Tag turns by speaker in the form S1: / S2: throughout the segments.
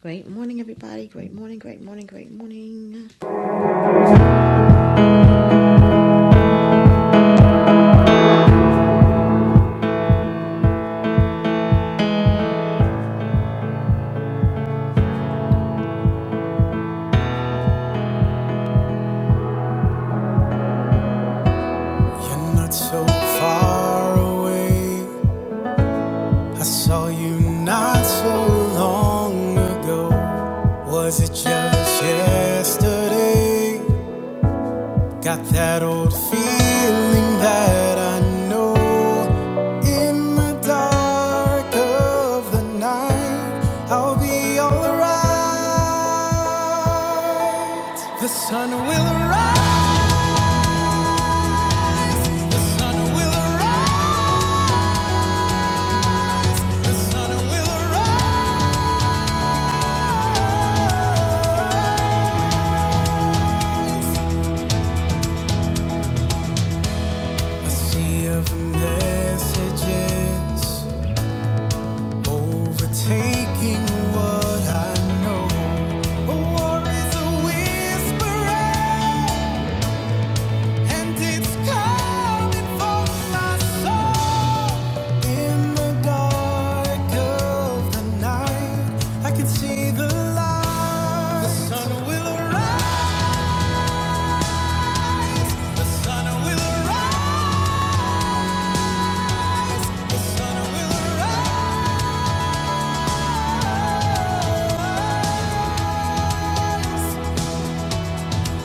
S1: Great morning, everybody. Great morning, great morning, great morning. You're not so far away. I saw you not so long ago. Was it just yesterday? Got that old feeling that I know. In the dark of the night, I'll be alright. The sun will rise. A Sea of messages overtaking what I know. A war is a whisper, and it's coming for my soul. In the dark of the night, I can see the light. The sun will arise. The sun will arise. The sun will arise.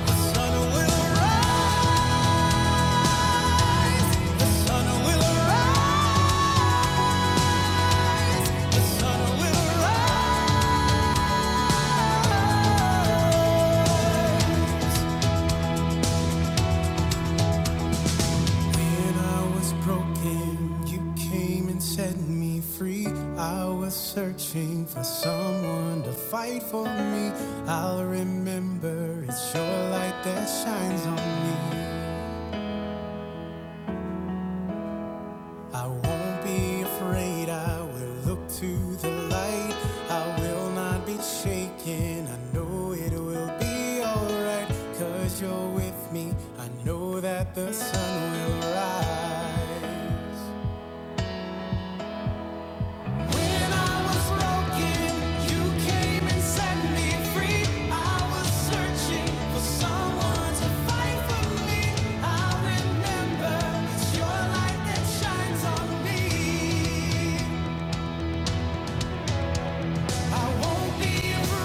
S1: The sun will arise. Sun will arise. The sun will arise. When I was broken, you came and set me free. I was searching for someone to fight for me. I'll remember it's your light that shines on me. I won't be afraid, I will look to the light. I will not be shaken, I know it will be alright. Cause you're with me, I know that the sun will rise. I'll be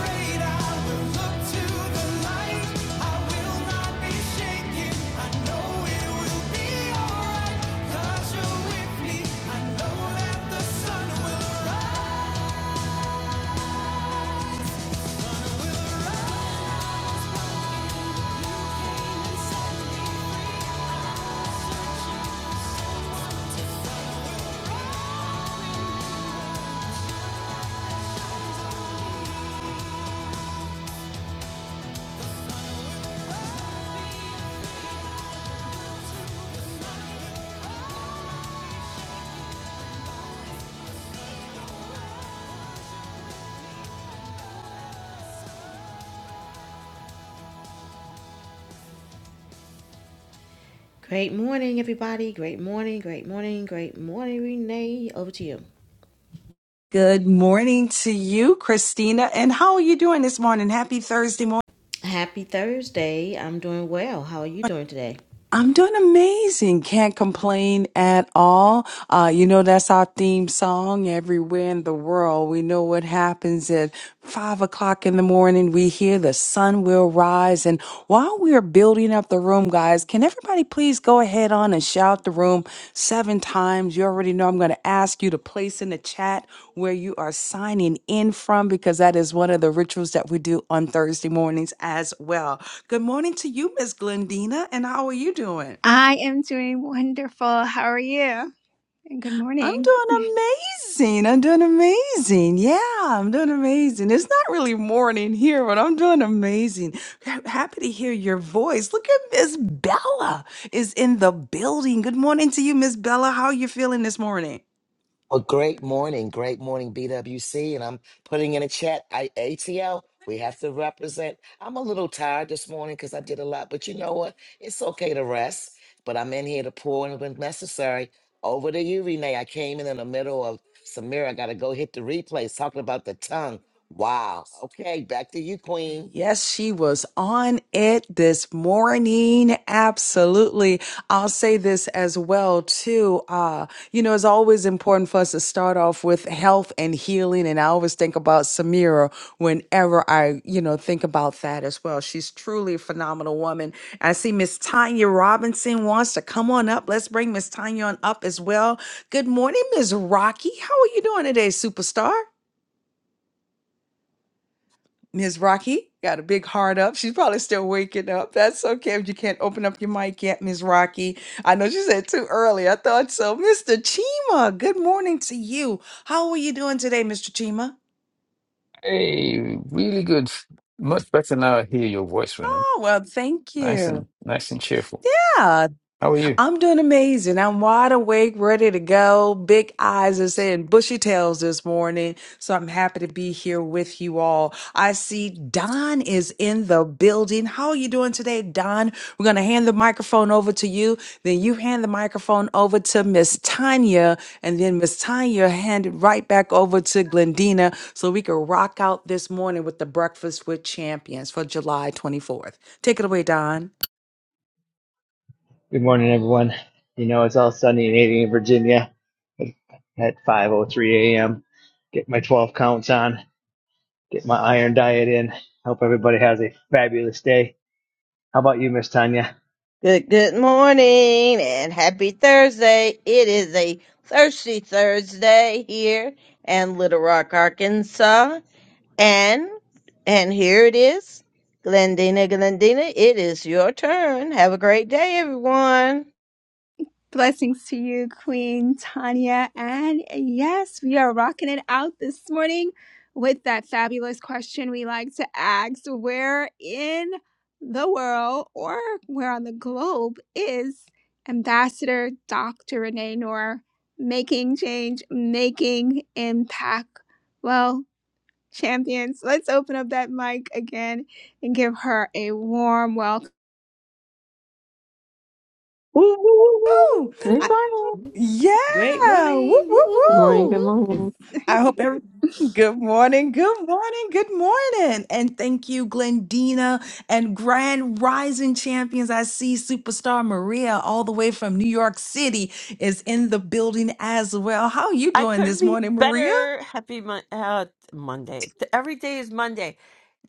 S1: Afraid, I will look to the light. I will not be shaken, I know it will be alright. Cause you're with me, I know that the sun will rise. Great morning, everybody. Great morning, great morning, great morning, Renee. Over to you.
S2: Good morning to you, Christina. And how are you doing this morning? Happy Thursday morning.
S1: Happy Thursday. I'm doing well. How are you doing today?
S2: I'm doing amazing. Can't complain at all. Uh, you know, that's our theme song everywhere in the world. We know what happens at five o'clock in the morning. We hear the sun will rise. And while we're building up the room, guys, can everybody? please go ahead on and shout the room seven times. You already know I'm going to ask you to place in the chat where you are signing in from because that is one of the rituals that we do on Thursday mornings as well. Good morning to you, Miss Glendina, and how are you doing?
S3: I am doing wonderful. How are you? And good
S2: I'm
S3: morning.
S2: doing amazing. I'm doing amazing. Yeah, I'm doing amazing. It's not really morning here, but I'm doing amazing. Ha- Happy to hear your voice. Look at Miss Bella is in the building. Good morning to you, Miss Bella. How are you feeling this morning?
S4: Well, great morning. Great morning, BWC. And I'm putting in a chat. I, ATL, we have to represent. I'm a little tired this morning because I did a lot, but you know what? It's okay to rest. But I'm in here to pour in when necessary. Over to you, Renee. I came in in the middle of Samira. I got to go hit the replays talking about the tongue. Wow. Okay, back to you, Queen.
S2: Yes, she was on it this morning. Absolutely. I'll say this as well too. Uh, you know, it's always important for us to start off with health and healing. And I always think about Samira whenever I, you know, think about that as well. She's truly a phenomenal woman. I see Miss Tanya Robinson wants to come on up. Let's bring Miss Tanya on up as well. Good morning, Miss Rocky. How are you doing today, superstar? Ms. Rocky got a big heart up. She's probably still waking up. That's okay if you can't open up your mic yet, Ms. Rocky. I know she said too early. I thought so. Mr. Chima, good morning to you. How are you doing today, Mr. Chima?
S5: Hey, really good. Much better now I hear your voice, Renee.
S2: Oh, well, thank
S5: Nice and
S2: you.
S5: nice and cheerful. How are you?
S2: I'm doing amazing. I'm wide awake, ready to go. Big eyes are saying bushy tails this morning. So I'm happy to be here with you all. I see Don is in the building. How are you doing today, Don? We're going to hand the microphone over to you. Then you hand the microphone over to Miss Tanya. And then Miss Tanya hand it right back over to Glendina so we can rock out this morning with the Breakfast with Champions for July 24th. Take it away, Don.
S6: Good morning, everyone. You know, it's all sunny and 80 in Virginia at 5.03 a.m. Get my 12 counts on, get my iron diet in. Hope everybody has a fabulous day. How about you, Miss Tanya?
S7: Good good morning and happy Thursday. It is a thirsty Thursday here in Little Rock, Arkansas. And and here it is. Glendina, Glendina, it is your turn. Have a great day, everyone.
S3: Blessings to you, Queen Tanya. And yes, we are rocking it out this morning with that fabulous question we like to ask Where in the world or where on the globe is Ambassador Dr. Renee Noor making change, making impact? Well, champions, let's open up that mic again and give her a warm welcome.
S2: Woo!
S8: Good
S7: Good
S8: morning.
S1: Great
S2: Yeah. Woo,
S1: morning. Woo,
S2: woo,
S1: woo,
S8: Good
S1: woo,
S8: morning. Good
S2: woo.
S1: woo, woo.
S8: morning.
S2: I hope every good morning, good morning, good morning. And thank you, Glendina and Grand Rising Champions. I see superstar Maria all the way from New York City is in the building as well. How are you
S8: I
S2: doing
S8: couldn't
S2: this
S8: be
S2: morning, Maria?
S8: better. Happy mon- uh, Monday. Th- Every day is Monday.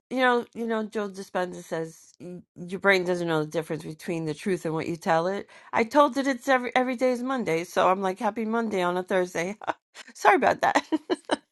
S8: You know, you know. Joe Dispenza says "Y- your brain doesn't know the difference between the truth and what you tell it. I told it it's every every day is Monday, so I'm like happy Monday on a Thursday. Sorry about that.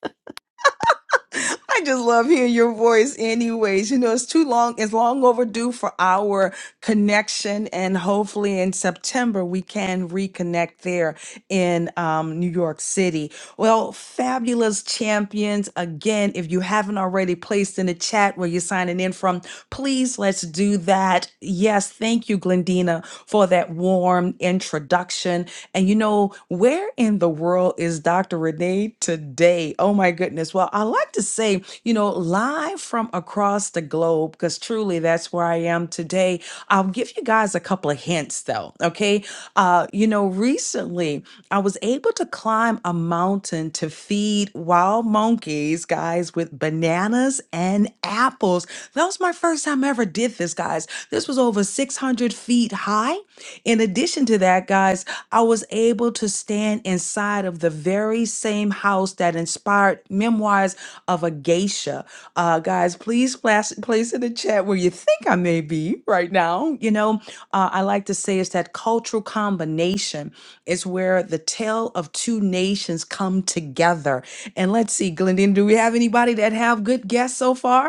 S2: I just love hearing your voice anyways. You know, it's too long, it's long overdue for our connection. And hopefully in September we can reconnect there in um, New York City. Well, fabulous champions. Again, if you haven't already placed in the chat where you're signing in from, please let's do that. Yes, thank you, Glendina, for that warm introduction. And you know, where in the world is Dr. Renee today? Oh my goodness. Well, I like to say, you know, live from across the globe, because truly that's where I am today. I'll give you guys a couple of hints though. Okay. Uh, you know, recently I was able able to climb a mountain to feed wild monkeys, guys, with bananas and apples. That was my first time I ever did this, guys. This was over 600 feet high. In addition to that, guys, I was able to stand inside of the very same house that inspired memoirs of a geisha. Uh, guys, please place, place in the chat where you think I may be right now. You know, uh, I like to say it's that cultural combination it's where the tale of two nations come together. And let's see, Glendina, do we have anybody that have good guests so far?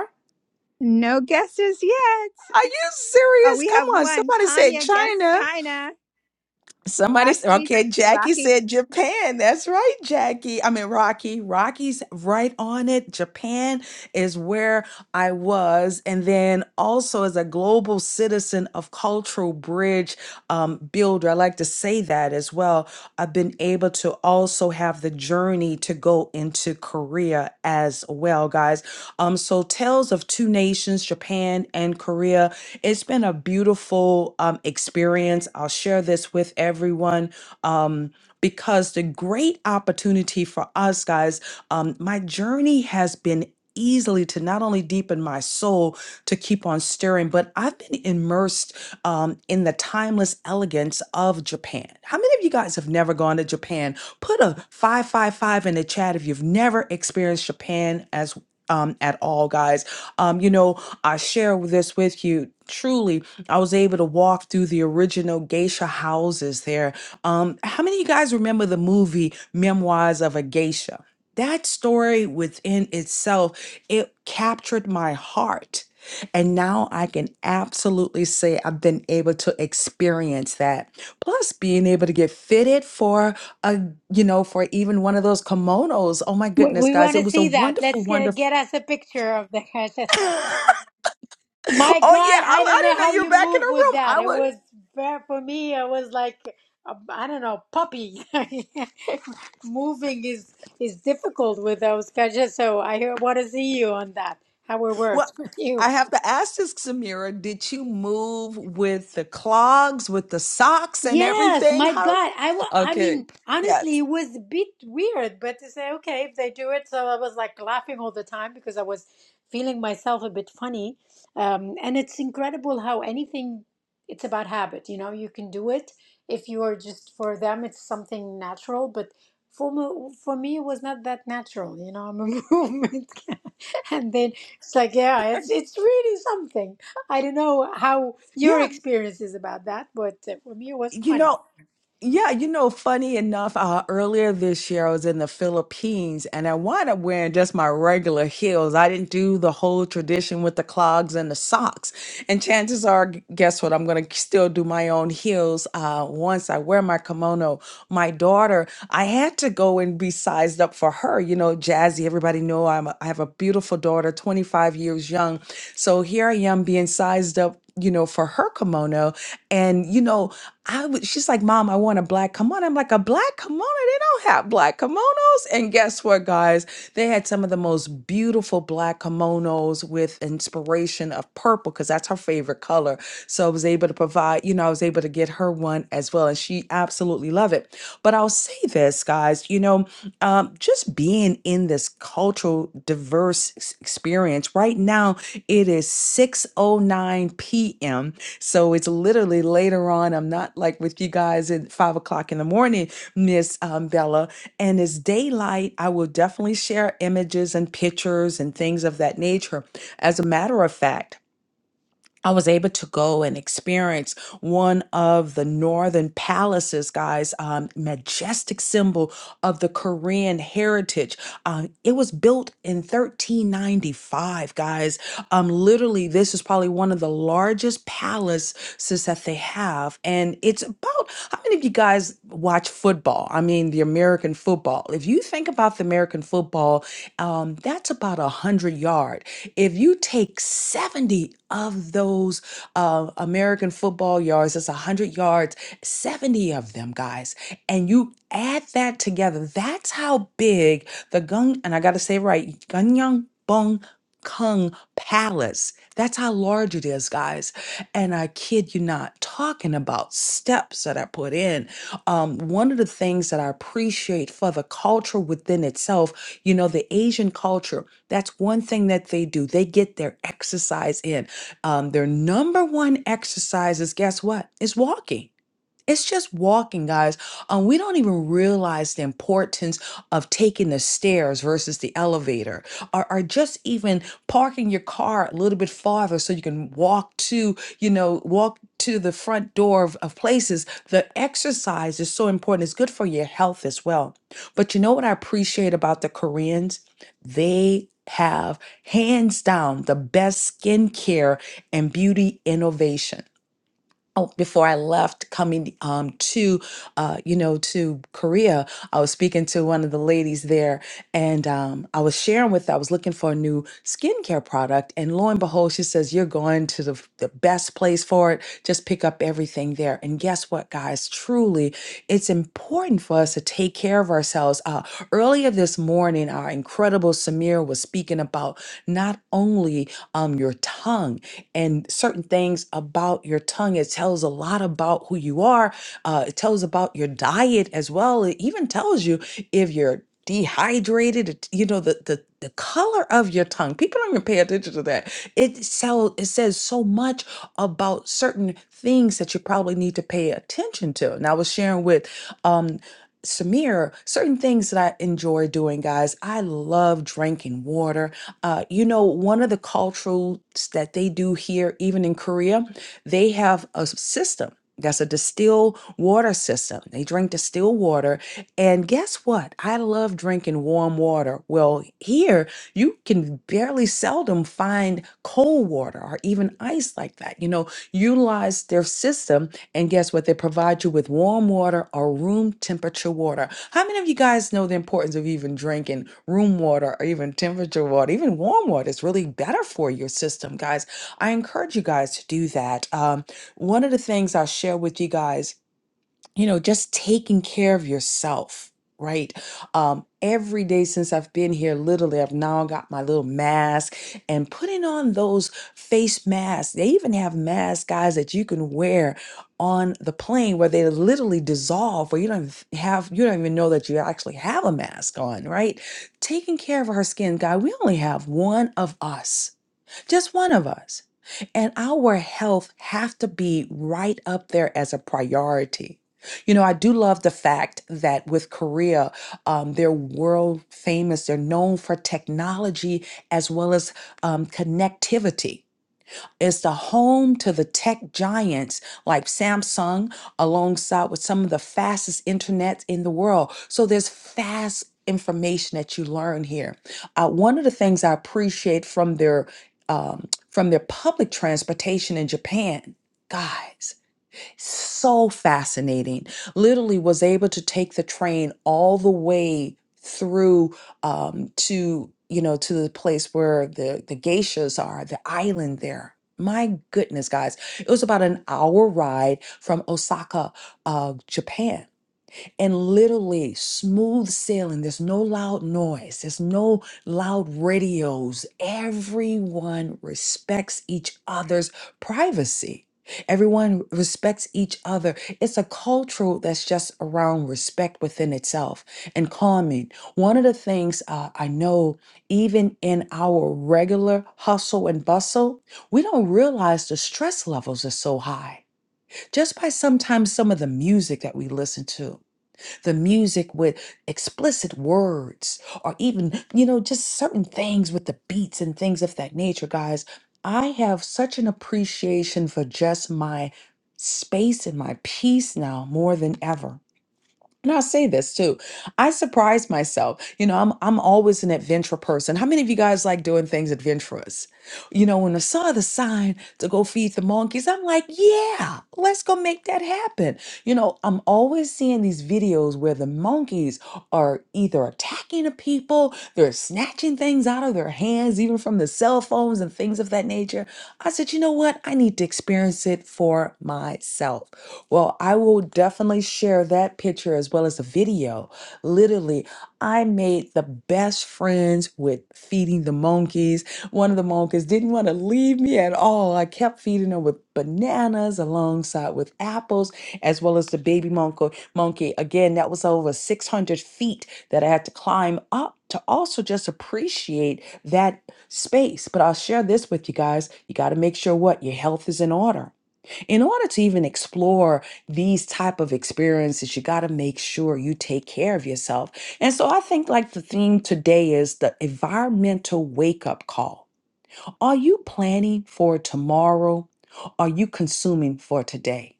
S3: No guesses yet.
S2: Are you
S3: Oh,
S2: serious?
S3: we
S2: Come
S3: have
S2: on,
S3: one.
S2: somebody said
S3: Tanya guessed
S2: China.
S3: China.
S2: Somebody said,
S3: Rocky,
S2: okay, Jackie
S3: Rocky.
S2: said Japan. That's right, Jackie. I mean, Rocky. Rocky's right on it. Japan is where I was. And then also, as a global citizen of Cultural Bridge um, Builder, I like to say that as well. I've been able to also have the journey to go into Korea as well, guys. Um, so, Tales of Two Nations, Japan and Korea it's been a beautiful um, experience. I'll share this with everyone um, because the great opportunity for us, guys, um, my journey has been easily to not only deepen my soul to keep on stirring but i've been immersed um, in the timeless elegance of japan how many of you guys have never gone to japan put a 555 in the chat if you've never experienced japan as um, at all guys um, you know, I share this with you. Truly, I was able to walk through the original geisha houses there. Um, how many of you guys remember the movie Memoirs of a Geisha? That story within itself, it captured my heart. And now I can absolutely say I've been able to experience that. Plus, being able to get fitted for a, you know, for even one of those kimonos. Oh my
S9: We,
S2: goodness,
S9: we
S2: guys,
S9: want
S2: it
S9: to
S2: was a
S9: see that.
S2: wonderful,
S9: Let's get,
S2: wonderful.
S9: get us a picture of the My
S2: Oh
S9: God,
S2: yeah, I,
S9: I don't
S2: I
S9: know
S2: didn't
S9: how
S2: know you were
S9: you
S2: back in the
S9: move with
S2: room.
S9: that.
S2: I
S9: It
S2: would.
S9: was ver- for me. It was like a, I don't know, puppy. Moving is is difficult with those cajas. So I want to see you on that. How it works
S2: Well,
S9: with you.
S2: I have to ask this, Samira. Did you move with the clogs, with the socks, and
S9: Yes,
S2: everything?
S9: my
S2: How?
S9: God. I wa I
S2: Okay.
S9: mean, honestly,
S2: Yes.
S9: it was a bit weird, but to say, okay, if they do it, so I was like laughing all the time because I was feeling myself a bit funny. Um, and it's incredible how anything, it's about habit, you know, you can do it if you are just for them, it's something natural, but for me, for me, it was not that natural, you know, I'm a movement. And then it's like, yeah, it's it's really something. I don't know how
S2: Yeah.
S9: your experience is about that, but uh, for me, it was
S2: You
S9: funny.
S2: know. Yeah, you know, funny enough, uh, earlier this year I was in the Philippines and I wound up wearing just my regular heels. I didn't do the whole tradition with the clogs and the socks. And chances are, g- guess what? I'm going to still do my own heels uh, once I wear my kimono. My daughter, I had to go and be sized up for her. You know, Jazzy, everybody know I'm a, I have a beautiful daughter, 25 years young. So here I am being sized up, you know, for her kimono. And, you know, I was, she's like, Mom, I want a black kimono. I'm like, a black kimono? They don't have black kimonos. And guess what, guys? They had some of the most beautiful black kimonos with inspiration of purple because that's her favorite color. So I was able to provide, you know, I was able to get her one as well. And she absolutely loved it. But I'll say this, guys, you know, um, just just being in this cultural diverse ex- experience. Right now it is 6:09 p.m. So it's literally later on. I'm not like with you guys at five o'clock in the morning, Miss um, Bella. And it's daylight. I will definitely share images and pictures and things of that nature. As a matter of fact, I was able to go and experience one of the northern palaces, guys, um, majestic symbol of the Korean heritage. Um, it was built in 1395, guys. Um, literally, this is probably one of the largest palaces that they have. And it's about, how many of you guys watch football? I mean, the American football. If you think about the American football, um, that's about a 100 yards. If you take 70 of those uh, American football yards, that's 100 yards, 70 of them, guys, and you add that together, that's how big the Gung, and I got to say it right, Ganyang Bung Kung Palace. That's how large it is, guys. And I kid you not, talking about steps that I put in. Um, one of the things that I appreciate for the culture within itself, you know, the Asian culture that's one thing that they do. They get their exercise in. Um, their number one exercise is guess what? It's walking. It's just walking, guys. Um, we don't even realize the importance of taking the stairs versus the elevator, or, or just even parking your car a little bit farther so you can walk to, you know, walk to the front door of, of places. The exercise is so important. It's good for your health as well. But you know what I appreciate about the Koreans? They have hands down the best skincare and beauty innovation oh, before I left coming um, to, uh, you know, to Korea, I was speaking to one of the ladies there and um, I was sharing with I was looking for a new skincare product. And lo and behold, she says, You're going to the, f- the best place for it. Just pick up everything there. And guess what, guys? Truly, it's important for us to take care of ourselves. Uh, earlier this morning, our incredible Samir was speaking about not only um, your tongue and certain things about your tongue, it tells a lot about who you are, uh, it tells about your diet as well. It even tells you if you're dehydrated it- you know the, the the color of your tongue people don't even pay attention to that it so it says so much about certain things that you probably need to pay attention to and i was sharing with um Samir, certain things that I enjoy doing, guys. I love drinking water. Uh, you know, one of the cultures that they do here, even in Korea, they have a system that's a distilled water system. They drink distilled water and guess what? I love drinking warm water. Well, here you can barely seldom find cold water or even ice like that. You know, utilize their system, and guess what? They provide you with warm water or room temperature water. How many of you guys know the importance of even drinking room water or even temperature water? Even warm water is really better for your system, guys. I encourage you guys to do that. Um, one of the things I'll share with you guys you know, just taking care of yourself, right? Um, every day since I've been here, literally, I've now got my little mask and putting on those face masks. They even have masks, guys, that you can wear on the plane where they literally dissolve, where you don't even have, you don't even know that you actually have a mask on, right? Taking care of our skin, guy. We only have one of us, just one of us. And our health have to be right up there as a priority. You know, I do love the fact that with Korea, um, they're world famous. They're known for technology as well as um, connectivity. It's the home to the tech giants like Samsung, alongside with some of the fastest internet in the world. So there's fast information that you learn here. Uh, one of the things I appreciate from their um, from their public transportation in Japan, guys. So fascinating. Literally was able to take the train all the way through um, to, you know, to the place where the, the geishas are, the island there. My goodness, guys. It was about an hour ride from Osaka, uh, Japan and literally smooth sailing. There's no loud noise, there's no loud radios. Everyone respects each other's privacy. Everyone respects each other. It's a cultural that's just around respect within itself and calming. One of the things uh, I know, even in our regular hustle and bustle, we don't realize the stress levels are so high just by sometimes some of the music that we listen to the music with explicit words or even, you know, just certain things with the beats and things of that nature, guys. I have such an appreciation for just my space and my peace now more than ever and I'll say this too. I surprise myself. You know, I'm I'm always an adventure person. How many of you guys like doing things adventurous? You know, when I saw the sign to go feed the monkeys, I'm like, yeah, let's go make that happen. You know, I'm always seeing these videos where the monkeys are either attacking the people, they're snatching things out of their hands, even from the cell phones and things of that nature. I said, you know what? I need to experience it for myself. Well, I will definitely share that picture as well as a video. Literally, I made the best friends with feeding the monkeys. One of the monkeys didn't want to leave me at all. I kept feeding her with bananas alongside with apples, as well as the baby monkey. Monkey again, that was over 600 feet that I had to climb up to also just appreciate that space. But I'll share this with you guys. You got to make sure what your health is in order. In order to even explore these type of experiences, you got to make sure you take care of yourself. And so I think like the theme today is the environmental wake up call. Are you planning for tomorrow? Are you consuming for today?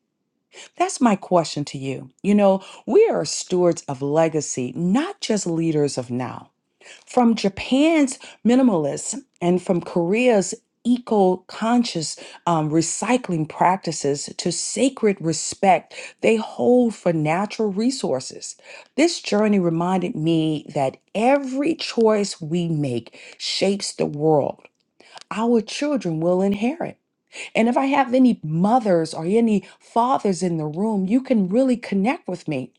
S2: That's my question to you. You know, we are stewards of legacy, not just leaders of now from Japan's minimalism and from Korea's eco conscious um, recycling practices to sacred respect they hold for natural resources. This journey reminded me that every choice we make shapes the world our children will inherit. And if I have any mothers or any fathers in the room, you can really connect with me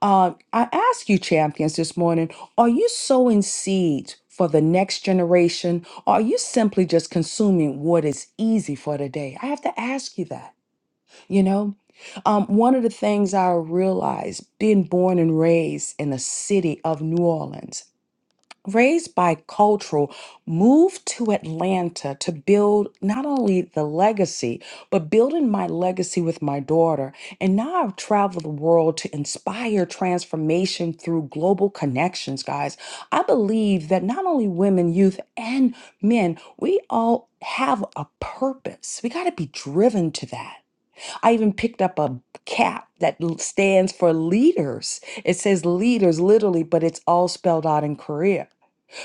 S2: uh, I ask you, champions, this morning are you sowing seeds for the next generation? Or are you simply just consuming what is easy for today? I have to ask you that. You know, um, one of the things I realized being born and raised in the city of New Orleans raised bicultural, moved to Atlanta to build not only the legacy, but building my legacy with my daughter. And now I've traveled the world to inspire transformation through global connections, guys. I believe that not only women, youth, and men, we all have a purpose. We got to be driven to that. I even picked up a cap that l- stands for leaders. It says leaders literally, but it's all spelled out in Korea.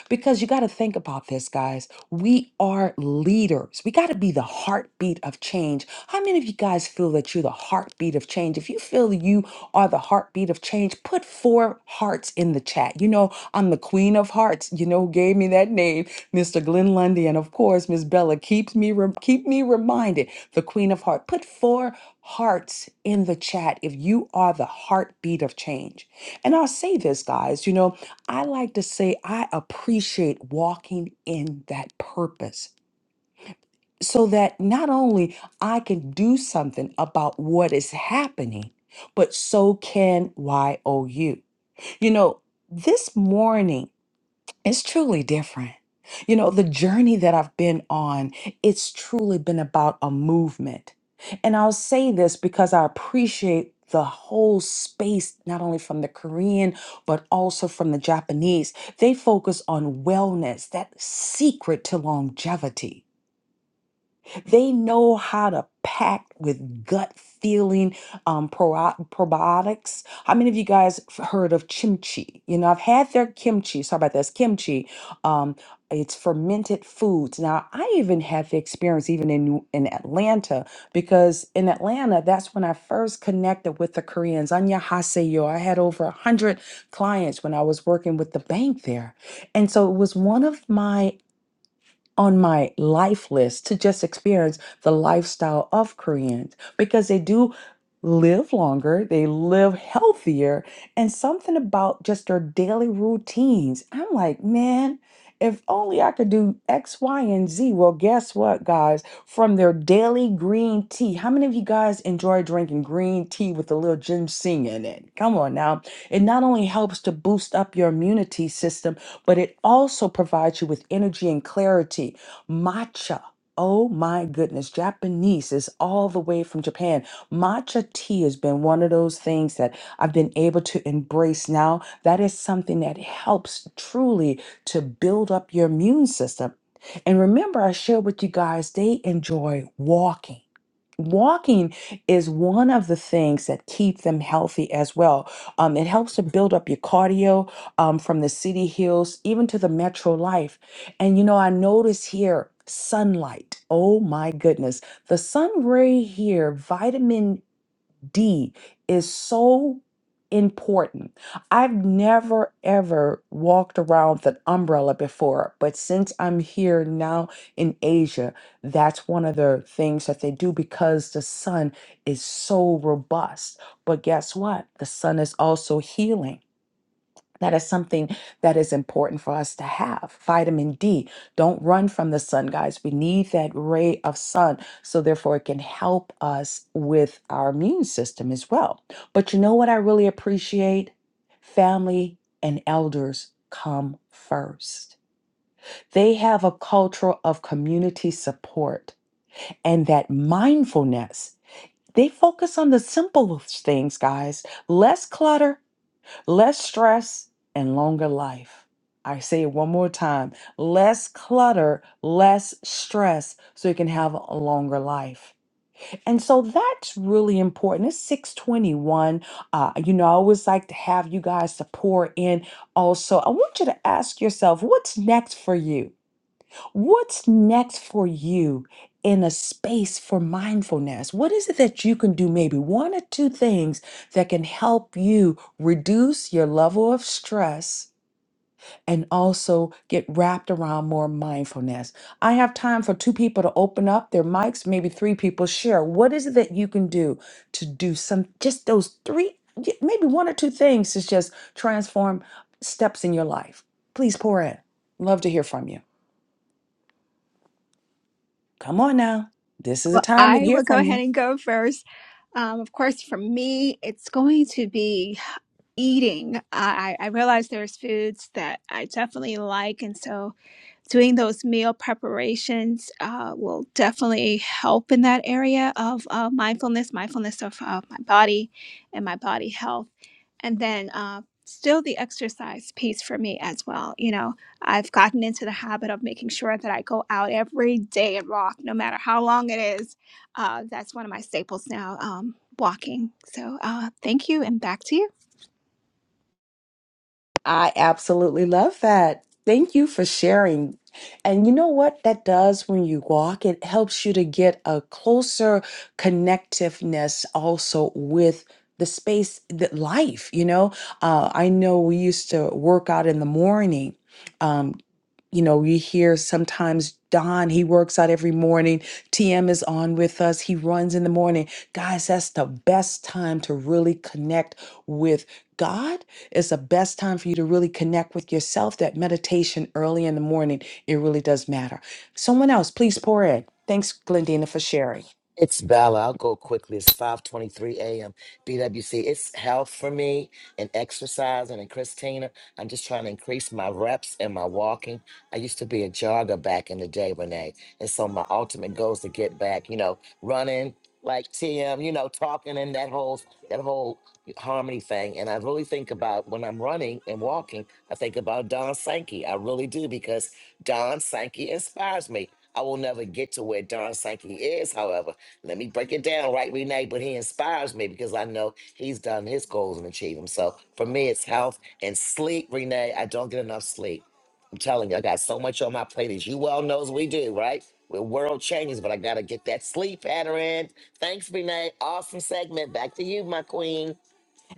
S2: Because you got to think about this, guys. We are leaders. We got to be the heartbeat of change. How many of you guys feel that you're the heartbeat of change? If you feel you are the heartbeat of change, put four hearts in the chat. You know, I'm the queen of hearts. You know, who gave me that name, Mr. Glenn Lundy, and of course, Miss Bella keeps me re- keep me reminded. The queen of heart. Put four hearts in the chat if you are the heartbeat of change. And I'll say this, guys. You know. I like to say I appreciate walking in that purpose so that not only I can do something about what is happening, but so can YOU. You know, this morning, it's truly different. You know, the journey that I've been on, it's truly been about a movement. And I'll say this because I appreciate the whole space, not only from the Korean, but also from the Japanese. They focus on wellness, that secret to longevity. They know how to pack with gut feeling um, pro- probiotics. How many of you guys f- heard of kimchi? You know, I've had their kimchi. Sorry about this, kimchi. Um, it's fermented foods. Now, I even had the experience even in New- in Atlanta because in Atlanta, that's when I first connected with the Koreans. Anya Haseyo. I had over a hundred clients when I was working with the bank there, and so it was one of my on my life list to just experience the lifestyle of Koreans because they do live longer, they live healthier, and something about just their daily routines. I'm like, man, if only I could do X, Y, and Z. Well, guess what, guys? From their daily green tea, how many of you guys enjoy drinking green tea with a little ginseng in it? Come on now. It not only helps to boost up your immunity system, but it also provides you with energy and clarity. Matcha. Oh my goodness, Japanese is all the way from Japan. Matcha tea has been one of those things that I've been able to embrace now. That is something that helps truly to build up your immune system. And remember, I shared with you guys, they enjoy walking. Walking is one of the things that keep them healthy as well. Um, it helps to build up your cardio, um, from the city hills even to the metro life. And you know, I notice here sunlight. Oh my goodness. The sun ray here, vitamin D, is so important. I've never ever walked around with an umbrella before, but since I'm here now in Asia, that's one of the things that they do because the sun is so robust. But guess what? The sun is also healing. That is something that is important for us to have. Vitamin D. Don't run from the sun, guys. We need that ray of sun. So, therefore, it can help us with our immune system as well. But you know what I really appreciate? Family and elders come first. They have a culture of community support and that mindfulness. They focus on the simple things, guys. Less clutter Less stress and longer life. I say it one more time less clutter, less stress, so you can have a longer life. And so that's really important. It's 621. Uh, you know, I always like to have you guys to pour in also. I want you to ask yourself what's next for you? What's next for you in a space for mindfulness? What is it that you can do? Maybe one or two things that can help you reduce your level of stress and also get wrapped around more mindfulness. I have time for two people to open up their mics, maybe three people share. What is it that you can do to do some, just those three, y- maybe one or two things to just transform steps in your life? Please pour in. Love to hear from you. Come on now. This is a
S3: Well,
S2: time to
S3: I
S2: hear
S3: will go
S2: from you.
S3: ahead and go first. Um, of course, for me, it's going to be eating. I, I I realize there's foods that I definitely like, and so doing those meal preparations uh, will definitely help in that area of uh, mindfulness, mindfulness of uh, my body and my body health. And then uh, still the exercise piece for me as well. You know, I've gotten into the habit of making sure that I go out every day and walk, no matter how long it is. Uh, that's one of my staples now, um, walking. So uh, thank you, and back to you.
S2: I absolutely love that. Thank you for sharing. And you know what that does when you walk? It helps you to get a closer connectiveness also with the space, the life. You know, uh, I know we used to work out in the morning. Um, you know, you hear sometimes Don, he works out every morning. TM is on with us. He runs in the morning. Guys, that's the best time to really connect with God it's the best time for you to really connect with yourself. That meditation early in the morning, it really does matter. Someone else, please pour in. Thanks, Glendina, for sharing.
S4: It's Bella. I'll go quickly. It's 5:23 a.m. BWC. It's health for me and exercise and, and Christina. I'm just trying to increase my reps and my walking. I used to be a jogger back in the day, Renee. And so my ultimate goal is to get back, you know, running like TM, you know, talking and that whole that whole harmony thing. And I really think about when I'm running and walking, I think about Don Sankey. I really do because Don Sankey inspires me. I will never get to where Don Sankey is, however. Let me break it down, right, Renee? But he inspires me because I know he's done his goals and achieved them. So for me, it's health and sleep, Renee. I don't get enough sleep. I'm telling you, I got so much on my plate, as you well knows we do, right? The world changes, but I gotta get that sleep pattern. in. Thanks, Renee. Awesome segment. Back to you, my queen.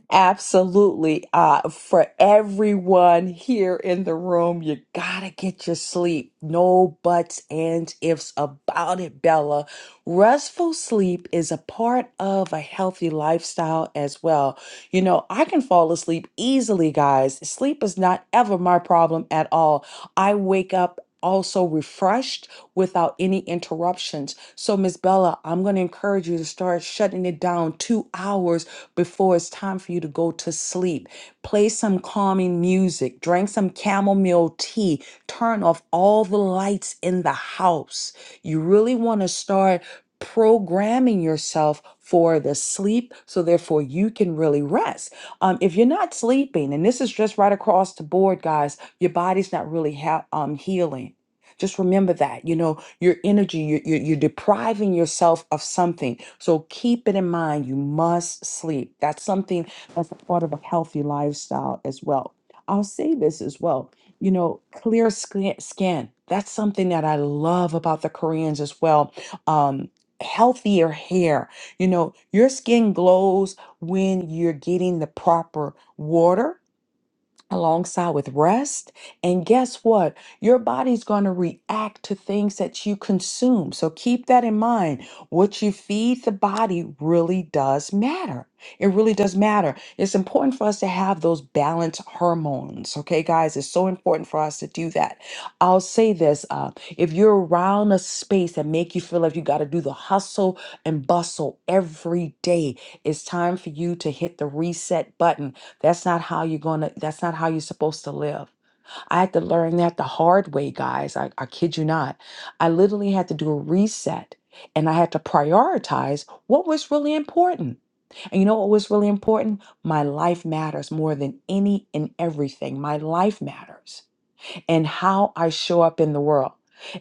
S2: Absolutely. Uh, for everyone here in the room, you gotta get your sleep. No buts, ands, ifs about it, Bella. Restful sleep is a part of a healthy lifestyle as well. You know, I can fall asleep easily, guys. Sleep is not ever my problem at all. I wake up also refreshed without any interruptions. So, Miss Bella, I'm going to encourage you to start shutting it down two hours before it's time for you to go to sleep. Play some calming music, drink some chamomile tea, turn off all the lights in the house. You really want to start programming yourself for the sleep so therefore you can really rest um, if you're not sleeping and this is just right across the board guys your body's not really ha- um, healing just remember that you know your energy. You're, you're, you're depriving yourself of something. So keep it in mind. You must sleep. That's something that's a part of a healthy lifestyle as well. I'll say this as well. You know, clear skin. skin. That's something that I love about the Koreans as well. Um, healthier hair. You know, your skin glows when you're getting the proper water alongside with rest. And guess what? Your body's going to react to things that you consume. So keep that in mind. What you feed the body really does matter. It really does matter. It's important for us to have those balanced hormones. Okay, guys, it's so important for us to do that. I'll say this uh, if you're around a space that make you feel like you got to do the hustle and bustle every day, it's time for you to hit the reset button that's not how you're gonna, that's not how you're supposed to live. I had to learn that the hard way, guys. I, I kid you not. I literally had to do a reset and I had to prioritize what was really important. And you know what was really important? My life matters more than any and everything. My life matters and how I show up in the world.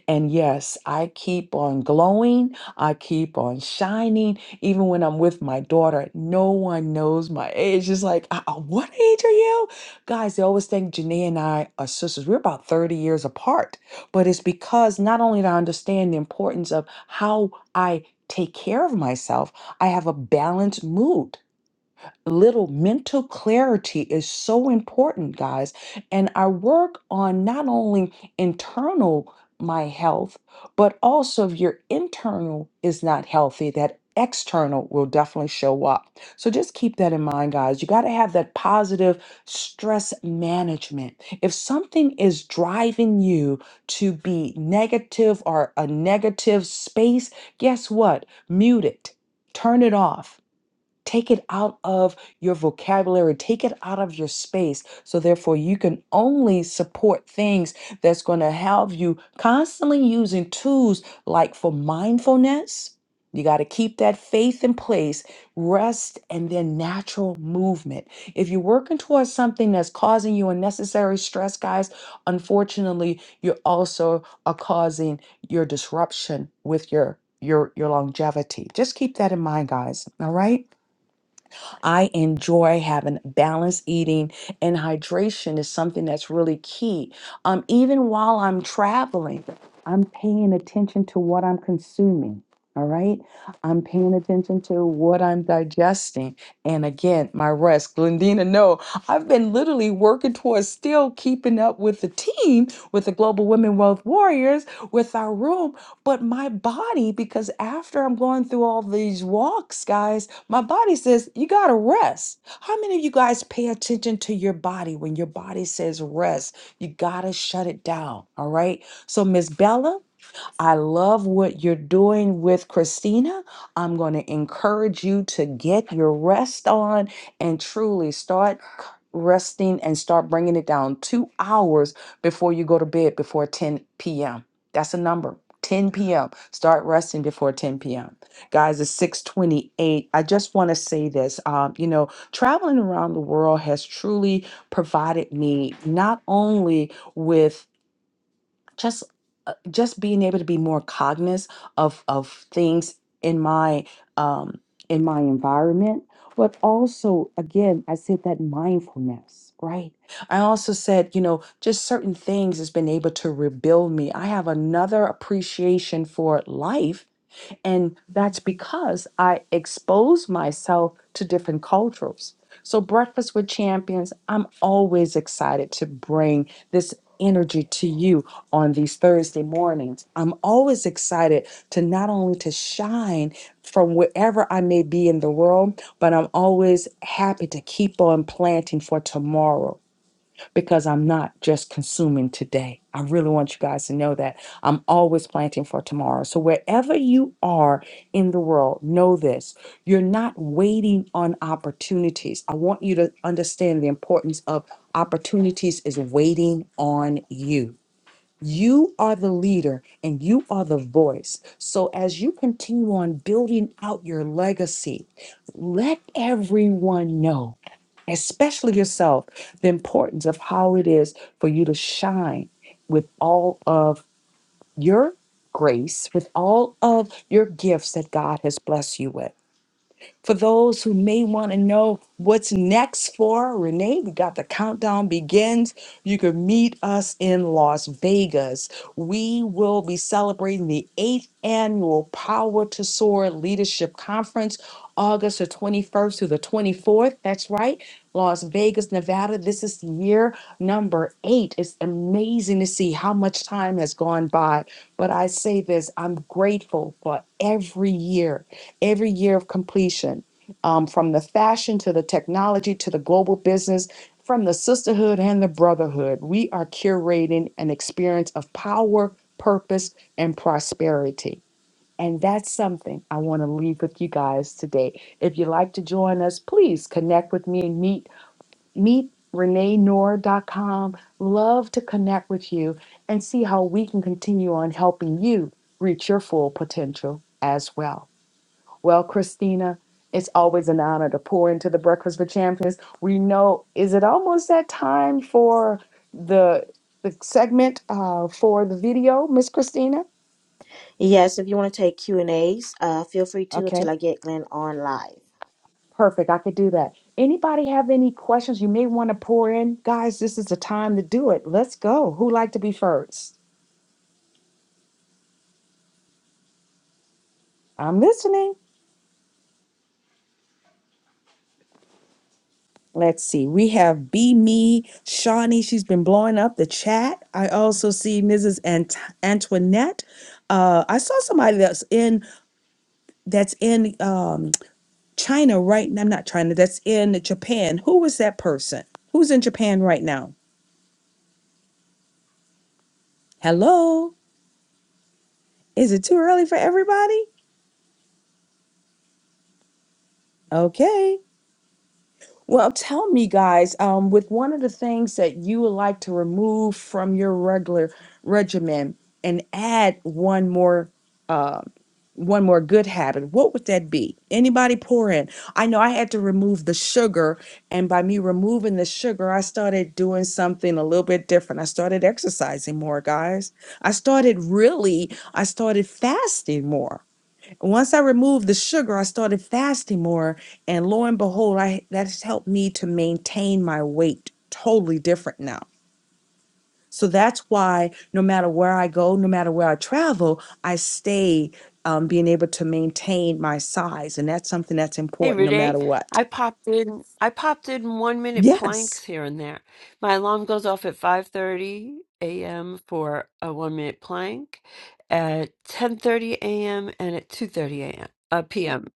S2: And yes, I keep on glowing. I keep on shining. Even when I'm with my daughter, no one knows my age. It's like, uh, uh, what age are you? Guys, they always think Janae and I are sisters. We're about 30 years apart. But it's because not only do I understand the importance of how I take care of myself, I have a balanced mood little mental clarity is so important, guys. And I work on not only internal my health, but also if your internal is not healthy, that external will definitely show up. So just keep that in mind, guys. You got to have that positive stress management. If something is driving you to be negative or a negative space, guess what? Mute it, turn it off Take it out of your vocabulary, take it out of your space. So, therefore, you can only support things that's going to have you constantly using tools like for mindfulness. You got to keep that faith in place, rest, and then natural movement. If you're working towards something that's causing you unnecessary stress, guys, unfortunately, you are also are causing your disruption with your your your longevity. Just keep that in mind, guys. All right? I enjoy having balanced eating, and hydration is something that's really key. Um, even while I'm traveling, I'm paying attention to what I'm consuming. All right. I'm paying attention to what I'm digesting. And again, my rest. Glendina, no, I've been literally working towards still keeping up with the team, with the Global Women Wealth Warriors, with our room but my body, because after I'm going through all these walks, guys, my body says, you got to rest. How many of you guys pay attention to your body when your body says rest? You got to shut it down. All right. So, Miss Bella, I love what you're doing with Christina. I'm going to encourage you to get your rest on and truly start c- resting and start bringing it down two hours before you go to bed before 10 p.m. That's a number. 10 p.m. Start resting before 10 p.m. Guys, it's 628. I just want to say this. Um, you know, traveling around the world has truly provided me not only with just uh, just being able to be more cognizant of of things in my um in my environment but also again i said that mindfulness right i also said you know just certain things has been able to rebuild me i have another appreciation for life and that's because I expose myself to different cultures. So, Breakfast with Champions, I'm always excited to bring this energy to you on these Thursday mornings. I'm always excited to not only to shine from wherever I may be in the world, but I'm always happy to keep on planting for tomorrow because I'm not just consuming today. I really want you guys to know that I'm always planting for tomorrow. So, wherever you are in the world, know this you're not waiting on opportunities. I want you to understand the importance of opportunities is waiting on you. You are the leader and you are the voice. So, as you continue on building out your legacy, let everyone know especially yourself, the importance of how it is for you to shine with all of your grace, with all of your gifts that God has blessed you with for those who may want to know what's next for Renee, we got the countdown begins. You can meet us in Las Vegas. We will be celebrating the eighth annual Power to Soar Leadership Conference, August the 21st through the 24th. That's right, Las Vegas, Nevada. This is year number eight. It's amazing to see how much time has gone by. But I say this I'm grateful for every year every year of completion, um, from the fashion to the technology to the global business, from the sisterhood and the brotherhood. We are curating an experience of power, purpose, and prosperity. And that's something I want to leave with you guys today. If you'd like to join us, please connect with me and meet meet reneenoor.com. Love to connect with you and see how we can continue on helping you reach your full potential as well. Well, Christina, it's always an honor to pour into the Breakfast for Champions. We know, is it almost that time for the the segment uh, for the video, Miss Christina?
S1: Yes, if you want to take Q and A's, uh, feel free to until
S2: Okay,
S1: I get Glenn on live.
S2: perfect. I could do that. Anybody have any questions you may want to pour in? Guys, this is the time to do it. Let's go. Who like to be first? I'm listening. Let's see. We have be Me Shawnee. She's been blowing up the chat. I also see Mrs. Ant- Antoinette. Uh, I saw somebody that's in that's in um, China right now. I'm not China. That's in Japan. Who was that person? Who's in Japan right now? Hello. Is it too early for everybody? Okay. Well, tell me, guys, um, with one of the things that you would like to remove from your regular regimen and add one more, uh, one more good habit, what would that be? Anybody pour in? I know I had to remove the sugar, and by me removing the sugar, I started doing something a little bit different. I started exercising more, guys. I started really, I started fasting more once I removed the sugar, I started fasting more, and lo and behold, I that's helped me to maintain my weight totally different now. So that's why no matter where I go, no matter where I travel, I stay um, being able to maintain my size, and that's something that's
S8: Hey
S2: important no
S8: Renee,
S2: matter what.
S8: I popped in. I popped in one minute
S2: Yes.
S8: planks here and there. My alarm goes off at 5:30 a.m. for a one minute plank, at 10:30 a.m. and at 2:30 a.m. Uh, p.m.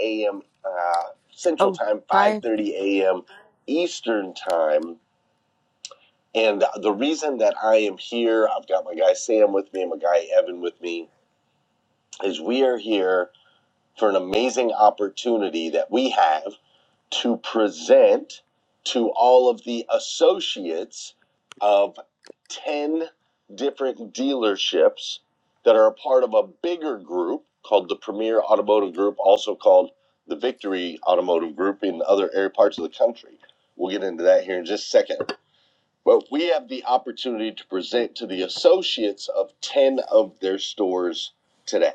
S1: a.m. Uh, Central
S8: Oh,
S1: Time,
S8: bye.
S1: 5:30 a.m. Eastern Time. And the reason that I am here, I've got my guy Sam with me and my guy Evan with me, is we are here for an amazing opportunity that we have. to present to all of the associates of 10 different dealerships that are a part of a bigger group called the Premier Automotive Group, also called the Victory Automotive Group in other area parts of the country. We'll get into that here in just a second. But we have the opportunity to present to the associates of 10 of their stores today.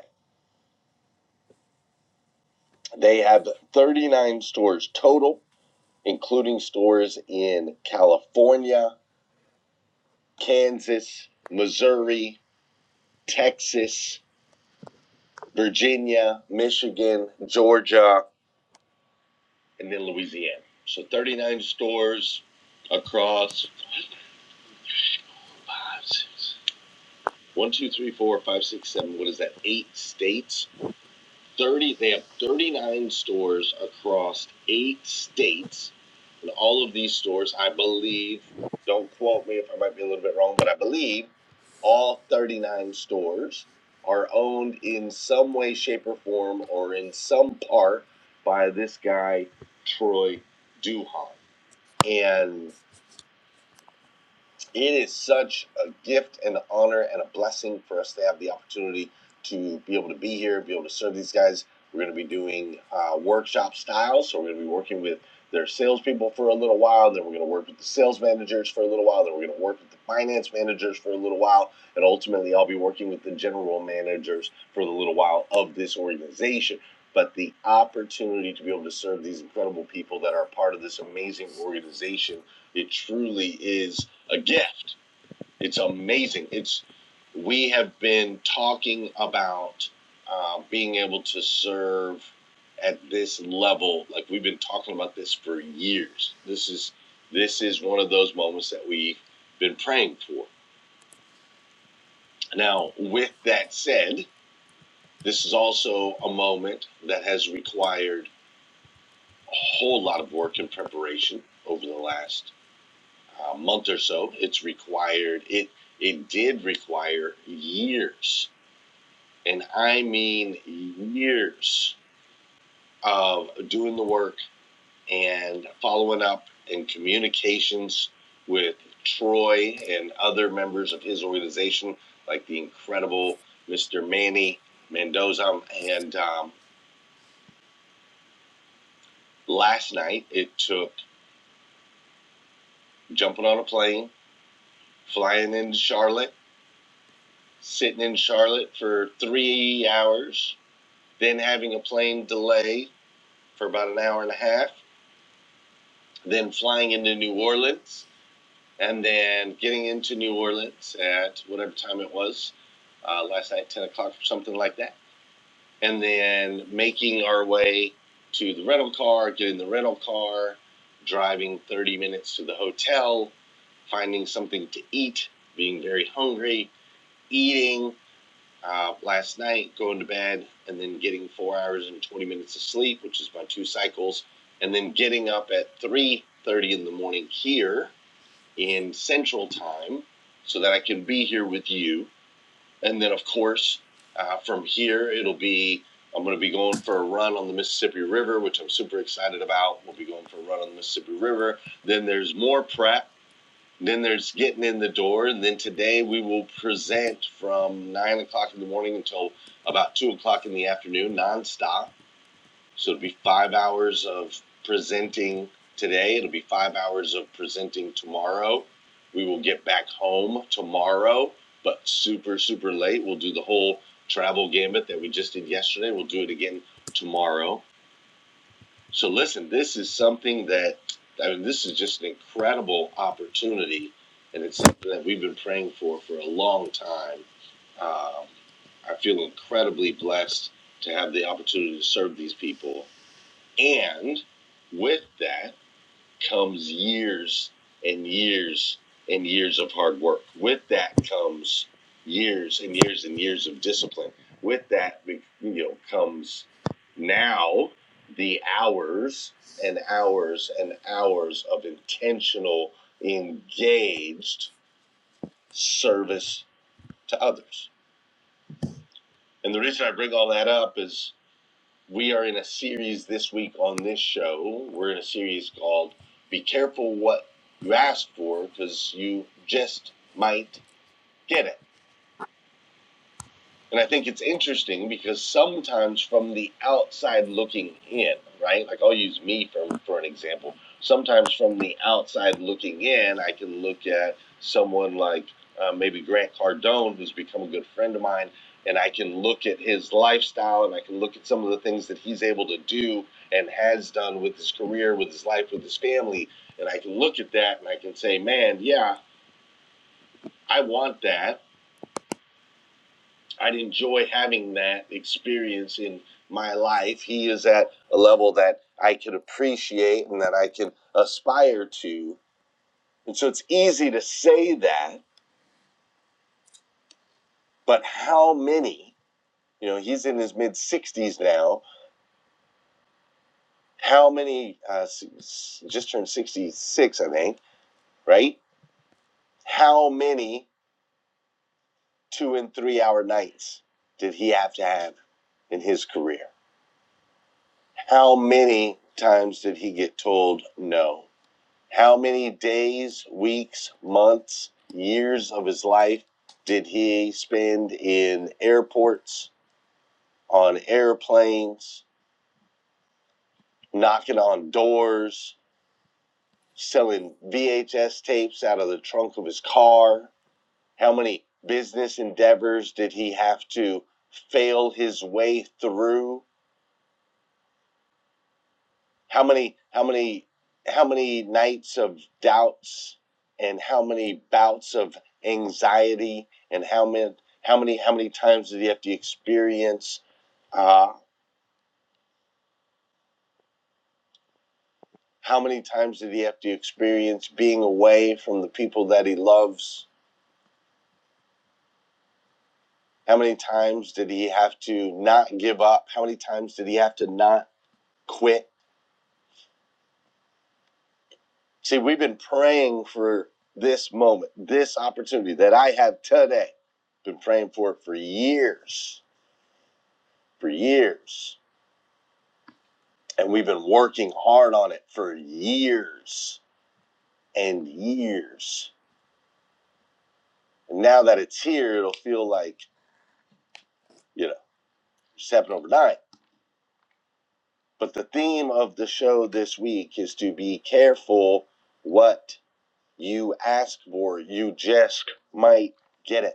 S1: They have 39 stores total including stores in California, Kansas, Missouri, Texas, Virginia, Michigan, Georgia, and then Louisiana. So 39 stores across five, six, one, two, three, four, five, six, seven. What is that? Eight states thirty. They have thirty nine stores across eight states, and all of these stores, I believe, don't quote me if I might be a little bit wrong, but I believe all thirty nine stores are owned in some way, shape, or form, or in some part by this guy Troy Duhan, and it is such a gift and an honor and a blessing for us to have the opportunity to be able to be here, be able to serve these guys. We're going to be doing uh, workshop style, so we're going to be working with their salespeople for a little while. Then we're going to work with the sales managers for a little while. Then we're going to work with the finance managers for a little while, and ultimately, I'll be working with the general managers for the little while of this organization. But the opportunity to be able to serve these incredible people that are part of this amazing organization, it truly is a gift. It's amazing. It's we have been talking about uh, being able to serve at this level. Like we've been talking about this for years. This is this is one of those moments that we've been praying for. Now, with that said, this is also a moment that has required a whole lot of work and preparation over the last uh, month or so. It's required it. It did require years and I mean years of doing the work and following up and communications with Troy and other members of his organization, like the incredible Mr. Manny Mendoza. And um, last night, it took jumping on a plane, flying into Charlotte, sitting in Charlotte for three hours, then having a plane delay for about an hour and a half, then flying into New Orleans, and then getting into New Orleans at whatever time it was uh, last night, ten o'clock or something like that, and then making our way to the rental car, getting the rental car, driving thirty minutes to the hotel, finding something to eat, being very hungry, eating. Uh, last night, going to bed, and then getting four hours and twenty minutes of sleep, which is my two cycles, and then getting up at three thirty in the morning here in Central Time so that I can be here with you. And then, of course, uh, from here, it'll be I'm going to be going for a run on the Mississippi River, which I'm super excited about. We'll be going for a run on the Mississippi River. Then there's more prep. Then there's getting in the door. And then today we will present from 9 o'clock in the morning until about 2 o'clock in the afternoon nonstop. So it'll be five hours of presenting today. It'll be five hours of presenting tomorrow. We will get back home tomorrow, but super, super late. We'll do the whole travel gambit that we just did yesterday. We'll do it again tomorrow. So listen, this is something that, I mean, this is just an incredible opportunity. And it's something that we've been praying for for a long time. Um, I feel incredibly blessed to have the opportunity to serve these people and with that comes years and years and years of hard work. With that comes years and years and years of discipline. With that, you know, comes now the hours and hours and hours of intentional, engaged service to others. And the reason I bring all that up is We are in a series this week on this show. We're in a series called Be Careful What You Ask For because you just might get it. And I think it's interesting because sometimes from the outside looking in, right? Like I'll use me for, for an example. Sometimes from the outside looking in, I can look at someone like uh, maybe Grant Cardone, who's become a good friend of mine, and I can look at his lifestyle and I can look at some of the things that he's able to do and has done with his career, with his life, with his family. And I can look at that and I can say, man, yeah, I want that I'd enjoy having that experience in my life. He is at a level that I can appreciate and that I can aspire to. And so it's easy to say that, but how many, you know, he's in his mid 60s now. How many, uh, just turned 66, I think, right? How many two and three hour nights did he have to have in his career? How many times did he get told no? How many days, weeks, months, years of his life did he spend in airports, on airplanes, knocking on doors, selling VHS tapes out of the trunk of his car? How many business endeavors did he have to fail his way through? How many, how many, how many nights of doubts and how many bouts of anxiety and how many, how many, how many times did he have to experience uh, how many times did he have to experience being away from the people that he loves? How many times did he have to not give up? How many times did he have to not quit? See, we've been praying for this moment, this opportunity that I have today. Been praying for it for years, for years. And we've been working hard on it for years and years. And now that it's here, it'll feel like, you know, just happened overnight. But the theme of the show this week is to be careful what you ask for. You just might get it.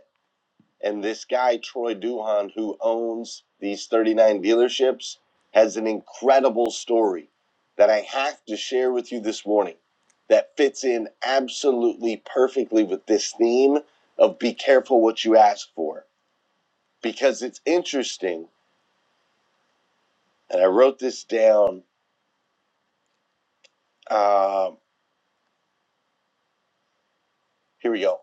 S1: And this guy, Troy Duhan, who owns these 39 dealerships, has an incredible story that I have to share with you this morning that fits in absolutely perfectly with this theme of be careful what you ask for. Because it's interesting, and I wrote this down. uh, Here we go.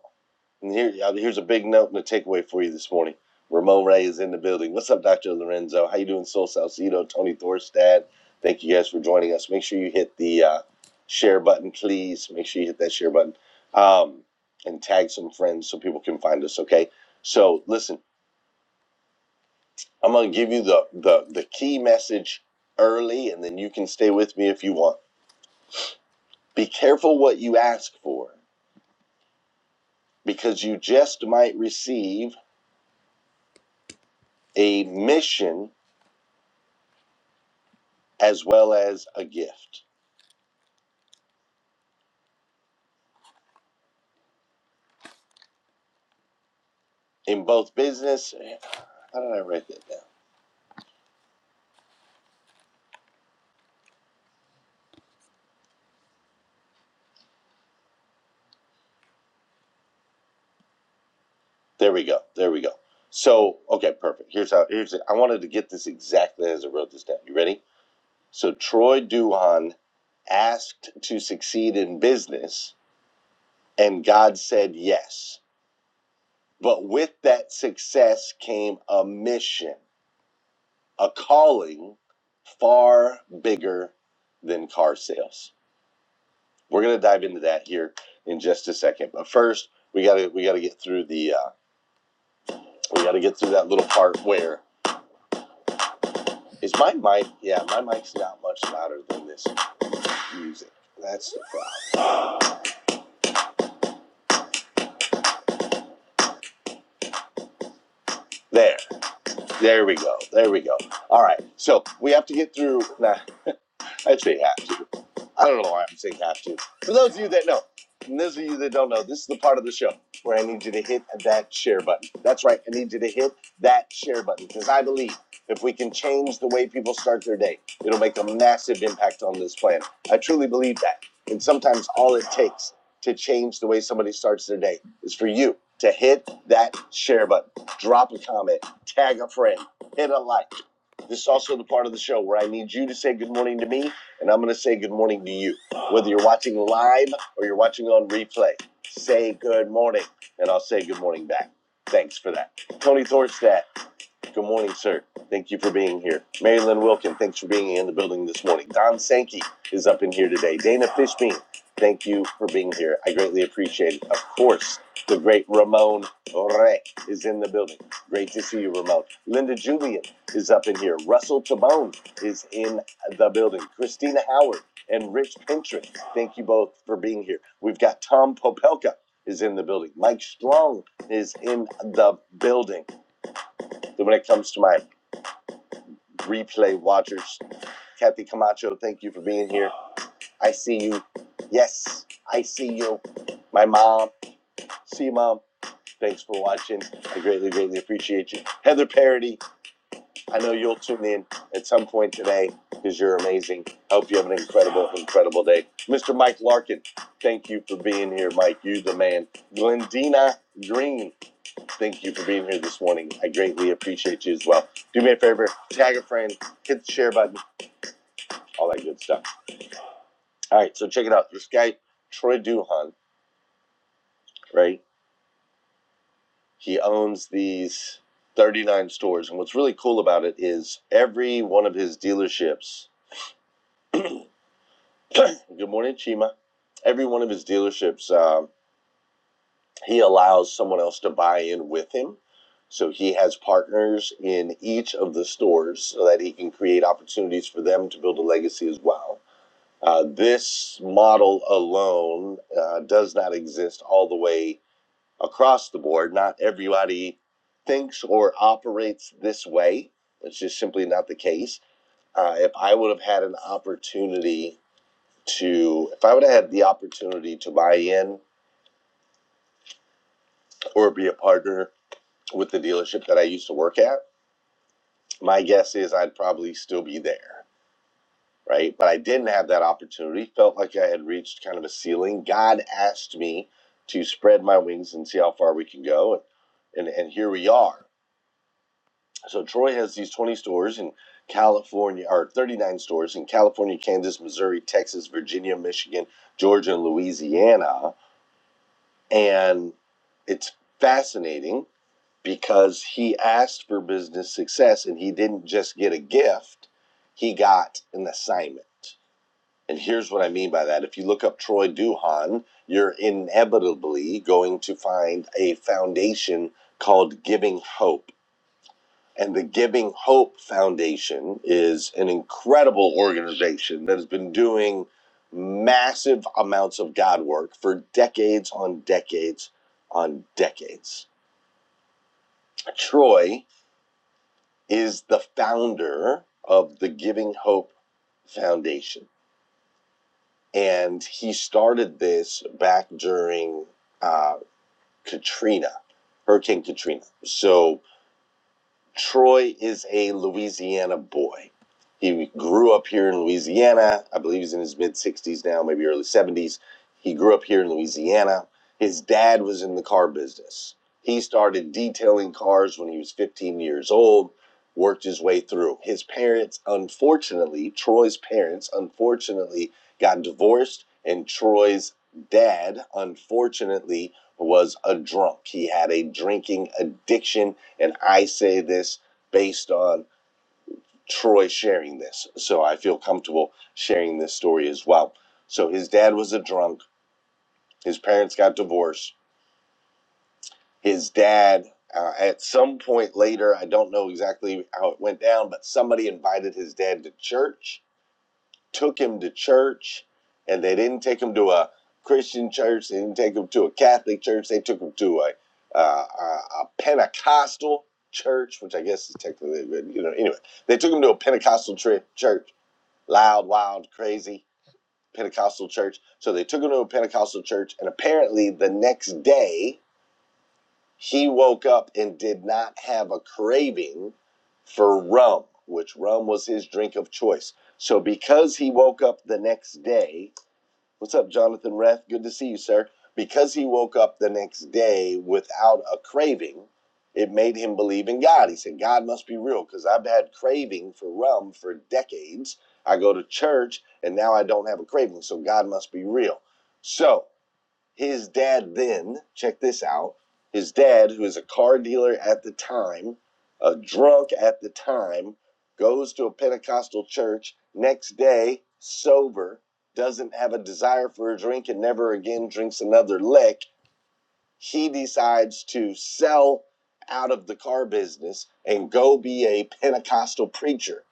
S1: And here, uh, here's a big note and a takeaway for you this morning. Ramon Ray is in the building. What's up, Dr. Lorenzo? How you doing, Sol Salcido, Tony Thorstad? Thank you guys for joining us. Make sure you hit the uh, share button, please. Make sure you hit that share button um, and tag some friends so people can find us. Okay. So listen, I'm gonna give you the the the key message early, and then you can stay with me if you want. Be careful what you ask for because you just might receive a mission as well as a gift in both business. How did I write that down? There we go. There we go. So okay, perfect. Here's how. Here's it. I wanted to get this exactly as I wrote this down. You ready? So Troy Duhan asked to succeed in business, and God said yes. But with that success came a mission, a calling far bigger than car sales. We're gonna dive into that here in just a second. But first, we gotta we gotta get through the uh, we gotta get through that little part where is my mic? Yeah, my mic's not much louder than this music. That's the problem. There, there we go, there we go. All right, so we have to get through. Nah, I'd I don't know why I'm saying have to. For those of you that know, and those of you that don't know, this is the part of the show where I need you to hit that share button. That's right, I need you to hit that share button because I believe if we can change the way people start their day, it'll make a massive impact on this planet. I truly believe that. And sometimes all it takes to change the way somebody starts their day is for you to hit that share button, drop a comment, tag a friend, hit a like. This is also the part of the show where I need you to say good morning to me and I'm going to say good morning to you. Whether you're watching live or you're watching on replay, say good morning, and I'll say good morning back. Thanks for that. Tony Thorstad. Good morning, sir. Thank you for being here. Marilyn Wilkin, thanks for being in the building this morning. Don Sankey is up in here today. Dana Fishbein, thank you for being here. I greatly appreciate it. Of course, the great Ramon Re is in the building. Great to see you, Ramon. Linda Julian is up in here. Russell Tabone is in the building. Christina Howard and Rich Pinterest, thank you both for being here. We've got Tom Popelka is in the building. Mike Strong is in the building when it comes to my replay watchers. Kathy Camacho, thank you for being here. I see you. Yes, I see you. My mom. See you, mom. Thanks for watching. I greatly, greatly appreciate you. Heather Parody, I know you'll tune in at some point today because you're amazing. I hope you have an incredible, incredible day. Mr. Mike Larkin, thank you for being here, Mike. You the man. Glendina Green, thank you for being here this morning. I greatly appreciate you as well. Do me a favor, tag a friend, hit the share button, all that good stuff. All right, so check it out. This guy, Troy Duhan, right? He owns these 39 stores. And what's really cool about it is every one of his dealerships, good morning, Chima. Every one of his dealerships, um, he allows someone else to buy in with him. So he has partners in each of the stores so that he can create opportunities for them to build a legacy as well. Uh, this model alone uh, does not exist all the way across the board. Not everybody thinks or operates this way. It's just simply not the case. Uh, if I would have had an opportunity to, if I would have had the opportunity to buy in or be a partner with the dealership that I used to work at, my guess is I'd probably still be there. Right. But I didn't have that opportunity. Felt like I had reached kind of a ceiling. God asked me to spread my wings and see how far we can go. And, and, and here we are So Troy has these 20 stores in California, or 39 stores in California, Kansas, Missouri, Texas, Virginia, Michigan, Georgia, and Louisiana. And it's fascinating because he asked for business success and he didn't just get a gift, he got an assignment. And here's what I mean by that. If you look up Troy Duhan, you're inevitably going to find a foundation called Giving Hope and the Giving Hope Foundation is an incredible organization that has been doing massive amounts of God work for decades on decades on decades. Troy is the founder of the Giving Hope Foundation. And he started this back during uh, Katrina, Hurricane Katrina. So Troy is a Louisiana boy. He grew up here in Louisiana. I believe he's in his mid 60s now, maybe early 70s. He grew up here in Louisiana. His dad was in the car business. He started detailing cars when he was 15 years old, worked his way through. His parents, unfortunately, Troy's parents, unfortunately, got divorced, and Troy's dad, unfortunately, was a drunk. He had a drinking addiction and I say this based on Troy sharing this. So I feel comfortable sharing this story as well. So his dad was a drunk. His parents got divorced. His dad, uh, at some point later, I don't know exactly how it went down, but somebody invited his dad to church took him to church and they didn't take him to a Christian church. They didn't take him to a Catholic church. They took him to a, uh, a, a Pentecostal church, which I guess is technically, you know, anyway, they took him to a Pentecostal tri- church, loud, wild, crazy Pentecostal church. So they took him to a Pentecostal church. And apparently the next day, he woke up and did not have a craving for rum, which rum was his drink of choice. So because he woke up the next day, what's up, Jonathan Rath? Good to see you, sir. Because he woke up the next day without a craving, it made him believe in God. He said, God must be real because I've had craving for rum for decades. I go to church and now I don't have a craving, so God must be real. So his dad then, check this out, his dad, who is a car dealer at the time, a drunk at the time, goes to a Pentecostal church, next day, sober, doesn't have a desire for a drink and never again drinks another lick. He decides to sell out of the car business and go be a Pentecostal preacher.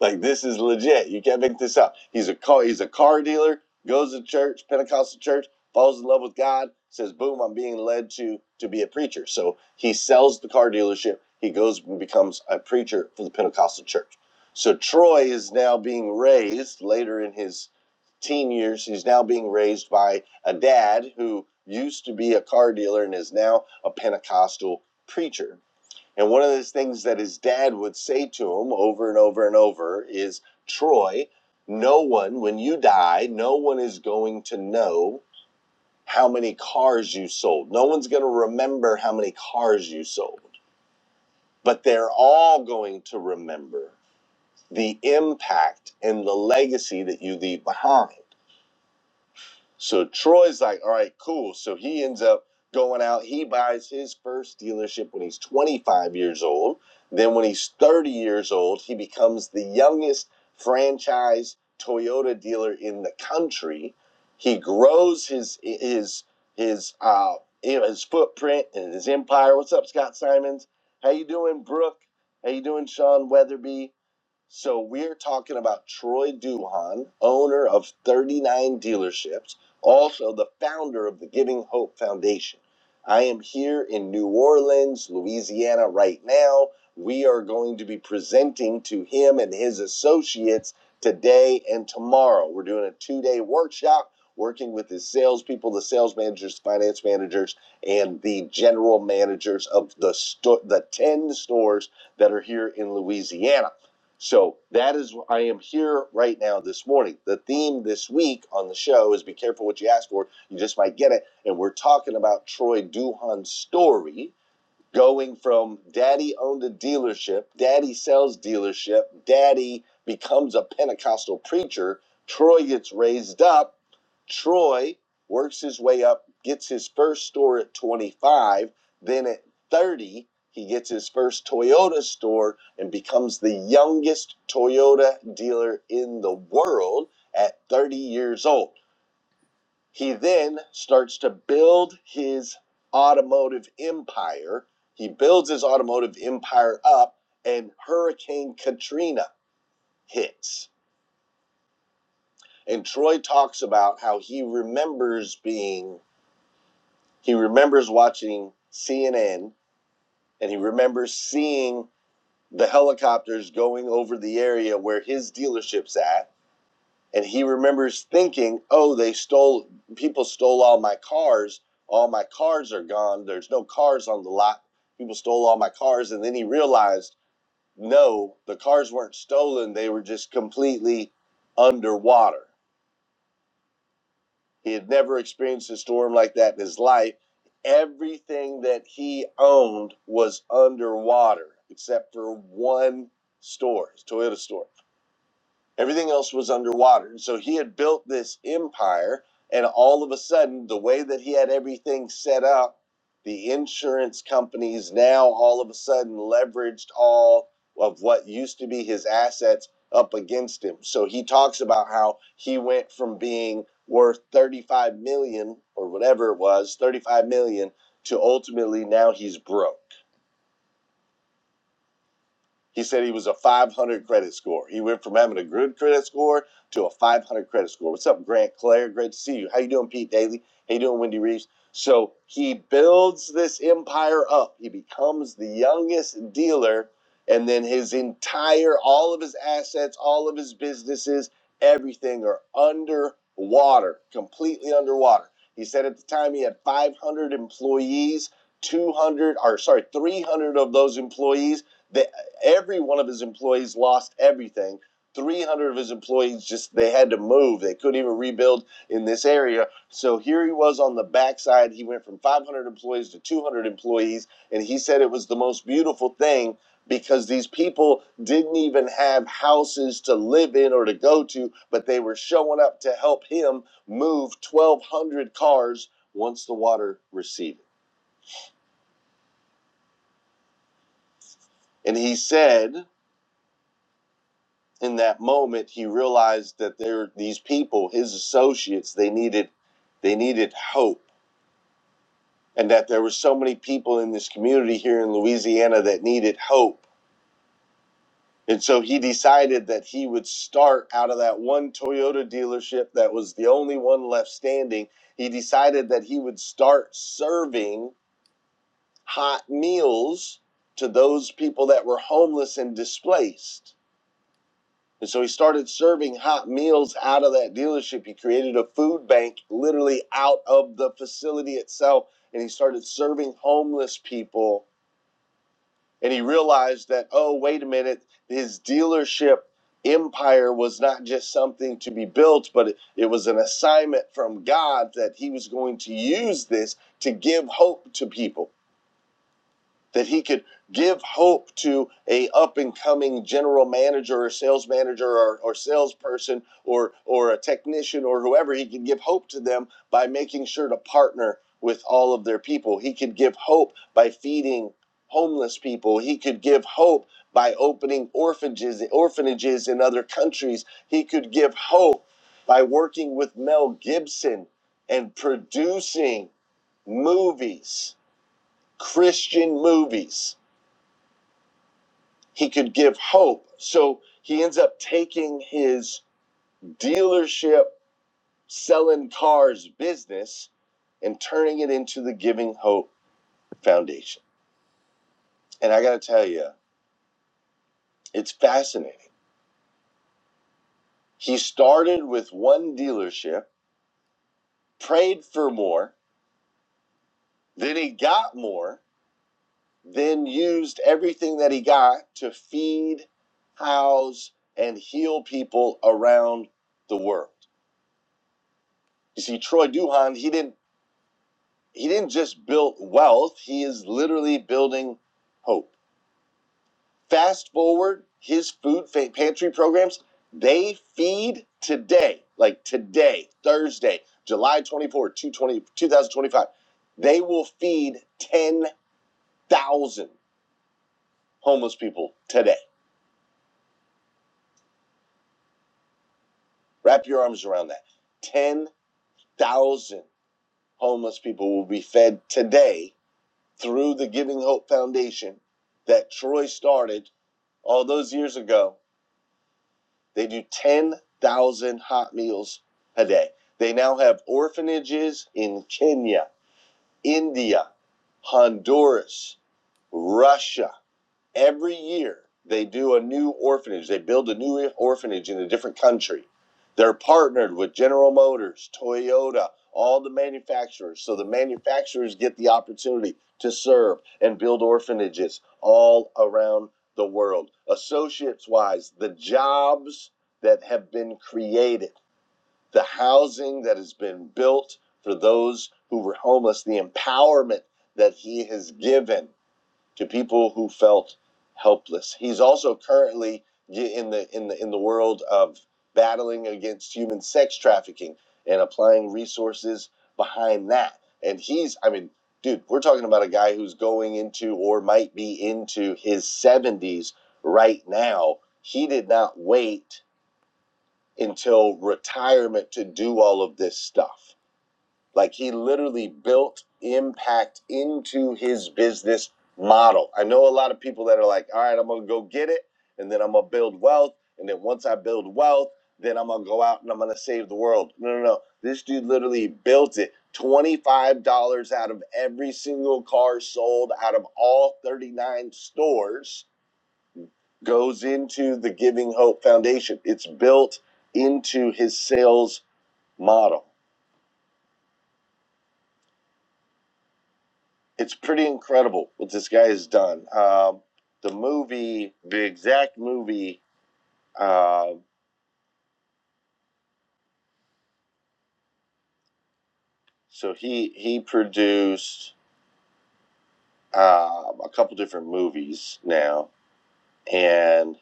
S1: Like this is legit. You can't make this up. He's a car. He's a car dealer. Goes to church, Pentecostal church, falls in love with God. Says, "Boom! I'm being led to to be a preacher." So he sells the car dealership. He goes and becomes a preacher for the Pentecostal church. So Troy is now being raised later in his teen years. He's now being raised by a dad who used to be a car dealer and is now a Pentecostal preacher and one of the things that his dad would say to him over and over and over is Troy, no one, when you die, no one is going to know how many cars you sold. No one's going to remember how many cars you sold, but they're all going to remember the impact and the legacy that you leave behind. So Troy's like, all right, cool. So he ends up going out. He buys his first dealership when he's 25 years old. Then, when he's 30 years old, he becomes the youngest franchise Toyota dealer in the country. He grows his his his uh you know, his footprint and his empire. What's up, Scott Simons? How you doing, Brooke? How you doing, Sean Weatherby? So we're talking about Troy Duhan, owner of 39 dealerships also the founder of the Giving Hope Foundation. I am here in New Orleans, Louisiana, right now. We are going to be presenting to him and his associates today and tomorrow. We're doing a two day workshop working with his salespeople, the sales managers, finance managers, and the general managers of the, sto- the 10 stores that are here in Louisiana. So that is I am here right now this morning. The theme this week on the show is be careful what you ask for. You just might get it. And we're talking about Troy Duhan's story going from daddy owned a dealership, daddy sells dealership, daddy becomes a Pentecostal preacher, Troy gets raised up, Troy works his way up, gets his first store at 25, then at 30, he gets his first Toyota store and becomes the youngest Toyota dealer in the world at 30 years old. He then starts to build his automotive empire. He builds his automotive empire up, and Hurricane Katrina hits. And Troy talks about how he remembers being, he remembers watching CNN, and he remembers seeing the helicopters going over the area where his dealership's at and he remembers thinking, "Oh, they stole people stole all my cars. All my cars are gone. There's no cars on the lot. People stole all my cars." And then he realized, "No, the cars weren't stolen. They were just completely underwater." He had never experienced a storm like that in his life. Everything that he owned was underwater except for one store, his Toyota store. Everything else was underwater. And so he had built this empire, and all of a sudden, the way that he had everything set up, the insurance companies now all of a sudden leveraged all of what used to be his assets up against him. So he talks about how he went from being worth 35 million or whatever it was, 35 million to ultimately now he's broke he said he was a 500 credit score. He went from having a good credit score to a 500 credit score. What's up, Grant Clare? Great to see you. How you doing, Pete Daly? How you doing, Wendy Reeves? So he builds this empire up. He becomes the youngest dealer, and then his entire, all of his assets, all of his businesses, everything are underwater, completely underwater. He said at the time he had 500 employees, 200, or sorry, 300 of those employees. that every one of his employees lost everything 300 of his employees just they had to move they couldn't even rebuild in this area so here he was on the backside he went from 500 employees to 200 employees and he said it was the most beautiful thing because these people didn't even have houses to live in or to go to but they were showing up to help him move 1200 cars once the water receded and he said in that moment he realized that there these people his associates they needed they needed hope and that there were so many people in this community here in Louisiana that needed hope and so he decided that he would start out of that one Toyota dealership that was the only one left standing he decided that he would start serving hot meals to those people that were homeless and displaced And so he started serving hot meals out of that dealership. He created a food bank literally out of the facility itself. And he started serving homeless people. And he realized that, oh, wait a minute, his dealership empire was not just something to be built, but it, it was an assignment from God that he was going to use this to give hope to people that he could give hope to a up and coming general manager or sales manager or, or salesperson or or a technician or whoever he could give hope to them by making sure to partner with all of their people he could give hope by feeding homeless people he could give hope by opening orphanages orphanages in other countries he could give hope by working with mel gibson and producing movies christian movies he could give hope. So he ends up taking his dealership selling cars business and turning it into the Giving Hope Foundation. And I got to tell you, it's fascinating. He started with one dealership, prayed for more, then he got more, then used everything that he got to feed, house, and heal people around the world. You see, Troy Duhan, he didn't He didn't just build wealth, he is literally building hope. Fast forward, his food pantry programs, they feed today, like today, Thursday, July 24, 220 2025. They will feed 10,000 homeless people today. Wrap your arms around that. 10,000 homeless people will be fed today through the Giving Hope Foundation that Troy started all those years ago They do 10,000 hot meals a day. They now have orphanages in Kenya, India, Honduras, Russia every year they do a new orphanage they build a new orphanage in a different country they're partnered with general motors toyota all the manufacturers so the manufacturers get the opportunity to serve and build orphanages all around the world associates wise the jobs that have been created the housing that has been built for those who were homeless the empowerment that he has given to people who felt helpless. He's also currently in the in the in the world of battling against human sex trafficking and applying resources behind that. And he's, I mean, dude, we're talking about a guy who's going into or might be into his 70s right now. He did not wait until retirement to do all of this stuff like he literally built impact into his business model. I know a lot of people that are like, all right, I'm gonna go get it, and then I'm gonna build wealth, and then once I build wealth, then I'm gonna go out and I'm gonna save the world. No, no, no. This dude literally built it. $25 out of every single car sold out of all 39 stores goes into the Giving Hope Foundation. It's built into his sales model. it's pretty incredible what this guy has done. Um, the movie, the exact movie. Uh, so he he produced uh, a couple different movies now, and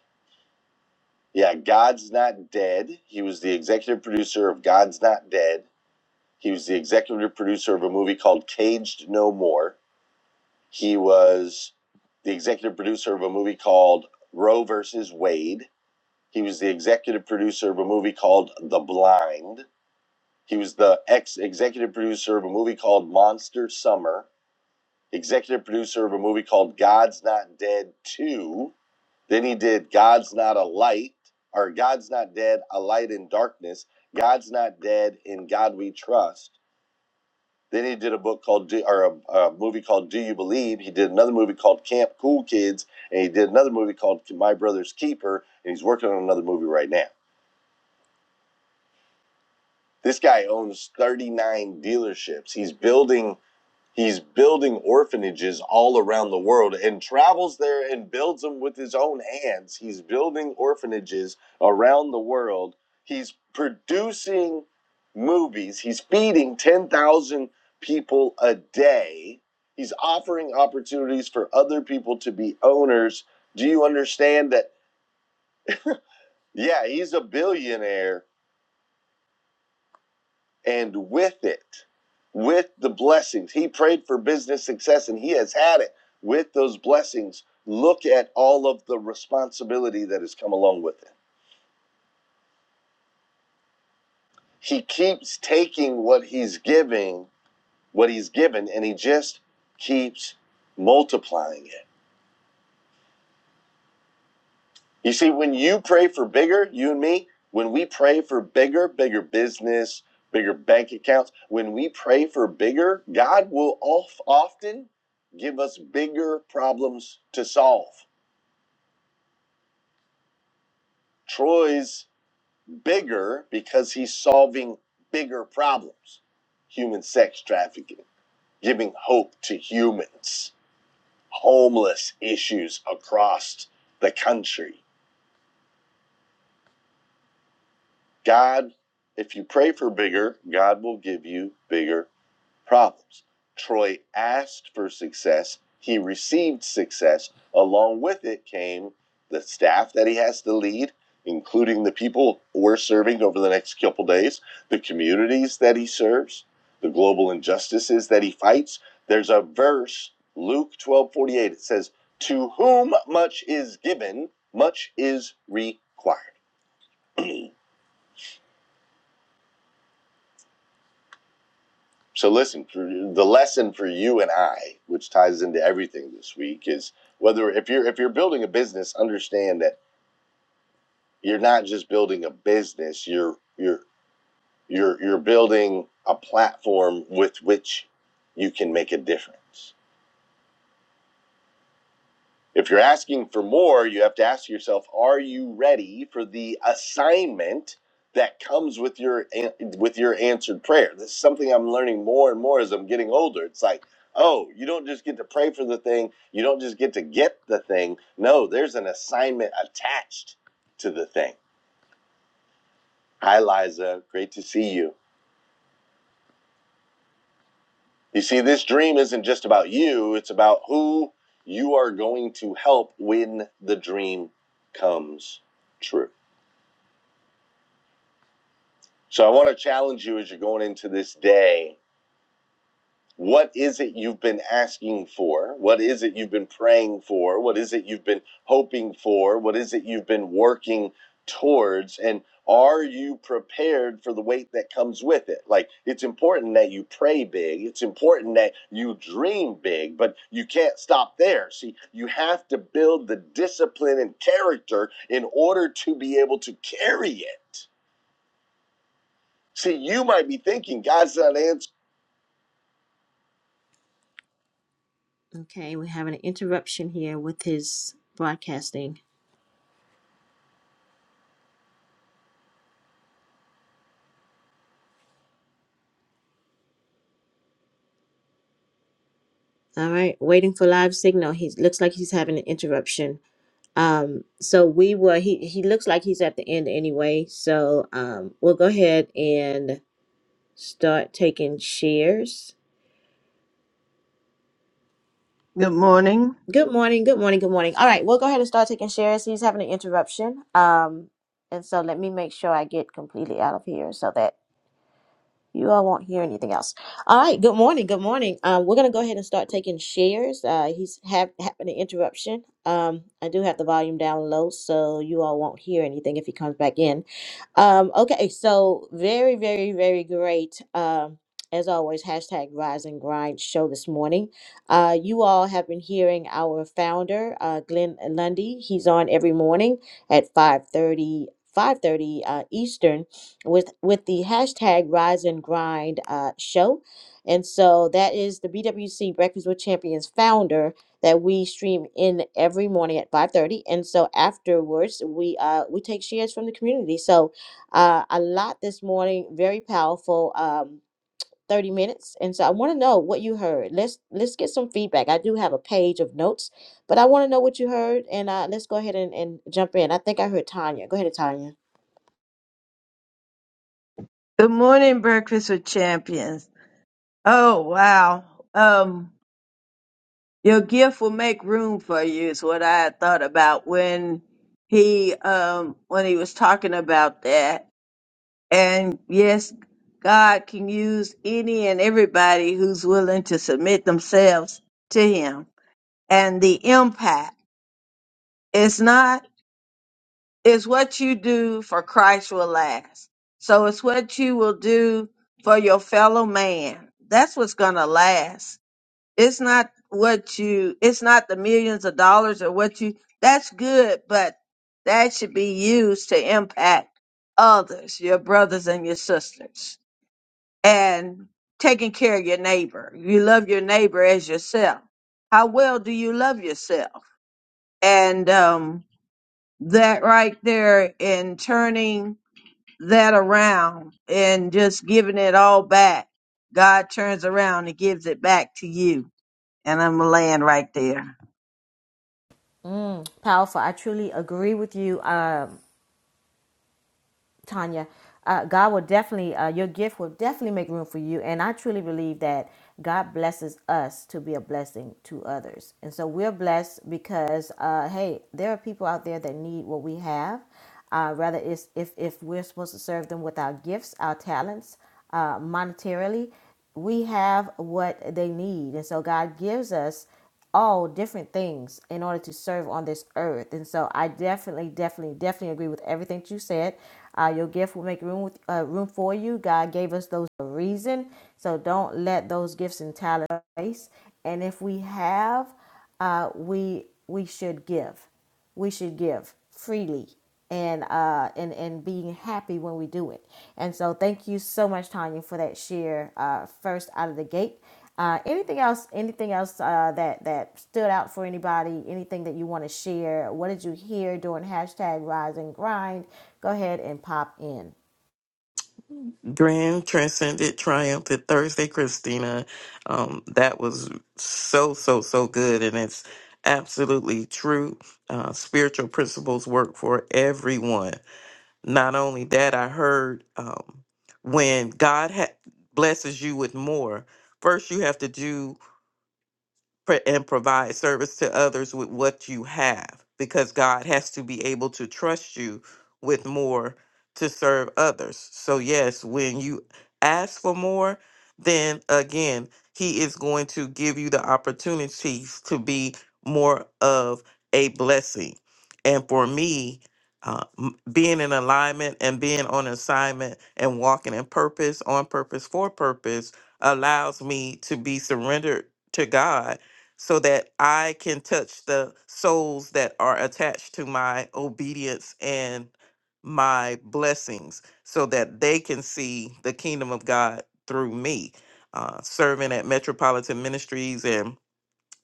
S1: yeah, God's Not Dead. He was the executive producer of God's Not Dead. He was the executive producer of a movie called Caged No More. He was the executive producer of a movie called Roe versus Wade He was the executive producer of a movie called The Blind. He was the ex executive producer of a movie called Monster Summer, executive producer of a movie called God's Not Dead 2. Then he did God's Not a Light, or God's Not Dead, A Light in Darkness, God's Not Dead, In God We Trust. Then he did a book called, Do- or a, a movie called Do You Believe? He did another movie called Camp Cool Kids, and he did another movie called My Brother's Keeper, and he's working on another movie right now. This guy owns 39 dealerships. He's building he's building orphanages all around the world and travels there and builds them with his own hands. He's building orphanages around the world. He's producing movies. He's feeding 10,000 people a day. He's offering opportunities for other people to be owners. Do you understand that? Yeah, he's a billionaire and with it, with the blessings, he prayed for business success and he has had it. With those blessings, look at all of the responsibility that has come along with it. He keeps taking what he's giving, what he's given, and he just keeps multiplying it. You see, when you pray for bigger, you and me, when we pray for bigger, bigger business, bigger bank accounts, when we pray for bigger, God will off, often give us bigger problems to solve. Troy's bigger because he's solving bigger problems human sex trafficking, giving hope to humans, homeless issues across the country God, if you pray for bigger, God will give you bigger problems. Troy asked for success, he received success. Along with it came the staff that he has to lead, including the people we're serving over the next couple days, the communities that he serves, the global injustices that he fights. There's a verse, Luke 12 48. it says, To whom much is given, much is required So listen, for the lesson for you and I, which ties into everything this week, is whether if you're if you're building a business, understand that you're not just building a business. You're you're you're you're building a platform with which you can make a difference. If you're asking for more, you have to ask yourself, are you ready for the assignment that comes with your an- with your answered prayer? This is something I'm learning more and more as I'm getting older. It's like, oh, you don't just get to pray for the thing, you don't just get to get the thing. No, there's an assignment attached to the thing. Hi Liza, great to see you. You see, this dream isn't just about you, it's about who you are going to help when the dream comes true. So I want to challenge you as you're going into this day. What is it you've been asking for? What is it you've been praying for? What is it you've been hoping for? What is it you've been working towards? And are you prepared for the weight that comes with it? Like, it's important that you pray big. It's important that you dream big, but you can't stop there. See, you have to build the discipline and character in order to be able to carry it. See, you might be thinking God's not answering. Okay, we have an interruption here with his broadcasting. All right, waiting for live signal. He looks like he's having an interruption. Um, so we were he he looks like he's at the end anyway. So um, we'll go ahead and start taking shares.
S7: morning.
S1: Good morning, good morning, good morning. All right, we'll go ahead and start taking shares. He's having an interruption. Um, and so let me make sure I get completely out of here so that You all won't hear anything else. All right. Good morning. Good morning. Um, we're gonna go ahead and start taking shares. Uh, he's have having an interruption. Um, I do have the volume down low, so you all won't hear anything if he comes back in. Um, okay. So very, very, very great. Um, as always, hashtag Rise and Grind show this morning. Uh, you all have been hearing our founder, uh, Glenn Lundy. He's on every morning at five thirty, five thirty uh, Eastern with with the hashtag rise and grind uh, show and so that is the bwc breakfast with champions founder that we stream in every morning at 5.30 and so afterwards we uh, we take shares from the community so uh, a lot this morning very powerful um, 30 minutes and so i want to know what you heard let's let's get some feedback i do have a page of notes but i want to know what you heard and uh, let's go ahead and, and jump in i think i heard tanya go ahead tanya
S7: Good morning, Breakfast with Champions. Oh wow. Um Your gift will make room for you is what I had thought about when he um when he was talking about that. And yes, God can use any and everybody who's willing to submit themselves to him. And the impact is not is what you do for Christ will last. So it's what you will do for your fellow man. That's what's gonna last it's not what you it's not the millions of dollars or what you that's good but that should be used to impact others your brothers and your sisters and taking care of your neighbor you love your neighbor as yourself how well do you love yourself and um that right there in turning that around and just giving it all back god turns around and gives it back to you and i'm laying right there
S1: Mm, powerful. I truly agree with you, um, Tanya. Uh, God will definitely, uh, your gift will definitely make room for you. And I truly believe that God blesses us to be a blessing to others. And so we're blessed because, uh, hey, there are people out there that need what we have. Uh, rather, it's if, if we're supposed to serve them with our gifts, our talents, uh, monetarily, we have what they need. And so God gives us all different things in order to serve on this earth. And so I definitely, definitely, definitely agree with everything that you said. Uh, your gift will make room with, uh, room for you. God gave us those for a reason, so don't let those gifts and talents waste. And if we have, uh, we we should give we should give freely and uh and and being happy when we do it and so thank you so much tanya for that share uh first out of the gate uh anything else anything else uh that that stood out for anybody anything that you want to share what did you hear during hashtag rise and grind go ahead and pop in
S10: Grand Transcendent Triumph at Thursday, Christina. Um, that was so, so, so good. And it's absolutely true. Uh, spiritual principles work for everyone. Not only that, I heard um, when God ha- blesses you with more, first you have to do pro- and provide service to others with what you have because God has to be able to trust you with more to serve others. So, yes, when you ask for more, then again, He is going to give you the opportunities to be more of a blessing. And for me, uh, m- being in alignment and being on assignment and walking in purpose, on purpose, for purpose, allows me to be surrendered to God so that I can touch the souls that are attached to my obedience and my blessings so that they can see the kingdom of God through me. Uh, serving at Metropolitan Ministries and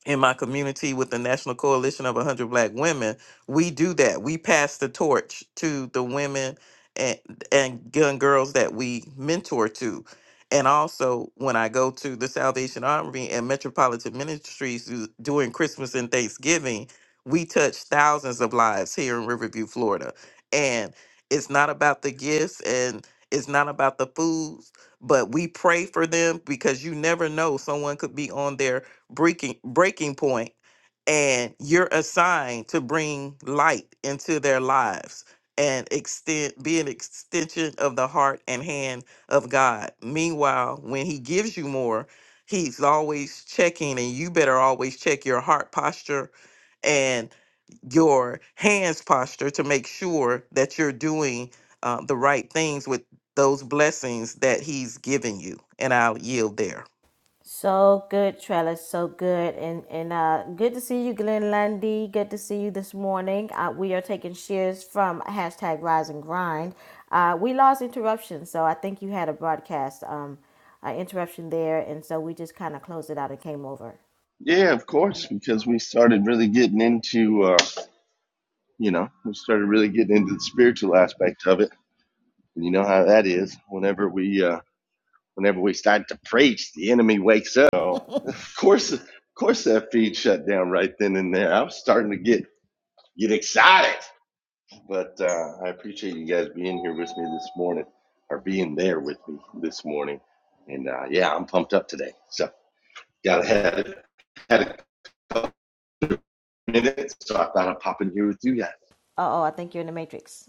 S10: in my community with the National Coalition of 100 Black Women, we do that. We pass the torch to the women and and young girls that we mentor to. And also, when I go to the Salvation Army and Metropolitan Ministries do- during Christmas and Thanksgiving, we touch thousands of lives here in Riverview, Florida. And it's not about the gifts and it's not about the foods, but we pray for them because you never know someone could be on there breaking breaking point and you're assigned to bring light into their lives and extend be an extension of the heart and hand of God. Meanwhile, when he gives you more, he's always checking and you better always check your heart posture and your hands posture to make sure that you're doing uh, the right things with those blessings that he's given you. And I'll yield there.
S1: So good, Trellis. So good, and and uh, good to see you, Glenn Lundy. Good to see you this morning. Uh, we are taking shares from hashtag Rise and Grind. Uh, we lost interruption, so I think you had a broadcast um, uh, interruption there, and so we just kind of closed it out and came over.
S11: Yeah, of course, because we started really getting into, uh, you know, we started really getting into the spiritual aspect of it, and you know how that is. Whenever we, uh, whenever we start to preach, the enemy wakes up. So, of course, of course, that feed shut down right then and there. I was starting to get get excited, but uh, I appreciate you guys being here with me this morning, or being there with me this morning, and uh, yeah, I'm pumped up today. So, gotta have had a in So I thought I'd pop in here with you guys.
S1: Uh oh, I think you're in the Matrix.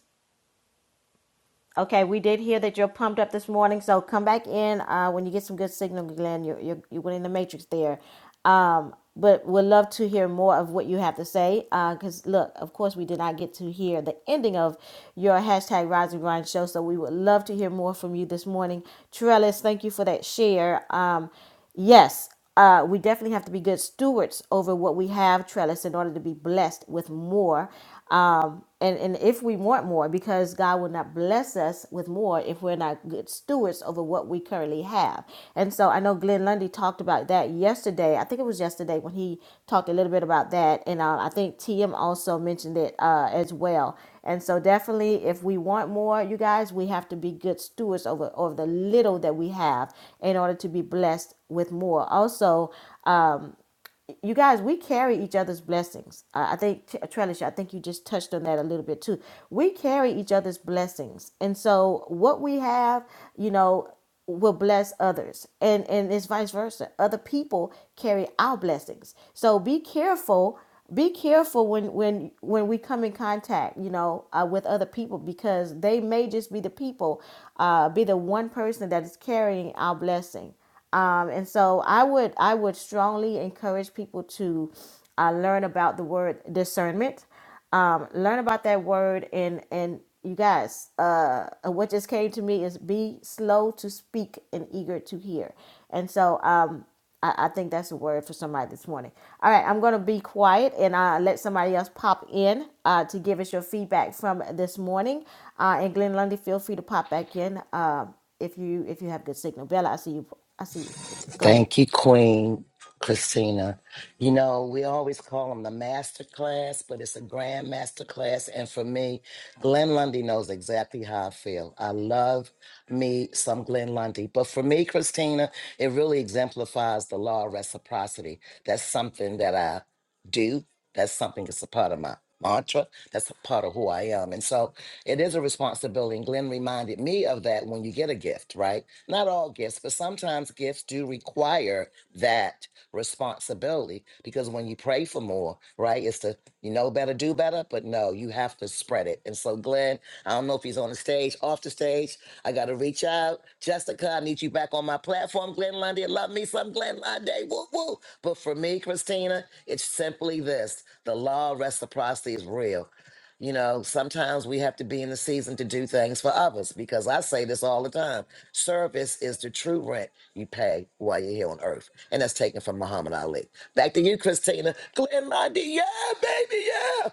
S1: Okay, we did hear that you're pumped up this morning, so come back in uh, when you get some good signal, Glenn. You're, you're, you went in the matrix there. Um, but we'd love to hear more of what you have to say. Because, look, of course, we did not get to hear the ending of your hashtag Rise and Grind show, so we would love to hear more from you this morning. Trellis, thank you for that share. Um, yes, uh, we definitely have to be good stewards over what we have, Trellis, in order to be blessed with more and and if we want more because god will not bless us with more if we're not good stewards over what we currently have and so i know glenn lundy talked about that yesterday i think it was yesterday when he talked a little bit about that and uh, i think tm also mentioned it uh, as well and so definitely if we want more you guys we have to be good stewards over over the little that we have in order to be blessed with more also you guys, we carry each other's blessings. I I think, T- Trellis, I think you just touched on that a little bit too. We carry each other's blessings. And so what we have, you know, will bless others. And, and it's vice versa. Other people carry our blessings. So be careful be careful when when when we come in contact you know uh, with other people because they may just be the people uh, be the one person that is carrying our blessing um, and so I would I would strongly encourage people to uh, learn about the word discernment. Um, learn about that word and and you guys, uh, uh, what just came to me is be slow to speak and eager to hear. And so um, I, I think that's a word for somebody this morning. All right, I'm going to be quiet and uh, let somebody else pop in uh, to give us your feedback from this morning. Uh, and Glenn Lundy, feel free to pop back in um if you if you have good signal. Bella, I see you. I see you. Go ahead.
S4: Thank you, Queen Christina. You know, we always call them the master class, but it's a grand master class. And for me, Glenn Lundy knows exactly how I feel. I love me some Glenn Lundy. But for me, Christina, it really exemplifies the law of reciprocity. That's something that I do. That's something that's a part of my mantra. That's a part of who I am. And so it is a responsibility. And Glenn reminded me of that when you get a gift, right? Not all gifts, but sometimes gifts do require that responsibility because when you pray for more, right? It's to you know better, do better, but no, you have to spread it. And so, Glenn, I don't know if he's on the stage, off the stage. I got to reach out. Jessica, I need you back on my platform. Glenn Lundy, I love me some Glenn Lundy. Woo, woo. But for me, Christina, it's simply this the law of reciprocity is real. You know, sometimes we have to be in the season to do things for others because I say this all the time service is the true rent you pay while you're here on earth. And that's taken from Muhammad Ali. Back to you, Christina. Glenn Lundy, yeah, baby, yeah.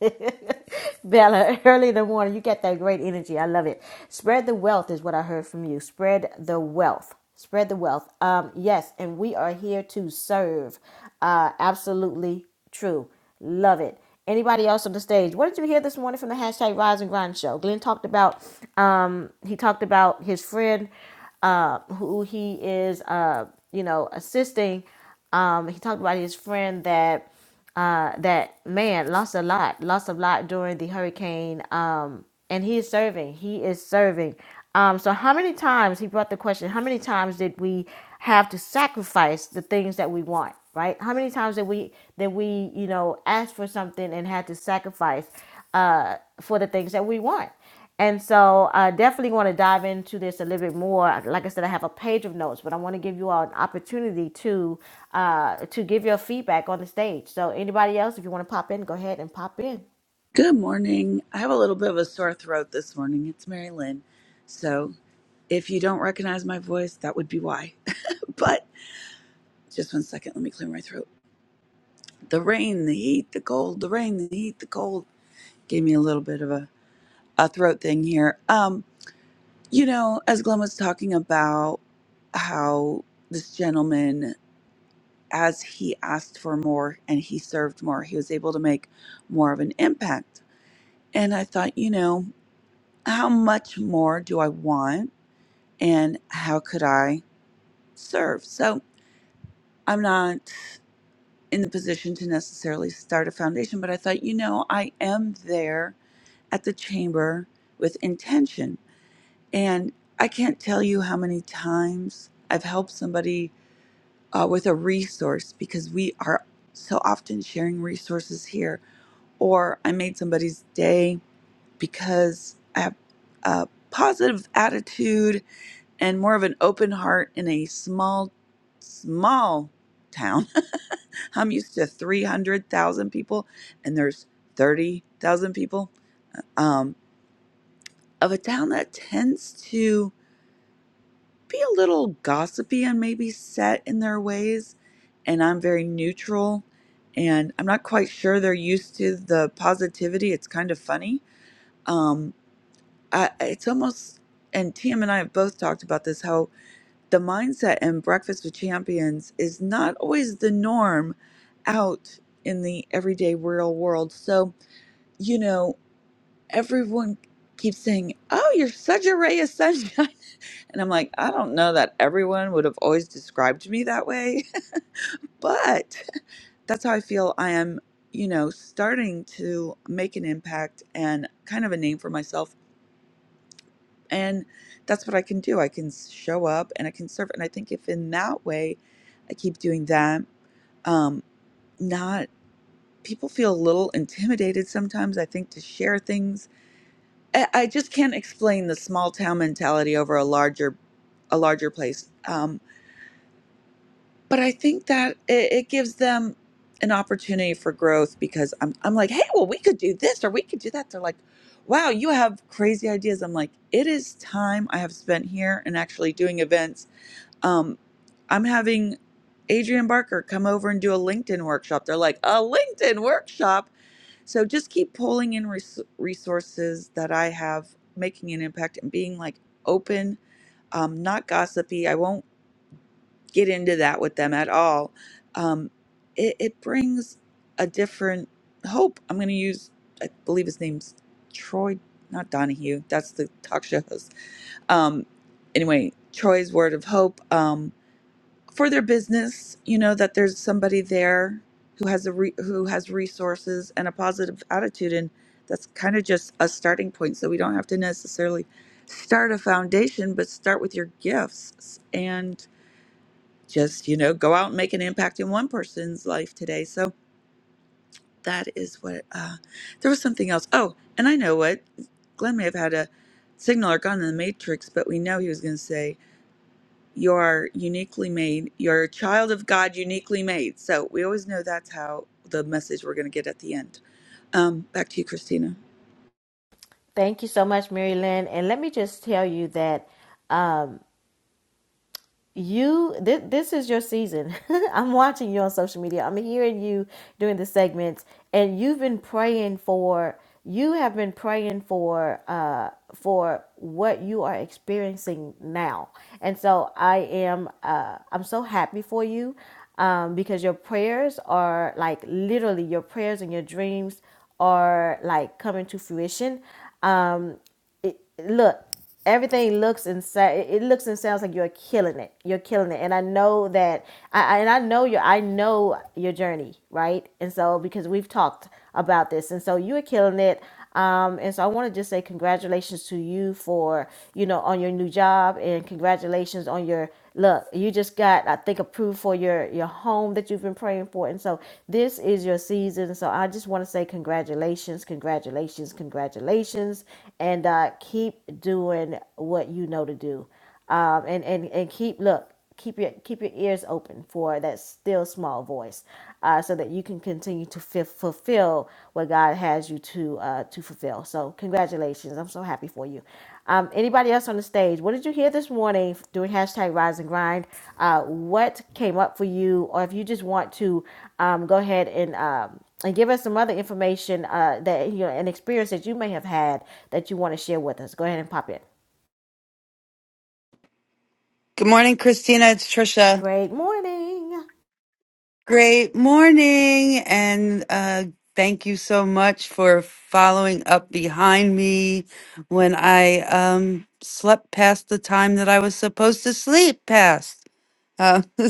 S1: Bella, early in the morning, you get that great energy. I love it. Spread the wealth is what I heard from you. Spread the wealth. Spread the wealth. Um, yes, and we are here to serve. Uh, absolutely true. Love it. Anybody else on the stage? What did you hear this morning from the hashtag Rise and Grind show? Glenn talked about. Um, he talked about his friend, uh, who he is. Uh, you know, assisting. Um, he talked about his friend that uh, that man lost a lot, lost a lot during the hurricane. Um, and he is serving. He is serving. Um, so how many times he brought the question? How many times did we have to sacrifice the things that we want? Right? How many times did we that we you know asked for something and had to sacrifice uh, for the things that we want? And so I definitely want to dive into this a little bit more. Like I said, I have a page of notes, but I want to give you all an opportunity to uh, to give your feedback on the stage. So anybody else, if you want to pop in, go ahead and pop in.
S12: Good morning. I have a little bit of a sore throat this morning. It's Mary Lynn. So if you don't recognize my voice, that would be why. But just one second, let me clear my throat. The rain, the heat, the cold, the rain, the heat, the cold gave me a little bit of a, a throat thing here. Um, you know, as Glenn was talking about how this gentleman, as he asked for more and he served more, he was able to make more of an impact. And I thought, you know, how much more do I want? and how could I serve? So I'm not in the position to necessarily start a foundation, but I thought, you know, I am there at the chamber with intention. And I can't tell you how many times I've helped somebody uh, with a resource because we are so often sharing resources here. Or I made somebody's day because I have a positive attitude and more of an open heart in a small, small town. I'm used to 300,000 people, and there's 30,000 people um, of a town that tends to be a little gossipy and maybe set in their ways. And I'm very neutral, and I'm not quite sure they're used to the positivity. It's kind of funny. Um, I, it's almost, and Tim and I have both talked about this how the mindset in Breakfast with Champions is not always the norm out in the everyday real world. So, you know, everyone keeps saying, Oh, you're such a ray of sunshine. And I'm like, I don't know that everyone would have always described me that way, but that's how I feel I am, you know, starting to make an impact and kind of a name for myself And that's what I can do. I can show up and I can serve. And I think if in that way I keep doing that, um, not people feel a little intimidated sometimes, I think, to share things. I, I just can't explain the small town mentality over a larger a larger place. Um, but I think that it, it gives them an opportunity for growth because I'm, I'm like, hey, well, we could do this or we could do that. They're like, wow, you have crazy ideas. I'm like, it is time I have spent here and actually doing events Um, I'm having Adrian Barker come over and do a LinkedIn workshop. They're like, a LinkedIn workshop. So just keep pulling in res- resources that I have, making an impact and being like open, um, not gossipy. I won't get into that with them at all. Um, it, it brings a different hope. I'm going to use, I believe his name's Troy, not Donahue. That's the talk show host. Um, anyway, Troy's word of hope. Um, for their business you know that there's somebody there who has a re- who has resources and a positive attitude and that's kind of just a starting point so we don't have to necessarily start a foundation but start with your gifts and just you know go out and make an impact in one person's life today so that is what uh there was something else oh and i know what glenn may have had a signal or gone in the matrix but we know he was going to say you're uniquely made. You're a child of God, uniquely made. So we always know that's how the message we're going to get at the end. Um, back to you, Christina.
S1: Thank you so much, Mary Lynn. And let me just tell you that um, you this, this is your season i'm watching you on social media i'm hearing you doing the segments and you've been praying for you have been praying for uh for what you are experiencing now and so i am uh i'm so happy for you um because your prayers are like literally your prayers and your dreams are like coming to fruition it, look, everything looks and it looks and sounds like you're killing it. You're killing it, and I know that. I I- and I know your I know your journey, right? And so because we've talked about this, and so you are killing it. Um, and so I want to just say congratulations to you for you know on your new job, and congratulations on your Look, you just got, I think, approved for your your home that you've been praying for, and so this is your season. So I just want to say congratulations, congratulations, congratulations, and uh, keep doing what you know to do, um, and and and keep look keep your keep your ears open for that still small voice, uh, so that you can continue to fi- fulfill what God has you to uh, to fulfill. So congratulations! I'm so happy for you. Um, anybody else on the stage? What did you hear this morning doing hashtag Rise and Grind? Uh, what came up for you, or if you just want to um, go ahead and um, and give us some other information uh, that you know an experience that you may have had that you want to share with us. Go ahead and pop in.
S13: Good morning, Christina. It's Trisha.
S1: Great morning.
S13: Great morning. And uh, thank you so much for following up behind me when I um, slept past the time that I was supposed to sleep past. Uh,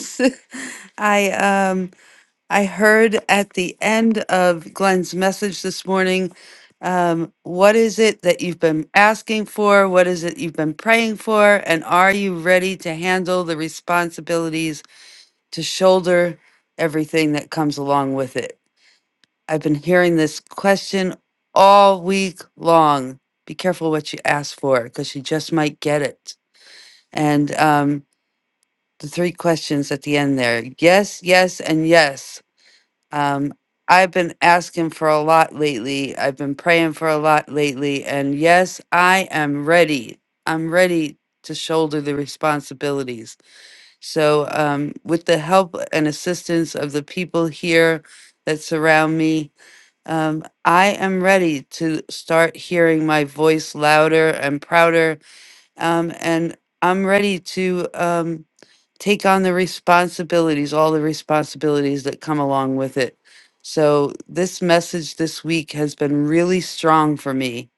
S13: I um, I heard at the end of Glenn's message this morning. Um, what is it that you've been asking for? What is it you've been praying for? And are you ready to handle the responsibilities? to shoulder everything that comes along with it. I've been hearing this question all week long. Be careful what you ask for because you just might get it. And um, the three questions at the end there yes, yes, and yes. Um, I've been asking for a lot lately. I've been praying for a lot lately. And yes, I am ready. I'm ready to shoulder the responsibilities. So, um, with the help and assistance of the people here that surround me, um, I am ready to start hearing my voice louder and prouder. Um, and I'm ready to um, take on the responsibilities, all the responsibilities that come along with it. So, this message this week has been really strong for me.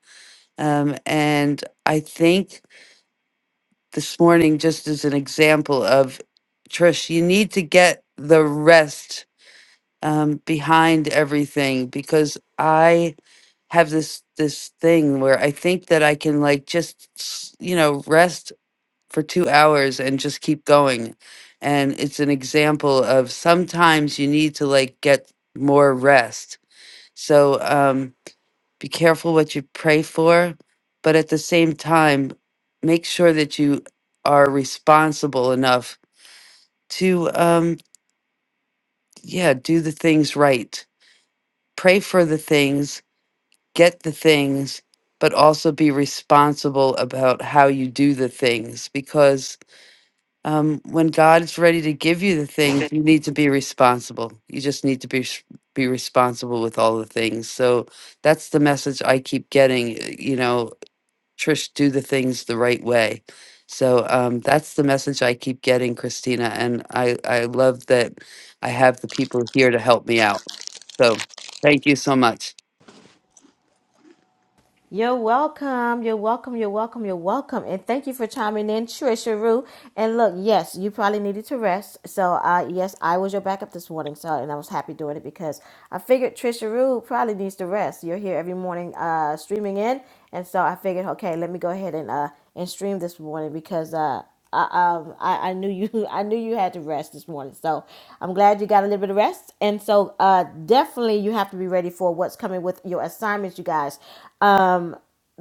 S13: Um, and I think this morning just as an example of Trish, you need to get the rest um, behind everything because I have this this thing where I think that I can like just s- you know rest for two hours and just keep going, and it's an example of sometimes you need to like get more rest. So um, be careful what you pray for, but at the same time, make sure that you are responsible enough to, um, yeah, do the things right. Pray for the things, get the things, but also be responsible about how you do the things because. Um, when God's ready to give you the things, you need to be responsible. You just need to be s- be responsible with all the things. So that's the message I keep getting. uh, You know, Trish do the things the right way. So um, that's the message I keep getting, Christina, and I I love that I have the people here to help me out. So thank you so much,
S1: You're welcome. You're welcome. You're welcome. You're welcome. And thank you for chiming in, Trisha Rue. And look, yes, you probably needed to rest. So, uh, yes, I was your backup this morning. So, and I was happy doing it because I figured Trisha Rue probably needs to rest. You're here every morning, uh, streaming in, and so I figured, okay, let me go ahead and uh and stream this morning because uh. I, um, I, I knew you I knew you had to rest this morning. So I'm glad you got a little bit of rest. And so uh, definitely you have to be ready for what's coming with your assignments, you guys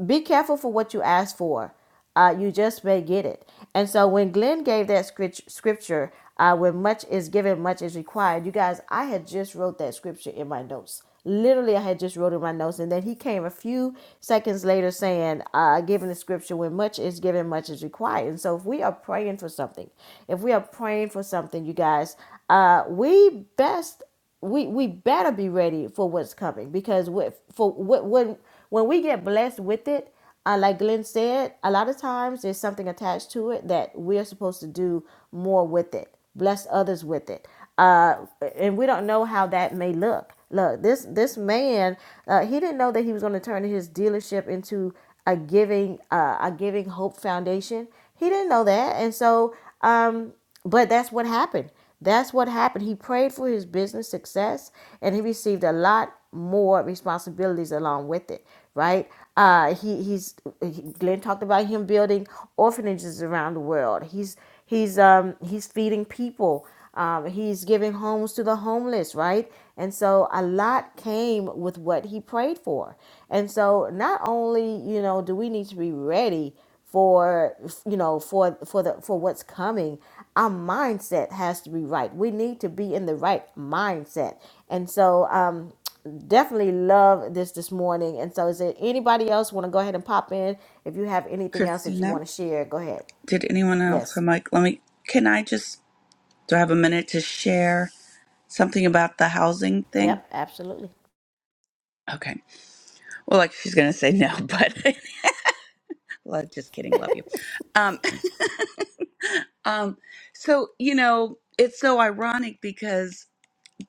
S1: be careful for what you ask for. Uh, you just may get it. And so when Glenn gave that scripture, uh, when much is given, much is required. You guys, I had just wrote that scripture in my notes. Literally, I had just wrote in my notes, and then he came a few seconds later saying, uh, "Given the scripture, when much is given, much is required." And so, if we are praying for something, if we are praying for something, you guys, uh, we best we we better be ready for what's coming because with for wh- when when we get blessed with it, uh, like Glenn said, a lot of times there's something attached to it that we're supposed to do more with it, bless others with it, uh, and we don't know how that may look. Look, this this man, uh, he didn't know that he was going to turn his dealership into a giving uh, a giving hope foundation. He didn't know that, and so um, but that's what happened. That's what happened. He prayed for his business success and he received a lot more responsibilities along with it, right? Uh, he, he's he, Glenn talked about him building orphanages around the world. He's he's um, he's feeding people. Um, he's giving homes to the homeless, right? And so a lot came with what he prayed for. And so not only you know do we need to be ready for you know for for the for what's coming our mindset has to be right we need to be in the right mindset and so um definitely love this this morning and so is there anybody else want to go ahead and pop in if you have anything else that you
S12: Christina,
S1: want to share go ahead
S12: did anyone else?
S1: yes
S12: I'm like, let me. Can I just? Do I have a minute to share something about the housing thing?
S1: yep absolutely
S12: Okay. Well, like she's going to say no, but well, just kidding. Love you. Um, um, so you know, it's so ironic because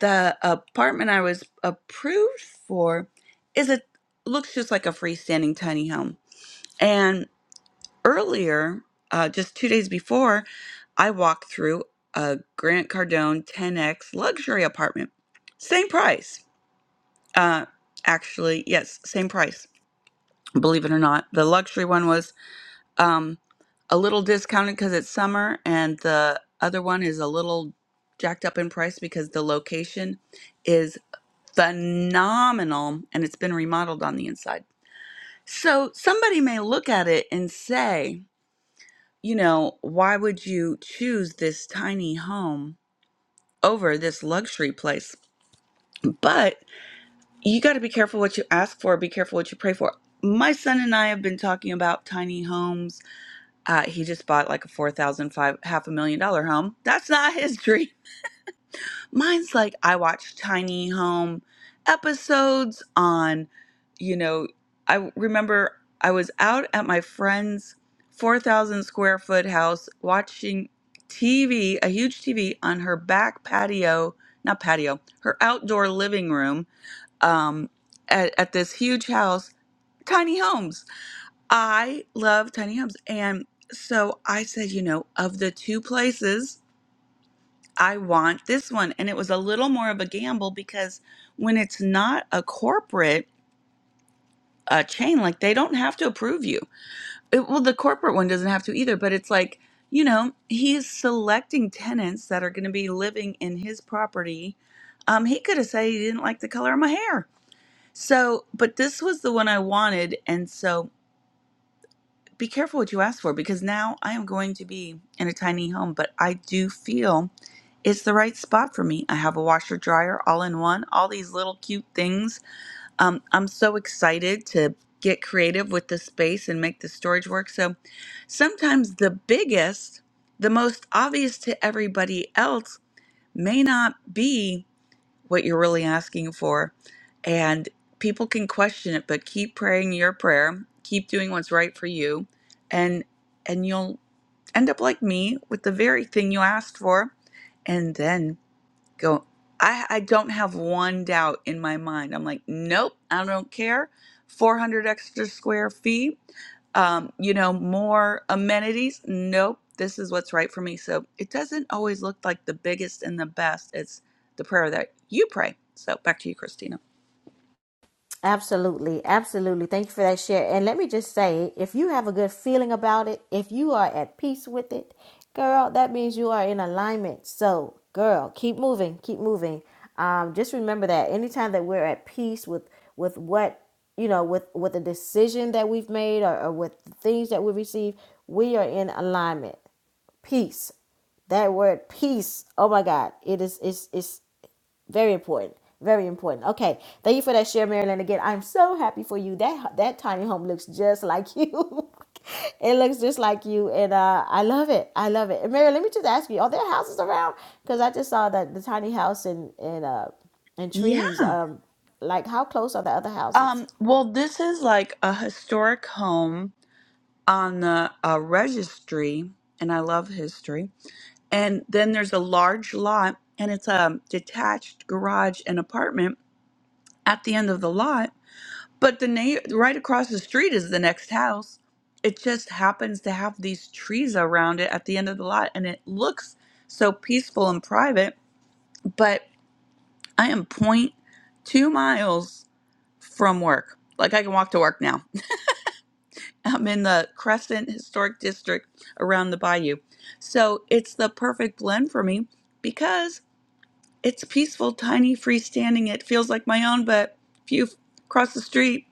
S12: the apartment I was approved for is a looks just like a freestanding tiny home. And earlier, uh, just two days before, I walked through a Grant Cardone 10x luxury apartment. Same price. Uh, actually, yes, same price. Believe it or not, the luxury one was um, a little discounted because it's summer, and the other one is a little jacked up in price because the location is phenomenal and it's been remodeled on the inside. So somebody may look at it and say, you know, why would you choose this tiny home over this luxury place? But you got to be careful what you ask for, be careful what you pray for. My son and I have been talking about tiny homes. Uh, he just bought like a four thousand five half a million dollar home. That's not his dream. Mine's like I watch tiny home episodes on, you know, I remember I was out at my friend's 4,000 square foot house watching TV, a huge TV on her back patio, not patio, her outdoor living room um, at, at this huge house, tiny homes. I love tiny homes. And so I said, you know, of the two places, I want this one. And it was a little more of a gamble because when it's not a corporate uh, chain, like they don't have to approve you. It, well, the corporate one doesn't have to either, but it's like, you know, he's selecting tenants that are going to be living in his property. Um, he could have said he didn't like the color of my hair. So, but this was the one I wanted. And so be careful what you ask for because now I am going to be in a tiny home, but I do feel it's the right spot for me. I have a washer dryer all in one, all these little cute things. Um, I'm so excited to get creative with the space and make the storage work. So sometimes the biggest, the most obvious to everybody else may not be what you're really asking for. And people can question it, but keep praying your prayer, keep doing what's right for you, and and you'll end up like me with the very thing you asked for. And then go, I, I don't have one doubt in my mind. I'm like, nope, I don't care. 400 extra square feet um, you know, more amenities. Nope, this is what's right for me. So it doesn't always look like the biggest and the best. It's the prayer that you pray. So back to you, Christina.
S1: Absolutely, absolutely. Thank you for that share. And let me just say, if you have a good feeling about it, if you are at peace with it, girl, that means you are in alignment. So, girl, keep moving, keep moving. Um, just remember that anytime that we're at peace with with what you know, with with the decision that we've made or, or with the things that we receive, we are in alignment. Peace that word peace oh my god it is it's it's very important. Very important. Okay. Thank you for that share, Marilyn. Again, I'm so happy for you. That that tiny home looks just like you. it looks just like you. And uh, I love it. I love it. And Marilyn, let me just ask you, are there houses around? Because I just saw that the tiny house and and uh and trees.
S12: Yeah.
S1: Um like how close are the other houses?
S12: Um, well, this is like a historic home on the uh, registry, and I love history. And then there's a large lot, and it's a detached garage and apartment at the end of the lot But the neigh right across the street is the next house. It just happens to have these trees around it at the end of the lot, and it looks so peaceful and private. But I am point two miles from work. Like I can walk to work now. I'm in the Crescent Historic District around the bayou. So it's the perfect blend for me because It's peaceful, tiny, freestanding. It feels like my own, but if you cross the street,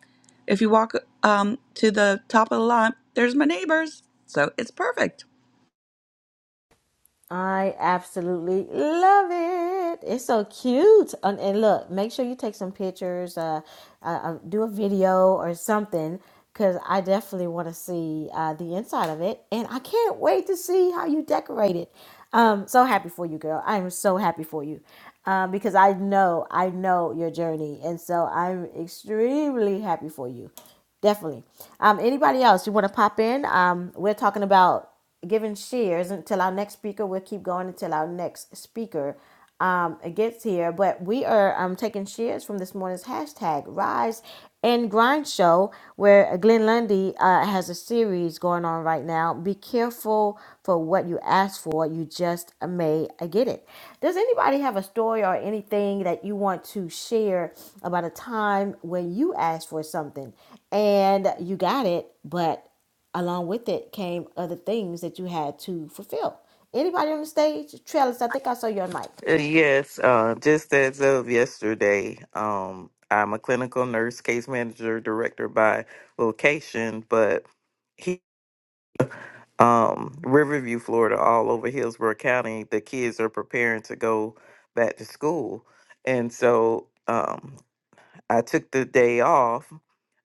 S12: if you walk um, to the top of the lot, there's my neighbors. So it's perfect.
S1: I absolutely love it. It's so cute. And, and look, make sure you take some pictures, uh, uh, uh, do a video or something, because I definitely want to see uh, the inside of it. And I can't wait to see how you decorate it. Um, so happy for you, girl. I am so happy for you uh, because I know, I know your journey. And so I'm extremely happy for you. Definitely. Um, anybody else you want to pop in? Um, we're talking about giving shares until our next speaker. We'll keep going until our next speaker um, gets here. But we are um, taking shares from this morning's hashtag Rise and Grind Show, where Glenn Lundy uh, has a series going on right now. Be careful for what you ask for, you just may get it. Does anybody have a story or anything that you want to share about a time when you asked for something and you got it, but along with it came other things that you had to fulfill. Anybody on the stage? Trellis, I think I saw your mic.
S10: Uh, Yes, uh, just as of yesterday, um, I'm a clinical nurse, case manager, director by vocation, but he, um, Riverview, Florida, all over Hillsborough County, the kids are preparing to go back to school. And so um, I took the day off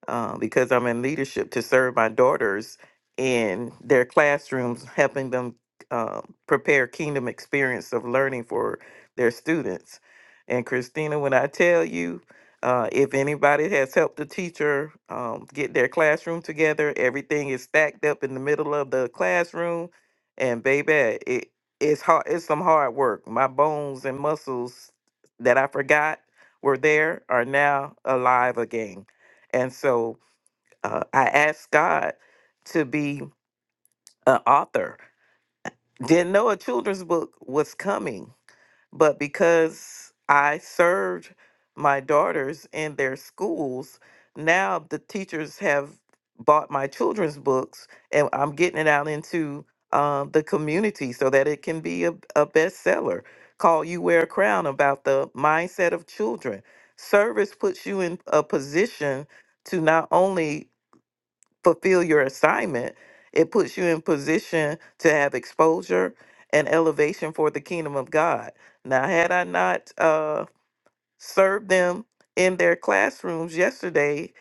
S10: uh, because I'm in leadership to serve my daughters in their classrooms, helping them uh, prepare kingdom experience of learning for their students. And Christina, when I tell you, uh, if anybody has helped a teacher um, get their classroom together, everything is stacked up in the middle of the classroom, and baby, it it's hard. It's some hard work. My bones and muscles that I forgot were there are now alive again. And so uh, I asked God to be an author. Didn't know a children's book was coming, but because I served my daughters in their schools, now the teachers have bought my children's books and I'm getting it out into uh, the community so that it can be a, a bestseller. Call You Wear a Crown about the mindset of children. Service puts you in a position to not only fulfill your assignment, it puts you in position to have exposure and elevation for the kingdom of God. Now, had I not uh, served them in their classrooms yesterday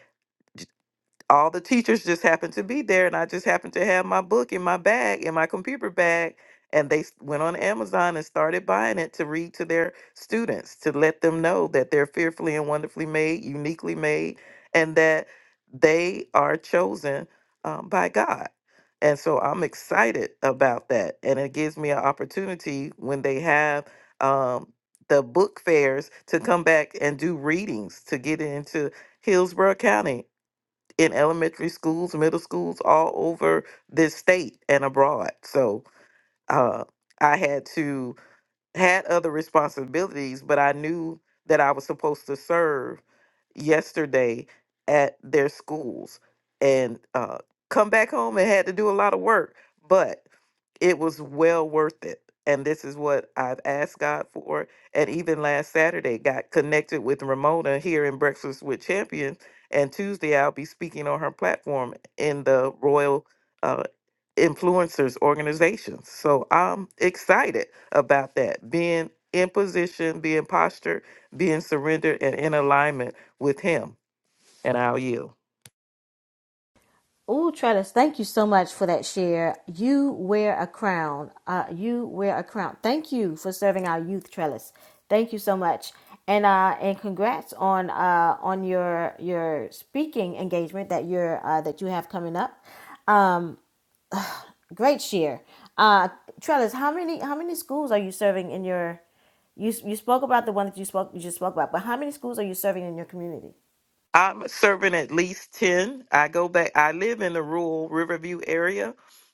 S10: all the teachers just happened to be there and I just happened to have my book in my bag in my computer bag and they s- went on Amazon and started buying it to read to their students to let them know that they're fearfully and wonderfully made, uniquely made and that they are chosen um, by God. And so I'm excited about that and it gives me an opportunity when they have um, the book fairs to come back and do readings to get into Hillsborough County in elementary schools, middle schools all over this state and abroad. So uh, I had to had other responsibilities, but I knew that I was supposed to serve yesterday at their schools and uh, come back home and had to do a lot of work. But it was well worth it. And this is what I've asked God for. And even last Saturday, got connected with Ramona here in Breakfast with Champions. And Tuesday, I'll be speaking on her platform in the Royal uh, Influencers Organization. So I'm excited about that being in position, being postured, being surrendered, and in alignment with Him. And I'll yield.
S1: Ooh, Trellis, thank you so much for that share. You wear a crown. Uh, you wear a crown. Thank you for serving our youth, Trellis. Thank you so much, and uh, and congrats on uh, on your your speaking engagement that you're uh, that you have coming up. Um. Great cheer. Uh, Trellis, how many how many schools are you serving in your? You you spoke about the one that you spoke you just spoke about, but how many schools are you serving in your community?
S10: I'm serving at least 10. I go back, I live in the rural Riverview area,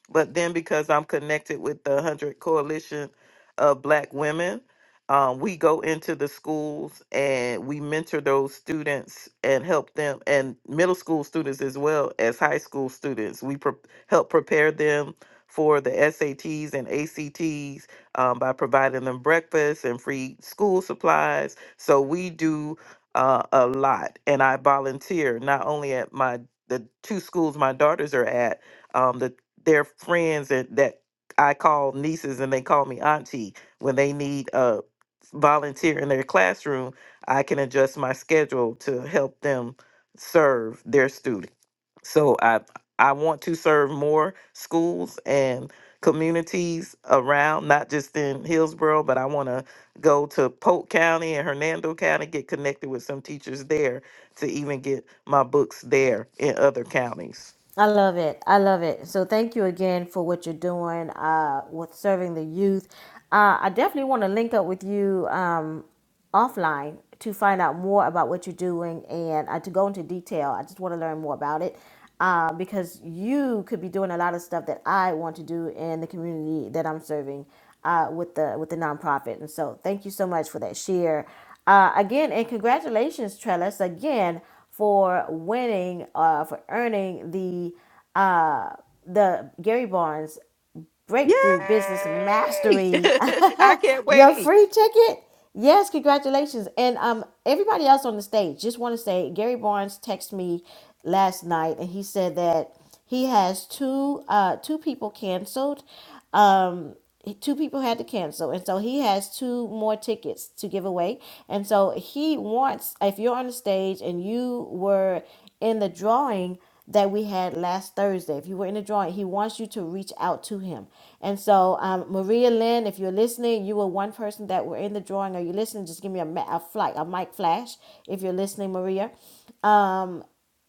S10: but then because I'm connected with the 100 Coalition of Black Women, um, we go into the schools and we mentor those students and help them, and middle school students as well as high school students. We pre- help prepare them for the SATs and ACTs um, by providing them breakfast and free school supplies. So we do uh, a lot, and I volunteer not only at my the two schools my daughters are at, um, the their friends and that I call nieces and they call me auntie when they need a volunteer in their classroom. I can adjust my schedule to help them serve their students so I I want to serve more schools and communities around, not just in Hillsborough, but I want to go to Polk County and Hernando County, get connected with some teachers there to even get my books there in other counties.
S1: I love it. I love it. So thank you again for what you're doing uh, with serving the youth. Uh, I definitely want to link up with you um, offline to find out more about what you're doing and uh, to go into detail. I just want to learn more about it uh, because you could be doing a lot of stuff that I want to do in the community that I'm serving uh, with the with the nonprofit. And so thank you so much for that share. Uh, again, and congratulations, Trellis, again for winning, uh, for earning the uh, the Gary Barnes
S10: Yay!
S1: Breakthrough Business Mastery.
S10: I can't
S1: Your
S10: wait.
S1: free ticket? Yes, congratulations. And um everybody else on the stage, just want to say Gary Barnes texted me last night and he said that he has two uh two people canceled. Um two people had to cancel and so he has two more tickets to give away and so he wants if you're on the stage and you were in the drawing that we had last Thursday. If you were in the drawing, he wants you to reach out to him. And so, um, Maria Lynn, if you're listening, you were one person that were in the drawing. Are you listening? Just give me a, ma- a, flight, a mic flash if you're listening, Maria.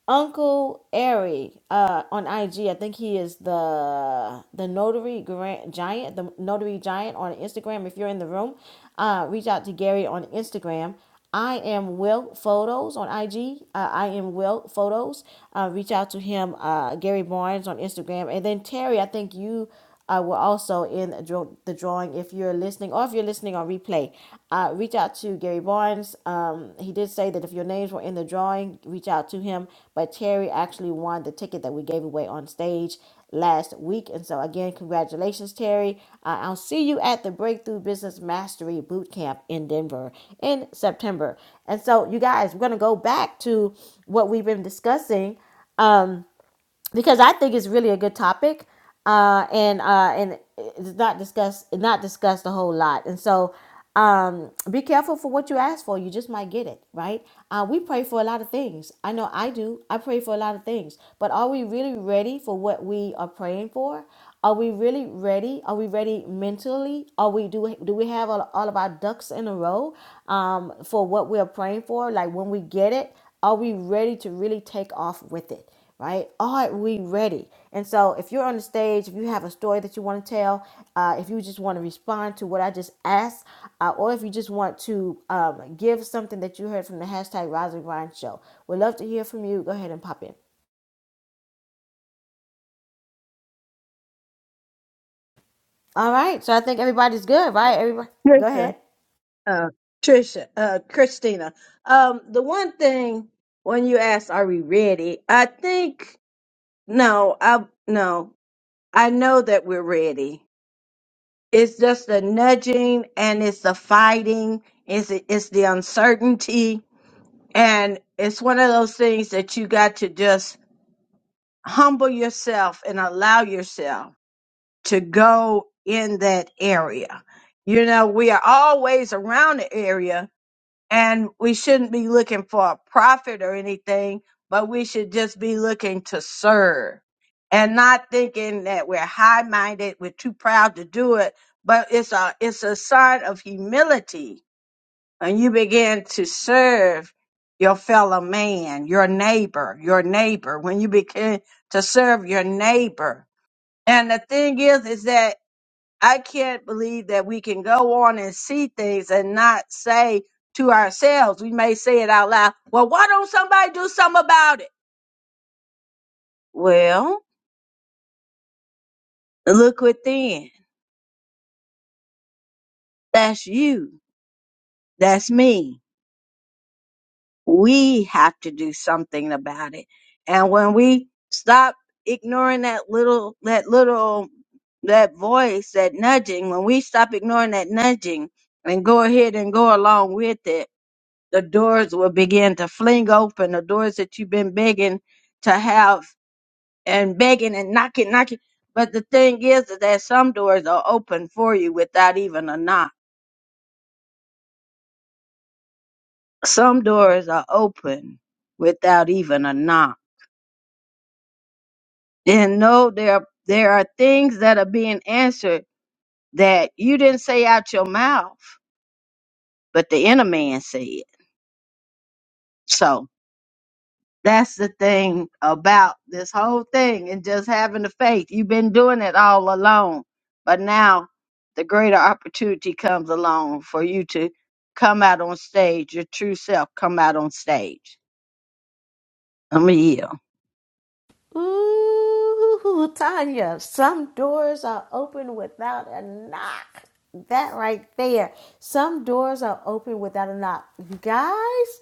S1: Uncle Ari uh, on IG. I think he is the the notary grand giant, the notary giant on Instagram. If you're in the room, uh, reach out to Gary on Instagram. I am Will Photos on IG. Uh, I am Will Photos. Uh, reach out to him, uh, Gary Barnes on Instagram, and then Terry. I think you uh, were also in the drawing. If you're listening, or if you're listening on replay, uh, reach out to Gary Barnes. Um, he did say that if your names were in the drawing, reach out to him. But Terry actually won the ticket that we gave away on stage last week. And so, again, congratulations, Terry. Uh, I'll see you at the Breakthrough Business Mastery Bootcamp in Denver in September. And so, you guys, we're going to go back to what we've been discussing um because I think it's really a good topic, uh, and uh, and it's not discussed not discussed a whole lot. And so, um, be careful for what you ask for. You just might get it, right? Uh, we pray for a lot of things. I know I do. I pray for a lot of things, but are we really ready for what we are praying for? Are we really ready? Are we ready mentally? Are we do we- do we have all, all of our ducks in a row um, for what we are praying for? Like when we get it, are we ready to really take off with it? right? Are we ready? And so, if you're on the stage, if you have a story that you want to tell, uh, if you just want to respond to what I just asked, uh, or if you just want to um, give something that you heard from the hashtag Rise and Grind Show, we'd love to hear from you. Go ahead and pop in. All right. So I think everybody's good, right? Everybody, go
S7: Trisha,
S1: ahead.
S7: uh, Trisha, uh, Christina. Um, the one thing when you ask, "Are we ready?" I think no. I no. I know that we're ready. It's just the nudging, and it's the fighting. It's it's the uncertainty, and it's one of those things that you got to just humble yourself and allow yourself to go in that area. You know, we are always around the area, and we shouldn't be looking for a profit or anything, but we should just be looking to serve and not thinking that we're high minded, we're too proud to do it, but it's a it's a sign of humility when you begin to serve your fellow man, your neighbor, your neighbor, when you begin to serve your neighbor. And the thing is is that I can't believe that we can go on and see things and not say to ourselves, we may say it out loud, well, why don't somebody do something about it? Well, look within. That's you. That's me. We have to do something about it. And when we stop ignoring that little, that little, that voice, that nudging, when we stop ignoring that nudging and go ahead and go along with it, the doors will begin to fling open the doors that you've been begging to have and begging and knocking, knocking. But the thing is, is that some doors are open for you without even a knock. Some doors are open without even a knock. And no, there there are things that are being answered that you didn't say out your mouth, but the inner man said. So That's the thing about this whole thing and just having the faith. You've been doing it all along, but now the greater opportunity comes along for you to come out on stage, your true self come out on stage. I'm a yield.
S1: Ooh, Tanya, some doors are open without a knock. That right there. Some doors are open without a knock. You guys?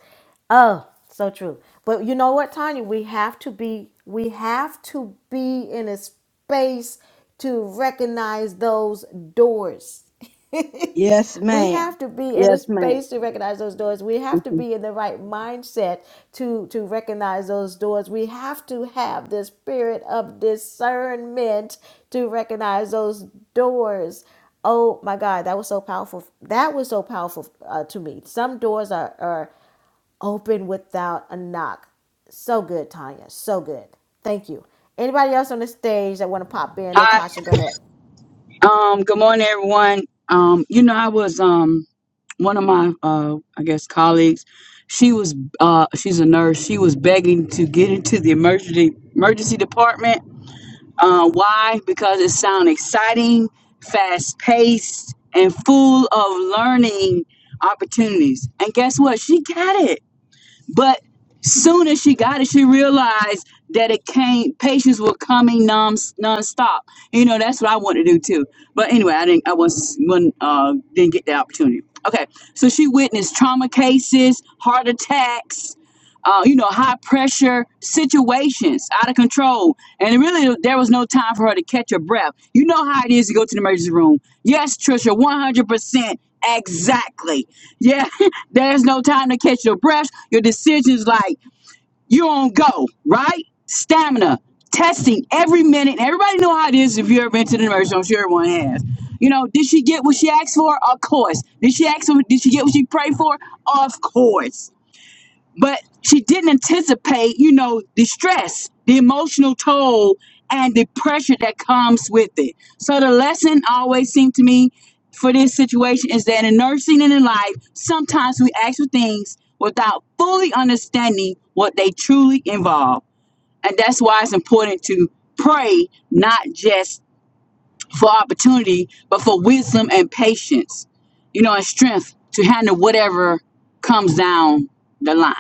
S1: Oh, so true. But you know what, Tanya? We have to be we have to be in a space to recognize those doors.
S7: Yes,
S1: We have
S7: ma'am.
S1: to be in a
S7: Yes, ma'am.
S1: space to recognize those doors. We have to be in the right mindset to, to recognize those doors. We have to have the spirit of discernment to recognize those doors. Oh my God, that was so powerful. That was so powerful uh, to me. Some doors are, are open without a knock. So good, Tanya. So good. Thank you. Anybody else on the stage that want to pop in?
S14: Hi.
S1: Natasha, go ahead.
S14: um good morning everyone. Um you know I was um one of my uh I guess colleagues she was uh she's a nurse. She was begging to get into the emergency emergency department. Uh why? Because it sounds exciting, fast-paced and full of learning opportunities. And guess what? She got it but soon as she got it, she realized that it came. Patients were coming non nonstop. You know, that's what I want to do too. But anyway, I didn't. I was when uh, didn't get the opportunity. Okay, so she witnessed trauma cases, heart attacks. Uh, you know, high pressure situations, out of control, and really there was no time for her to catch her breath. You know how it is to go to the emergency room. Yes, Trisha, one hundred percent, exactly. Yeah, There's no time to catch your breath. Your decisions like you're on go, right? Stamina, testing every minute. Everybody know how it is if you ever been to the emergency. I'm sure everyone has. You know, did she get what she asked for? Of course. Did she ask for? Did she get what she prayed for? Of course but she didn't anticipate, you know, the stress, the emotional toll, and the pressure that comes with it. So the lesson always seemed to me for this situation is that in nursing and in life, sometimes we ask for things without fully understanding what they truly involve. And that's why it's important to pray not just for opportunity, but for wisdom and patience, you know, and strength to handle whatever comes down the line.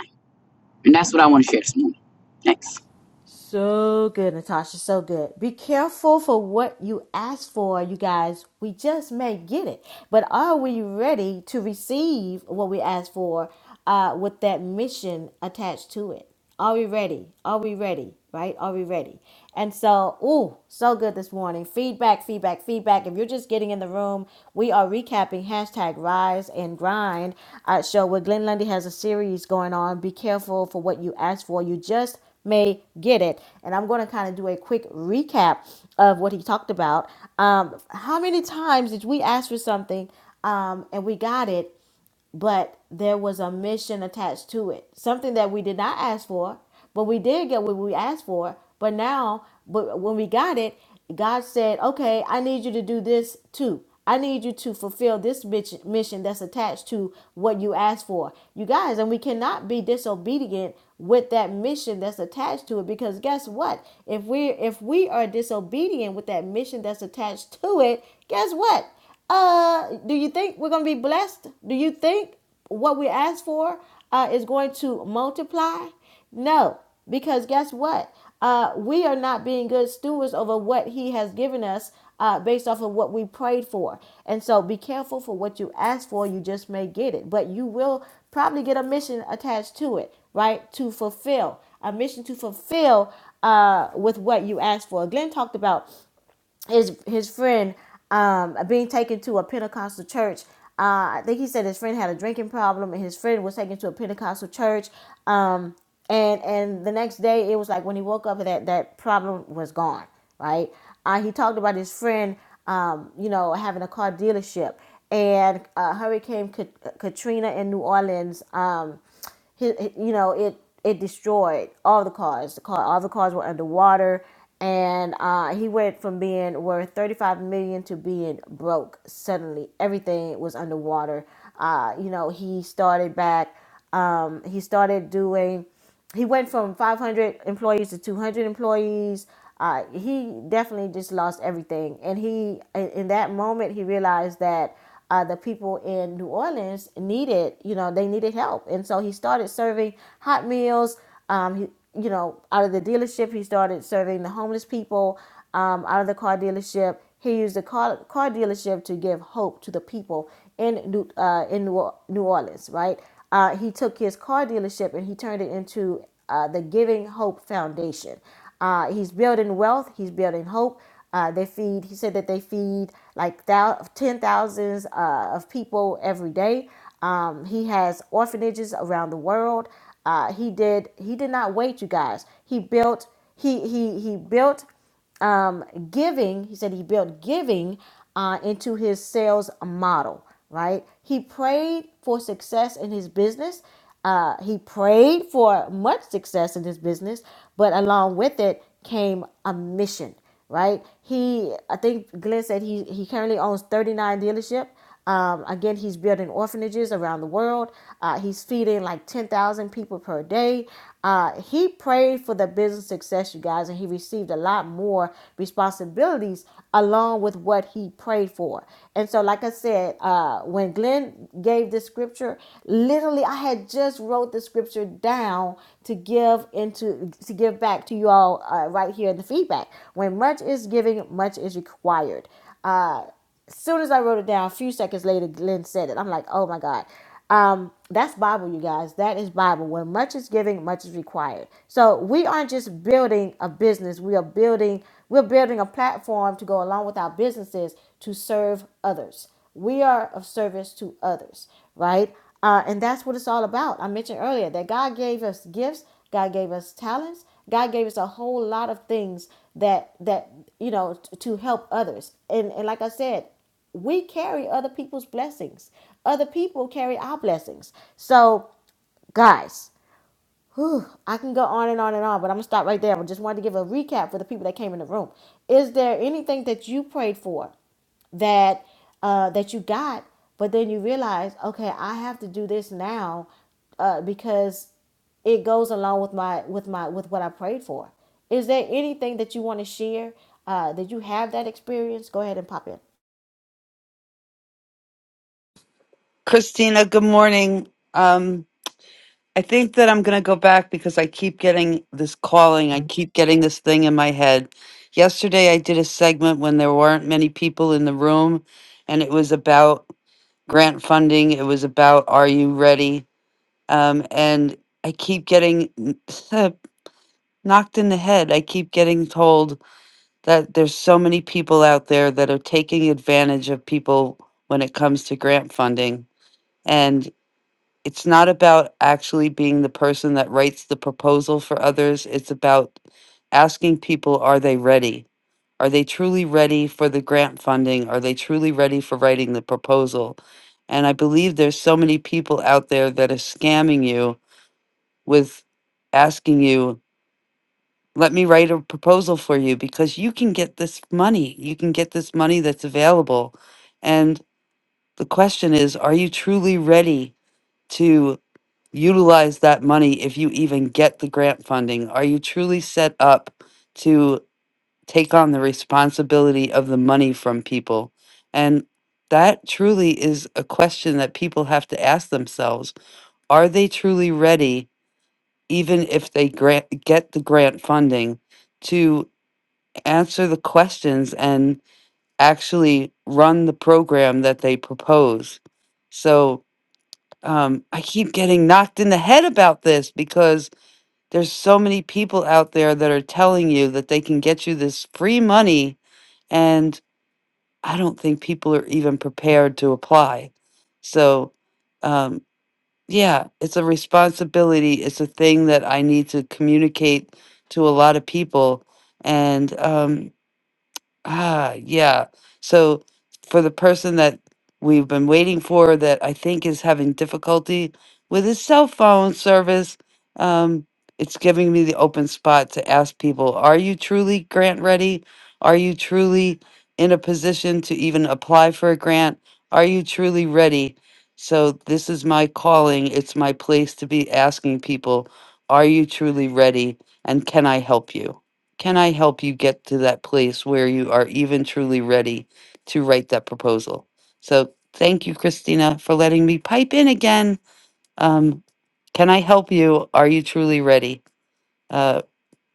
S14: And that's what I want to share this morning. Thanks.
S1: So good, Natasha. So good. Be careful for what you ask for, you guys. We just may get it. But are we ready to receive what we ask for uh, with that mission attached to it? Are we ready? Are we ready? Right? Are we ready? And so, ooh, so good this morning. Feedback, feedback, feedback. If you're just getting in the room, we are recapping hashtag rise and grind uh, show where Glenn Lundy has a series going on. Be careful for what you ask for. You just may get it. And I'm going to kind of do a quick recap of what he talked about. Um, how many times did we ask for something um, and we got it? but there was a mission attached to it something that we did not ask for but we did get what we asked for but now but when we got it god said okay i need you to do this too i need you to fulfill this mission that's attached to what you asked for you guys and we cannot be disobedient with that mission that's attached to it because guess what if we if we are disobedient with that mission that's attached to it guess what uh, do you think we're going to be blessed? Do you think what we ask for uh, is going to multiply? No, because guess what? Uh, we are not being good stewards over what He has given us uh, based off of what we prayed for. And so be careful for what you ask for. You just may get it, but you will probably get a mission attached to it, right? To fulfill a mission to fulfill uh, with what you asked for. Glenn talked about his his friend um, being taken to a Pentecostal church. Uh, I think he said his friend had a drinking problem, and his friend was taken to a Pentecostal church. Um, and and the next day, it was like when he woke up, that that problem was gone. Right? Uh, he talked about his friend, um, you know, having a car dealership, and uh, Hurricane Kat- Katrina in New Orleans. Um, hi- hi- you know it it destroyed all the cars the car all the cars were underwater and uh, he went from being worth 35 million to being broke suddenly everything was underwater uh, you know he started back um, he started doing he went from 500 employees to 200 employees. Uh, he definitely just lost everything. And he, in in that moment, he realized that uh, the people in New Orleans needed, you know, they needed help. And so he started serving hot meals. Um, he, you know, out of the dealership, he started serving the homeless people um, out of the car dealership. He used the car, car dealership to give hope to the people in New uh, in New New Orleans, right? Uh, he took his car dealership and he turned it into uh, the Giving Hope Foundation. Uh, he's building wealth. He's building hope. Uh, they feed. He said that they feed like thou- ten thousands uh, of people every day. Um, he has orphanages around the world. Uh, he did. He did not wait, you guys. He built. He he he built um, giving, he said he built giving uh, into his sales model, right? He prayed for success in his business. Uh, he prayed for much success in his business, but along with it came a mission right? He, I think Glenn said he, he currently owns 39 dealership. Um, again, he's building orphanages around the world. Uh, he's feeding like 10,000 people per day. Uh, he prayed for the business success, you guys, and he received a lot more responsibilities along with what he prayed for. And so, like I said, uh, when Glenn gave the scripture, literally, I had just wrote the scripture down to give into to give back to you all uh, right here in the feedback. When much is giving, much is required. Uh, as soon as I wrote it down, a few seconds later, Glenn said it. I'm like, oh my God. Um, that's Bible, you guys. That is Bible. When much is giving, much is required. So we aren't just building a business. We are building, we're building a platform to go along with our businesses to serve others. We are of service to others, right? Uh, and that's what it's all about. I mentioned earlier that God gave us gifts, God gave us talents, God gave us a whole lot of things that that you know t- to help others. And and like I said, we carry other people's blessings. Other people carry our blessings. So, guys, Whew, I can go on and on and on, but I'm gonna stop right there. I just wanted to give a recap for the people that came in the room. Is there anything that you prayed for that uh, that you got, but then you realize, okay, I have to do this now uh, because it goes along with my with my with what I prayed for. Is there anything that you want to share? Uh, that you have that experience? Go ahead and pop in.
S13: Christina. Good morning. Um, I think that I'm gonna go back because I keep getting this calling. I keep getting this thing in my head. Yesterday I did a segment when there weren't many people in the room, and it was about grant funding. It was about Are you ready? Um, and I keep getting n- knocked in the head. I keep getting told that there's so many people out there that are taking advantage of people when it comes to grant funding. And it's not about actually being the person that writes the proposal for others, it's about asking people are they ready? Are they truly ready for the grant funding? Are they truly ready for writing the proposal? And I believe there's so many people out there that are scamming you with asking you, let me write a proposal for you because you can get this money. You can get this money that's available. And the question is, are you truly ready to utilize that money if you even get the grant funding? Are you truly set up to take on the responsibility of the money from people? And that truly is a question that people have to ask themselves. Are they truly ready? even if they grant, get the grant funding, to answer the questions and actually run the program that they propose. So um, I keep getting knocked in the head about this because there's so many people out there that are telling you that they can get you this free money, and I don't think people are even prepared to apply. So. um, Yeah, it's a responsibility. It's a thing that I need to communicate to a lot of people. And um, Ah, yeah. So for the person that we've been waiting for that I think is having difficulty with his cell phone service, um, it's giving me the open spot to ask people, are you truly grant ready? Are you truly in a position to even apply for a grant? Are you truly ready? So this is my calling. It's my place to be asking people, are you truly ready? And can I help you? Can I help you get to that place where you are even truly ready to write that proposal? So thank you, Christina, for letting me pipe in again. Um, can I help you? Are you truly ready uh,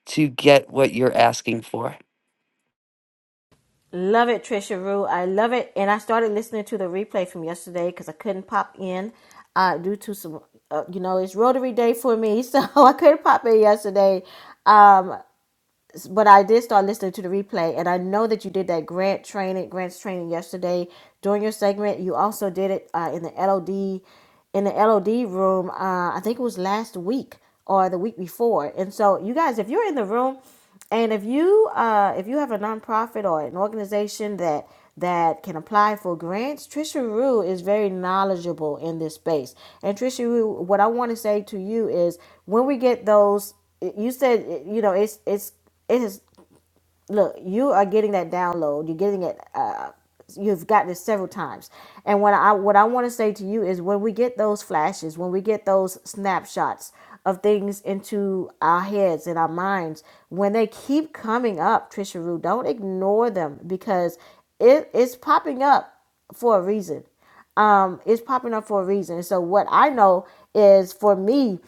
S13: to get what you're asking for?
S1: Love it, Trisha Rue. I love it. And I started listening to the replay from yesterday because I couldn't pop in uh, due to some, uh, you know, it's Rotary Day for me, so I couldn't pop in yesterday. Um, but I did start listening to the replay, and I know that you did that grant training, grants training yesterday during your segment. You also did it uh, in the LOD, in the LOD room. Uh, I think it was last week or the week before. And so, you guys, if you're in the room, and if you uh, if you have a nonprofit or an organization that that can apply for grants, Trisha Rue is very knowledgeable in this space. And Trisha Rue, what I want to say to you is, when we get those, you said you know it's it's it is look you are getting that download you're getting it uh, you've gotten it several times and what i what i want to say to you is when we get those flashes when we get those snapshots of things into our heads and our minds when they keep coming up trisha rue don't ignore them because it is popping up for a reason um, it's popping up for a reason. So what I know is for me,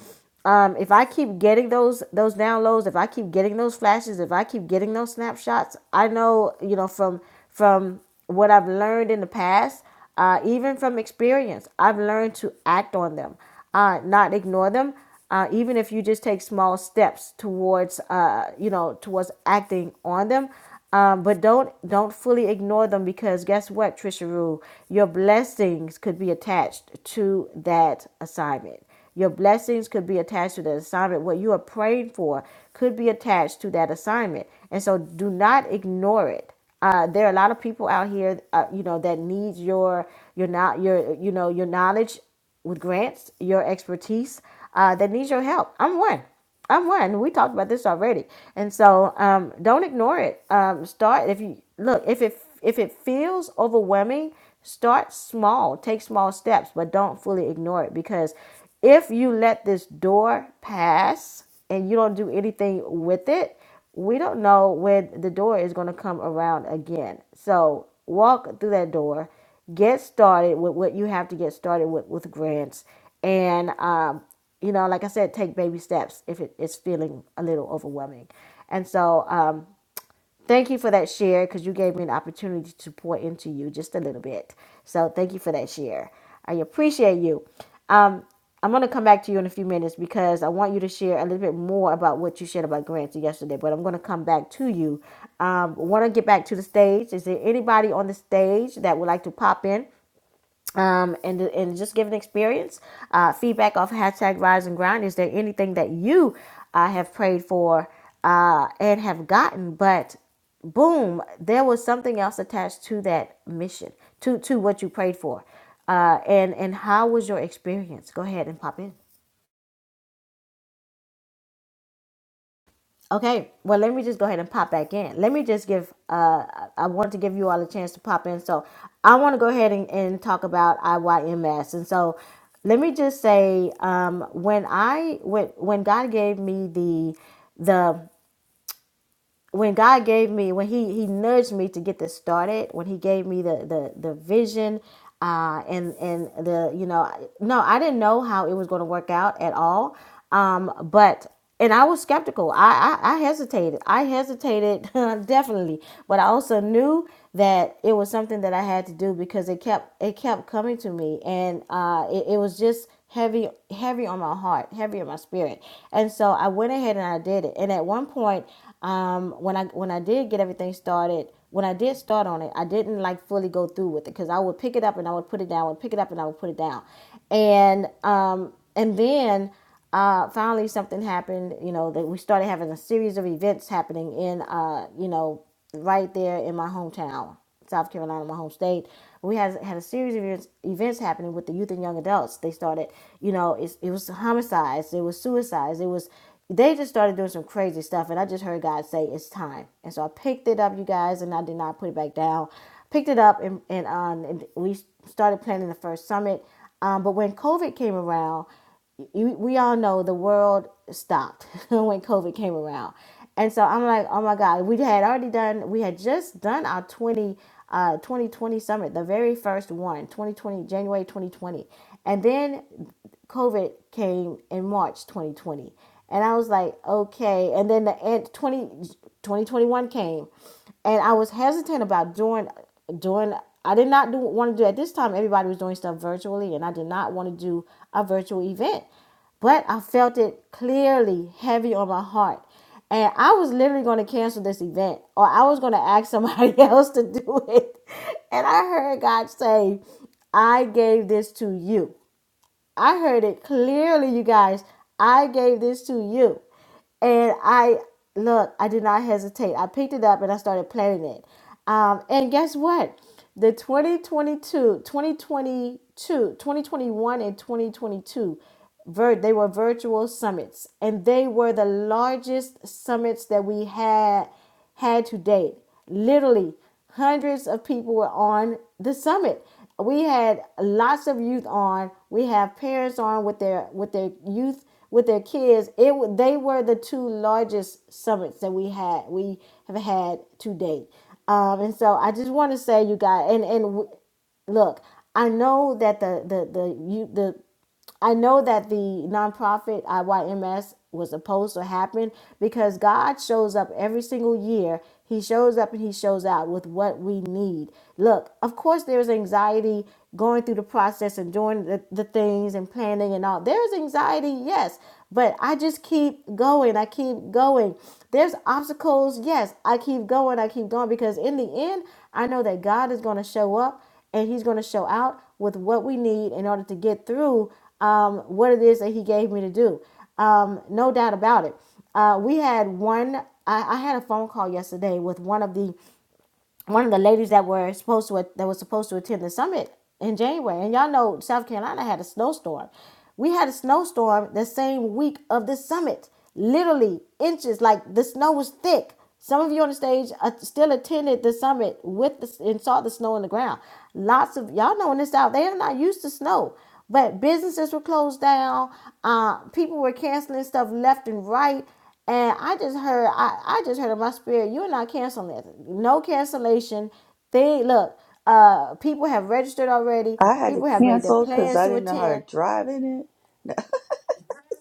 S1: um, if I keep getting those those downloads, if I keep getting those flashes, if I keep getting those snapshots, I know you know from from what I've learned in the past, uh, even from experience, I've learned to act on them, uh, not ignore them. Uh, even if you just take small steps towards, uh, you know, towards acting on them, um, but don't don't fully ignore them because guess what, Trisha Rule, your blessings could be attached to that assignment. Your blessings could be attached to that assignment. What you are praying for could be attached to that assignment, and so do not ignore it. Uh, there are a lot of people out here, uh, you know, that needs your your not your you know your knowledge with grants, your expertise, uh, that needs your help. I'm one. I'm one. We talked about this already, and so um, don't ignore it. Um, start if you look if it if it feels overwhelming, start small. Take small steps, but don't fully ignore it because if you let this door pass and you don't do anything with it, we don't know when the door is going to come around again. So walk through that door, get started with what you have to get started with with grants, and um, you know, like I said, take baby steps if it is feeling a little overwhelming. And so, um, thank you for that share because you gave me an opportunity to pour into you just a little bit. So, thank you for that share. I appreciate you. I'm going to come back to you in a few minutes because I want you to share a little bit more about what you shared about grants yesterday, but I'm going to come back to you. Um, want to get back to the stage. Is there anybody on the stage that would like to pop in um, and, and just give an experience? Uh, feedback off hashtag rise and grind. Is there anything that you uh, have prayed for uh, and have gotten, but boom, there was something else attached to that mission, to to what you prayed for, uh, and and how was your experience? Go ahead and pop in. Okay, well, let me just go ahead and pop back in. Let me just give, uh, I I want to give you all a chance to pop in. So I want to go ahead and, and talk about IYMS. And so let me just say, um, when I, when, when God gave me the, the when God gave me, when He He nudged me to get this started, when He gave me the the the vision, uh, and and the you know, no, I didn't know how it was going to work out at all. Um, but and I was skeptical. I I, I hesitated. I hesitated definitely, but I also knew that it was something that I had to do because it kept it kept coming to me and uh, it, it was just heavy heavy on my heart heavy on my spirit and so I went ahead and I did it and at one point um, when I when I did get everything started when I did start on it I didn't like fully go through with it because I would pick it up and I would put it down I would pick it up and I would put it down and um, and then uh, finally something happened you know that we started having a series of events happening in uh, you know right there in my hometown, South Carolina, my home state. We had had a series of events, events happening with the youth and young adults. They started, you know, it's, it was homicides, it was suicides, it was. They just started doing some crazy stuff, and I just heard God say it's time, and so I picked it up, you guys, and I did not put it back down. Picked it up, and and, um, and we started planning the first summit. Um, but when COVID came around, you, we all know the world stopped when COVID came around. And so I'm like, oh my God, we had already done, we had just done our 20, uh, 2020 summit, the very first one, 2020, January 2020. And then COVID came in March 2020. And I was like, okay. And then the end 20, 2021 came and I was hesitant about doing doing. I did not do want to do at this time. Everybody was doing stuff virtually, and I did not want to do a virtual event. But I felt it clearly heavy on my heart, and I was literally going to cancel this event, or I was going to ask somebody else to do it. And I heard God say, "I gave this to you." I heard it clearly, you guys. I gave this to you. And I, look, I did not hesitate. I picked it up and I started playing it. Um, and guess what? The 2022, 2022, 2021, and 2022, vir- they were virtual summits. And they were the largest summits that we had had to date. Literally, hundreds of people were on the summit. We had lots of youth on. We have parents on with their with their youth with their kids. It wa- they were the two largest summits that we had we have had to date. Um, and so I just want to say, you guys, and and w- look, I know that the the the you the I know that the nonprofit IYMS was supposed to happen because God shows up every single year. He shows up and He shows out with what we need. Look, of course, there's anxiety going through the process and doing the, the things and planning and all. There's anxiety, yes, but I just keep going. I keep going. There's obstacles, yes, I keep going. I keep going because in the end, I know that God is going to show up and he's going to show out with what we need in order to get through um, what it is that he gave me to do. Um, no doubt about it. Uh, we had one, I, I had a phone call yesterday with one of the one of the ladies that were supposed to that was supposed to attend the summit in January, and y'all know South Carolina had a snowstorm. We had a snowstorm the same week of the summit. Literally inches, like the snow was thick. Some of you on the stage uh, still attended the summit with the, and saw the snow on the ground. Lots of y'all know in the South they are not used to snow, but businesses were closed down. Uh, people were canceling stuff left and right and I just heard, I, I just heard in my spirit, you're not canceling this. No cancellation. They look, uh, people have registered already.
S12: I had to
S1: People have made their
S12: cancel because
S1: plans
S12: I
S1: to
S12: didn't know how to
S1: attend.
S12: drive in it.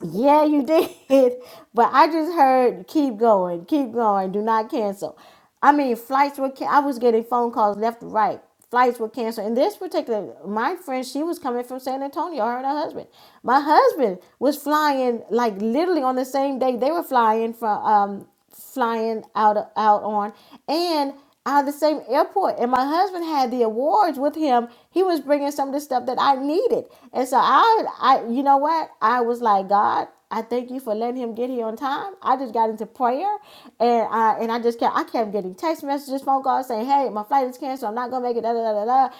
S1: Yeah, you did. But I just heard keep going, keep going, do not cancel. I mean, flights were, can- I was getting phone calls left and right. Flights were canceled. And this particular, my friend, she was coming from San Antonio, her and her husband. My husband was flying, like literally on the same day they were flying from, um, flying out, out on out of the same airport. And my husband had the awards with him. He was bringing some of the stuff that I needed. And so I, I, you know what? I was like, God, I thank you for letting him get here on time. I just got into prayer, and I and I just kept I kept getting text messages, phone calls saying, Hey, my flight is canceled. I'm not gonna make it. Da da da da. da.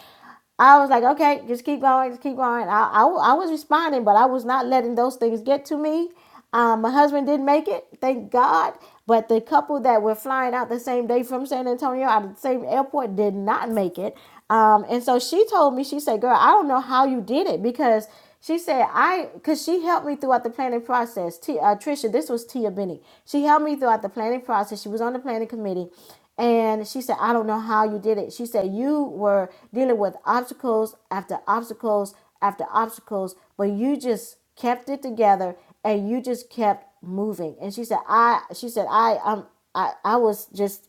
S1: I was like, okay, just keep going, just keep going. I, I, I was responding, but I was not letting those things get to me. Um, my husband didn't make it, thank God. But the couple that were flying out the same day from San Antonio out of the same airport did not make it. Um, and so she told me, she said, girl, I don't know how you did it because she said, I, because she helped me throughout the planning process. T, uh, Trisha, this was Tia Benny. She helped me throughout the planning process. She was on the planning committee. And she said, I don't know how you did it. She said, You were dealing with obstacles after obstacles after obstacles, but you just kept it together and you just kept moving. And she said, I, she said, I, um, I, I was just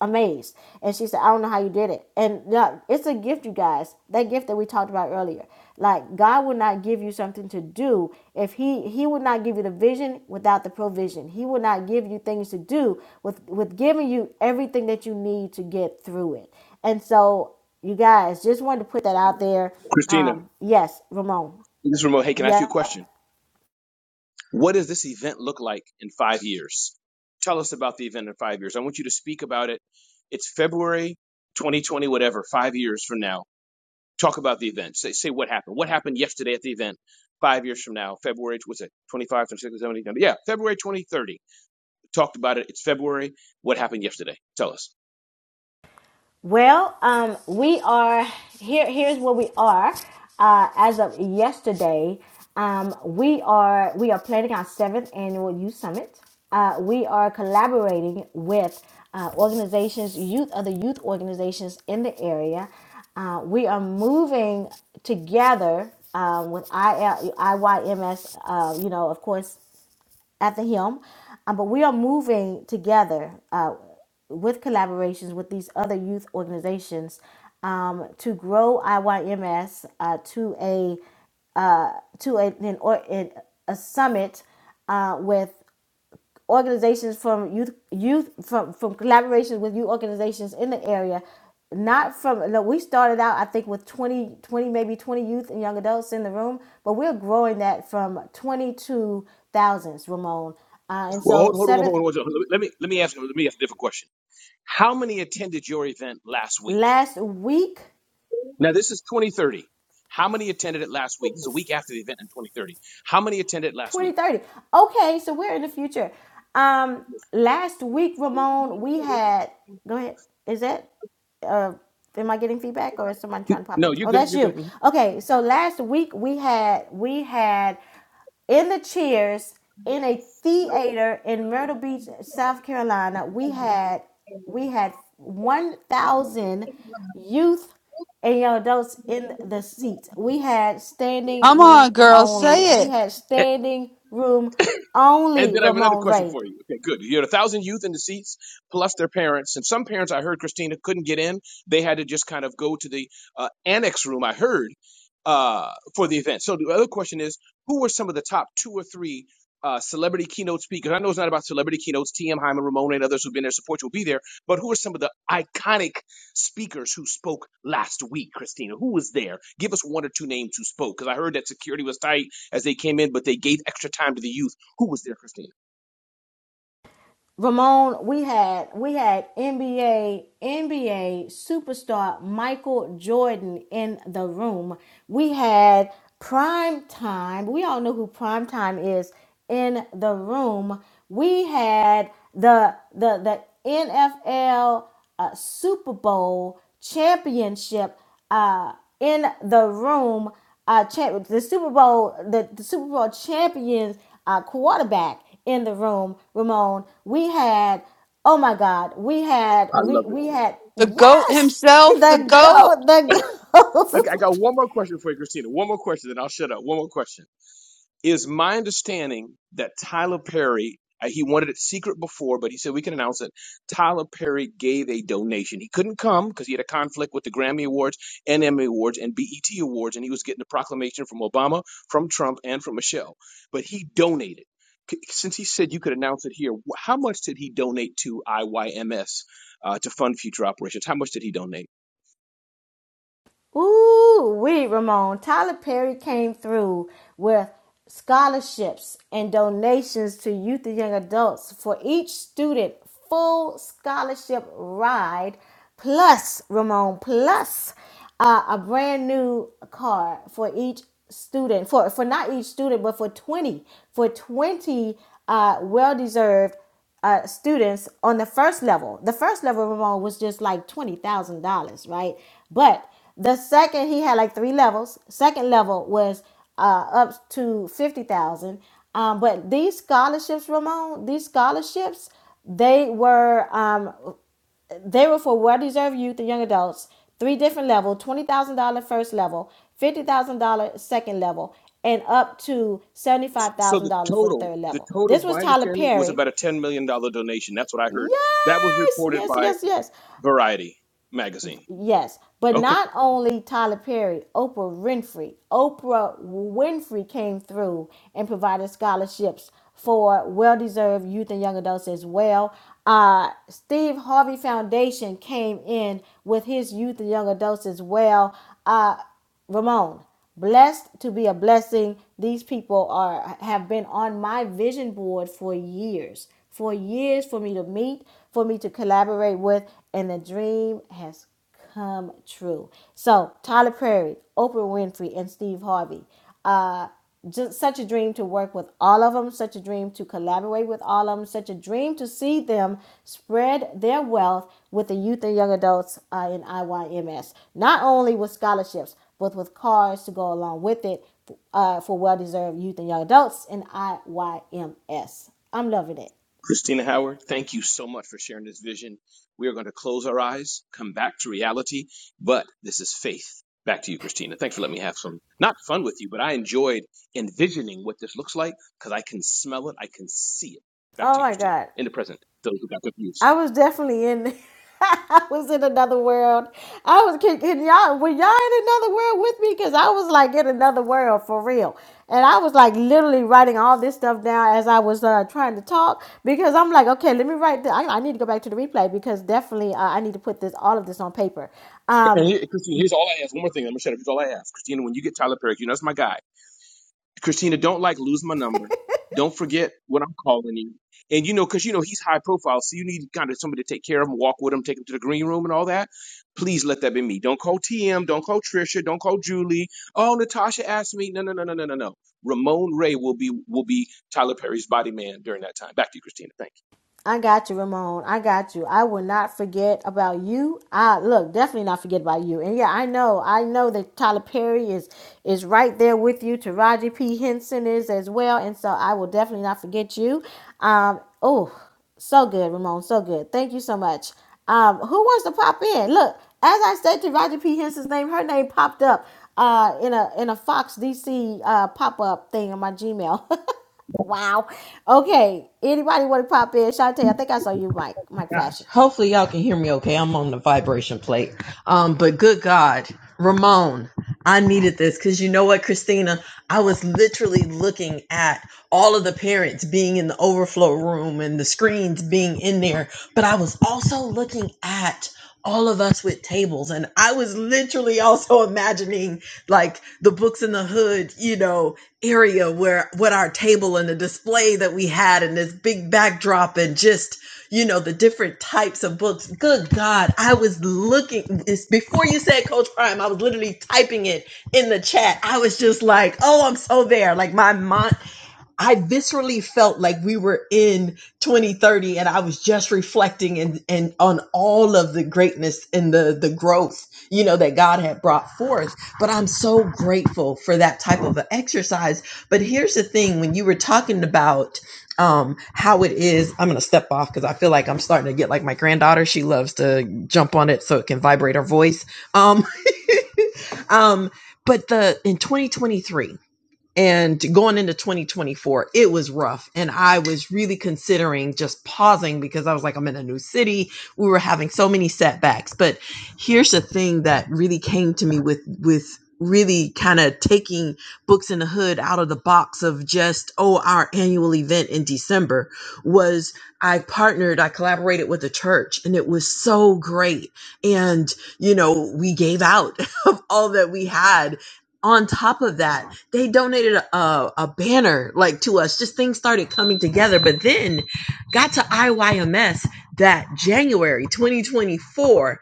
S1: amazed. And she said, I don't know how you did it. And yeah, it's a gift, you guys. That gift that we talked about earlier. Like God will not give you something to do if He He would not give you the vision without the provision. He will not give you things to do with with giving you everything that you need to get through it. And so you guys just wanted to put that out there.
S15: Christina,
S1: Um, yes, Ramon.
S15: this is remote. Hey, can I ask you a
S1: Yeah.
S15: question? What does this event look like in five years? Tell us about the event in five years. I want you to speak about it. It's February 2020, whatever, five years from now. Talk about the event. Say, say what happened. What happened yesterday at the event five years from now? February, what's it, 25, 26, 70? Yeah, February 2030. Talked about it. It's February. What happened yesterday? Tell us.
S1: Well, um, we are here. Here's where we are uh, as of yesterday. Um, we are we are planning our seventh annual youth summit. Uh, we are collaborating with uh, organizations, youth, other youth organizations in the area. Uh, we are moving together um, with IL, IYMS. Uh, you know, of course, after him. Um, but we are moving together uh, with collaborations with these other youth organizations um, to grow IYMS uh, to a uh, to a, an, or, an, a summit uh, with organizations from youth youth from from collaborations with youth organizations in the area not from no, we started out i think with 20, 20, maybe 20 youth and young adults in the room but we're growing that from 22 thousands ramon uh, and
S15: Well,
S1: so
S15: hold, hold on, hold on,
S1: seventh
S15: hold on. let me, let me ask, let me ask a different question. How many attended your event last week?
S1: last week
S15: Now, this is 2030. How many attended it last week? This is a week after the event in 2030. How many attended last week?
S1: 2030. Okay, so we're in the future. Um, last week, Ramon, we had. Go ahead. Is that? Uh, am I getting feedback or is somebody trying to pop
S15: No,
S1: in?
S15: you're
S1: Oh,
S15: good.
S1: that's
S15: You're
S1: you. Okay,
S15: good.
S1: so last week we had we had in the chairs in a theater in Myrtle Beach, South Carolina, we had we had 1,000 youth and young adults in the seats. We had standing
S13: Come
S1: room
S13: on, girl,
S1: only.
S13: say
S1: We
S13: it.
S1: had standing room
S15: And
S1: only,
S15: then I have another
S1: Ramon
S15: question
S1: Ray.
S15: for you. Okay, good. You had a thousand youth in the seats, plus their parents, and some parents I heard Christina couldn't get in. They had to just kind of go to the uh, annex room. I heard uh, for the event. So the other question is, who were some of the top two or three uh, celebrity keynote speakers? I know it's not about celebrity keynotes. T.M. Hyman, Ramona, and others who've been there support you will be there. But who are some of the iconic speakers who spoke last week, Christina? Who was there? Give us one or two names who spoke, because I heard that security was tight as they came in, but they gave extra time to the youth who was there, Christina?
S1: Ramon, we had we had NBA NBA superstar Michael Jordan in the room. We had prime time. We all know who prime time is in the room. We had the the the NFL uh, Super Bowl championship uh, in the room. Uh, champ, the Super Bowl, the, the Super Bowl champions uh, quarterback in the room. Ramon, we had. Oh my God, we had
S15: I,
S1: we we had
S13: The goat
S1: yes
S13: himself, the
S1: the
S13: goat.
S1: goat the
S15: okay, I
S1: goat
S15: got one more question for you, Christina. One more question, then I'll shut up. One more question. Is my understanding that Tyler Perry, uh, he wanted it secret before, but he said we can announce it. Tyler Perry gave a donation. He couldn't come because he had a conflict with the Grammy Awards and Emmy Awards and BET Awards, and he was getting a proclamation from Obama, from Trump, and from Michelle. But he donated. C- Since he said you could announce it here, wh- how much did he donate to IYMS uh, to fund future operations? How much did he donate?
S1: Ooh, we Ramon. Tyler Perry came through with scholarships and donations to youth and young adults for each student, full scholarship ride, plus Ramon, plus uh, a brand new car for each student. For for not each student, but for twenty, for twenty uh, well deserved uh, students on the first level. The first level, Ramon, was just like twenty thousand dollars, right? But the second, he had like three levels. Second level was uh, up to fifty thousand. Um, but these scholarships, Ramon, these scholarships, they were um, they were for well-deserved youth and young adults. Three different level: twenty thousand dollar first level, fifty thousand dollar second level, and up to seventy-five
S15: So
S1: thousand
S15: the
S1: dollars for the
S15: total,
S1: third
S15: the
S1: level.
S15: total,
S1: This was
S15: my
S1: Tyler
S15: understanding was
S1: Perry.
S15: about a ten million dollar donation. That's what I heard. That was
S1: Yes,
S15: reported
S1: yes,
S15: by
S1: yes, yes.
S15: Variety magazine.
S1: Yes, but
S15: Okay,
S1: not only Tyler Perry, Oprah Winfrey. Oprah Winfrey came through and provided scholarships for well-deserved youth and young adults as well. Uh, Steve Harvey Foundation came in with his youth and young adults as well. Uh, Ramon, blessed to be a blessing. These people are have been on my vision board for years, for years for me to meet, for me to collaborate with, and the dream has come true. So Tyler Perry, Oprah Winfrey, and Steve Harvey. Uh, just such a dream to work with all of them. Such a dream to collaborate with all of them. Such a dream to see them spread their wealth with the youth and young adults uh, in IYMS. Not only with scholarships, but with cars to go along with it uh, for well-deserved youth and young adults in IYMS. I'm loving it.
S15: Christina Howard, thank you so much for sharing this vision. We are going to close our eyes, come back to reality, but this is faith. Back to you, Christina. Thanks for letting me have some not fun with you, but I enjoyed envisioning what this looks like because I can smell it, I can see it. Back
S1: Oh
S15: to you,
S1: my
S15: Christina,
S1: God.
S15: in the present. Those who got confused.
S1: I was definitely in. I was in another world. I was kicking y'all. Were y'all in another world with me? Because I was like in another world for real. And I was like literally writing all this stuff down as I was uh, trying to talk because I'm like, okay, let me write. The, I, I need to go back to the replay because definitely uh, I need to put this all of this on paper.
S15: And
S1: Um,
S15: here, Christina, here's all I ask. One more thing, I'm gonna shut up. Here's all I ask, Christina. When you get Tyler Perry, you know that's my guy. Christina, don't like lose my number. Don't forget what I'm calling you. And you know, because you know he's high profile, so you need kind of somebody to take care of him, walk with him, take him to the green room and all that. Please let that be me. Don't call TM, don't call Trisha, don't call Julie. Oh, Natasha asked me. No, no, no, no, no, no, no. Ramon Ray will be will be Tyler Perry's body man during that time. Back to you, Christina. Thank you.
S1: I got you, Ramon. I got you. I will not forget about you. I look, definitely not forget about you. And yeah, I know, I know that Tyler Perry is is right there with you. Taraji P. Henson is as well, and so I will definitely not forget you. Um, oh, so good, Ramon. So good. Thank you so much. Um, who wants to pop in? Look, as I said to Roger P. Henson's name, her name popped up uh in a in a Fox DC uh pop up thing on my Gmail. Wow. Okay. Anybody want to pop in? Shantae, I think I saw you, Mike. Mike
S16: gosh.
S1: flashing.
S16: Hopefully y'all can hear me okay. I'm on the vibration plate. Um, but good God, Ramon, I needed this because you know what, Christina? I was literally looking at all of the parents being in the overflow room and the screens being in there, but I was also looking at all of us with tables and I was literally also imagining like the books in the hood, you know, area where what our table and the display that we had and this big backdrop and just you know, the different types of books. Good God, I was looking before you said Coach Prime, I was literally typing it in the chat. I was just like, oh, I'm so there. Like my mind, I viscerally felt like we were in 2030 and I was just reflecting and, and on all of the greatness and the, the growth, you know, that God had brought forth. But I'm so grateful for that type of an exercise. But here's the thing, when you were talking about um, how it is, I'm going to step off because I feel like I'm starting to get like my granddaughter. She loves to jump on it so it can vibrate her voice. Um, um, but the, in 2023, and going into 2024 it was rough and i was really considering just pausing because i was like i'm in a new city we were having so many setbacks but here's the thing that really came to me with with really kind of taking books in the hood out of the box of just oh our annual event in december was i partnered i collaborated with a church and it was so great and you know we gave out of all that we had on top of that they donated a, a, a banner like to us. Just things started coming together. But then got to IYMS that January 2024.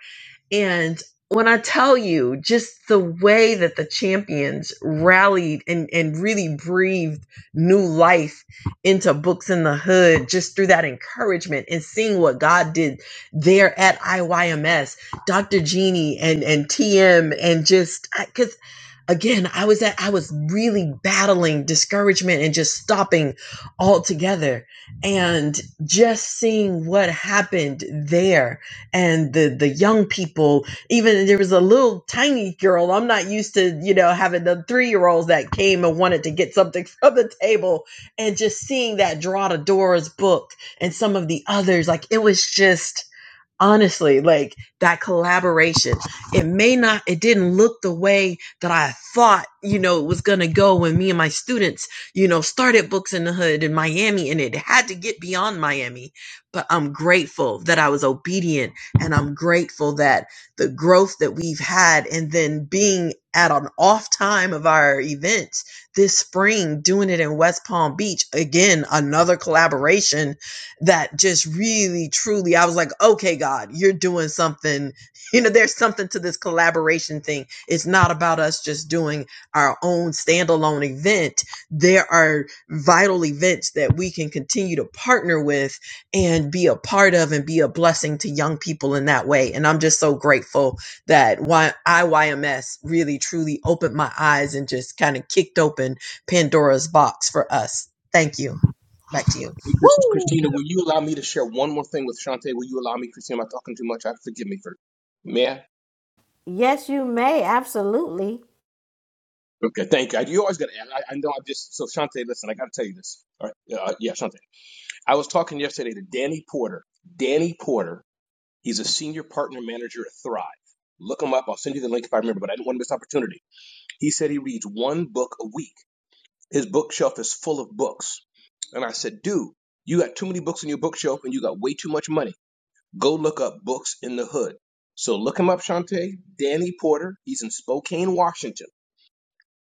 S16: And when I tell you just the way that the champions rallied and, and really breathed new life into Books in the Hood, just through that encouragement and seeing what God did there at IYMS, Dr. Jeannie and, and TM, and just because again, I was at, I was really battling discouragement and just stopping altogether and just seeing what happened there and the the young people even there was a little tiny girl i'm not used to you know having the three year olds that came and wanted to get something from the table and just seeing that draw the dora's book and some of the others like it was just honestly like that collaboration it may not it didn't look the way that i thought you know it was going to go when me and my students you know started books in the hood in miami and it had to get beyond miami but i'm grateful that i was obedient and i'm grateful that the growth that we've had and then being at an off time of our events this spring doing it in west palm beach again another collaboration that just really truly I was like, okay, God, you're doing something. You know, there's something to this collaboration thing. It's not about us just doing our own standalone event. There are vital events that we can continue to partner with and be a part of and be a blessing to young people in that way. And I'm just so grateful that IYMS really truly opened my eyes and just kind of kicked open Pandora's box for us. Thank you. Back to you.
S15: Hey, Chris, Christina, will you allow me to share one more thing with Shantae? Will you allow me, Christina? Am I talking too much? I forgive me for. May I?
S1: Yes, you may. Absolutely.
S15: Okay, thank you. I, You always got to. ask. I, I know. I just so Shante, listen. I got to tell you this. All right, uh, yeah, Shante. I was talking yesterday to Danny Porter. Danny Porter. He's a senior partner manager at Thrive. Look him up. I'll send you the link if I remember, but I didn't want to miss the opportunity. He said he reads one book a week. His bookshelf is full of books. And I said, dude, you got too many books on your bookshelf and you got way too much money. Go look up Books in the Hood. So look him up, Shante. Danny Porter. He's in Spokane, Washington.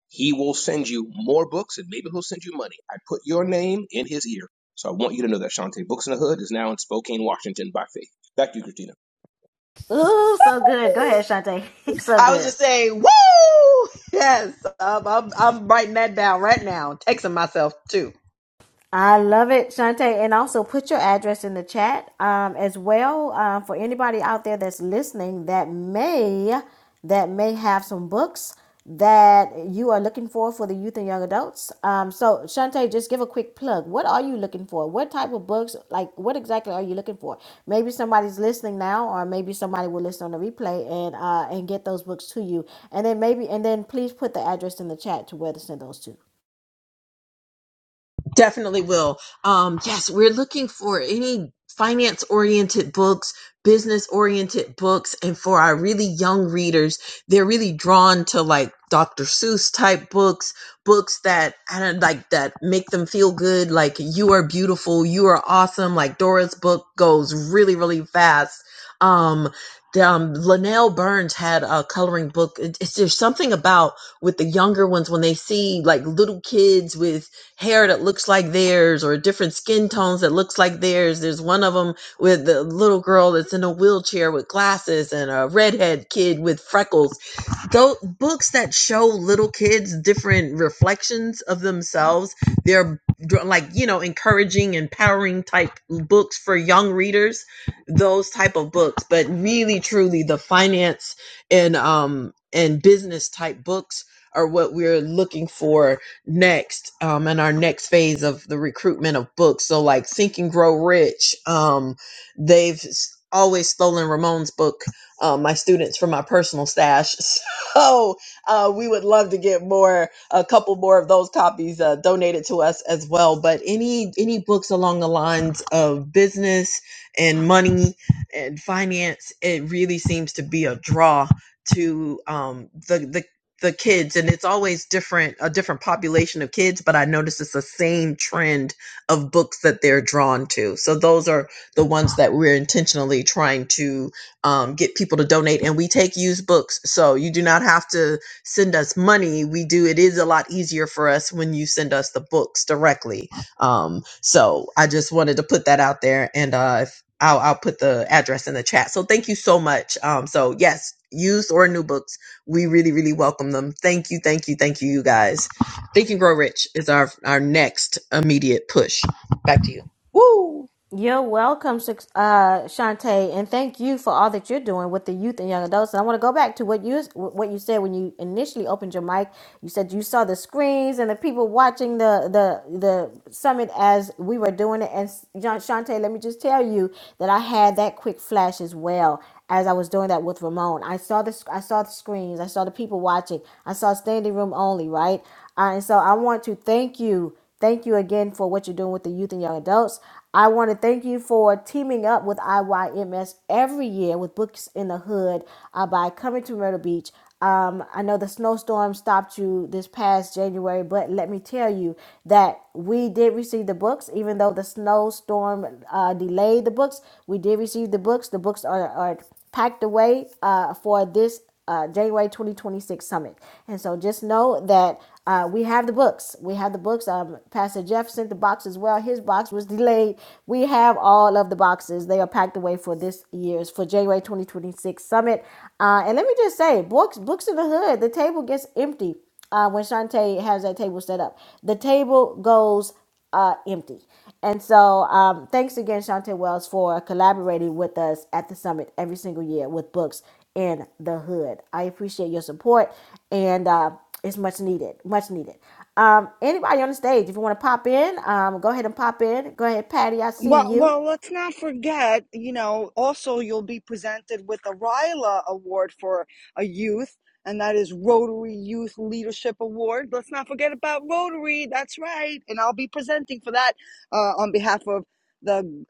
S15: He will send you more books and maybe he'll send you money. I put your name in his ear. So I want you to know that Shantae Books in the Hood is now in Spokane, Washington by faith. Back to you, Christina.
S1: Ooh, so good. Go ahead, Shantae. so
S16: I was
S1: good.
S16: just saying, woo! Yes, um, I'm, I'm writing that down right now, texting myself too.
S1: I love it, Shante. And also put your address in the chat um, as well uh, for anybody out there that's listening that may that may have some books that you are looking for for the youth and young adults. Um, so Shante, just give a quick plug. What are you looking for? What type of books? Like what exactly are you looking for? Maybe somebody's listening now, or maybe somebody will listen on the replay and uh, and get those books to you. And then maybe and then please put the address in the chat to where to send those to.
S16: Definitely will. Um, yes, we're looking for any finance oriented books, business oriented books. And for our really young readers, they're really drawn to like Dr. Seuss type books, books that I don't like that make them feel good. Like you are beautiful. You are awesome. Like Dora's book goes really, really fast. Um, the, um, Linnell Burns had a coloring book. It- It's, there's something about with the younger ones when they see like little kids with hair that looks like theirs or different skin tones that looks like theirs. There's one of them with the little girl that's in a wheelchair with glasses and a redhead kid with freckles those books that show little kids different reflections of themselves, they're like you know encouraging, empowering type books for young readers. Those type of books, but really, truly, the finance and um and business type books are what we're looking for next um in our next phase of the recruitment of books so like think and grow rich um they've s- always stolen ramon's book um, my students from my personal stash So uh, we would love to get more, a couple more of those copies uh, donated to us as well. But any any books along the lines of business and money and finance, it really seems to be a draw to um, the the the kids and it's always different a different population of kids but i notice it's the same trend of books that they're drawn to so those are the ones that we're intentionally trying to um, get people to donate and we take used books so you do not have to send us money we do it is a lot easier for us when you send us the books directly um, so i just wanted to put that out there and uh, if, I'll, I'll put the address in the chat so thank you so much um, so yes used or new books we really really welcome them thank you thank you thank you you guys think and grow rich is our our next immediate push back to you Woo!
S1: You're welcome, Shak- uh, Shantae, and thank you for all that you're doing with the youth and young adults. And I want to go back to what you what you said when you initially opened your mic. You said you saw the screens and the people watching the the the summit as we were doing it. And John Shantae, let me just tell you that I had that quick flash as well as I was doing that with Ramon. I saw the sc- I saw the screens. I saw the people watching. I saw standing room only, right? Uh, and so I want to thank you Thank you again for what you're doing with the youth and young adults. I want to thank you for teaming up with IYMS every year with Books in the Hood uh, by coming to Myrtle Beach. Um, I know the snowstorm stopped you this past January, but let me tell you that we did receive the books, even though the snowstorm uh, delayed the books. We did receive the books. The books are, are packed away uh, for this uh, January 2026 summit. And so just know that uh, we have the books. We have the books. Um, Pastor Jeff sent the box as well. His box was delayed. We have all of the boxes. They are packed away for this year's, for January 2026 summit. Uh, and let me just say, books, books in the hood, the table gets empty uh, when Shantae has that table set up. The table goes uh, empty. And so, um, thanks again, Shantae Wells, for collaborating with us at the summit every single year with Books in the Hood. I appreciate your support, and uh, it's much needed. Much needed. Um, anybody on the stage, if you want to pop in, um, go ahead and pop in. Go ahead, Patty. I see
S17: Well,
S1: you.
S17: well, let's not forget, you know, also you'll be presented with a RILA award for a youth, and that is Rotary Youth Leadership Award. Let's not forget about Rotary. That's right. And I'll be presenting for that uh, on behalf of the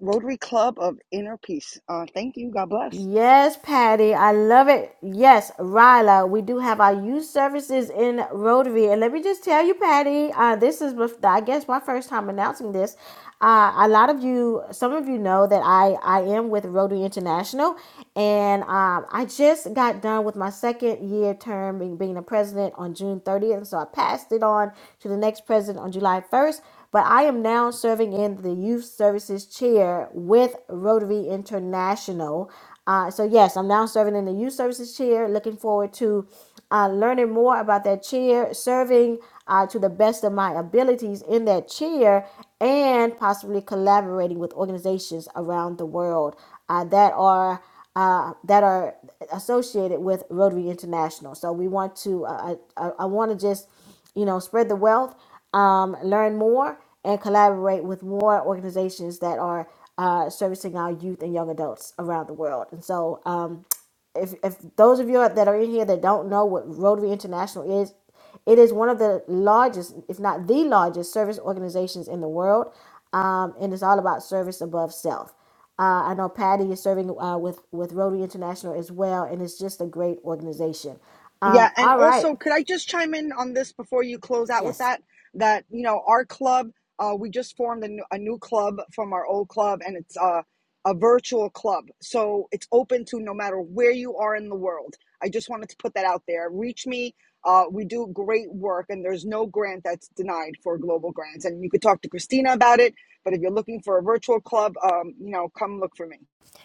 S17: Rotary Club of Inner Peace. Uh, thank you. God bless.
S1: Yes, Patty, I love it. Yes, Ryla, we do have our youth services in Rotary, and let me just tell you, Patty, uh, this is bef- I guess my first time announcing this. Uh, a lot of you, some of you know that I I am with Rotary International, and um, I just got done with my second year term being, being the president on June 30th, and so I passed it on to the next president on July 1st. But I am now serving in the youth services chair with Rotary International. Uh, so yes, I'm now serving in the youth services chair. Looking forward to uh, learning more about that chair, serving uh, to the best of my abilities in that chair, and possibly collaborating with organizations around the world uh, that are uh, that are associated with Rotary International. So we want to. Uh, I, I, I want to just you know, spread the wealth, um, learn more, and collaborate with more organizations that are uh, servicing our youth and young adults around the world. And so, um, if, if those of you that are in here that don't know what Rotary International is, it is one of the largest, if not the largest, service organizations in the world. Um, and it's all about service above self. Uh, I know Patty is serving uh, with, with Rotary International as well, and it's just a great organization. Um,
S17: Yeah, and
S1: all right.
S17: also, could I just chime in on this before you close out with
S1: yes.
S17: that? That you know, our club, uh, we just formed a new, a new club from our old club, and it's uh, a virtual club, so it's open to no matter where you are in the world. I just wanted to put that out there. Reach me. Uh, we do great work, and there's no grant that's denied for global grants. And you could talk to Christina about it. But if you're looking for a virtual club, um, you know, come look for me.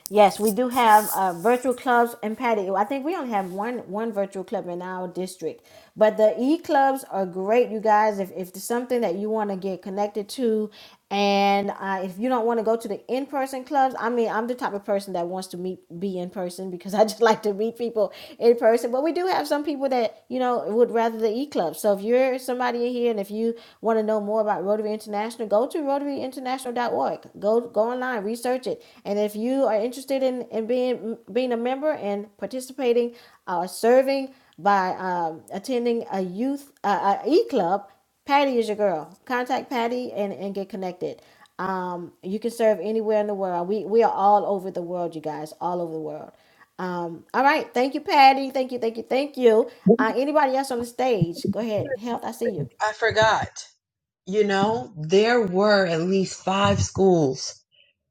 S1: Yes, we do have uh, virtual clubs and patio. I think we only have one one virtual club in our district, but the e clubs are great, you guys. If if it's something that you want to get connected to, and uh, if you don't want to go to the in person clubs, I mean, I'm the type of person that wants to meet be in person because I just like to meet people in person. But we do have some people that you know would rather the e clubs. So if you're somebody in here and if you want to know more about Rotary International, go to international.org. Go go online, research it. And if you are interested in, in being being a member and participating or uh, serving by um, attending a youth uh, uh, club Patty is your girl. Contact Patty and, and get connected. Um, you can serve anywhere in the world. We we are all over the world, you guys, all over the world. Um, all right, thank you, Patty. Thank you, thank you, thank you. Uh, anybody else on the stage? Go ahead, health. I see you.
S16: You know, there were at least five schools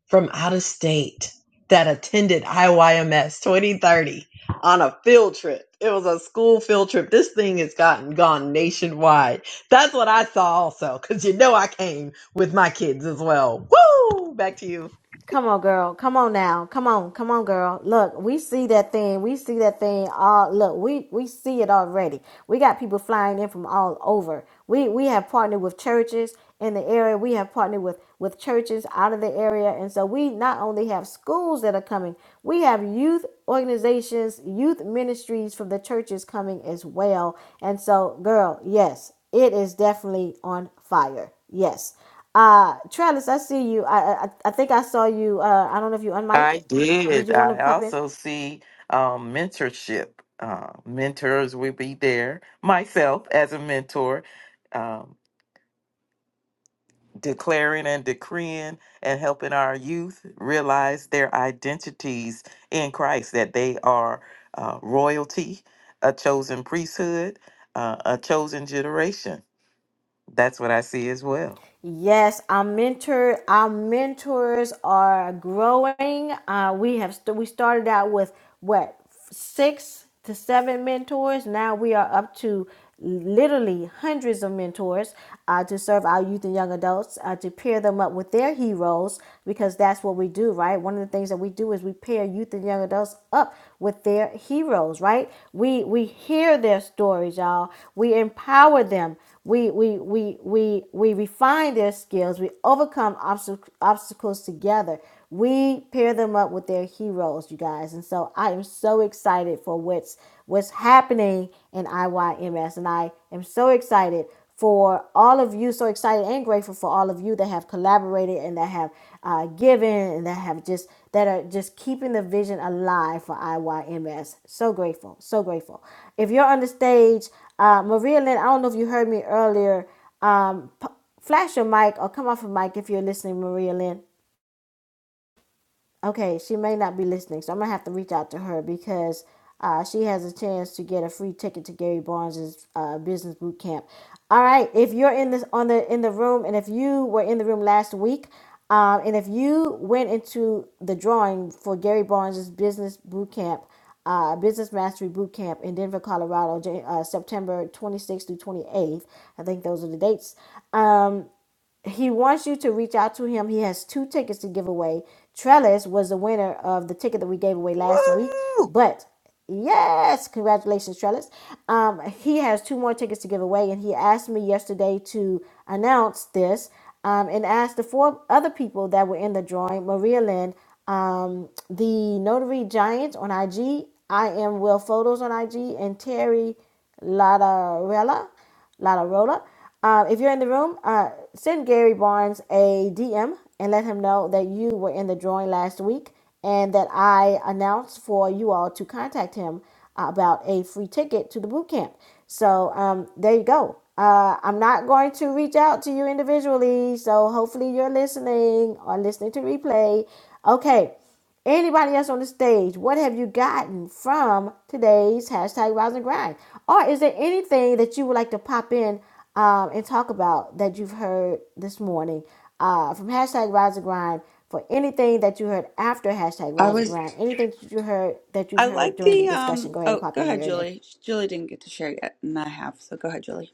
S16: from out of state that attended IYMS 2030 on a field trip. It was a school field trip. This thing has gotten gone nationwide. That's what I saw also, because you know I came with my kids as well. Woo! Back to you.
S1: Come on, girl. Come on now. Come on. Come on, girl. Look, we see that thing. We see that thing. All look, we we see it already. We got people flying in from all over. We we have partnered with churches in the area. We have partnered with with churches out of the area, and so we not only have schools that are coming, we have youth organizations, youth ministries from the churches coming as well. And so, girl, yes, it is definitely on fire. Yes. Uh, Travis, I see you. I, I I think I saw you. Uh, I don't know if you unmiked.
S10: I
S1: Did
S10: did.
S1: you want to
S10: I
S1: pop in?
S10: also see um, mentorship. Uh, mentors will be there. Myself as a mentor. Um, declaring and decreeing and helping our youth realize their identities in Christ, that they are uh, royalty, a chosen priesthood, uh, a chosen generation. That's what I see as well.
S1: Yes, our mentor, our mentors are growing. Uh, we have st- we started out with what six to seven mentors. Now we are up to literally hundreds of mentors uh, to serve our youth and young adults uh, to pair them up with their heroes because that's what we do, right? One of the things that we do is we pair youth and youth and young adults up with their heroes, right? We we hear their stories, y'all. We empower them. We we we we we refine their skills. We overcome obstac- obstacles together. We pair them up with their heroes, you guys. And so I am so excited for what's what's happening in IYMS and I am so excited for all of you so excited and grateful for all of you that have collaborated and that have uh, given and that have just that are just keeping the vision alive for IYMS. So grateful, so grateful. If you're on the stage, uh, Maria Lynn, I don't know if you heard me earlier. Um, p- flash your mic or come off your mic if you're listening, Maria Lynn. Okay, she may not be listening, so I'm gonna have to reach out to her because uh, she has a chance to get a free ticket to Gary Barnes's uh, business boot camp. All right, if you're in this on the in the room, and if you were in the room last week, um, and if you went into the drawing for Gary Barnes's business boot camp, uh, Business Mastery Boot Camp in Denver, Colorado, Jan- uh, September 26th through 28th. I think those are the dates. Um, he wants you to reach out to him. He has two tickets to give away. Trellis was the winner of the ticket that we gave away last week,
S10: Woo!
S1: but yes, congratulations, Trellis. Um, he has two more tickets to give away, and he asked me yesterday to announce this um, and asked the four other people that were in the drawing Maria Lynn, um, the Notary Giant on IG, I am Will Photos on IG, and Terry Ladarella. La Rola. Um, if you're in the room, uh, send Gary Barnes a DM and let him know that you were in the drawing last week and that I announced for you all to contact him about a free ticket to the boot camp. So um, there you go. Uh, I'm not going to reach out to you individually, so hopefully you're listening or listening to replay. Okay, Anybody else on the stage, what have you gotten from today's hashtag Rise and Grind? Or is there anything that you would like to pop in um, and talk about that you've heard this morning uh, from hashtag Rise and Grind? For anything that you heard after hashtag
S12: I
S1: Rise and
S12: was,
S1: Grind, anything that you heard that you've
S12: I
S1: heard
S12: like
S1: during the
S12: the,
S1: discussion,
S12: um,
S1: go ahead and
S12: oh,
S1: pop
S12: go
S1: in,
S12: ahead,
S1: Marilyn.
S12: Julie. Julie didn't get to share yet, and I have. So go ahead, Julie.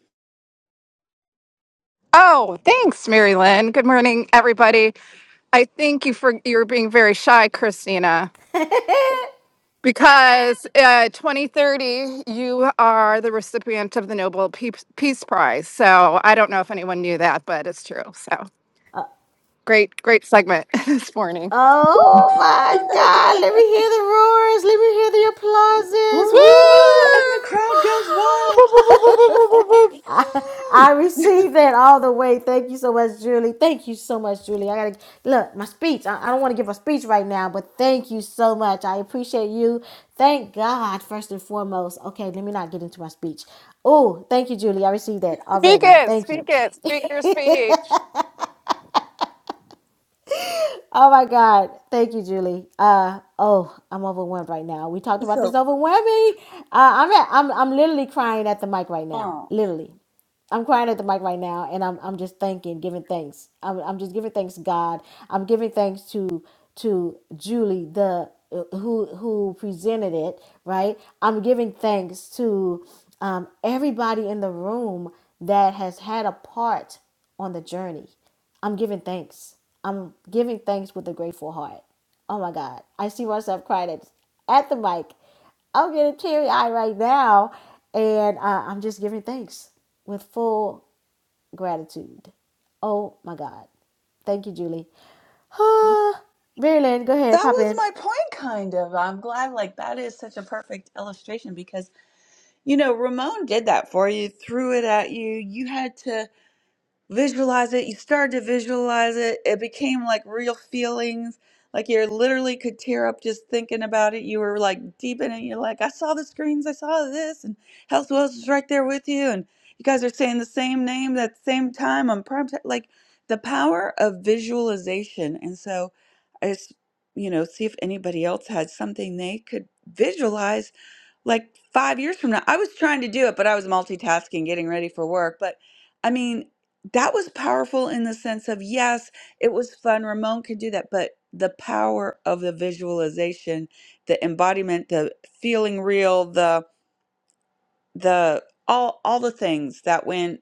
S18: Oh, thanks, Mary Lynn. Good morning, everybody. I think you for you're being very shy, Christina, because uh, 2030 you are the recipient of the Nobel Peace Peace Prize. So I don't know if anyone knew that, but it's true. So great, great segment this morning.
S1: Oh my God! Let me hear the
S18: Woo!
S1: roars. Let me hear the applauses. Woo! I, I received that all the way. Thank you so much, Julie. Thank you so much, Julie. I gotta look my speech. I, I don't want to give a speech right now, but thank you so much. I appreciate you. Thank God first and foremost. Okay, let me not get into my speech. Oh, thank you, Julie. I received that
S18: Speak
S1: already.
S18: it,
S1: Thank
S18: speak
S1: you.
S18: it, speak your speech.
S1: Oh my God. Thank you, Julie. Uh oh, I'm overwhelmed right now. We talked about this
S12: So
S1: overwhelming. Uh I'm at, I'm I'm literally crying at the mic right now.
S12: Oh,
S1: Literally. I'm crying at the mic right now, and I'm I'm just thanking, giving thanks. I'm I'm just giving thanks to God. I'm giving thanks to to Julie, the uh, who who presented it, right? I'm giving thanks to um, everybody in the room that has had a part on the journey. I'm giving thanks. I'm giving thanks with a grateful heart. Oh my God, I see myself crying at, at the mic I'm getting teary eyed right now, and uh, I'm just giving thanks with full gratitude. Oh my God. Thank you, Julie.
S12: well,
S1: Marilyn, go ahead,
S12: that
S1: pop
S12: was
S1: in.
S12: my point, kind of. I'm glad, like, that is such a perfect illustration because, you know, Ramon did that for you, threw it at you. You had to. visualize it. You started to visualize it. It became like real feelings. Like you literally could tear up just thinking about it. You were like deep in it. You're like, I saw the screens. I saw this, and Health Wells is right there with you, and you guys are saying the same name at the same time on prime time. Like the power of visualization. And so, I just you know, see if anybody else had something they could visualize like five years from now. I was trying to do it, but I was multitasking, getting ready for work. But I mean, that was powerful in the sense of yes, it was fun. Ramon could do that, but the power of the visualization, the embodiment, the feeling real, the the all all the things that went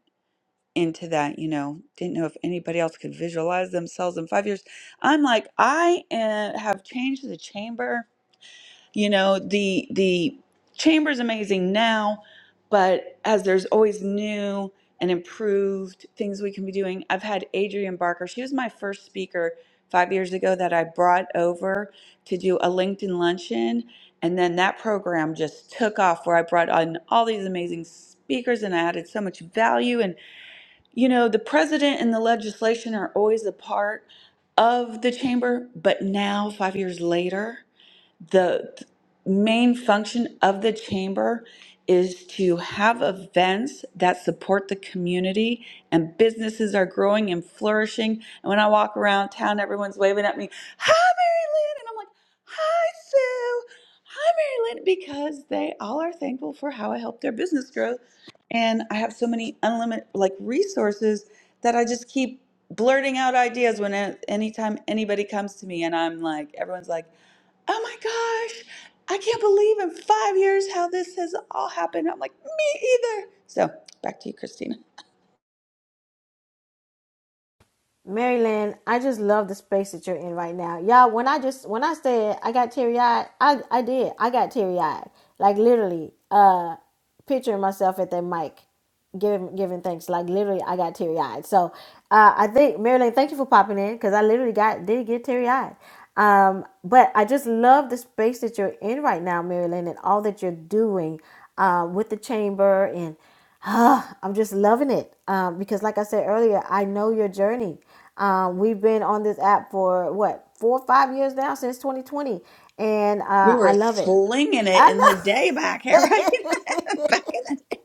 S12: into that, you know, didn't know if anybody else could visualize themselves in five years. I'm like, I uh, have changed the chamber you know, the the chamber's amazing now, but as there's always new and improved things we can be doing. I've had Adrienne Barker. She was my first speaker five years ago that I brought over to do a LinkedIn luncheon. And then that program just took off where I brought on all these amazing speakers and I added so much value. And, you know, the president and the legislation are always a part of the chamber, but now, five years later, the main function of the chamber is to have events that support the community and businesses are growing and flourishing. And when I walk around town, everyone's waving at me, Hi, Mary Lynn. And I'm like, Hi, Sue. Hi, Mary Lynn. Because they all are thankful for how I helped their business grow. And I have so many unlimited like resources that I just keep blurting out ideas when anytime anybody comes to me and I'm like, everyone's like, oh my gosh, I can't believe in five years how this has all happened. I'm like, me either. So back to you, Christina.
S1: Maryland, I just love the space that you're in right now. Y'all, when I just when I said I got teary eyed, I, I did. I got teary eyed. Like literally, uh picturing myself at that mic giving giving thanks. Like literally I got teary eyed. So uh I think Maryland, thank you for popping in because I literally got did get teary eyed. Um, but I just love the space that you're in right now, Maryland, and all that you're doing uh, with the chamber and Ah, I'm just loving it um, because, like I said earlier, I know your journey. Um, we've been on this app for what four or five years now since 2020, and
S12: We
S1: uh, I
S12: were
S1: love it.
S12: slinging it
S1: I
S12: in the
S1: know.
S12: day back here, right? back in the day.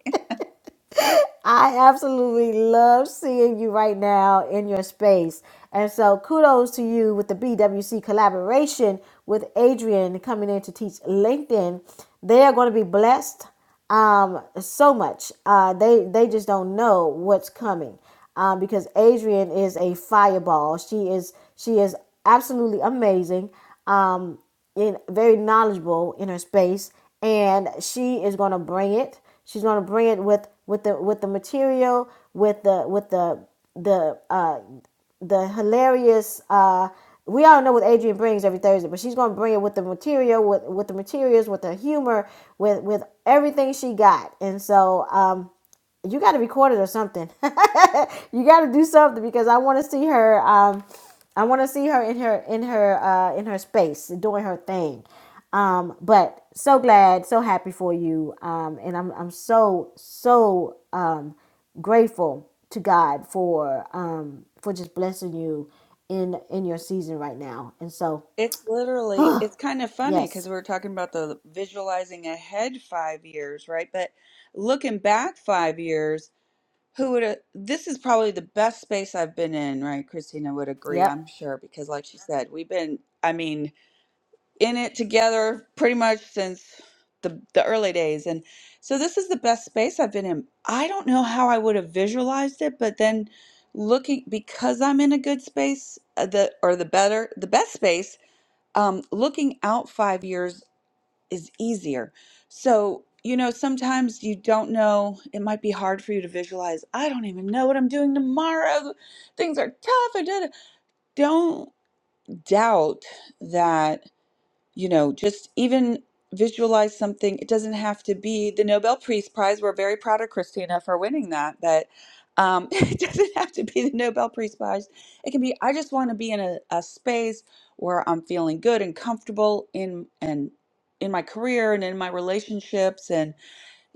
S1: I absolutely love seeing you right now in your space. And so kudos to you with the BWC collaboration with Adrian coming in to teach LinkedIn. They are going to be blessed um, so much. Uh, they they just don't know what's coming um, because Adrian is a fireball. She is she is absolutely amazing. Um, very knowledgeable in her space, and she is going to bring it. She's going to bring it with with the with the material, with the with the the uh, the hilarious. Uh, we all know what Adrian brings every Thursday, but she's going to bring it with the material, with with the materials, with the humor, with with everything she got, and so. Um, you got to record it or something. you got to do something because I want to see her. Um, I want to see her in her in her uh, in her space doing her thing. Um, but so glad, so happy for you, um, and I'm I'm so so um, grateful to God for um, for just blessing you in in your season right now. And so,
S12: It's literally, it's kind of funny because
S1: yes,
S12: we were talking about the visualizing ahead five years, right? But looking back five years, who would have, this is probably the best space I've been in, right? Christina would agree,
S1: yep.
S12: I'm sure, because like she said, we've been, I mean, in it together pretty much since the the early days and so this is the best space I've been in. I don't know how I would have visualized it, but then looking because I'm in a good space, uh, the or the better, the best space, um looking out 5 years is easier. So, you know, sometimes you don't know, it might be hard for you to visualize. I don't even know what I'm doing tomorrow. Things are tough. I did. Don't doubt that you know, just even visualize something. It doesn't have to be the Nobel Peace Prize. We're very proud of Christina for winning that, but um, it doesn't have to be the Nobel Peace Prize. It can be, I just want to be in a, a space where I'm feeling good and comfortable in and in my career and in my relationships. And,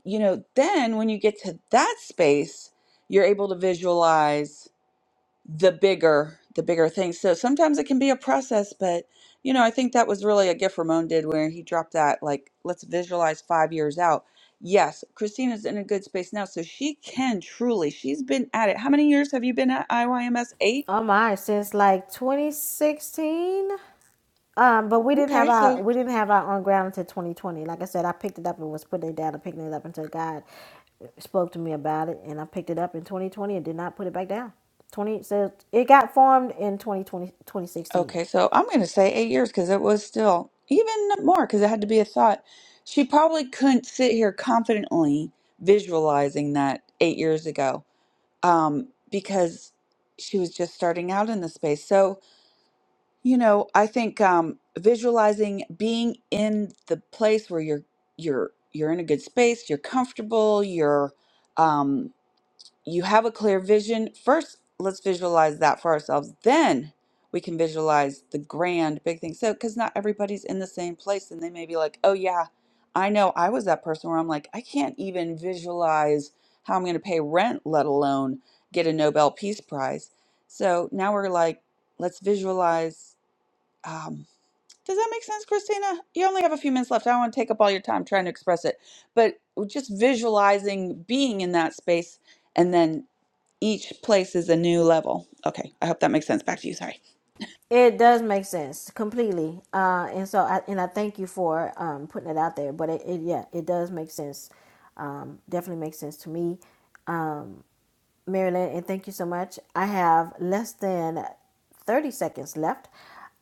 S12: you know, then when you get to that space, you're able to visualize the bigger the bigger things. So sometimes it can be a process, but you know, I think that was really a gift Ramon did where he dropped that like let's visualize 5 years out. Yes, Christina's in a good space now, so she can truly. She's been at it. How many years have you been at IYMS? 8?
S1: Oh my, since like 2016. Um, but we didn't have
S12: Okay, so
S1: our we didn't have our on ground until 2020. Like I said, I picked it up and was putting it down and picking it up until God spoke to me about it, and I picked it up in 2020 and did not put it back down. 20 so it got formed in 2020 2016.
S12: okay, so I'm going to say 8 years cuz it was still even more cuz it had to be a thought. She probably couldn't sit here confidently visualizing that 8 years ago um, because she was just starting out in the space. So, you know, I think um, visualizing being in the place where you're you're you're in a good space, you're comfortable, you're um, you have a clear vision. First, let's visualize that for ourselves. Then we can visualize the grand big thing. So, because not everybody's in the same place, and they may be like, oh, yeah, I know I was that person where I'm like, I can't even visualize how I'm going to pay rent, let alone get a Nobel Peace Prize. So now we're like, let's visualize. Um, does that make sense, Christina? You only have a few minutes left. I don't want to take up all your time trying to express it, but just visualizing being in that space and then each place is a new level. Okay, I hope that makes sense. Back to you. Sorry.
S1: It does make sense completely, uh, and so I and I thank you for um, putting it out there. But it, it yeah, it does make sense. Um, definitely makes sense to me Um, Marilyn, and thank you so much. I have less than 30 seconds left.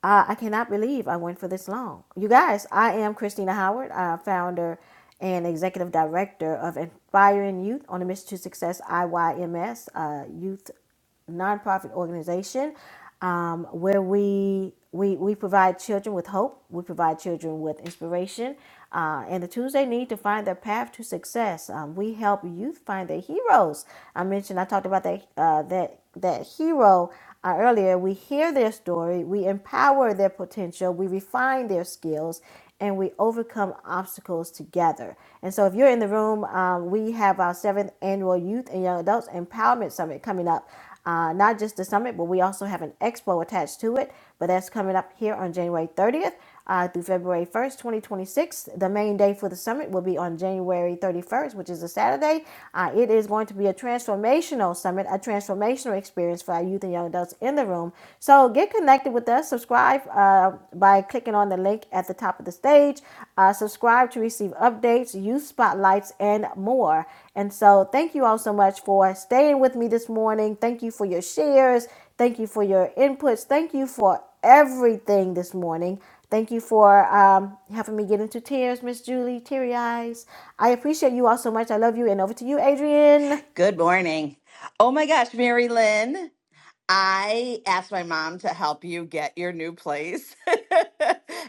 S1: Uh, I cannot believe I went for this long. You guys, I am Christina Howard, uh, founder and executive director of Inspiring Youth on a Mission to Success IYMS uh, Youth nonprofit organization um, where we, we we provide children with hope, we provide children with inspiration, uh, and the tools they need to find their path to success. Um, we help youth find their heroes. I mentioned I talked about that uh, that that hero uh, earlier, we hear their story, we empower their potential, we refine their skills, and we overcome obstacles together. And so, if you're in the room, um, we have our seventh annual Youth and Young Adults Empowerment Summit coming up. Uh, not just the summit, but we also have an expo attached to it. But that's coming up here on January 30th uh, through February 1st, 2026. The main day for the summit will be on January 31st, which is a Saturday. Uh, it is going to be a transformational summit, a transformational experience for our youth and young adults in the room. So get connected with us. Subscribe uh, by clicking on the link at the top of the stage. Uh, subscribe to receive updates, youth spotlights, and more. And so thank you all so much for staying with me this morning. Thank you for your shares. Thank you for your inputs. Thank you for everything this morning. Thank you for um, helping me get into tears, Miss Julie, teary eyes. I appreciate you all so much. I love you. And over to you, Adrian.
S19: Good morning. Oh my gosh, Mary Lynn, I asked my mom to help you get your new place.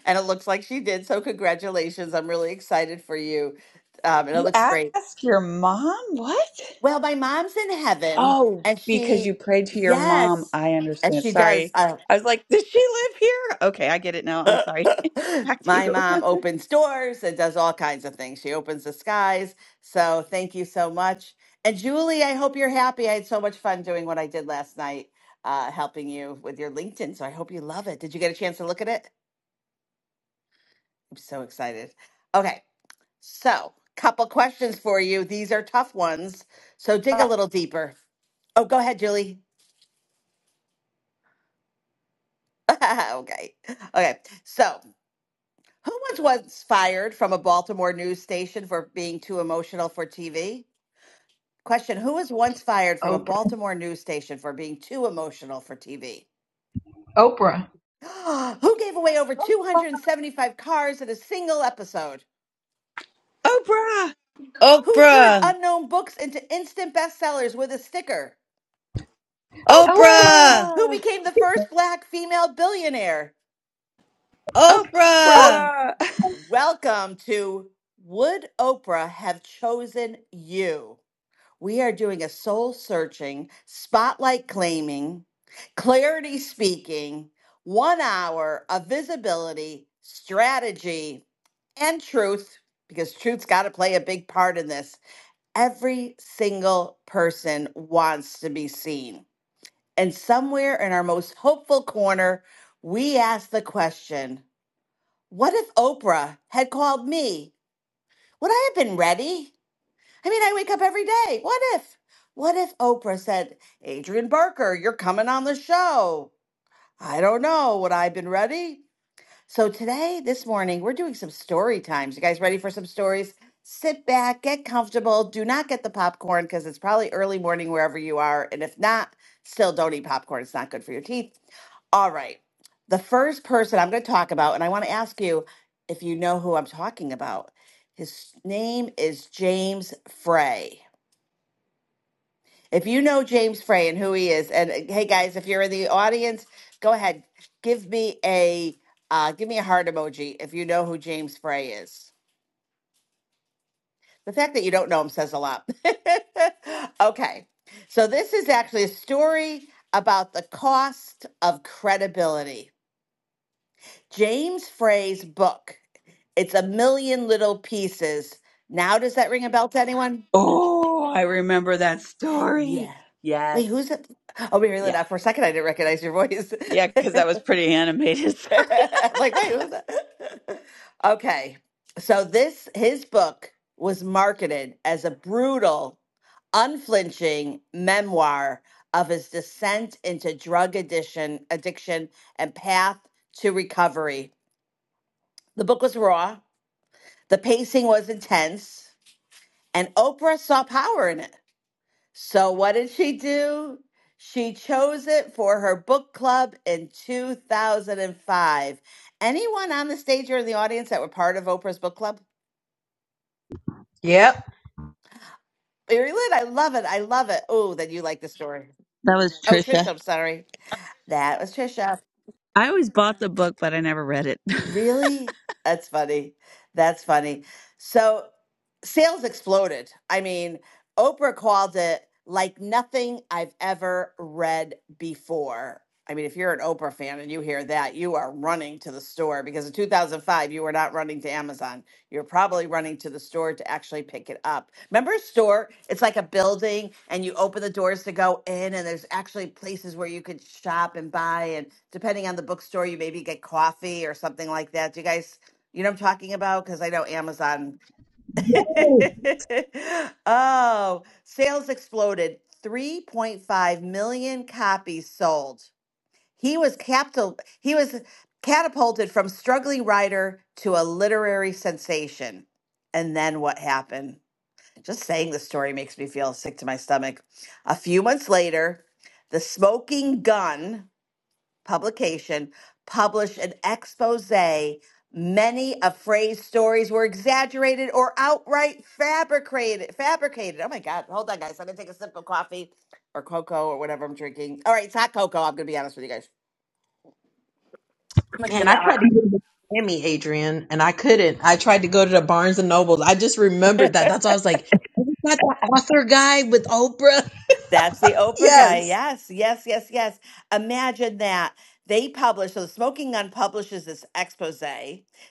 S19: and it looks like she did. So, congratulations. I'm really excited for you. Um, and it
S12: You
S19: looks great.
S12: ask your mom what?
S19: Well, my mom's in heaven
S12: Oh,
S19: and
S12: because
S19: she,
S12: you prayed to your mom.
S19: yes,
S12: I
S19: and
S12: understand.
S19: she does.
S12: Sorry.
S19: Uh,
S12: I was like, does she live here? Okay, I get it now. I'm sorry. Back to you.
S19: My mom opens doors and does all kinds of things. She opens the skies. So thank you so much. And Julie, I hope you're happy. I had so much fun doing what I did last night, uh, helping you with your LinkedIn. So I hope you love it. Did you get a chance to look at it? I'm so excited. Okay. So, couple questions for you. These are tough ones. So dig a little deeper. Oh, go ahead, Julie. okay. Okay. So Who was once fired from a Baltimore news station for being too emotional for TV? Question Who was once fired from a
S16: Oprah.
S19: Baltimore news station for being too emotional for TV?
S16: Oprah.
S19: Who gave away over
S12: Oprah.
S19: 275 cars in a single episode?
S12: Oprah!
S19: Who turned
S13: Oprah,
S19: unknown books into instant bestsellers with a sticker?
S16: Oprah.
S13: Oprah,
S19: Who
S12: Oprah!
S19: became the first black female billionaire?
S16: Oh,
S13: Oprah.
S12: Oprah!
S19: Welcome to Would Oprah Have Chosen You? We are doing a soul searching, spotlight claiming, clarity speaking, one hour of visibility, strategy, and truth, because truth's got to play a big part in this. Every single person wants to be seen. And somewhere in our most hopeful corner, we ask the question what if Oprah had called me? Would I have been ready? I mean, I wake up every day. What if? What if Oprah said, Adrian Barker, you're coming on the show? I don't know. Would I have been ready? So today, this morning, we're doing some story times. You guys ready for some stories? Sit back, get comfortable. Do not get the popcorn because it's probably early morning wherever you are. And if not, still don't eat popcorn. It's not good for your teeth. All right. The first person I'm going to talk about, and I want to ask you if you know who I'm talking about. His name is James Frey. If you know James Frey and who he is, and uh, hey guys, if you're in the audience, go ahead, give me a uh, give me a heart emoji if you know who James Frey is. The fact that you don't know him says a lot. okay, so this is actually a story about the cost of credibility. James Frey's book. It's a million little pieces. Now, does that ring a bell to anyone?
S12: Oh, I remember that
S19: Yeah.
S12: story.
S19: Wait,
S12: Yes.
S19: who's it? Oh, we really
S12: Yeah.
S19: that for a second. I didn't recognize your voice.
S12: Yeah, because that was pretty animated. Sorry.
S19: like, wait, who's that? okay. So this his book was marketed as a brutal, unflinching memoir of his descent into drug addiction, addiction and path to recovery. The book was raw, the pacing was intense, and Oprah saw power in it. So, what did she do? She chose it for her book club in 2005. Anyone on the stage or in the audience that were part of Oprah's book club?
S16: Yep.
S19: Mary Lynn, I love it. I love it. Oh, then you like the story.
S12: That was
S19: Oh,
S12: Trisha.
S19: Trisha, I'm sorry. That was Trisha.
S12: I always bought the book, but I never read it.
S19: Really? That's funny. That's funny. So sales exploded. I mean, Oprah called it like nothing I've ever read before. I mean, if you're an Oprah fan and you hear that, you are running to the store because in 2005, you were not running to Amazon. You're probably running to the store to actually pick it up. Remember a store? It's like a building and you open the doors to go in and there's actually places where you could shop and buy and depending on the bookstore you maybe get coffee or something like that. Do you guys you know what I'm talking about? Because I know Amazon. oh, sales exploded. 3.5 million copies sold. He was capital he was catapulted from struggling writer to a literary sensation. And then what happened? Just saying the story makes me feel sick to my stomach. A few months later, the Smoking Gun publication published an expose. Many of Frey's stories were exaggerated or outright fabricated. Fabricated. Oh my God. Hold on, guys. I'm going to take a sip of coffee or cocoa or whatever I'm drinking. All right, it's hot cocoa. I'm going to be honest with you guys.
S16: Man, I tried to get to Miami, Adrian, and I couldn't. I tried to go to the Barnes and Nobles. I just remembered that. That's why I was like, Not the author guy with Oprah.
S19: That's the Oprah guy.
S16: Yes.
S19: Yes, yes, yes, yes. Imagine that. They publish, so the Smoking Gun publishes this expose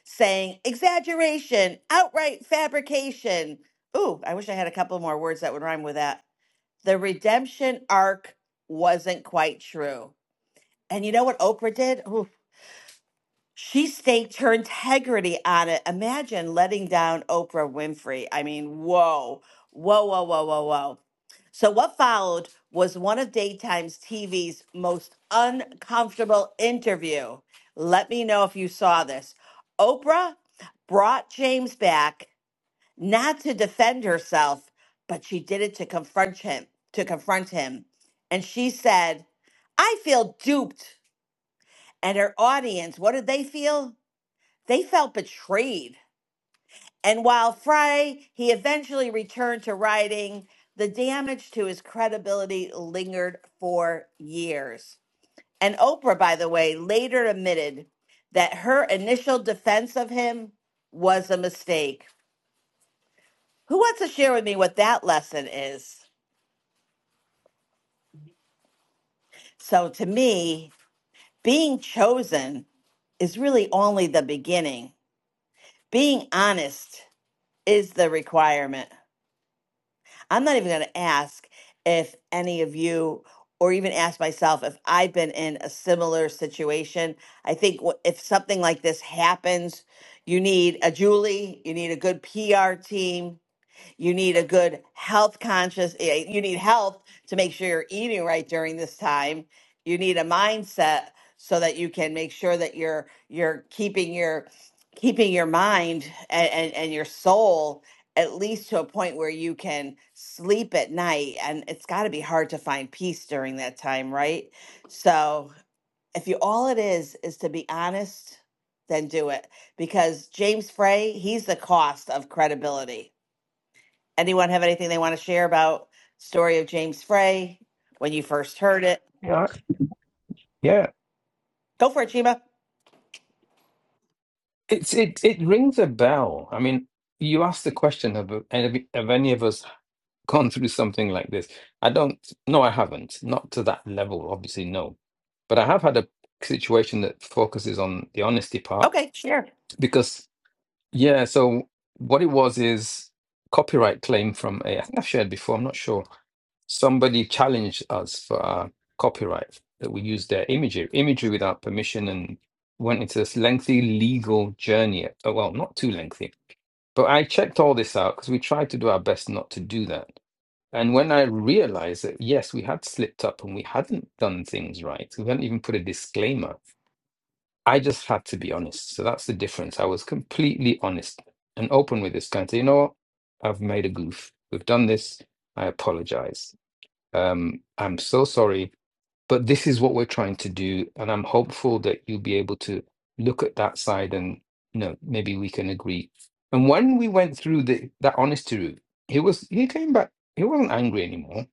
S19: saying exaggeration, outright fabrication. Ooh, I wish I had a couple more words that would rhyme with that. The redemption arc wasn't quite true. And you know what Oprah did? Ooh, she staked her integrity on it. Imagine letting down Oprah Winfrey. I mean, whoa, whoa, whoa, whoa, whoa, whoa. So, what followed was one of Daytime's TV's most uncomfortable interview. Let me know if you saw this. Oprah brought James back not to defend herself, but she did it to confront him, to confront him. And she said, "I feel duped." And her audience, what did they feel? they felt betrayed. And while Frey, he eventually returned to writing, the damage to his credibility lingered for years. And Oprah, by the way, later admitted that her initial defense of him was a mistake. Who wants to share with me what that lesson is? So, to me, being chosen is really only the beginning. Being honest is the requirement. I'm not even going to ask if any of you, or even ask myself if I've been in a similar situation. I think wh- if something like this happens, you need a Julie, you need a good PR team, you need a good health conscious, eh, you need health to make sure you're eating right during this time. You need a mindset so that you can make sure that you're you're keeping your keeping your mind and, and, and your soul at least to a point where you can sleep at night and it's got to be hard to find peace during that time right so if you all it is is to be honest then do it because james frey he's the cost of credibility Anyone have anything they want to share about story of James Frey when you first heard it?
S5: Yeah. all right. Yeah.
S19: Go for it, Sheba.
S5: It's it it rings a bell. I mean, you asked the question of have, have any of us gone through something like this? I don't no, I haven't. Not to that level, obviously, no. But I have had a situation that focuses on the honesty part
S19: Okay, sure.
S5: because yeah, so what it was is copyright claim from a I think I've shared before, I'm not sure. somebody challenged us for our copyright that we used their imagery imagery without permission and went into this lengthy legal journey oh, well not too lengthy but i checked all this out because we tried to do our best not to do that and when i realized that yes we had slipped up and we hadn't done things right we hadn't even put a disclaimer i just had to be honest so that's the difference i was completely honest and open with this guy and say you know what i've made a goof we've done this i apologize um, I'm so sorry, but this is what we're trying to do, and I'm hopeful that you'll be able to look at that side and you know maybe we can agree. And when we went through the that honesty route, he was he came back. He wasn't angry anymore.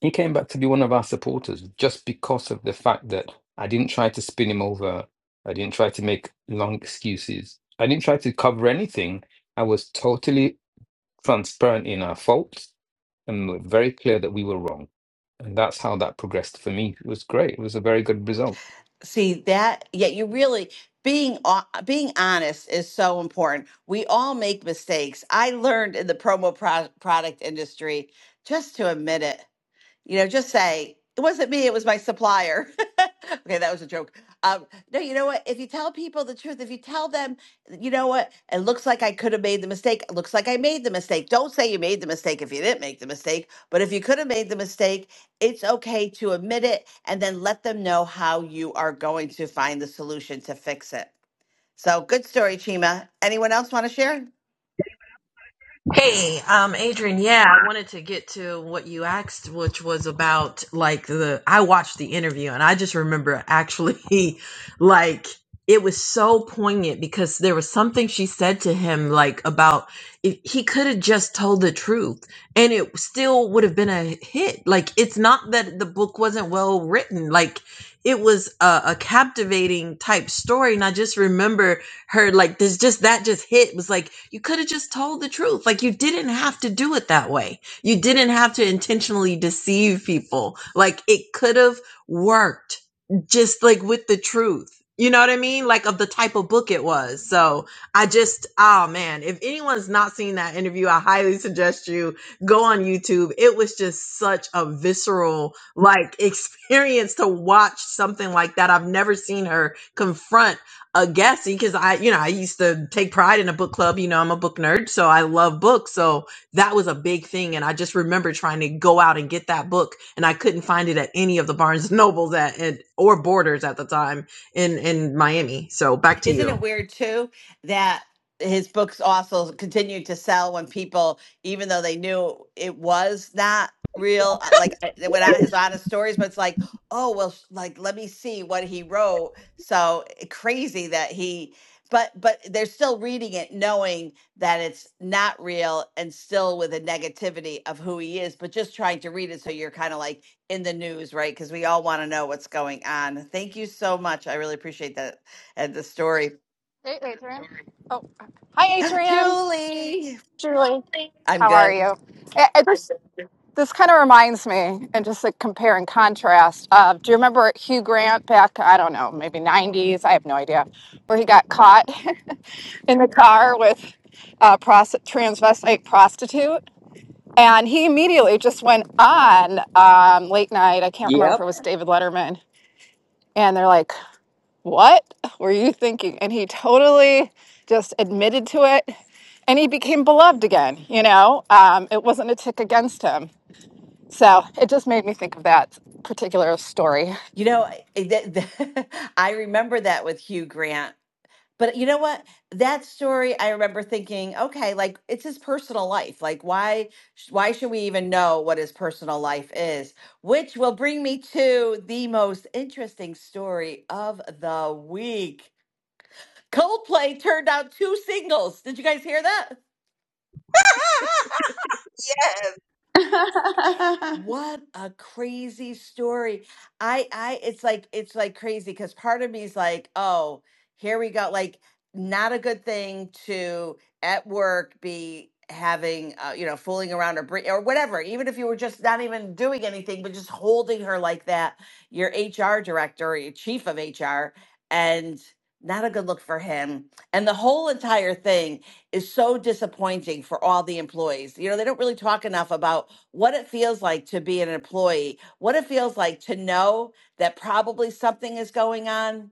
S5: He came back to be one of our supporters just because of the fact that I didn't try to spin him over. I didn't try to make long excuses. I didn't try to cover anything. I was totally transparent in our faults and we're very clear that we were wrong. And that's how that progressed for me. It was great. It was a very good result.
S19: See that? Yeah, you really being ho- being honest is so important. We all make mistakes. I learned in the promo pro- product industry just to admit it You know, just say, it wasn't me, it was my supplier. okay, that was a joke. Um, no, you know what? If you tell people the truth, if you tell them, you know what? It looks like I could have made the mistake. It looks like I made the mistake. Don't say you made the mistake if you didn't make the mistake. But if you could have made the mistake, it's okay to admit it and then let them know how you are going to find the solution to fix it. So good story, Chima. Anyone else want to share?
S16: Hey, um, Adrian, yeah, I wanted to get to what you asked, which was about like the I watched the interview and I just remember actually like it was so poignant because there was something she said to him like about if he could have just told the truth and it still would have been a hit. Like it's not that the book wasn't well written, like it was a, a captivating type story. And I just remember her like there's just that just hit It was like you could have just told the truth like you didn't have to do it that way you didn't have to intentionally deceive people like it could have worked just like with the truth you know what i mean like of the type of book it was so i just oh man if anyone's not seen that interview i highly suggest you go on youtube it was just such a visceral like experience to watch something like that i've never seen her confront a guessy because I, you know, I used to take pride in a book club. You know, I'm a book nerd, so I love books. So that was a big thing. And I just remember trying to go out and get that book and I couldn't find it at any of the Barnes and Nobles at, at or Borders at the time in, in Miami. So back to
S19: Isn't it
S16: you.
S19: weird too that his books also continued to sell when people, even though they knew it was not real, uh, like uh, they went out his honest stories, but it's like, oh well, sh- like let me see what he wrote. So eh, crazy that he, but but they're still reading it, knowing that it's not real, and still with a negativity of who he is, but just trying to read it. So you're kind of like in the news, right? Because we all want to know what's going on. Thank you so much. I really appreciate that and the story.
S18: Oh, hi, Adrian,
S19: Julie,
S18: Julie.
S19: I'm
S18: How are
S19: good.
S18: you? this kind of reminds me, and just to compare and contrast, uh, do you remember Hugh Grant back, I don't know, maybe 90s, I have no idea, where he got caught in the car with a prosti- transvestite prostitute? And he immediately just went on um, late night. I can't remember if it
S12: Yep.
S18: was David Letterman. And they're like, What were you thinking? And he totally just admitted to it and he became beloved again. You know, um, it wasn't a tick against him. So it just made me think of that particular story.
S19: You know, I eh, that- that- I remember that with Hugh Grant. But you know what? That story, I remember thinking, okay, like it's his personal life. Like why sh- why should we even know what his personal life is? Which will bring me to the most interesting story of the week. Coldplay turned out two singles. Did you guys hear that?
S12: the
S19: What a crazy story. I I it's like it's like crazy because part of me is like, oh, here we go. Like not a good thing to at work be having uh, you know fooling around or bring, or whatever even if you were just not even doing anything but just holding her like that your hr director or your chief of hr and not a good look for him and the whole entire thing is so disappointing for all the employees. You know, they don't really talk enough about what it feels like to be an employee, what it feels like to know that probably something is going on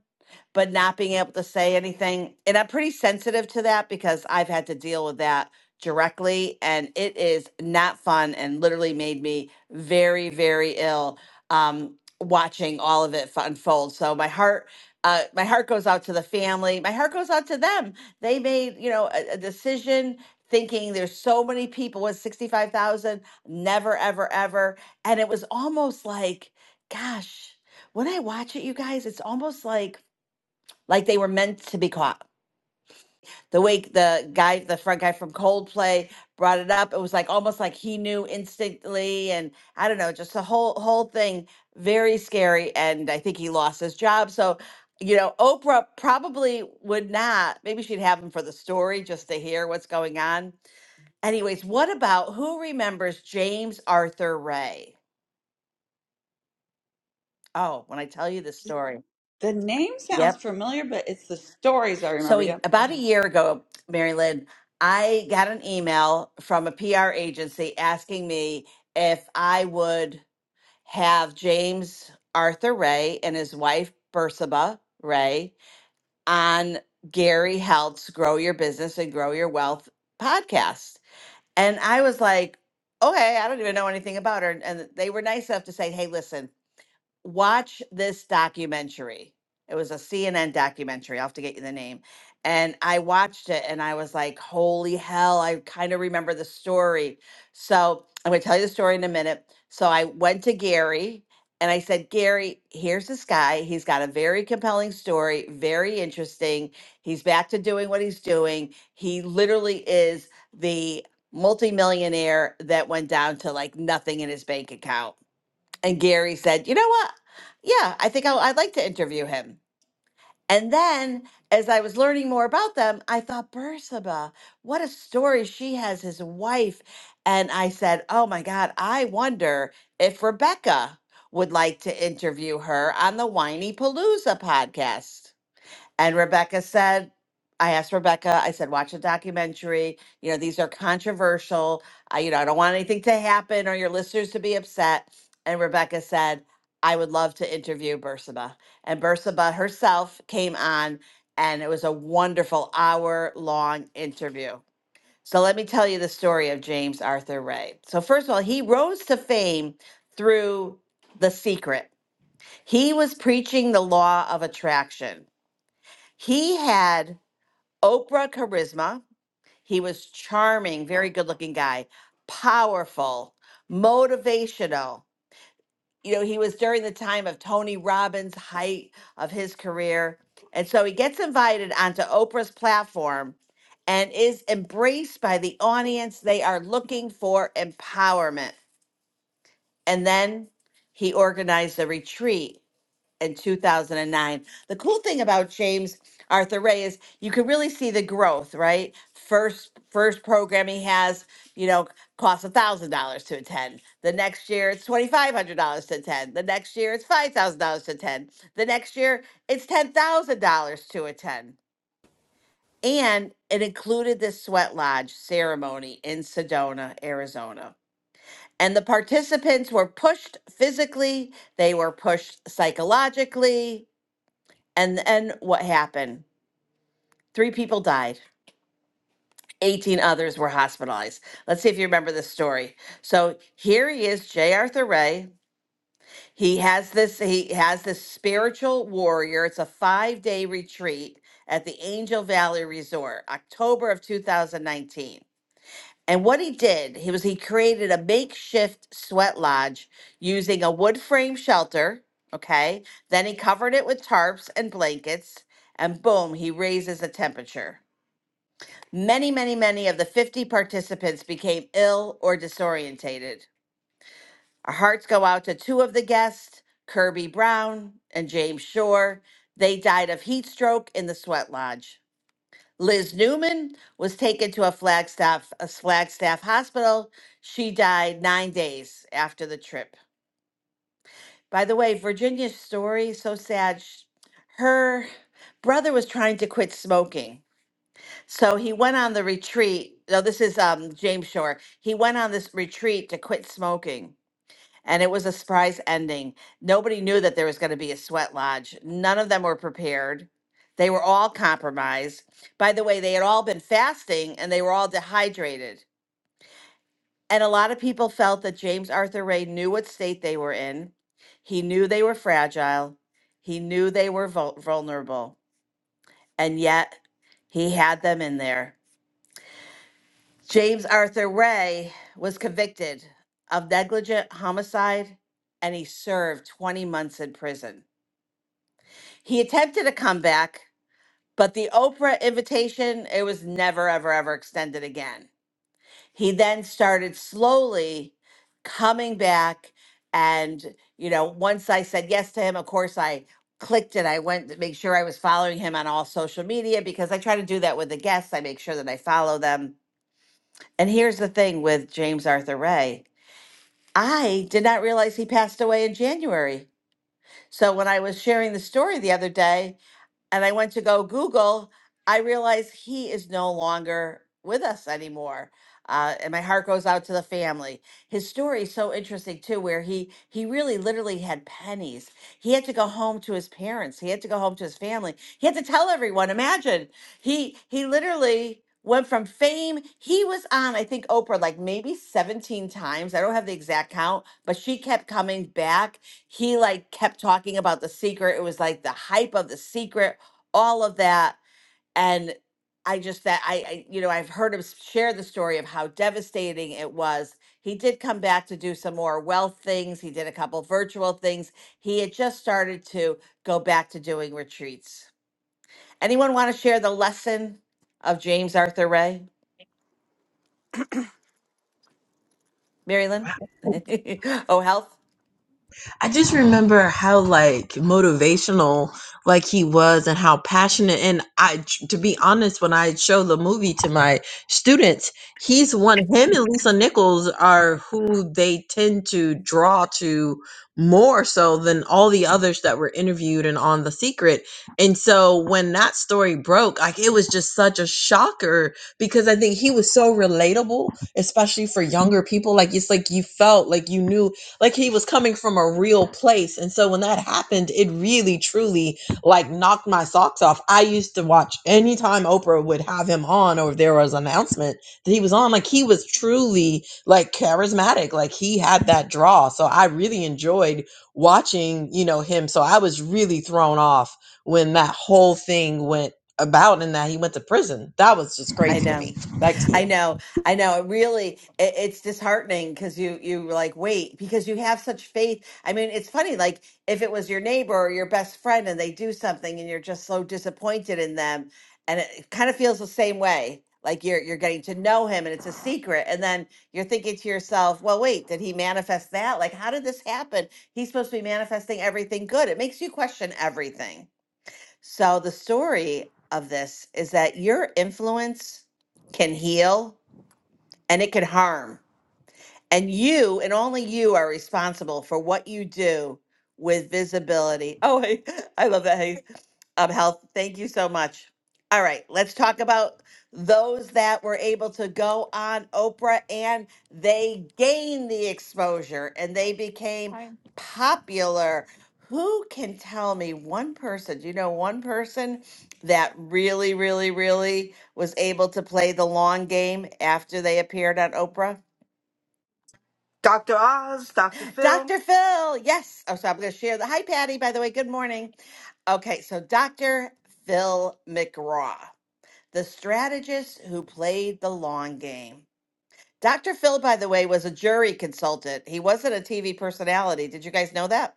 S19: but not being able to say anything. And I'm pretty sensitive to that because I've had to deal with that directly. And it is not fun and literally made me very, very ill um, watching all of it fu- unfold. So my heart. Uh, my heart goes out to the family. My heart goes out to them. They made, you know, a, a decision thinking there's so many people with 65,000, never, ever, ever. And it was almost like, gosh, when I watch it, you guys, it's almost like like they were meant to be caught. The way the guy, the front guy from Coldplay, brought it up, it was like almost like he knew instantly, and I don't know, just the whole whole thing very scary. And I think he lost his job. So, you know, Oprah probably would not. Maybe she'd have him for the story just to hear what's going on. Anyways, what about who remembers James Arthur Ray? Oh, when I tell you the story,
S12: name sounds
S19: yep.
S12: familiar, but it's the stories I
S19: So
S12: remember.
S19: a-
S12: Yep. Go
S19: about a
S12: ahead.
S19: year ago, Mary Lynn, I got an email from a PR agency asking me if I would have James Arthur Ray and his wife Bersaba Ray on Gary Helt's Grow Your Business and Grow Your Wealth podcast. And I was like, okay, I don't even know anything about her. And they were nice enough to say, hey, listen, watch this documentary. It was a CNN documentary. I'll have to get you the name. And I watched it and I was like, holy hell, I kind of remember the story. So I'm going to tell you the story in a minute. So I went to Gary and I said, Gary, here's this guy. He's got a very compelling story, very interesting. He's back to doing what he's doing. He literally is the multimillionaire that went down to like nothing in his bank account and Gary said, "You know what? Yeah, I think I'll, I'd like to interview him." And then, as I was learning more about them, I thought, "Bersaba, what a story she has as a wife." And I said, "Oh my God, I wonder if Rebecca would like to interview her on the Whiny Palooza podcast." And Rebecca said, I asked Rebecca, I said, watch a documentary. You know, these are controversial. I, you know, I don't want anything to happen or your listeners to be upset. And Rebecca said, I would love to interview Bursaba. And Bursaba herself came on, and it was a wonderful hour long interview. So let me tell you the story of James Arthur Ray. So, first of all, he rose to fame through The Secret. He was preaching the law of attraction. He had Oprah charisma. He was charming, very good looking guy, powerful, motivational. You know, he was during the time of Tony Robbins' height of his career. And so he gets invited onto Oprah's platform and is embraced by the audience. They are looking for empowerment. And then he organized a retreat and 2009. The cool thing about James Arthur Ray is you can really see the growth, right? First first program he has, you know, costs a thousand dollars to attend. The next year it's twenty five hundred dollars to attend. The next year it's five thousand dollars to attend. The next year it's ten thousand dollars to attend. And it included the sweat lodge ceremony in Sedona, Arizona. And the participants were pushed physically, they were pushed psychologically, and then what happened? Three people died. 18 others were hospitalized. Let's see if you remember this story. So here he is, J. Arthur Ray. He has this, he has this spiritual warrior. It's a five-day retreat at the Angel Valley Resort, October of 2019. And what he did, he was he created a makeshift sweat lodge using a wood frame shelter. Okay. Then he covered it with tarps and blankets. And boom, he raises the temperature. Many, many, many of the 50 participants became ill or disorientated. Our hearts go out to two of the guests, Kirby Brown and James Shore. They died of heat stroke in the sweat lodge. Liz Newman was taken to a Flagstaff, a Flagstaff hospital. She died nine days after the trip. By the way, Virginia's story so sad. Sh- Her brother was trying to quit smoking So he went on the retreat. No, this is um, James Shore. He went on this retreat to quit smoking, and it was a surprise ending. Nobody knew that there was going to be a sweat lodge. None of them were prepared. They were all compromised. By the way, they had all been fasting and they were all dehydrated. And a lot of people felt that James Arthur Ray knew what state they were in. He knew they were fragile. He knew they were vul- vulnerable. And yet he had them in there James Arthur Ray was convicted of negligent homicide and he served 20 months in prison. He attempted a comeback, but the Oprah invitation, it was never, ever, ever extended again. He then started slowly coming back. And, you know, once I said yes to him, of course, I clicked it. I went to make sure I was following him on all social media because I try to do that with the guests. I make sure that I follow them. And here's the thing with James Arthur Ray. I did not realize he passed away in January. So when I was sharing the story the other day, and I went to go Google, I realized he is no longer with us anymore. Uh, and my heart goes out to the family. His story is so interesting too, where he he really literally had pennies. He had to go home to his parents. He had to go home to his family. He had to tell everyone. Imagine he he literally went from fame. He was on I think Oprah like maybe seventeen times. I don't have the exact count, but she kept coming back he like kept talking about the secret. It was like the hype of the secret all of that and i just that I, I you know i've heard him s- share the story of how devastating it was he did come back to do some more wealth things he did a couple virtual things he had just started to go back to doing retreats anyone want to share the lesson of james arthur ray marilyn oh health
S16: I just remember how like motivational like he was and how passionate and I to be honest when I show the movie to my students he's one him and Lisa Nichols are who they tend to draw to more so than all the others that were interviewed and on the secret and so when that story broke like it was just such a shocker because I think he was so relatable especially for younger people like it's like you felt like you knew like he was coming from a real place and so when that happened it really truly like knocked my socks off i used to watch anytime oprah would have him on or there was an announcement that he was on like he was truly like charismatic like he had that draw so i really enjoyed watching you know him so i was really thrown off when that whole thing went about and that he went to prison that was just
S19: i
S16: crazy to
S19: know
S16: me back to
S19: I
S16: you
S19: know, I know. It really, it, it's disheartening because you you were like wait because you have such faith. I mean, it's funny. Like if it was your neighbor or your best friend and they do something and you're just so disappointed in them, and it kind of feels the same way. Like you're you're getting to know him and it's a secret, and then you're thinking to yourself, well, wait, did he manifest that? Like how did this happen? He's supposed to be manifesting everything good. It makes you question everything. So the story of this is that your influence can heal and it can harm. And you and only you are responsible for what you do with visibility. Oh, I, I love that. Hey, um, health. Thank you so much. All right, let's talk about those that were able to go on Oprah and they gained the exposure and they became popular. Who can tell me one person? Do you know one person that really, really, really was able to play the long game after they appeared on Oprah?
S17: Dr.
S19: Dr. Phil, yes. Oh, so I'm going to share the. Hi, Patty, by the way. Good morning. Okay, so Dr. Phil McGraw, the strategist who played the long game. Dr. Phil, by the way, was a jury consultant. He wasn't a TV personality. Did you guys know that?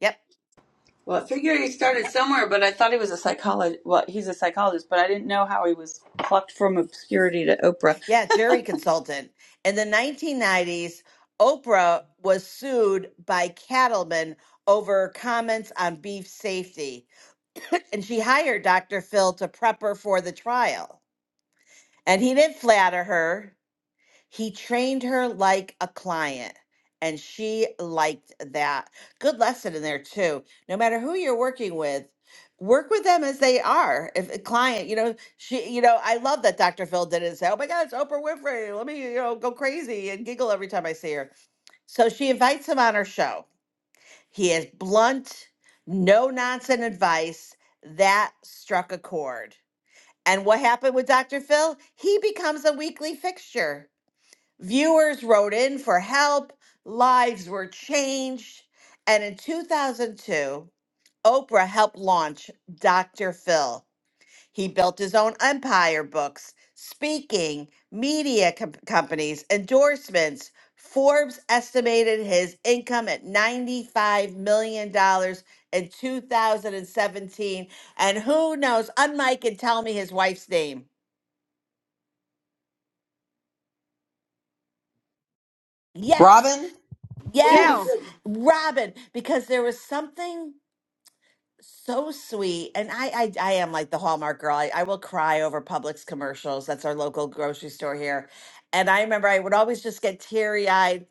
S19: Yep.
S12: Well, I figured he started somewhere, but I thought he was a psychologist. Well, he's a psychologist, but I didn't know how he was plucked from obscurity to Oprah.
S19: Yeah, jury consultant. In the 1990s, Oprah was sued by cattlemen over comments on beef safety, and she hired Dr. Phil to prep her for the trial. And he didn't flatter her. He trained her like a client. And she liked that. Good lesson in there, too. No matter who you're working with, work with them as they are. If a client, you know, she, you know, I love that Dr. Phil didn't say, oh my God, it's Oprah Winfrey. Let me, you know, go crazy and giggle every time I see her. So she invites him on her show. He is blunt, no nonsense advice. That struck a chord and what happened with Dr. Phil? He becomes a weekly fixture. Viewers wrote in for help, lives were changed. And in 2002, Oprah helped launch Dr. Phil. He built his own empire books, speaking, media com- companies, endorsements. Forbes estimated his income at $95 million dollars in 2017. And who knows? Unmike and tell me his wife's name. Yes,
S16: robin
S12: Ooh,
S19: yes,
S12: good.
S19: Robin, because there was something so sweet, and I, I, I am like the Hallmark girl. I, I will cry over Publix commercials. That's our local grocery store here, and I remember I would always just get teary eyed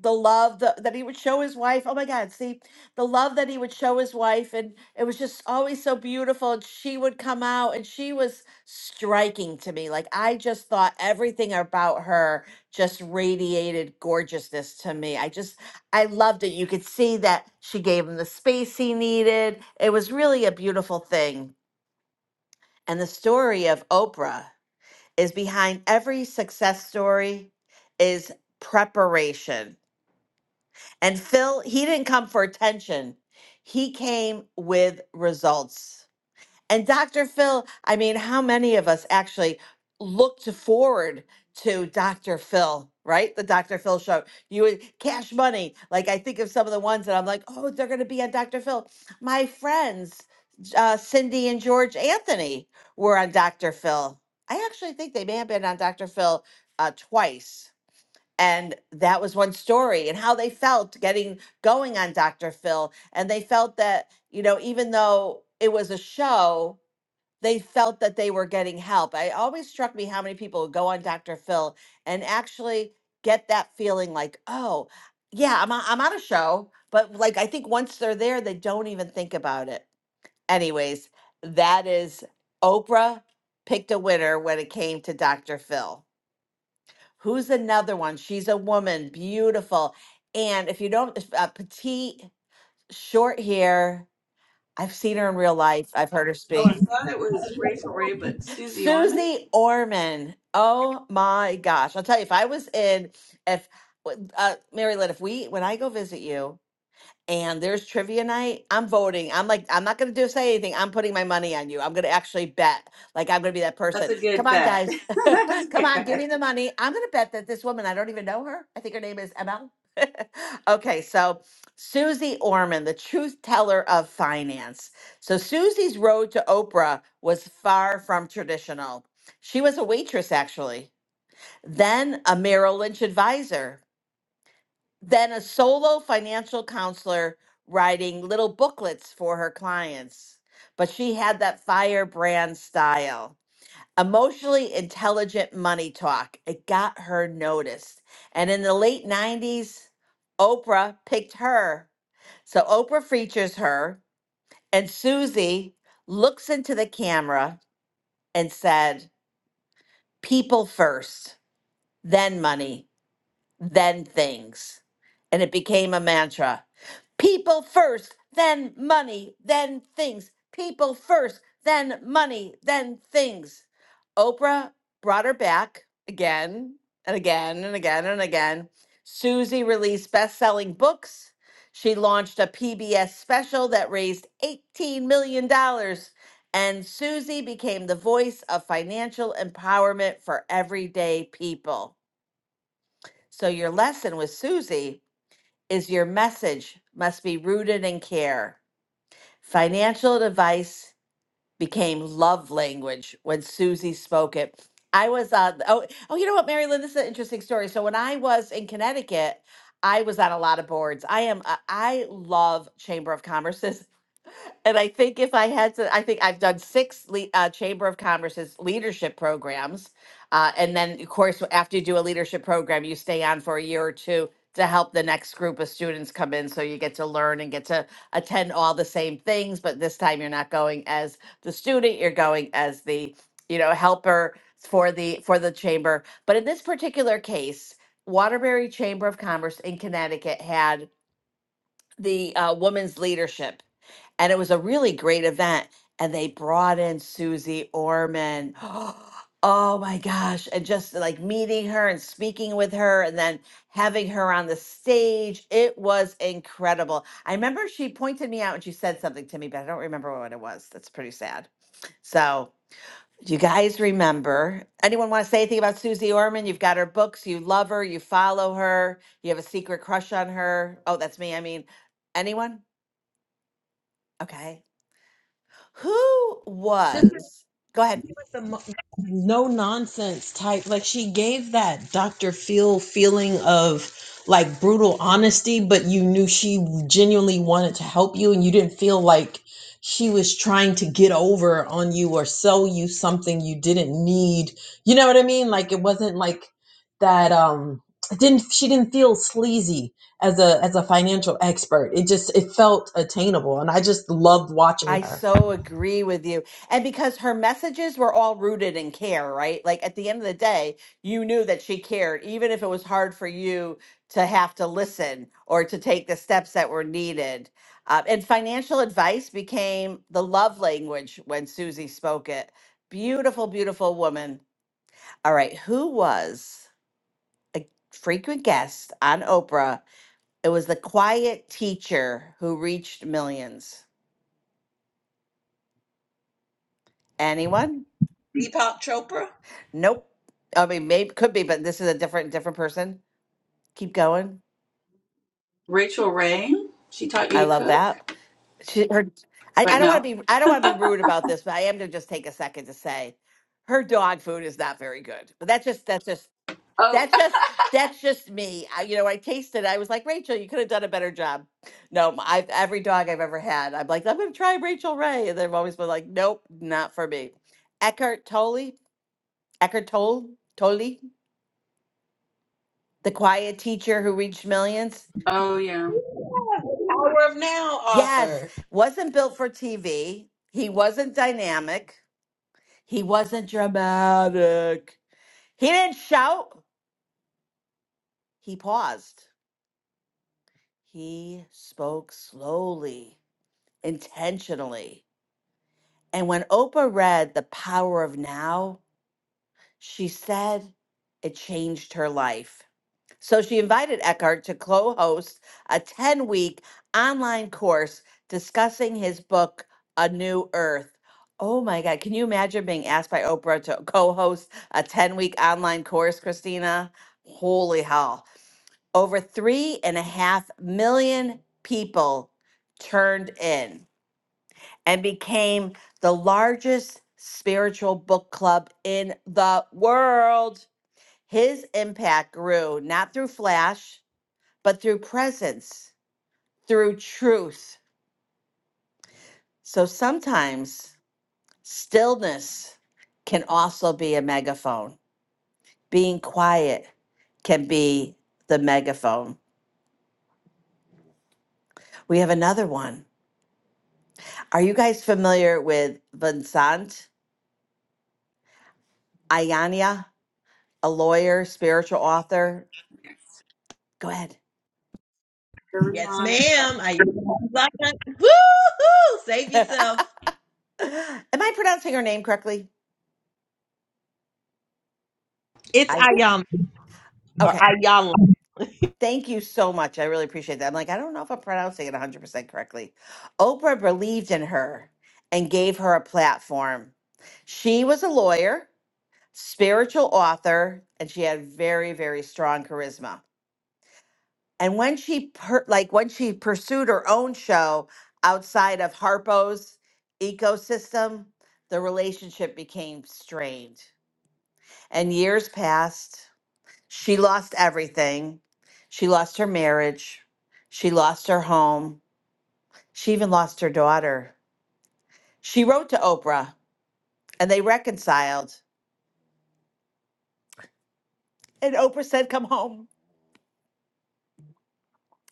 S19: the love that, that he would show his wife. Oh my God, see the love that he would show his wife. And it was just always so beautiful. And she would come out and she was striking to me. Like I just thought everything about her just radiated gorgeousness to me. I just, I loved it. You could see that she gave him the space he needed. It was really a beautiful thing. And the story of Oprah is behind every success story is preparation and Phil, he didn't come for attention. He came with results. And Dr. Phil, I mean, how many of us actually looked forward to Dr. Phil, right? The Dr. Phil show. You would cash money. Like I think of some of the ones that I'm like, oh, they're going to be on Dr. Phil. My friends, uh, Cindy and George Anthony, were on Dr. Phil. I actually think they may have been on Dr. Phil uh, twice and that was one story and how they felt getting going on Dr. Phil and they felt that you know even though it was a show they felt that they were getting help. I always struck me how many people go on Dr. Phil and actually get that feeling like oh yeah I'm on, I'm on a show but like I think once they're there they don't even think about it. Anyways, that is Oprah picked a winner when it came to Dr. Phil. Who's another one? She's a woman, beautiful. And if you don't, if, uh, petite, short hair. I've seen her in real life. I've heard her
S12: Oh, I
S19: speak.
S12: thought it was Rachel Ray, but Susie Orman?
S19: Susie Orman. Oh my gosh! I'll tell you, if I was in, if uh, Mary Lynn, if we, when I go visit you and there's trivia night, I'm voting. I'm like, I'm not gonna do say anything. I'm putting my money on you. I'm gonna actually bet. Like I'm gonna be that
S12: That's
S19: person.
S12: a
S19: Come
S12: good
S19: on,
S12: bet.
S19: guys.
S12: That's a
S19: Come
S12: good
S19: on, give
S12: bet.
S19: me the money. I'm gonna bet that this woman, I don't even know her. I think her name is ML. okay, so Susie Orman, the truth teller of finance. So Susie's road to Oprah was far from traditional. She was a waitress, actually, then a Merrill Lynch advisor then a solo financial counselor writing little booklets for her clients. But she had that firebrand style. Emotionally intelligent money talk. It got her noticed. And in the late 90s, Oprah picked her. So Oprah features her, and Susie looks into the camera and said, People first, then money, then things. And it became a mantra. People first, then money, then things. People first, then money, then things. Oprah brought her back again and again and again and again. Susie released best selling books. She launched a PBS special that raised $18 million. dollars. And Susie became the voice of financial empowerment for everyday people. So, your lesson with Susie is your message must be rooted in care. Financial advice became love language when Susie spoke it. I was on oh oh you know what Mary Lynn this is an interesting story. So when I was in Connecticut, I was on a lot of boards. I am I I love chamber of commerce. And I think if I had to, I think I've done six le- uh, Chamber of Commerce's leadership programs. Uh, and then, of course, after you do a leadership program, you stay on for a year or two to help the next group of students come in. So you get to learn and get to attend all the same things. But this time you're not going as the student, you're going as the, you know, helper for the for the chamber. But in this particular case, Waterbury Chamber of Commerce in Connecticut had the uh, women's leadership and it was a really great event. And they brought in Susie Orman. Oh my gosh. And just like meeting her and speaking with her and then having her on the stage, it was incredible. I remember she pointed me out and she said something to me, but I don't remember what it was. That's pretty sad. So, do you guys remember? Anyone want to say anything about Susie Orman? You've got her books, you love her, you follow her, you have a secret crush on her. Oh, that's me. I mean, anyone? Okay. Who was? Go ahead.
S16: the mo- no nonsense type. Like she gave that Dr. Phil feeling of like brutal honesty, but you knew she genuinely wanted to help you and you didn't feel like she was trying to get over on you or sell you something you didn't need. You know what I mean? Like it wasn't like that um it didn't she didn't feel sleazy as a as a financial expert. It just it felt attainable and I just loved watching
S19: I
S16: her.
S19: so agree with you. And because her messages were all rooted in care, right? Like at the end of the day, you knew that she cared, even if it was hard for you to have to listen or to take the steps that were needed. Uh, and financial advice became the love language when Susie spoke it. Beautiful, beautiful woman. All right. Who was a frequent guest on Oprah? It was the quiet teacher who reached millions. Anyone?
S16: Deepak Chopra,
S19: Nope. I mean, maybe could be, but this is a different different person. Keep going.
S12: Rachel Ray? She taught you
S19: I
S12: to
S19: love
S12: cook?
S19: that. She, her, I, I
S12: But
S19: don't want
S12: no.
S19: to be I don't want to be rude about this, but I am going to just take a second to say her dog food is not very good. But that's just that's just
S12: Oh,
S19: That's just that's just me. I, you know, I tasted. it, I was like, Rachel, you could have done a better job. No, m- I've every dog I've ever had. I'm like, I'm gonna try Rachel Ray, and they've always been like, Nope, not for me. Eckhart Tolle, Eckhart Tolle, Tolle, the quiet teacher who reached millions.
S12: oh yeah.
S16: Power of Now
S19: Yes,
S16: author.
S19: wasn't built for TV. He wasn't dynamic. He wasn't dramatic. He didn't shout. He paused. He spoke slowly, intentionally And when Oprah read The Power of Now, she said it changed her life. So she invited Eckhart to co host a 10 week online course discussing his book, A New Earth. Oh my God, can you imagine being asked by Oprah to co host a 10 week online course, Christina? Holy hell. Over three and a half million people turned in and became the largest spiritual book club in the world. His impact grew not through flash, but through presence, through truth. So sometimes stillness can also be a megaphone. Being quiet can be the megaphone. We have another one. Are you guys familiar with Vincent Ayania, a lawyer, spiritual author? Go ahead.
S16: Yes,
S12: Liliana.
S16: ma'am.
S12: Yep.
S16: I Woo hoo! Save yourself.
S19: Am I pronouncing her name correctly?
S16: It's
S19: I
S16: Ayam or
S19: okay.
S16: Ayala.
S19: Thank you so much. I really appreciate that. I'm like, I don't know if I'm pronouncing it 100% correctly. Oprah believed in her and gave her a platform. She was a lawyer, spiritual author, and she had very, very strong charisma. And when she per- like when she pursued her own show outside of Harpo's ecosystem, the relationship became strained. And years passed She lost everything. She lost her marriage. She lost her home. She even lost her daughter. She wrote to Oprah and they reconciled. And Oprah said, Come home.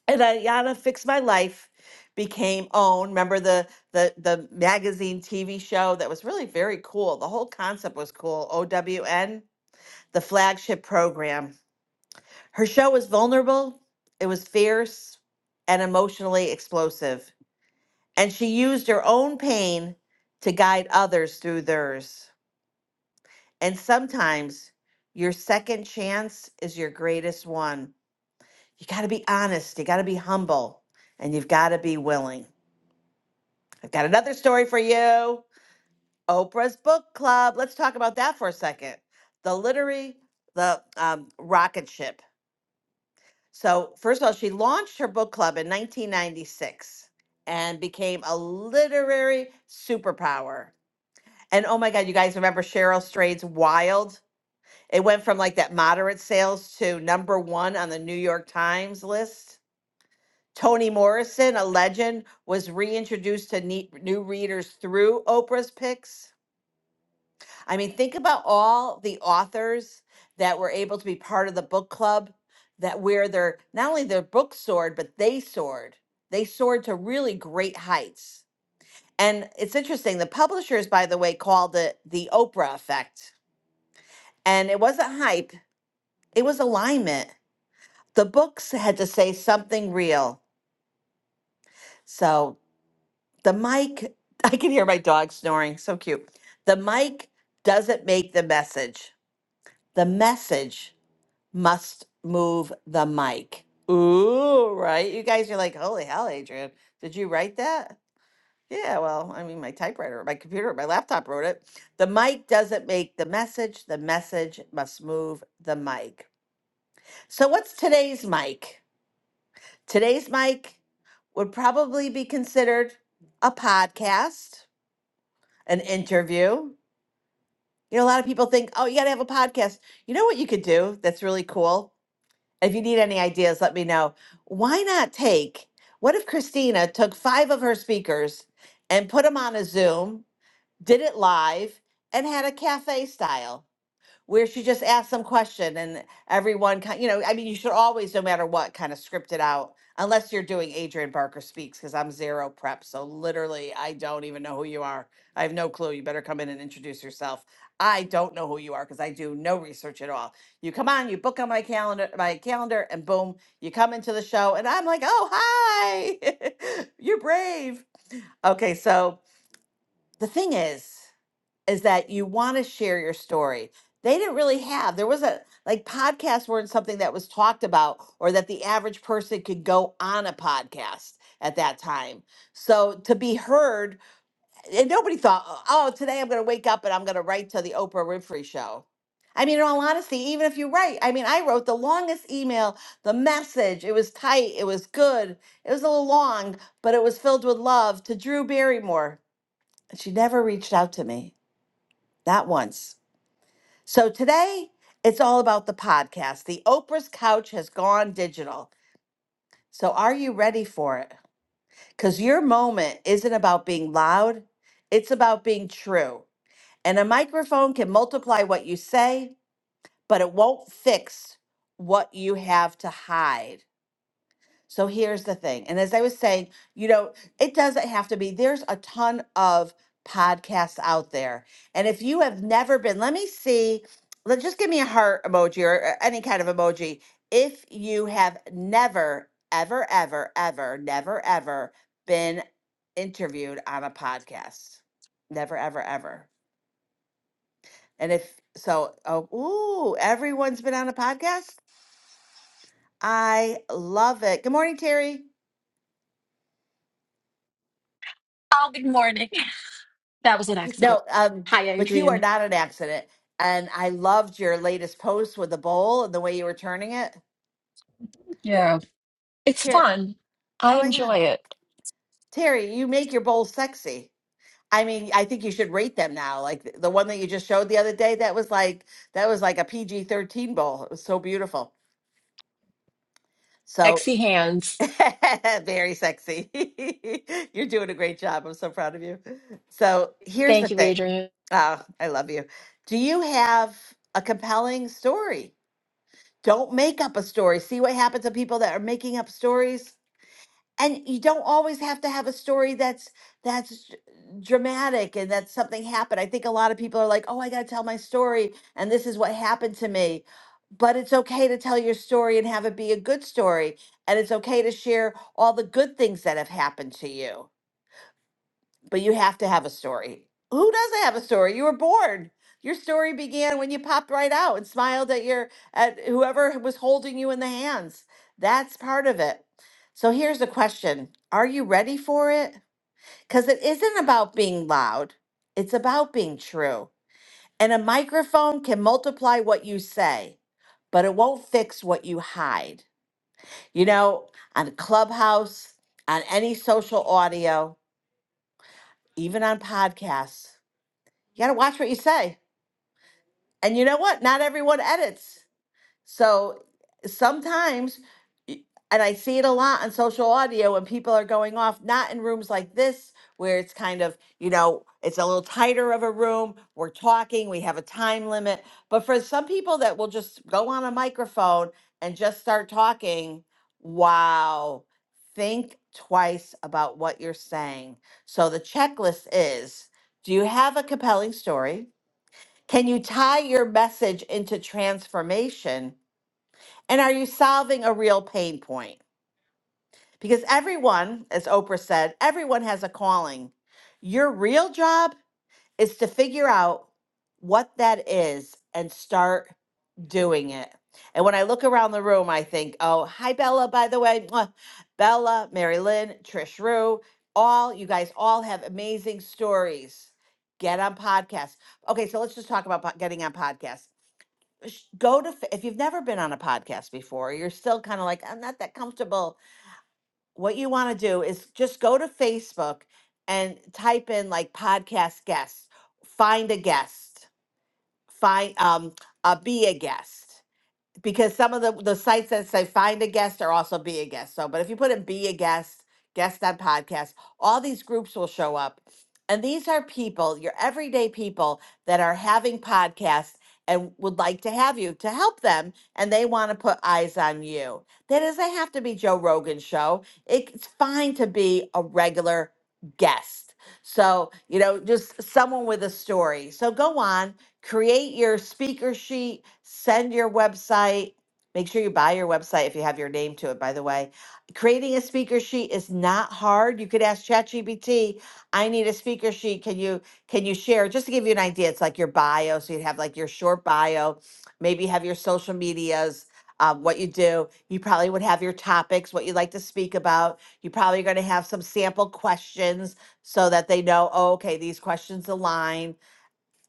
S19: And Ayana fixed my life, became OWN. Remember the, the, the magazine TV show that was really very cool? The whole concept was cool. OWN, the flagship program. Her show was vulnerable, it was fierce, and emotionally explosive. And she used her own pain to guide others through theirs. And sometimes your second chance is your greatest one. You got to be honest, you got to be humble, and you've got to be willing. I've got another story for you. Oprah's book club. Let's talk about that for a second. The literary, the um, rocket ship. So, first of all, she launched her book club in 1996 and became a literary superpower And oh my God, you guys remember Cheryl Strayed's Wild? It went from like that moderate sales to number one on the New York Times list. Toni Morrison, a legend, was reintroduced to ne- new readers through Oprah's picks. I mean, think about all the authors that were able to be part of the book club that where their not only their book soared, but they soared. They soared to really great heights. And it's interesting, the publishers, by the way, called it the Oprah effect And it wasn't hype, it was alignment. The books had to say something real. So the mic, I can hear my dog snoring. So cute. The mic doesn't make the message, the message must move the mic. Ooh, right? You guys are like, holy hell, Adrian, did you write that? Yeah, well, I mean, my typewriter, my computer, my laptop wrote it. The mic doesn't make the message. The message must move the mic. So, what's today's mic? Today's mic would probably be considered a podcast, an interview. You know, a lot of people think, oh, you got to have a podcast. You know what you could do that's really cool? If you need any ideas, let me know. Why not take, what if Christina took five of her speakers and put them on a Zoom, did it live, and had a cafe style? where she just asked some question and everyone kind you know i mean you should always no matter what kind of script it out unless you're doing adrian barker speaks because i'm zero prep so literally i don't even know who you are i have no clue you better come in and introduce yourself i don't know who you are because i do no research at all you come on you book on my calendar my calendar and boom you come into the show and i'm like oh hi you're brave okay so the thing is is that you want to share your story. They didn't really have. There was a like podcasts weren't something that was talked about or that the average person could go on a podcast at that time. So to be heard, and nobody thought, oh, oh, today I'm going to wake up and I'm going to write to the Oprah Winfrey show. I mean, in all honesty, even if you write, I mean, I wrote the longest email, the message. It was tight, it was good, it was a little long, but it was filled with love to Drew Barrymore. And she never reached out to me, not once. So today, it's all about the podcast. The Oprah's Couch has gone digital. So are you ready for it? Because your moment isn't about being loud, it's about being true. And a microphone can multiply what you say, but it won't fix what you have to hide. So here's the thing. And as I was saying, you know, it doesn't have to be, there's a ton of podcasts out there. And if you have never been, let me see, let just give me a heart emoji or uh, any kind of emoji. If you have never, ever, ever, ever, never, ever been interviewed on a podcast, never, ever, ever. And if so, oh, ooh, everyone's been on a podcast. I love it. Good morning, Terry.
S20: Oh, good morning. That was an accident.
S19: No, um,
S20: Hi,
S19: but you are
S20: Adrian.
S19: not an accident. And I loved your latest post with the bowl and the way you were turning it.
S20: Yeah, it's
S19: Here,
S20: fun. I
S19: oh my
S20: enjoy
S19: God,
S20: it.
S19: Terry, you make your bowls sexy. I mean, I think you should rate them now. Like th- the one that you just showed the other day, that was like that was like a PG thirteen bowl. It was so beautiful. So
S20: Sexy hands.
S19: very sexy. You're doing a great job. I'm so proud of you. So here's the
S20: Thank you,
S19: thing.
S20: Adrian.
S19: Oh, I love you. Do you have a compelling story? don't make up a story. See what happens to people that are making up stories. And you don't always have to have a story that's that's dramatic and that something happened. I think a lot of people are like, "Oh, I got to tell my story and this is what happened to me." But it's okay to tell your story and have it be a good story, and it's okay to share all the good things that have happened to you but you have to have a story. Who doesn't have a story? You were born. Your story began when you popped right out and smiled at your at whoever was holding you in the hands. That's part of it. So here's the question. Are you ready for it? Cuz it isn't about being loud. It's about being true. And a microphone can multiply what you say, but it won't fix what you hide. You know, on Clubhouse, on any social audio, even on podcasts. you got to watch what you say. And you know what? Not everyone edits. So sometimes, y- and I see it a lot on social audio when people are going off, not in rooms like this, where it's kind of, you know, it's a little tighter of a room. We're talking, we have a time limit. But for some people that will just go on a microphone and just start talking, wow, think twice about what you're saying. So the checklist is do you have a compelling story? Can you tie your message into transformation? And are you solving a real pain point? Because everyone, as Oprah said, everyone has a calling. Your real job is to figure out what that is and start doing it. And when I look around the room, I think, oh, hi, Bella, by the way. Mwah. Bella, Mary Lynn, Trish Rue, all you guys all have amazing stories. Get on podcasts. Okay, so let's just talk about po- getting on podcasts sh- go to f- if you've never been on a podcast before you're still kind of like i'm not that comfortable what you want to do is just go to facebook and type in like podcast guest find a guest find um uh, be a guest because some of the, the sites that say find a guest are also be a guest. So, but if you put in be a guest, guest on podcast, all these groups will show up. And these are people, your everyday people that are having podcasts and would like to have you to help them. And they want to put eyes on you. That doesn't have to be Joe Rogan's show. It's fine to be a regular guest. So, you know, just someone with a story. So go on create your speaker sheet, send your website. Make sure you buy your website if you have your name to it, by the way. Creating a speaker sheet is not hard. You could ask ChatGPT, I need a speaker sheet. Can you can you share? Just to give you an idea, it's like your bio. So you'd have like your short bio, maybe have your social medias, um, what you do. You probably would have your topics, what you'd like to speak about. You probably are going to have some sample questions so that they know, oh, okay, these questions align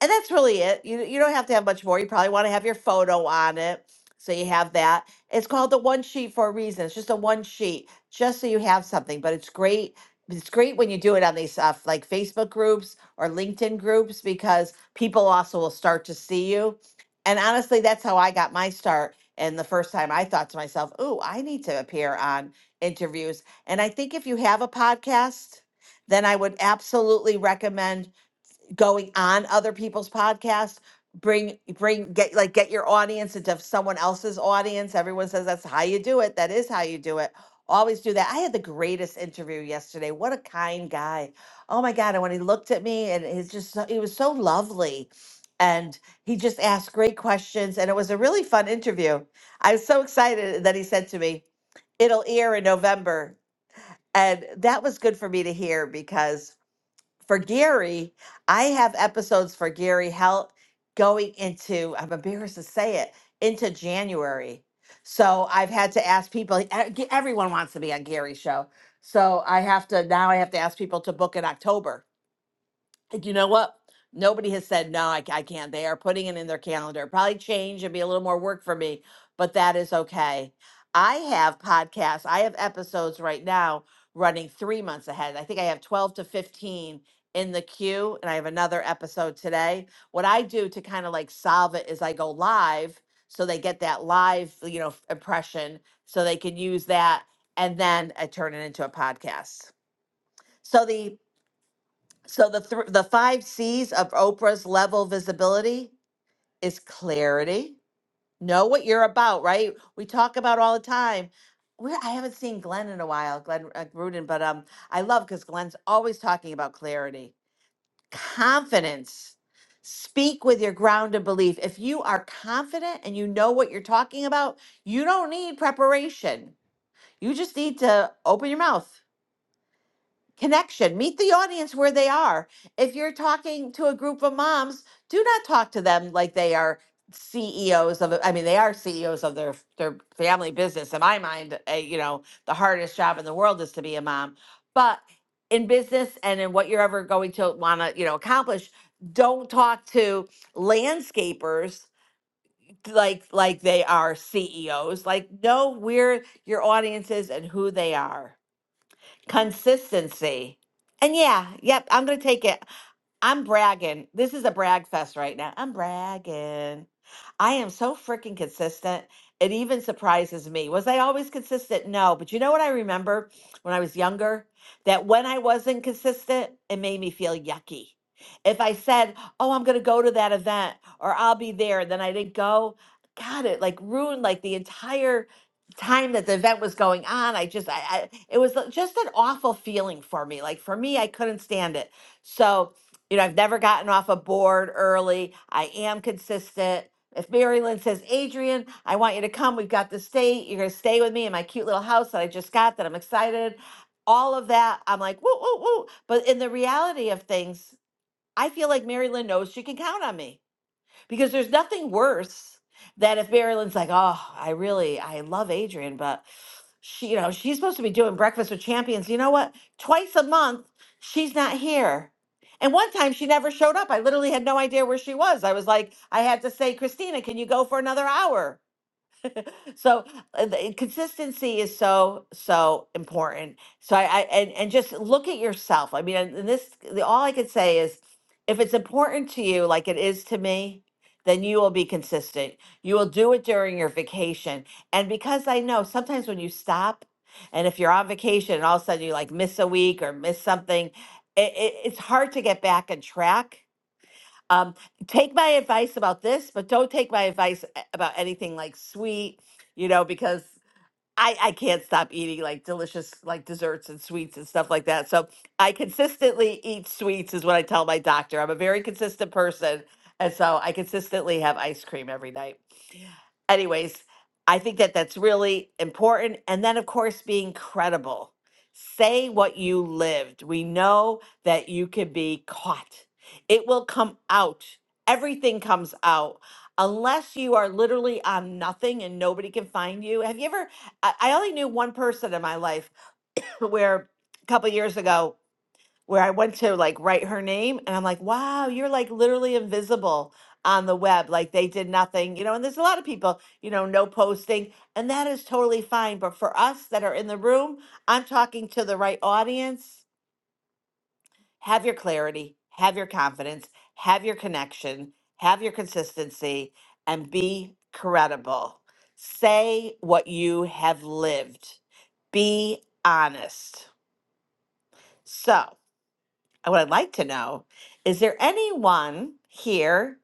S19: and that's really it. You you don't have to have much more. You probably want to have your photo on it, so you have that. It's called the one sheet for a reason. It's just a one sheet, just so you have something. But it's great. It's great when you do it on these uh, like Facebook groups or LinkedIn groups because people also will start to see you. And honestly, that's how I got my start. And the first time I thought to myself, "Ooh, I need to appear on interviews." And I think if you have a podcast, then I would absolutely recommend going on other people's podcasts bring bring get like get your audience into someone else's audience everyone says that's how you do it that is how you do it always do that i had the greatest interview yesterday what a kind guy oh my god and when he looked at me and he's just so, he was so lovely and he just asked great questions and it was a really fun interview i was so excited that he said to me it'll air in november and that was good for me to hear because for Gary, I have episodes for Gary Health going into, I'm embarrassed to say it, into January. So I've had to ask people, e- everyone wants to be on Gary's show. So I have to, now I have to ask people to book in October like, you know what? Nobody has said, no, I, I can't. They are putting it in their calendar. Probably change and be a little more work for me, but that is okay. I have podcasts, I have episodes right now running three months ahead. I think I have 12 to 15 in the queue, and I have another episode today. What I do to kind of like solve it is I go live so they get that live, you know, f- impression so they can use that. And then I turn it into a podcast. So the so the thr the five C's of Oprah's level visibility is clarity. Know what you're about, right? We talk about all the time. Where I haven't seen Glenn in a while, Glenn uh, Gruden, but um, I love because Glenn's always talking about clarity, confidence. Speak with your grounded belief. If you are confident and you know what you're talking about, you don't need preparation. You just need to open your mouth connection. Meet the audience where they are. If you're talking to a group of moms, do not talk to them like they are CEOs of. I mean, they are CEOs of their their family business. In my mind, uh, you know, the hardest job in the world is to be a mom. But in business and in what you're ever going to want to, you know, accomplish, don't talk to landscapers like like they are CEOs. Like know where your audience is and who they are consistency. And yeah, yep, I'm going to take it. I'm bragging. This is a brag fest right now. I'm bragging. I am so freaking consistent. It even surprises me. Was I always consistent? No. But you know what I remember when I was younger? That when I wasn't consistent, it made me feel yucky. If I said, oh, I'm going to go to that event or I'll be there, then I didn't go, God, it like ruined like the entire time that the event was going on. I just, I, I it was like, just an awful feeling for me. Like for me, I couldn't stand it. So, you know, I've never gotten off a board early. I am consistent. If Mary Lynn says, Adrian, I want you to come. We've got this date. You're going to stay with me in my cute little house that I just got that I'm excited. All of that, I'm like, woo, woo, woo. But in the reality of things, I feel like Mary Lynn knows she can count on me because there's nothing worse than if Mary Lynn's like, oh, I really, I love Adrian, but she, you know, she's supposed to be doing breakfast with champions. You know what? Twice a month, she's not here. And one time she never showed up. I literally had no idea where she was. I was like, I had to say, Christina, can you go for another hour? so uh, the consistency is so so important. So I, I and and just look at yourself. I mean, and this the, all I could say is, if it's important to you, like it is to me, then you will be consistent. You will do it during your vacation. And because I know sometimes when you stop, and if you're on vacation and all of a sudden you like miss a week or miss something, it, it, it's hard to get back on track um, take my advice about this, but don't take my advice a- about anything like sweet, you know, because I, I can't stop eating like delicious like desserts and sweets and stuff like that. So I consistently eat sweets is what I tell my doctor. I'm a very consistent person. And so I consistently have ice cream every night. Anyways, I think that that's really important. And then of course being credible. Say what you lived. We know that you can be caught. It will come out. Everything comes out unless you are literally on nothing and nobody can find you. Have you ever I, I only knew one person in my life where a couple years ago where I went to like write her name and I'm like, wow, you're like literally invisible on the web. Like they did nothing, you know, and there's a lot of people, you know, no posting, and that is totally fine. But for us that are in the room, I'm talking to the right audience have your clarity, have your confidence, have your connection, have your consistency, and be credible. Say what you have lived. Be honest. So, what I'd like to know is there anyone here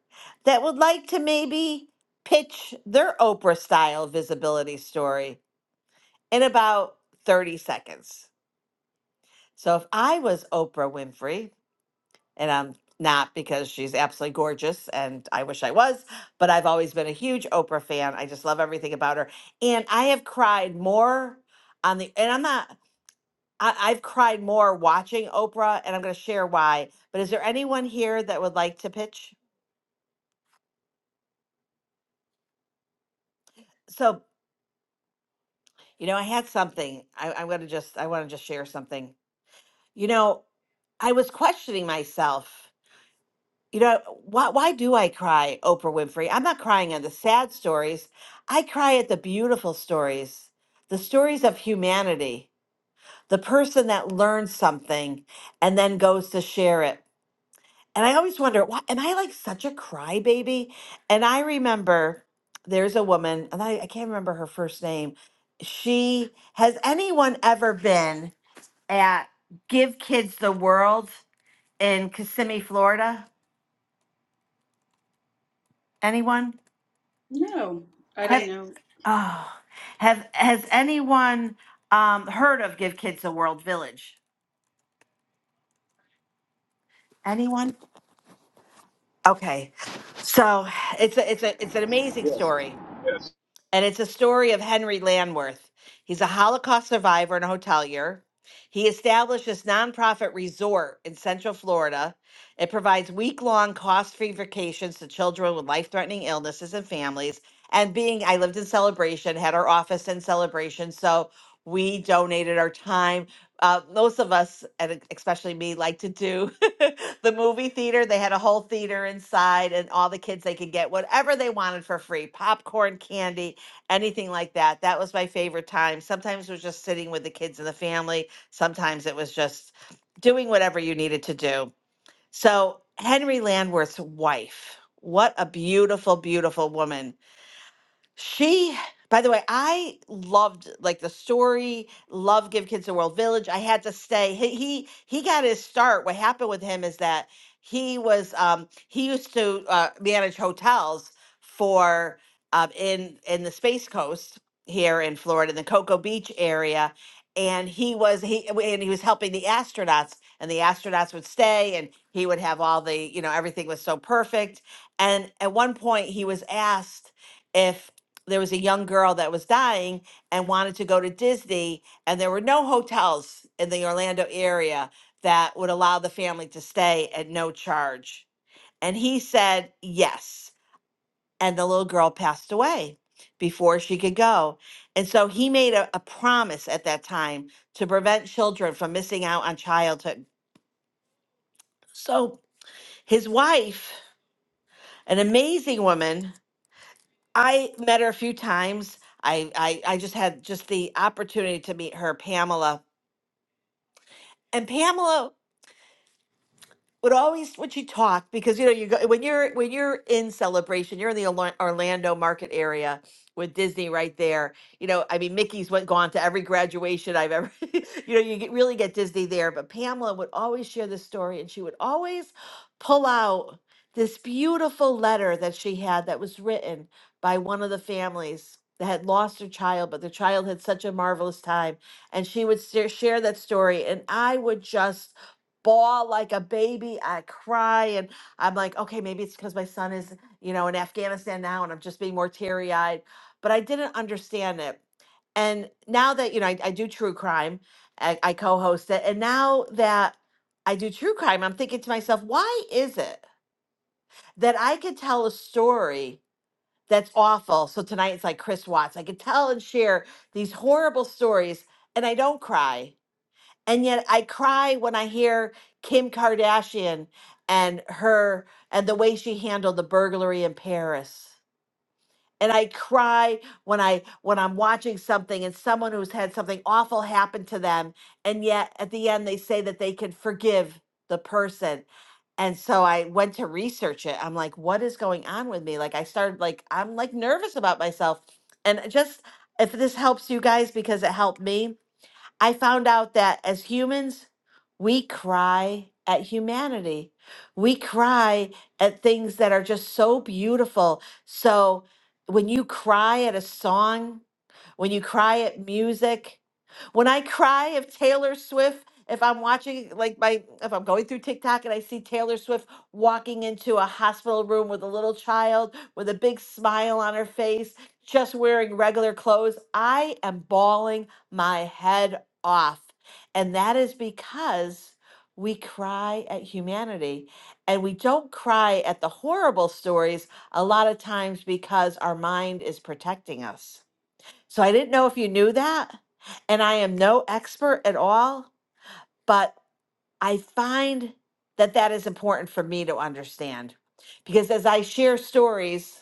S19: that would like to maybe pitch their Oprah style visibility story in about 30 seconds? So, if I was Oprah Winfrey, and I'm not because she's absolutely gorgeous and I wish I was, but I've always been a huge Oprah fan. I just love everything about her. And I have cried more on the, and I'm not, I, I've cried more watching Oprah and I'm going to share why. But is there anyone here that would like to pitch? So, you know, I had something. I, I'm going to just, I want to just share something. You know, I was questioning myself You know, why why do I cry, Oprah Winfrey? I'm not crying on the sad stories. I cry at the beautiful stories, the stories of humanity, the person that learns something and then goes to share it. And I always wonder, why am I like such a crybaby? And I remember there's a woman, and I, I can't remember her first name. She has anyone ever been at Give Kids the World in Kissimmee, Florida? Anyone?
S12: No, I
S19: I-
S12: didn't
S19: Have-
S12: know.
S19: Oh, have has anyone um, heard of Give Kids a World Village? Anyone? Okay, so it's a, it's a it's an amazing story. And it's a story of Henry Landworth. He's a Holocaust survivor and a hotelier. He established this nonprofit resort in Central Florida. It provides week long, cost free vacations to children with life threatening illnesses and families. And being, I lived in Celebration, had our office in Celebration. So we donated our time. Uh, most of us, and especially me, like to do the movie theater. They had a whole theater inside, and all the kids they could get whatever they wanted for free popcorn, candy, anything like that. That was my favorite time. Sometimes it was just sitting with the kids and the family. Sometimes it was just doing whatever you needed to do. So, Henry Landworth's wife, what a beautiful, beautiful woman. She, by the way, I loved like the story, love Give Kids the World Village. I had to stay. He he, he got his start. What happened with him is that he was um he used to uh, manage hotels for um in in the Space Coast here in Florida, in the Cocoa Beach area. And he was he and he was helping the astronauts, and the astronauts would stay, and he would have all the you know everything was so perfect. And at one point, he was asked, if there was a young girl that was dying and wanted to go to Disney, and there were no hotels in the Orlando area that would allow the family to stay at no charge. And he said yes. And the little girl passed away before she could go. And so he made a, a promise at that time to prevent children from missing out on childhood. So his wife, an amazing woman, I met her a few times. I, I I just had just the opportunity to meet her, Pamela. And Pamela would always when she talked because you know you go when you're when you're in celebration you're in the Orla- orlando market area with disney right there you know i mean mickey's went gone to every graduation i've ever you know you get, really get disney there but pamela would always share this story and she would always pull out this beautiful letter that she had that was written by one of the families that had lost their child but the child had such a marvelous time and she would sa- share that story and i would just bawl like a baby. I cry and I'm like, okay, maybe it's because my son is, you know, in Afghanistan now and I'm just being more teary eyed. But I didn't understand it. And now that, you know, I, I do true crime, I, I co host it. And now that I do true crime, I'm thinking to myself, why is it that I could tell a story that's awful? So tonight it's like Chris Watts. I could tell and share these horrible stories and I don't cry. And yet I cry when I hear Kim Kardashian and her and the way she handled the burglary in Paris. And I cry when I when I'm watching something and someone who's had something awful happen to them and yet at the end they say that they can forgive the person. And so I went to research it. I'm like what is going on with me? Like I started like I'm like nervous about myself. And just if this helps you guys because it helped me, I found out that as humans, we cry at humanity. We cry at things that are just so beautiful. So when you cry at a song, when you cry at music, when I cry if Taylor Swift, if I'm watching like my if I'm going through TikTok and I see Taylor Swift walking into a hospital room with a little child with a big smile on her face, just wearing regular clothes, I am bawling my head off. And that is because we cry at humanity and we don't cry at the horrible stories a lot of times because our mind is protecting us. So I didn't know if you knew that. And I am no expert at all, but I find that that is important for me to understand because as I share stories,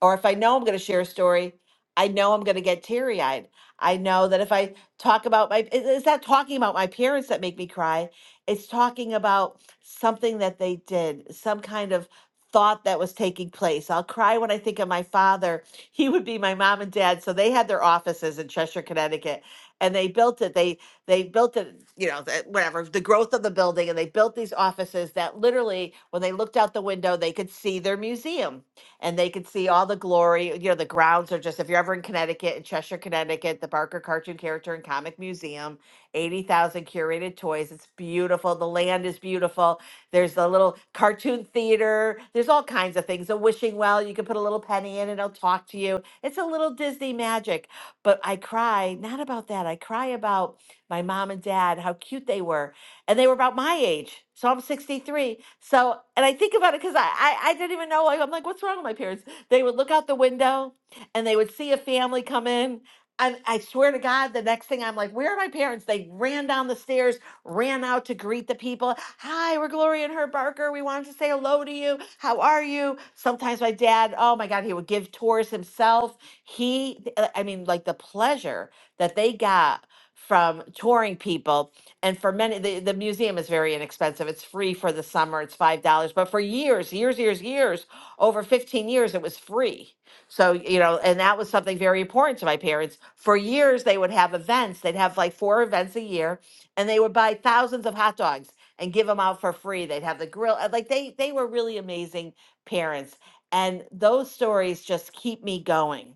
S19: or if I know I'm going to share a story, I know I'm going to get teary eyed. I know that if I talk about my, it- it's not talking about my parents that make me cry. It's talking about something that they did, some kind of thought that was taking place. I'll cry when I think of my father. He would be my mom and dad. So they had their offices in Cheshire, Connecticut, and they built it. They they built it, you know, the, whatever, the growth of the building, and they built these offices that literally, when they looked out the window, they could see their museum and they could see all the glory. You know, the grounds are just, if you're ever in Connecticut, in Cheshire, Connecticut, the Barker Cartoon Character and Comic Museum, 80,000 curated toys. It's beautiful. The land is beautiful. There's a little cartoon theater. There's all kinds of things. A wishing well, you can put a little penny in and it'll talk to you. It's a little Disney magic. But I cry, not about that. I cry about my mom and dad, how cute they were and they were about my age. So I'm 63. So, and I think about it because I, I, I didn't even know. Like, I'm like, what's wrong with my parents? They would look out the window and they would see a family come in. And I swear to God, the next thing I'm like, where are my parents? They ran down the stairs, ran out to greet the people. Hi, we're Gloria and Herb Barker. We wanted to say hello to you. How are you? Sometimes my dad, oh my God, he would give tours himself. He, I mean, like the pleasure that they got from touring people and for many the, the museum is very inexpensive it's free for the summer it's five dollars but for years years years years over 15 years it was free so you know and that was something very important to my parents for years they would have events they'd have like four events a year and they would buy thousands of hot dogs and give them out for free they'd have the grill uh, like they they were really amazing parents and those stories just keep me going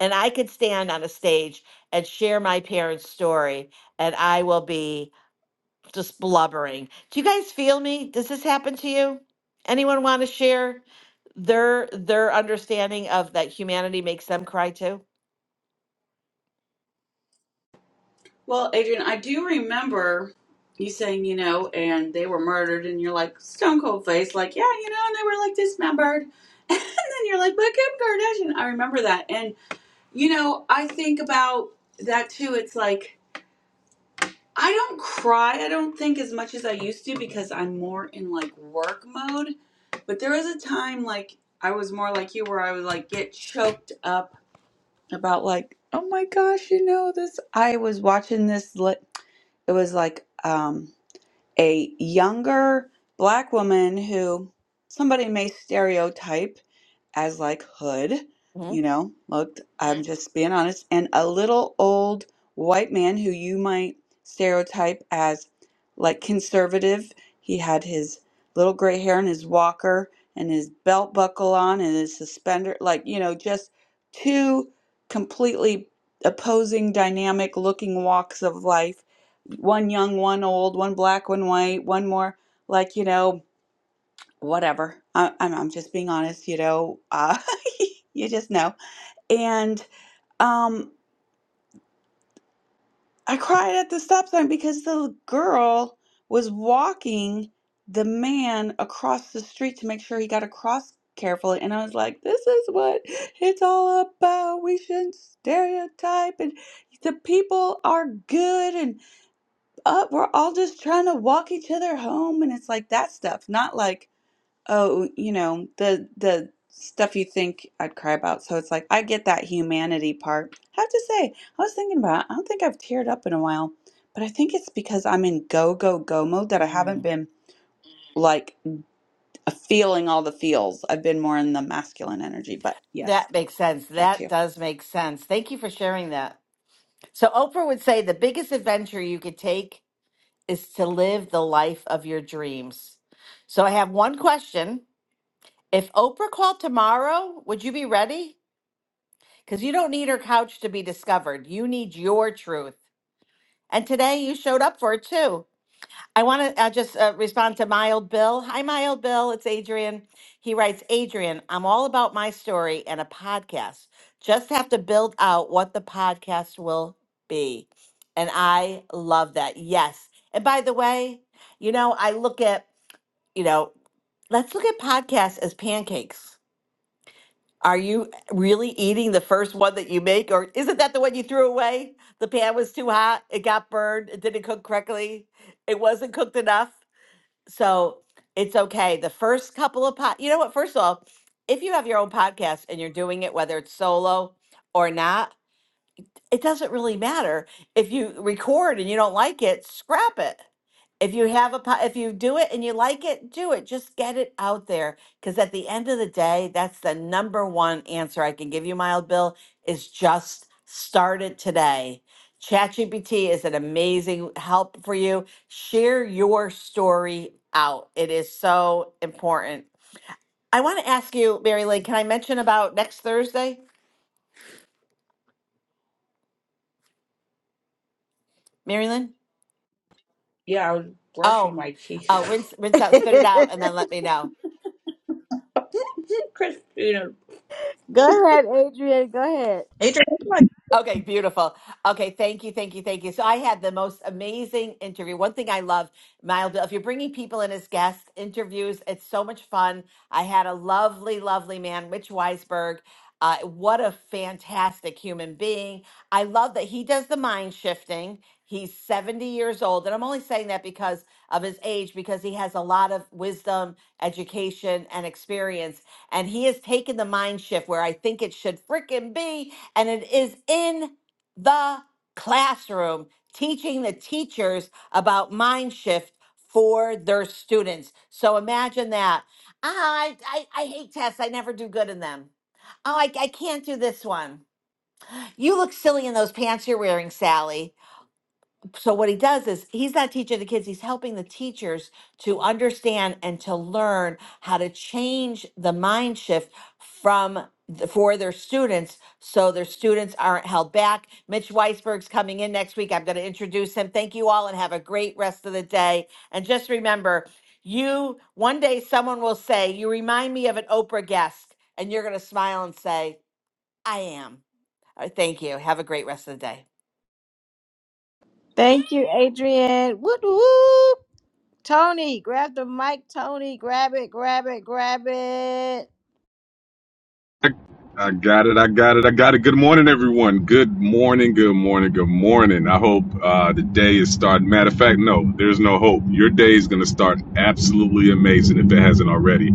S19: and i could stand on a stage and share my parents story and i will be just blubbering. Do you guys feel me? Does this happen to you? Anyone want to share their their understanding of that humanity makes them cry too?
S12: Well, Adrian, I do remember you saying, you know, and they were murdered, and you're like stone cold face, like, yeah, you know, and they were like dismembered. And then you're like, but Kim Kardashian. I remember that. And, you know, I think about that too. It's like, I don't cry, I don't think as much as I used to because I'm more in like work mode. But there was a time like I was more like you where I would like get choked up about like, oh my gosh, you know this. I was watching this. Li- it was like um, a younger black woman who somebody may stereotype as like hood, you
S19: Mhm.
S12: know, looked, I'm just being honest, and a little old white man who you might stereotype as like conservative. He had his little gray hair and his walker and his belt buckle on and his suspender, like, you know, just two completely opposing dynamic looking walks of life. One young, one old, one black, one white, one more like, you know, whatever. I, I'm, I'm just being honest, you know. Uh, you just know. And um, I cried at the stop sign because the girl was walking the man across the street to make sure he got across carefully. And I was like, this is what it's all about. We shouldn't stereotype. And the people are good. And uh, we're all just trying to walk each other home. And it's like that stuff, not like oh, you know, the the stuff you think I'd cry about. So it's like I get that humanity part. I have to say, I was thinking about it. I don't think I've teared up in a while, but I think it's because I'm in go go go mode that I haven't
S19: Mm.
S12: been like feeling all the feels. I've been more in the masculine energy, but yes,
S19: That makes sense.
S12: back to
S19: That
S12: you.
S19: does make sense. Thank you for sharing that. So, Oprah would say the biggest adventure you could take is to live the life of your dreams. So, I have one question. If Oprah called tomorrow, would you be ready? Because you don't need her couch to be discovered. You need your truth. And today you showed up for it too. I want to uh, just uh, respond to My Old Bill. Hi, My Old Bill. It's Adrian. He writes Adrian, I'm all about my story and a podcast. Just have to build out what the podcast will be. And I love that. Yes. And by the way, you know, I look at, you know, let's look at podcasts as pancakes are you really eating the first one that you make, or isn't that the one you threw away? The pan was too hot, it got burned, it didn't cook correctly, it wasn't cooked enough. So it's okay. The first couple of pot, you know what? First of all, if you have your own podcast and you're doing it, whether it's solo or not, it doesn't really matter if you record and you don't like it scrap it if you have a po- if you do it and you like it do it just get it out there because at the end of the day that's the number one answer i can give you mild bill is just start it today chatgpt is an amazing help for you share your story out it is so important i want to ask you mary lynn can i mention about next thursday mary lynn
S12: Yeah, I was brushing
S19: Oh,
S12: my
S19: oh,
S12: teeth.
S19: rinse, rinse out, spit it out, and then let me know.
S12: Christina
S1: Go ahead, Adrian. Go ahead.
S16: Ain't
S19: Okay, beautiful. Okay, thank you, thank you, thank you. So I had the most amazing interview. One thing I love, Mild, if you're bringing people in as guest interviews, it's so much fun. I had a lovely, lovely man, Rich Weisberg. Uh, what a fantastic human being. I love that he does the mind shifting. He's 70 years old. And I'm only saying that because of his age, because he has a lot of wisdom, education, and experience. And he has taken the mind shift where I think it should freaking be and it is in the classroom teaching the teachers about mind shift for their students. So imagine that. Ah, I, I, I hate tests. I never do good in them. Oh, I, I can't do this one. You look silly in those pants you're wearing, Sally so what he does is he's not teaching the kids he's helping the teachers to understand and to learn how to change the mind shift from the, for their students so their students aren't held back mitch weisberg's coming in next week i'm going to introduce him thank you all and have a great rest of the day and just remember you one day someone will say you remind me of an oprah guest and you're going to smile and say i am All right, thank you have a great rest of the day
S1: Thank you, Adrian. Whoop whoop. Tony, grab the mic. Tony, grab it, grab it, grab it.
S21: I got it. I got it. I got it. Good morning, everyone. Good morning. Good morning. Good morning. I hope uh, the day is starting. Matter of fact, no, there's no hope. Your day is going to start absolutely amazing if it hasn't already.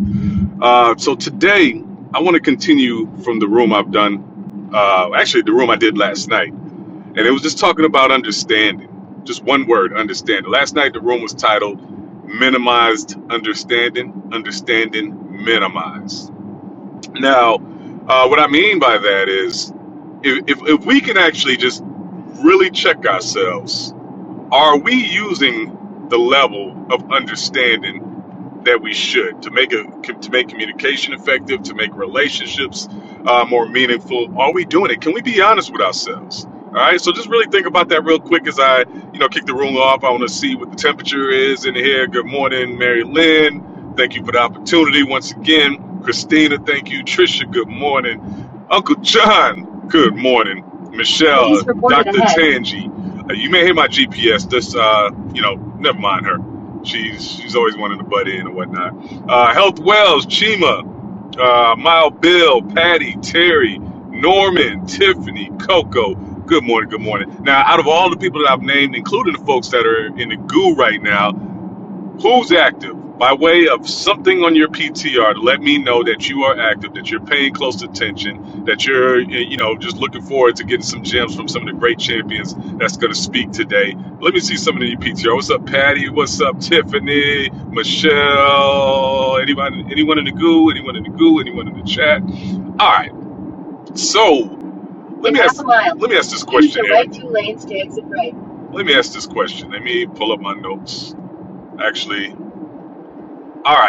S21: Uh, so today, I want to continue from the room I've done. Uh, actually, the room I did last night, and it was just talking about understanding. Just one word, understanding. Last night, the room was titled "Minimized Understanding." Understanding minimized now, uh, what I mean by that is, if, if, if we can actually just really check ourselves, are we using the level of understanding? that we should to make a to make communication effective, to make relationships uh, more meaningful. Are we doing it? Can we be honest with ourselves? All right. So just really think about that real quick as I you know kick the room off. I want to see what the temperature is in here. Good morning, Mary Lynn. Thank you for the opportunity once again, Christina. Thank you, Trisha. Good morning, Uncle John. Good morning, Michelle, Please report Doctor ahead. Tangi. Uh, You may hear my GPS. This, uh, you know, never mind her. She's she's always wanting to butt in and whatnot. Uh, Health Wells, Chima, uh, Mile Bill, Patty, Terry, Norman, Tiffany, Coco. Good morning, good morning. Now, out of all the people that I've named, including the folks that are in the goo right now, Who's active? By way of something on your PTR to let me know that you are active, that you're paying close attention, that you're, you know, just looking forward to getting some gems from some of the great champions that's going to speak today. Let me see some of the PTR. What's up, Patty? What's up, Tiffany? Michelle? Anybody? Anyone in the goo? Anyone in the goo? Anyone in the chat? All right. So let me ask. Let me ask this question. Right to lanes, Eric. Let me ask this question. Let me pull up my notes. Actually, all right.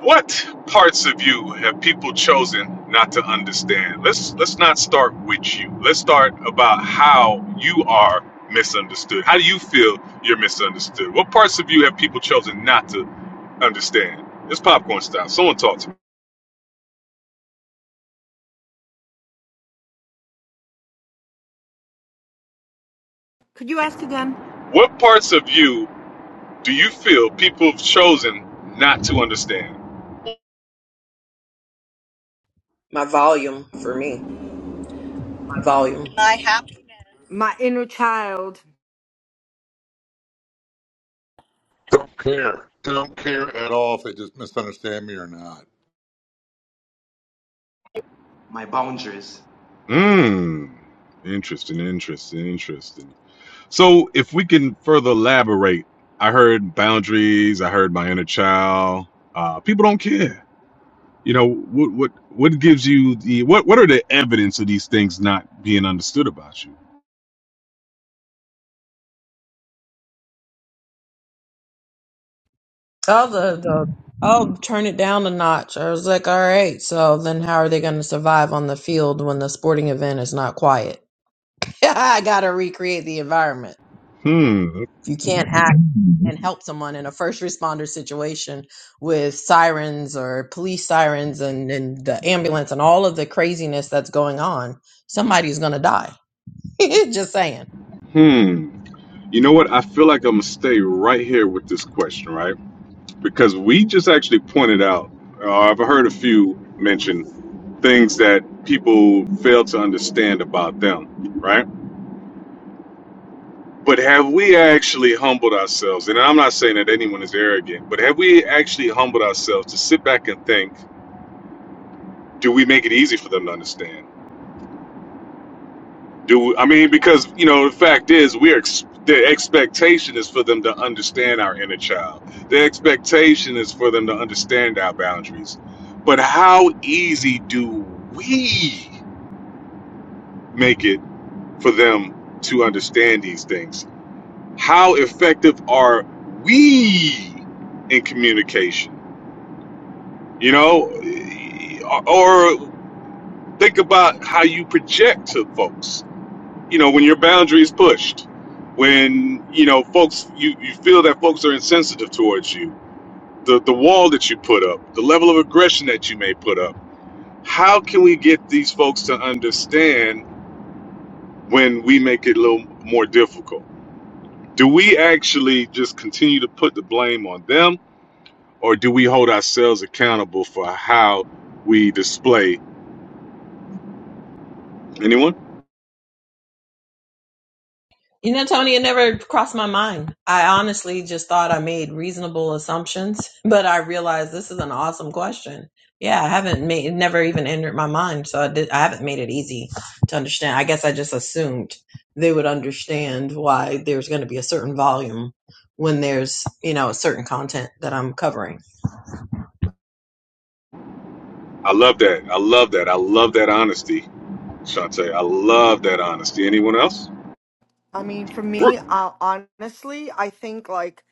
S21: What parts of you have people chosen not to understand? Let's let's not start with you. Let's start about how you are misunderstood. How do you feel you're misunderstood? What parts of you have people chosen not to understand? It's popcorn style. Someone talk to me.
S17: Could you ask again?
S21: What parts of you do you feel people have chosen not to understand?
S16: My volume for me. My volume.
S22: I have. to
S17: My inner child
S23: Don't care. Don't care at all if they just misunderstand me or not.
S24: my boundaries
S21: Hmm. Interesting, interesting, interesting. So, if we can further elaborate, I heard boundaries. I heard my inner child. Uh, people don't care. You know what? What? What gives you the? What? What are the evidence of these things not being understood about you?
S16: Oh, the, the oh, turn it down a notch. I was like, all right. So then, how are they going to survive on the field when the sporting event is not quiet? I got to recreate the environment.
S21: Hmm.
S16: If you can't act and help someone in a first responder situation with sirens or police sirens and, and the ambulance and all of the craziness that's going on, somebody's going to die. Just saying.
S21: Hmm. You know what? I feel like I'm gonna stay right here with this question, right? Because we just actually pointed out. Uh, I've heard a few mention things that people fail to understand about them, right? But have we actually humbled ourselves? And I'm not saying that anyone is arrogant, but have we actually humbled ourselves to sit back and think, do we make it easy for them to understand? Do we, I mean because you know the fact is we're ex- the expectation is for them to understand our inner child. The expectation is for them to understand our boundaries. But how easy do we make it for them to understand these things? How effective are we in communication? you know, or think about how you project to folks. You know, when your boundaries pushed, when you know folks, you, you feel that folks are insensitive towards you. The the wall that you put up, the level of aggression that you may put up. How can we get these folks to understand when we make it a little more difficult? Do we actually just continue to put the blame on them, or do we hold ourselves accountable for how we display? Anyone?
S16: You know, Tony, it never crossed my mind. I honestly just thought I made reasonable assumptions, but I realized this is an awesome question. Yeah, I haven't made it never even entered my mind, so I did I haven't made it easy to understand. I guess I just assumed they would understand why there's going to be a certain volume when there's, you know, a certain content that I'm covering.
S21: I love that. I love that. I love that honesty, Shantae. I love that honesty. Anyone else?
S17: I mean, for me,
S21: Ru-
S17: uh, honestly, I think like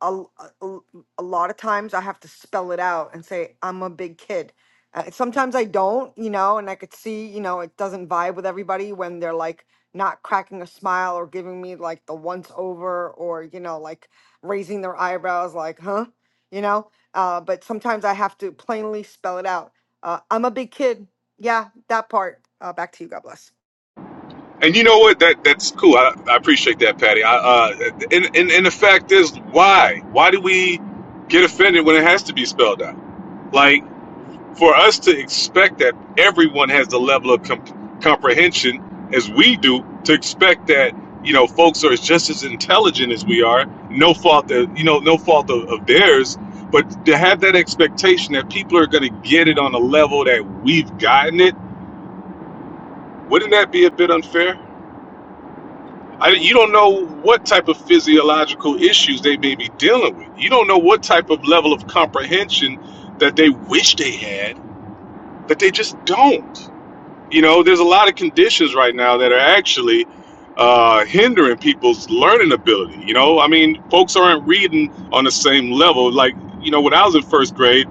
S17: a, a, a lot of times I have to spell it out and say, I'm a big kid. Uh, sometimes I don't, you know, and I could see, you know, it doesn't vibe with everybody when they're like not cracking a smile or giving me like the once over or, you know, like raising their eyebrows, like, huh, you know. Uh, but sometimes I have to plainly spell it out. Uh, I'm a big kid. Yeah, that part. Uh, back to you. God bless.
S21: And you know what? That that's cool. I, I appreciate that, Patty. I, uh, and, and and the fact is, why? Why do we get offended when it has to be spelled out? Like. for us to expect that everyone has the level of comp- comprehension as we do to expect that you know folks are just as intelligent as we are no fault that you know no fault of, of theirs but to have that expectation that people are going to get it on a level that we've gotten it wouldn't that be a bit unfair I, you don't know what type of physiological issues they may be dealing with you don't know what type of level of comprehension that they wish they had that they just don't you know there's a lot of conditions right now that are actually uh, hindering people's learning ability you know i mean folks aren't reading on the same level like you know when i was in first grade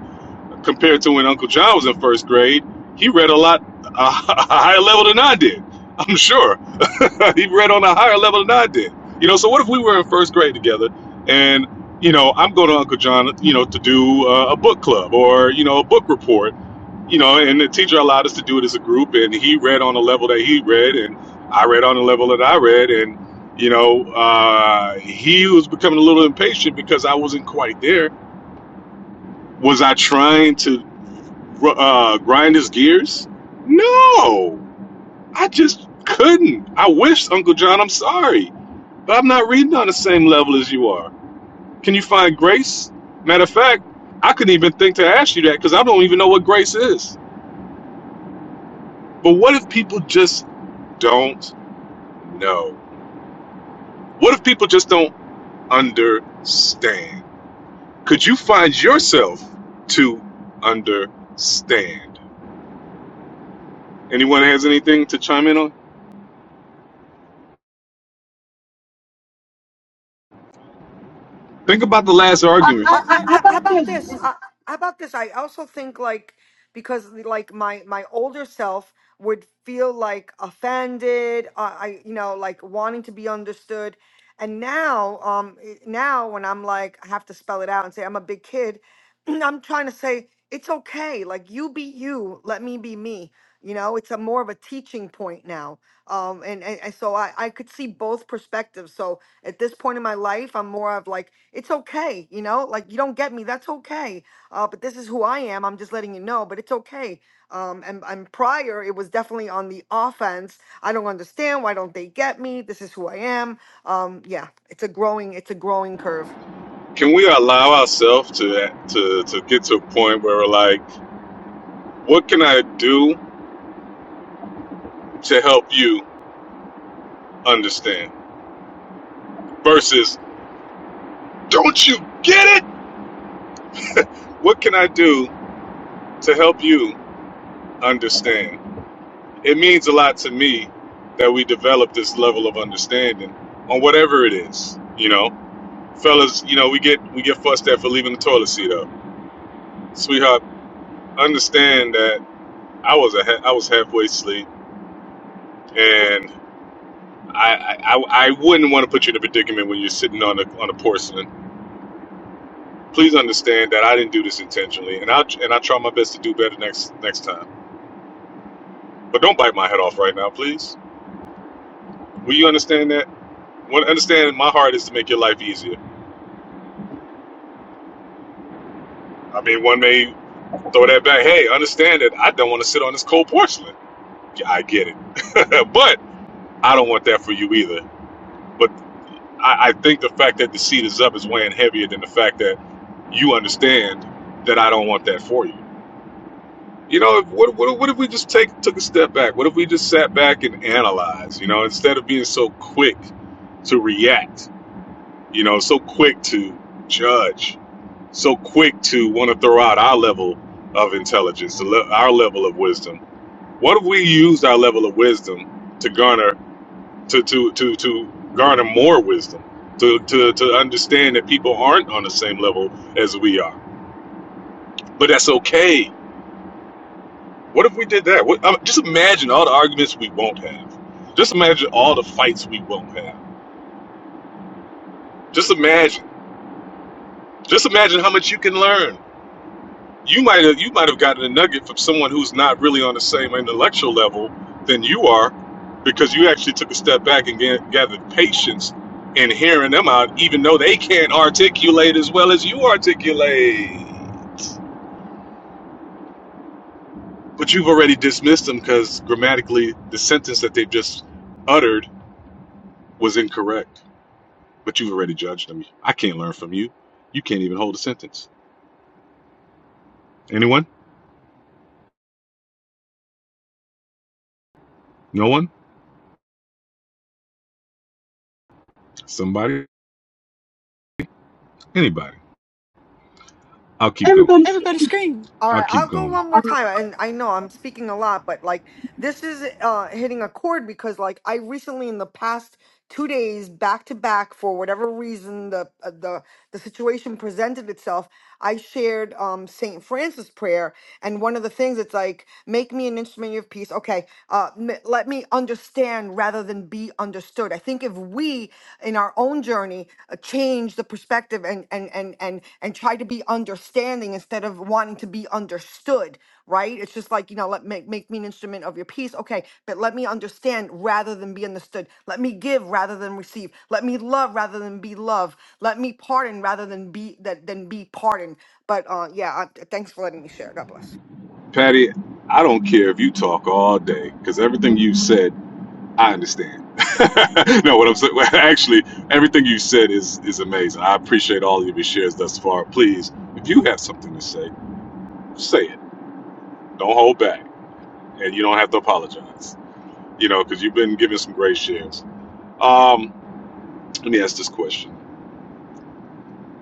S21: compared to when uncle john was in first grade he read a lot uh, a higher level than i did i'm sure he read on a higher level than i did you know so what if we were in first grade together and you know i'm going to uncle john you know to do uh, a book club or you know a book report you know, and the teacher allowed us to do it as a group, and he read on the level that he read, and I read on the level that I read, and you know, uh, he was becoming a little impatient because I wasn't quite there. Was I trying to uh, grind his gears? No, I just couldn't. I wish, Uncle John, I'm sorry, but I'm not reading on the same level as you are. Can you find grace? Matter of fact, I couldn't even think to ask you that because I don't even know what grace is But what if people just don't know? What if people just don't understand? Could you find yourself to understand? Anyone has anything to chime in on? Think about the last argument. I,
S17: I,
S21: argument. I,
S17: I,
S21: I, how
S17: I how about
S21: this?
S17: this? I, how about this? I also think like because like my my older self would feel like offended. Uh, I you know like wanting to be understood, and now um i- now when I'm like I have to spell it out and say I'm a big kid, I'm trying to say it's okay. Like you be you, let me be me. You know, it's a more of a teaching point now. Um, and, and, and so I, I could see both perspectives. So at this point in my life, I'm more of like, it's okay, you know, like you don't get me, that's okay. Uh, but this is who I am. I'm just letting you know, but it's okay. Um, and, and prior, it was definitely on the offense. I don't understand. Why don't they get me? This is who I am. Um, yeah, it's a growing, it's a growing curve.
S21: Can we allow ourselves to, to to get to a point where we're like, what can I do to help you understand? Versus, don't you get it? What can I do to help you understand? it means a lot to me that we develop this level of understanding on whatever it is. You know, fellas, you know we get we get fussed at for leaving the toilet seat up. Sweetheart, understand that I was a ha- I was halfway asleep, and I I, I wouldn't want to put you in a predicament when you're sitting on a on a porcelain. Please understand that I didn't do this intentionally, and I and I try my best to do better next next time. But don't bite my head off right now, please. Will you understand that? One, understand my heart is to make your life easier. I mean, one may throw that back. Hey, understand that I don't want to sit on this cold porcelain. I get it, but I don't want that for you either. But I, I think the fact that the seat is up is weighing heavier than the fact that you understand that I don't want that for you. You know, what, what, what if we just take took a step back? What if we just sat back and analyzed? You know, instead of being so quick to react, you know, so quick to judge, so quick to want to throw out our level of intelligence, our level of wisdom What if we used our level of wisdom to garner to to to to garner more wisdom, to to to understand that people aren't on the same level as we are, but that's okay. What if we did that? What, I just imagine all the arguments we won't have. Just imagine all the fights we won't have. Just imagine. Just imagine how much you can learn. you might have you might have gotten a nugget from someone who's not really on the same intellectual level than you are because you actually took a step back and ga- gathered patience in hearing them out even though they can't articulate as well as you articulate but you've already dismissed them because grammatically the sentence that they've just uttered was incorrect but you've already judged them i can't learn from you you can't even hold a sentence anyone no one somebody anybody i'll keep going Everybody's
S13: Everybody scream.
S17: All
S21: i'll
S17: right,
S21: keep
S17: I'll go
S21: going
S17: one more time. And I know I'm speaking a lot, but like this is uh hitting a chord because like I recently in the past two days back to back for whatever reason the uh, the the situation presented itself i shared um saint francis prayer and one of the things it's like make me an instrument of peace okay uh m- let me understand rather than be understood i think if we in our own journey uh, change the perspective and and and and and try to be understanding instead of wanting to be understood right? It's just like, you know, let make, make me an instrument of your peace. Okay, but let me understand rather than be understood. Let me give rather than receive. Let me love rather than be loved. Let me pardon rather than be that than be pardoned. But uh yeah, uh, thanks for letting me share. God bless.
S21: Patty, I don't care if you talk all day because everything you said, I understand. no, what I'm saying, well, actually, everything you said is is amazing. I appreciate all of your shares thus far. Please, if you have something to say, say it. Don't hold back, and you don't have to apologize. You know, because you've been giving some great shares. Um, let me ask this question: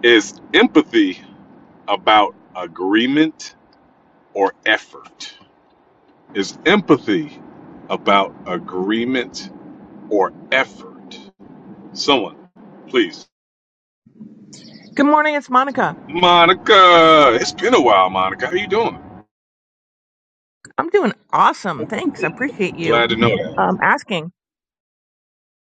S21: Is empathy about agreement or effort? Is empathy about agreement or effort? Someone, please.
S25: Good morning, it's Monica.
S21: Monica, it's been a while. Monica, how you doing?
S25: I'm doing awesome. Thanks. I appreciate you
S21: Glad to know that.
S25: um, asking.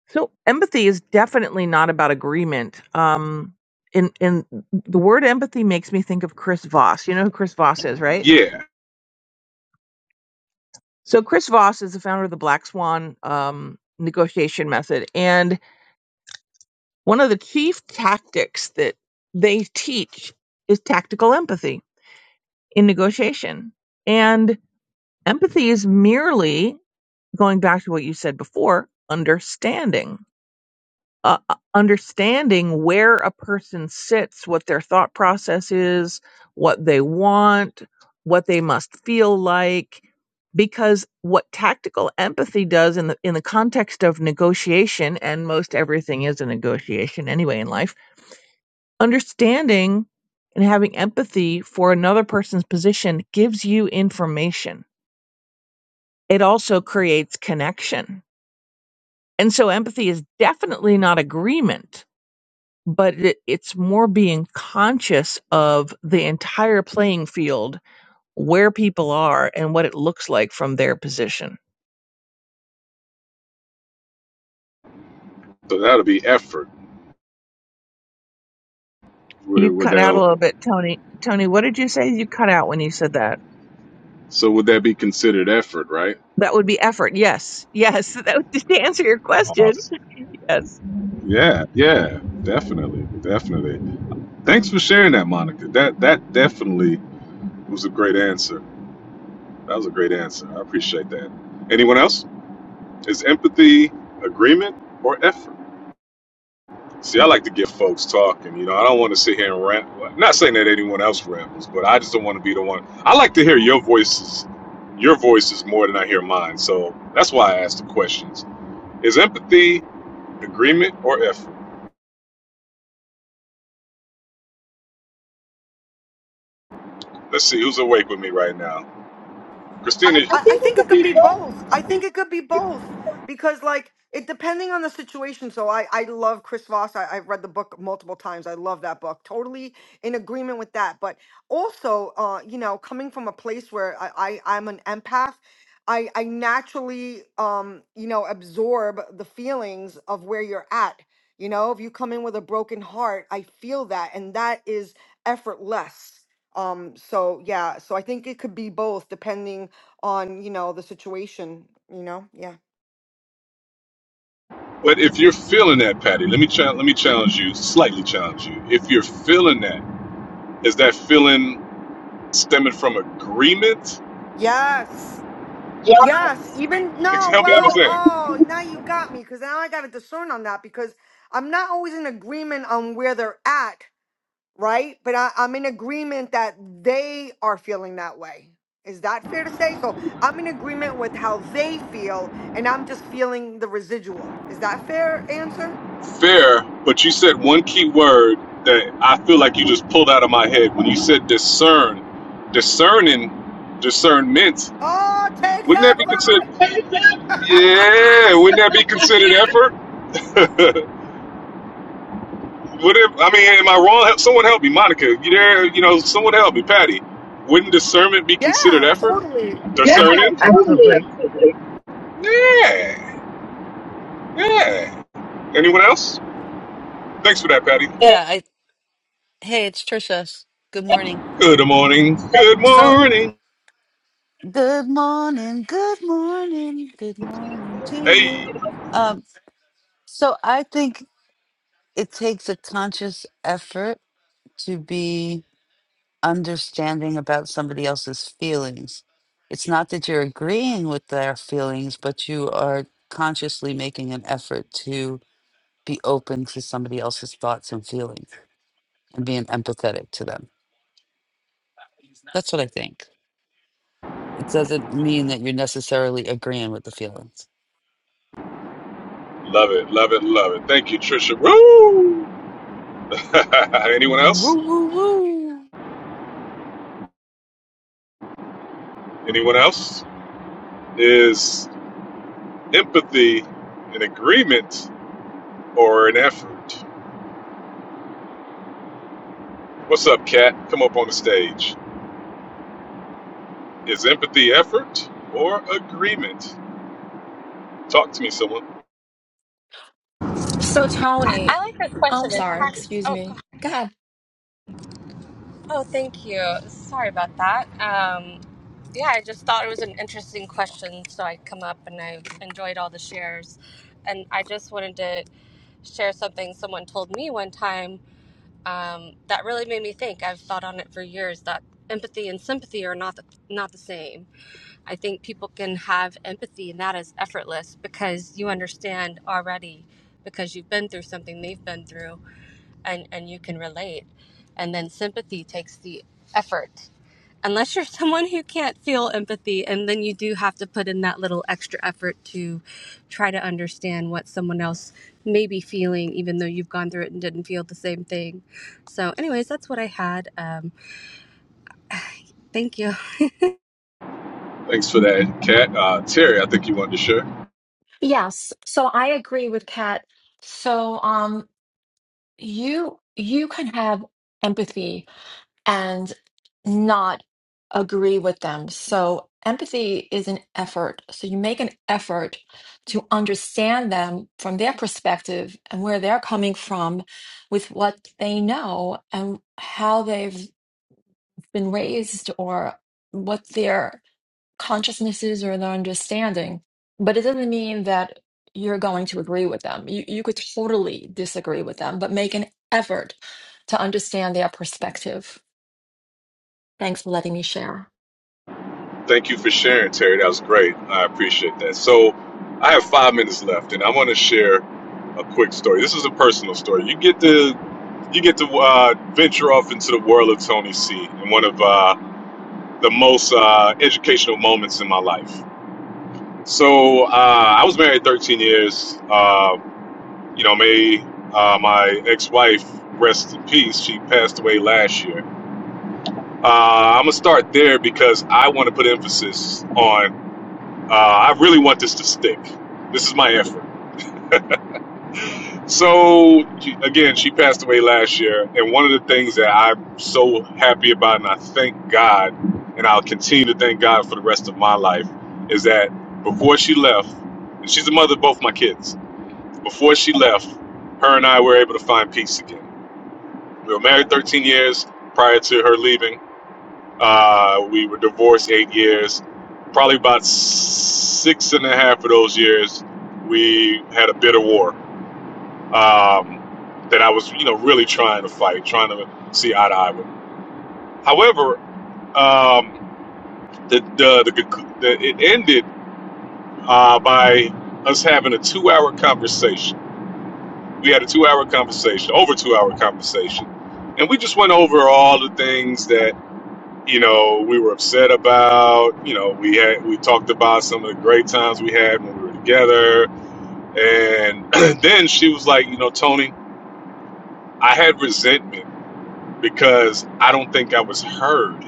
S25: So, empathy is definitely not about agreement. Um, in and the word empathy makes me think of Chris Voss. You know who Chris Voss is, right?
S21: Yeah,
S25: So, Chris Voss is the founder of the Black Swan um, negotiation method. And one of the chief tactics that they teach is tactical empathy in negotiation. And empathy is merely going back to what you said before, understanding. Uh, uh, understanding where a person sits, what their thought process is, what they want, what they must feel like, because what tactical empathy does in the in the context of negotiation, and most everything is a negotiation anyway in life, understanding and having empathy for another person's position gives you information. It also creates connection And so empathy is definitely not agreement, but it, it's more being conscious of the entire playing field, where people are and what it looks like from their position.
S21: so that'll be effort. Would it?
S25: You
S21: Would
S25: cut out a
S21: that?
S25: little bit, Tony. Tony, what did you say? You cut out when you said that.
S21: So would that be considered effort, right?
S25: That would be effort. Yes. Yes. That would, to answer your question.
S21: Awesome.
S25: Yes.
S21: Yeah, yeah, definitely, definitely. Thanks for sharing that, Monica. That that definitely was a great answer. That was a great answer. I appreciate that. Anyone else? Is empathy agreement or effort? See, I like to get folks talking. You know, I don't want to sit here and rant. I'm Not saying that anyone else rambles, but I just don't want to be the one. I like to hear your voices, your voices more than I hear mine. So that's why I asked the questions: Is empathy agreement or effort? Let's see who's awake with me right now. Christina, I I
S17: I, I
S21: think it
S17: think it
S21: could
S17: could
S21: be
S17: be
S21: both.
S17: both.
S21: I
S17: I think
S21: think
S17: it could be both because, like, it depending on the situation. So I, I love Chris Voss. I, I've read the book multiple times. I love that book. Totally in agreement with that. But also, uh, you know, coming from a place where I, I I'm an empath. I, I naturally um you know absorb the feelings of where you're at you know if you come in with a broken heart i feel that and that is effortless um so yeah so i think it could be both depending on you know the situation you know yeah
S21: but if you're feeling that, Patty, let me cha- let me challenge you, slightly challenge you. If you're feeling that, is that feeling stemming from agreement?
S17: yes
S21: yeah,
S17: yes even no
S21: Help me
S17: well
S21: understand.
S17: oh now you got me because now i gotta discern on that because i'm not always in agreement on where they're at right but I, i'm in agreement that they are feeling that way is that fair to say so i'm in agreement with how they feel and i'm just feeling the residual is that fair answer
S21: Fair, but you said one key word that I feel like you just pulled out of my head when you said discern. Discerning, discernment.
S17: oh takes
S21: Wouldn't that be considered?
S17: effort
S21: Yeah, wouldn't that be considered effort? Would it? I mean, am I wrong? Help- Someone help me, Monica. You there? You know, someone help me, Patty. Wouldn't discernment be considered
S17: yeah
S21: effort?
S25: Ab-
S21: Discerning.
S25: Absolutely.
S21: Yeah, yeah. Anyone else? Thanks for that, Patty.
S13: Yeah, I hey, it's Trisha. Good morning.
S21: Good morning. Good
S13: So
S21: morning.
S13: Good morning, good morning, good morning to
S21: Hey.
S13: you. Um, so I think it takes a conscious effort to be understanding about somebody else's feelings. It's not that you're agreeing with their feelings, but you are consciously making an effort to be open to somebody else's thoughts and feelings and being empathetic to them. That's what I think. It doesn't mean that you're necessarily agreeing with the feelings.
S21: Love it, love it, love it. Thank you, Trisha. Woo! Anyone
S13: Woo,
S21: else?
S13: woo, woo.
S21: Anyone else? Is empathy an agreement or an effort? What's up, Kat? Come up on the stage. Is empathy effort or agreement? Talk to me, someone.
S20: So,
S26: I
S20: Tony,
S26: like this
S20: I'm
S26: question. It's
S20: sorry,
S26: kind of,
S20: excuse
S26: oh god.
S20: me. Go ahead.
S26: Oh, thank you. Sorry about that. Um, yeah, I just thought it was an interesting question, so I come up and I enjoyed all the shares, and I just wanted to share something someone told me one time um, that really made me think. I've thought on it for years that empathy and sympathy are not the, not the same. I think people can have empathy, and that is effortless because you understand already because you've been through something they've been through and and you can relate and then sympathy takes the effort unless you're someone who can't feel empathy and then you do have to put in that little extra effort to try to understand what someone else may be feeling even though you've gone through it and didn't feel the same thing so anyways that's what i had um, thank you
S21: Thanks for that, Kat. Uh, Terry, I think you wanted to share.
S20: Yes, so I agree with Kat. So, um, you you can have empathy and not agree with them. So empathy is an effort. So you make an effort to understand them from their perspective and where they're coming from with what they know and how they've been raised or what their consciousness is or their understanding. But it doesn't mean that you're going to agree with them. You, you could totally disagree with them, but make an effort to understand their perspective Thanks for letting me share.
S21: Thank you for sharing, Terry. That was great. I appreciate that. So, I have five minutes left, and I want to share a quick story. This is a personal story. You get to you get to uh, venture off into the world of Tony C. in one of uh, the most uh, educational moments in my life. So, uh, I was married 13 years. Uh, you know, may uh, my ex-wife rest in peace. She passed away last year. Uh, I'm gonna start there because I want to put emphasis on Uh, I really want this to stick. This is my effort. So, again, she passed away last year. And one of the things that I'm so happy about, and I thank God, and I'll continue to thank God for the rest of my life, is that before she left, and she's the mother of both my kids, before she left, her and I were able to find peace again. We were married 13 years prior to her leaving Uh, we were divorced eight years. Probably about six and a half of those years, we had a bitter war um, that I was, you know, really trying to fight, trying to see eye to eye with. However, um, the, the, the, conc- the it ended uh, by us having a two-hour conversation. We had a two-hour conversation, over two-hour conversation, and we just went over all the things that you know, we were upset about. You know, we had we talked about some of the great times we had when we were together, and then she was like, you know, Tony, I had resentment because I don't think I was heard.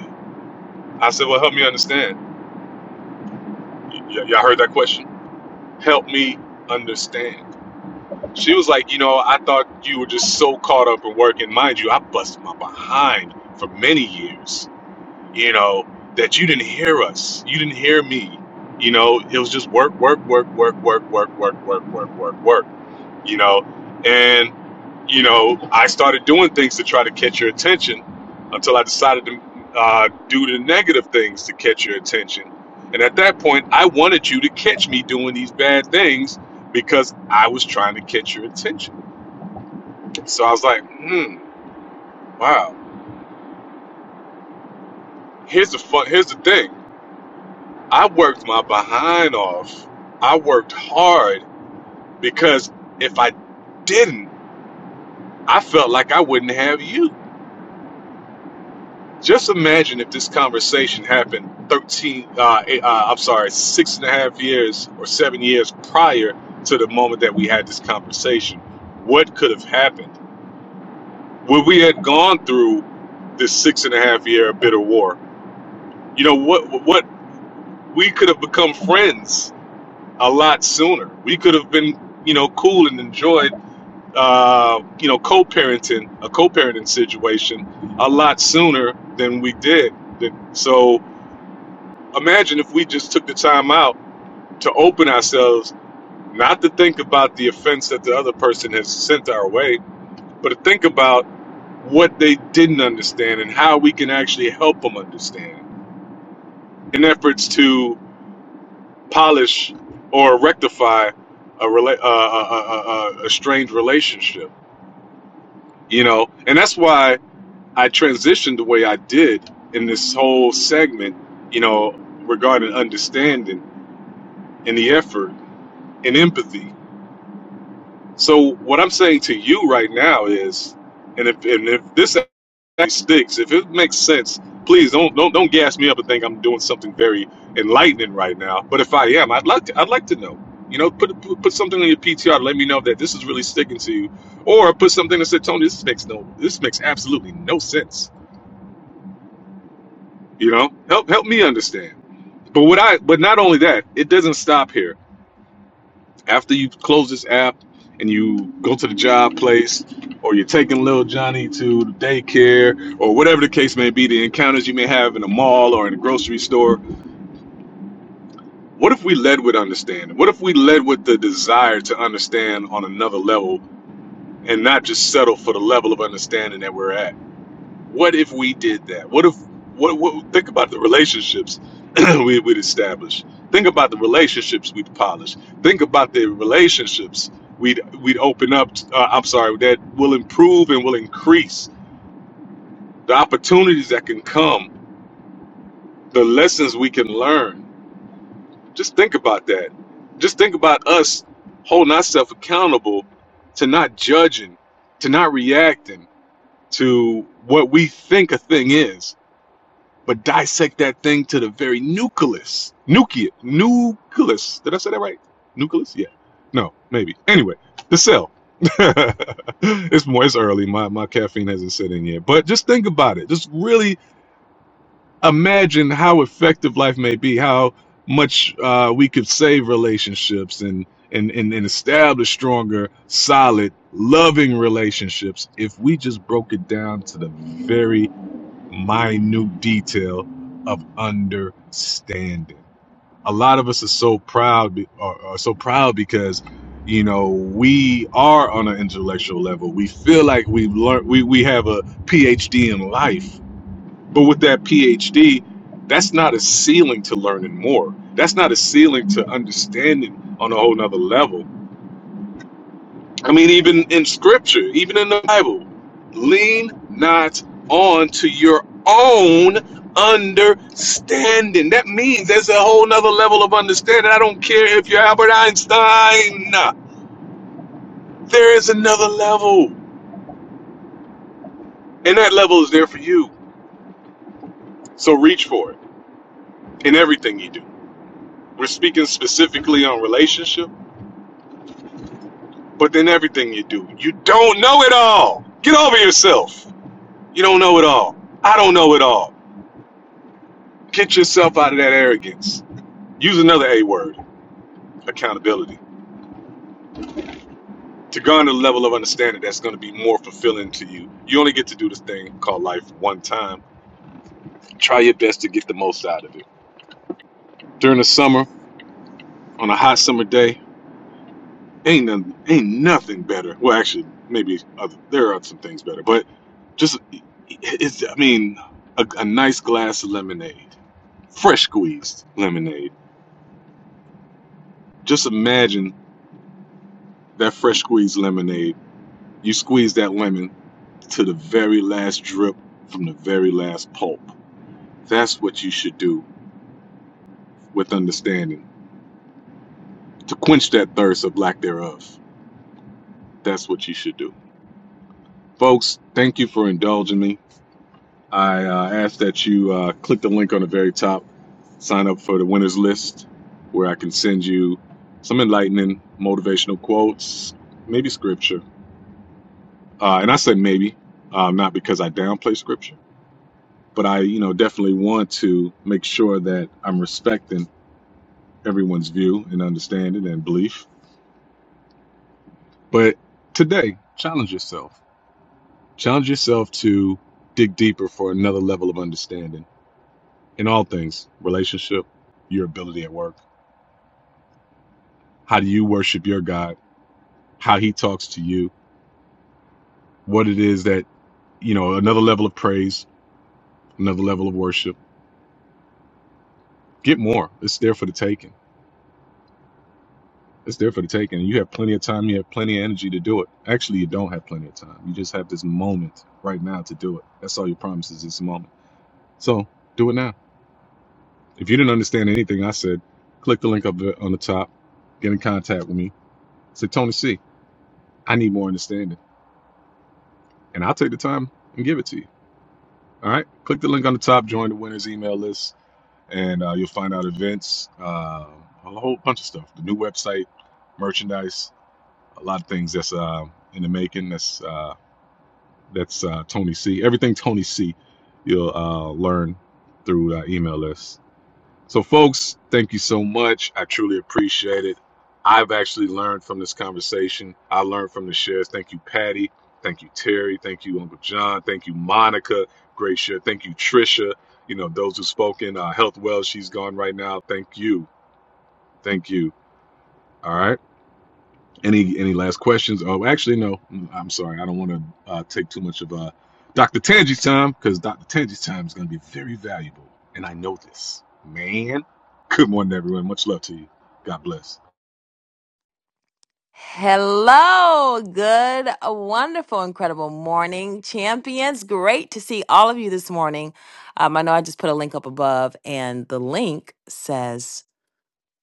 S21: I said, well, help me understand. Y- y- y'all heard that question? Help me understand. She was like, you know, I thought you were just so caught up in work, and mind you, I busted my behind for many years you know, that you didn't hear us. You didn't hear me. You know, it was just work, work, work, work, work, work, work, work, work, work, work, you know. And, you know, I started doing things to try to catch your attention until I decided to uh, do the negative things to catch your attention. And at that point, I wanted you to catch me doing these bad things because I was trying to catch your attention. So I was like, hmm, wow. Here's the fun. Here's the thing. I worked my behind off. I worked hard because if I didn't, I felt like I wouldn't have you. Just imagine if this conversation happened 13, uh, eh, uh, I'm sorry, six and a half years or seven years prior to the moment that we had this conversation. What could have happened? Would we had gone through this six and a half year bitter war? You know, what, what, we could have become friends a lot sooner. We could have been, you know, cool and enjoyed uh, you know, co-parenting, a co-parenting situation a lot sooner than we did. So imagine if we just took the time out to open ourselves, not to think about the offense that the other person has sent our way, but to think about what they didn't understand and how we can actually help them understand in efforts to polish or rectify a, rela- uh, a, a, a a strained relationship. You know, and that's why I transitioned the way I did in this whole segment, you know, regarding understanding and the effort and empathy. So what I'm saying to you right now is, and if and if this actually sticks, if it makes sense, please don't don't don't gas me up and think I'm doing something very enlightening right now. But if I am, I'd like to I'd like to know. You know, put put, put something on your PTR. to Let me know that this is really sticking to you, or put something that said, Tony, this makes no this makes absolutely no sense. You know, help help me understand. But what I but not only that, it doesn't stop here. After you close this app and you go to the job place or you're taking little Johnny to the daycare or whatever the case may be, the encounters you may have in a mall or in a grocery store, what if we led with understanding? What if we led with the desire to understand on another level and not just settle for the level of understanding that we're at? What if we did that? What if what, what think about the relationships we we'd established. Think about the relationships we'd polish. Think about the relationships we'd we'd open up. Uh, I'm sorry, that will improve and will increase the opportunities that can come, the lessons we can learn. Just think about that. Just think about us holding ourselves accountable to not judging, to not reacting to what we think a thing is but dissect that thing to the very nucleus. Nucleus. Nucleus. Did I say that right? Nucleus? Yeah. No, maybe. Anyway, the cell. it's more it's early. My my caffeine hasn't set in yet. But just think about it. Just really imagine how effective life may be, how much uh, we could save relationships and and, and and establish stronger, solid, loving relationships if we just broke it down to the very minute detail of understanding. A lot of us are so proud, be- are, are so proud because, you know, we are on an intellectual level. We feel like we've learned, we, we have a PhD in life. But with that PhD, that's not a ceiling to learning more. That's not a ceiling to understanding on a whole nother level I mean, even in scripture, even in the Bible, lean not on to your own understanding. That means there's a whole nother level of understanding. I don't care if you're Albert Einstein. There is another level. And that level is there for you. So reach for it in everything you do. We're speaking specifically on relationship, but then everything you do. You don't know it all. Get over yourself. You don't know it all. I don't know it all. Get yourself out of that arrogance. Use another A word, accountability, to garner the level of understanding that's going to be more fulfilling to you. You only get to do this thing called life one time. Try your best to get the most out of it. During the summer, on a hot summer day, ain't nothing, ain't nothing better. Well, actually, maybe other, there are some things better, but just it's, I mean, a, a nice glass of lemonade, fresh squeezed lemonade. Just imagine that fresh squeezed lemonade. You squeeze that lemon to the very last drip from the very last pulp. That's what you should do with understanding to quench that thirst of lack thereof. That's what you should do. Folks, thank you for indulging me. I uh, ask that you uh, click the link on the very top, sign up for the winners list, where I can send you some enlightening motivational quotes, maybe scripture. Uh, and I said maybe, uh, not because I downplay scripture, but I, you know, definitely want to make sure that I'm respecting everyone's view and understanding and belief. But today, challenge yourself. Challenge yourself to dig deeper for another level of understanding in all things relationship, your ability at work. How do you worship your God? How he talks to you? What it is that, you know, another level of praise, another level of worship. Get more. It's there for the taking. It's there for the taking. And you have plenty of time. You have plenty of energy to do it. Actually, you don't have plenty of time. You just have this moment right now to do it. That's all your promise is this moment So do it now. If you didn't understand anything I said, click the link up there on the top, get in contact with me. Say, Tony C, I need more understanding. And I'll take the time and give it to you. All right. Click the link on the top, join the winners email list, and uh, you'll find out events, uh, a whole bunch of stuff the new website, merchandise, a lot of things that's uh, in the making. That's, uh, that's uh, Tony C. Everything Tony C, you'll uh, learn through uh, email list. So, folks, thank you so much. I truly appreciate it. I've actually learned from this conversation. I learned from the shares. Thank you, Patty. Thank you, Terry. Thank you, Uncle John. Thank you, Monica. Great share. Thank you, Trisha. You know, those who spoke in uh, health well, she's gone right now. Thank you. Thank you. All right. Any any last questions? Oh, actually, no. I'm sorry. I don't want to uh, take too much of uh, Dr. Tanji's time because Dr. Tanji's time is going to be very valuable, and I know this, man. Good morning, everyone. Much love to you. God bless.
S27: Hello, good, wonderful, incredible morning, champions. Great to see all of you this morning. Um, I know I just put a link up above, and the link says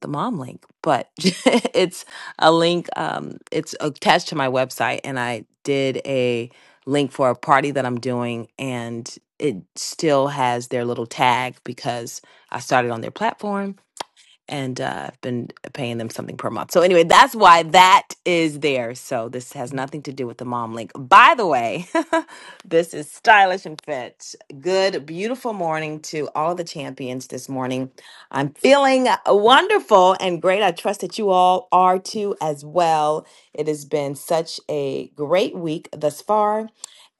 S27: the mom link, but it's a link, um, it's attached to my website, and I did a link for a party that I'm doing, and it still has their little tag because I started on their platform and uh, I've been paying them something per month. So anyway, that's why that is there. So this has nothing to do with the mom link. By the way, this is stylish and fit. Good, beautiful morning to all the champions this morning. I'm feeling uh, wonderful and great. I trust that you all are too as well. It has been such a great week thus far.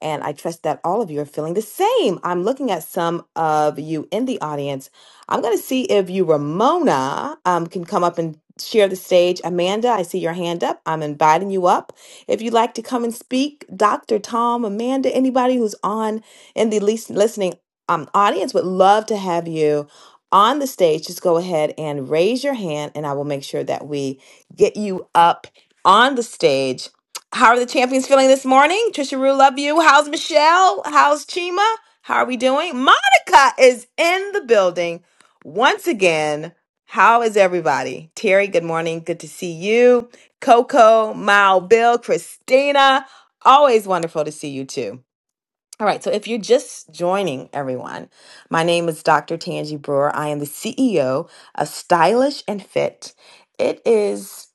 S27: And I trust that all of you are feeling the same. I'm looking at some of you in the audience I'm going to see if you, Ramona, um, can come up and share the stage. Amanda, I see your hand up. I'm inviting you up. If you'd like to come and speak, Dr. Tom, Amanda, anybody who's on in the least listening um, audience would love to have you on the stage. Just go ahead and raise your hand, and I will make sure that we get you up on the stage. How are the champions feeling this morning? Trisha Rue, love you. How's Michelle? How's Chima? How are we doing? Monica is in the building. Once again, how is everybody? Terry, good morning. Good to see you. Coco, Mal, Bill, Christina, always wonderful to see you too. All right, so if you're just joining everyone, my name is Dr. Tanji Brewer. I am the CEO of Stylish and Fit. It is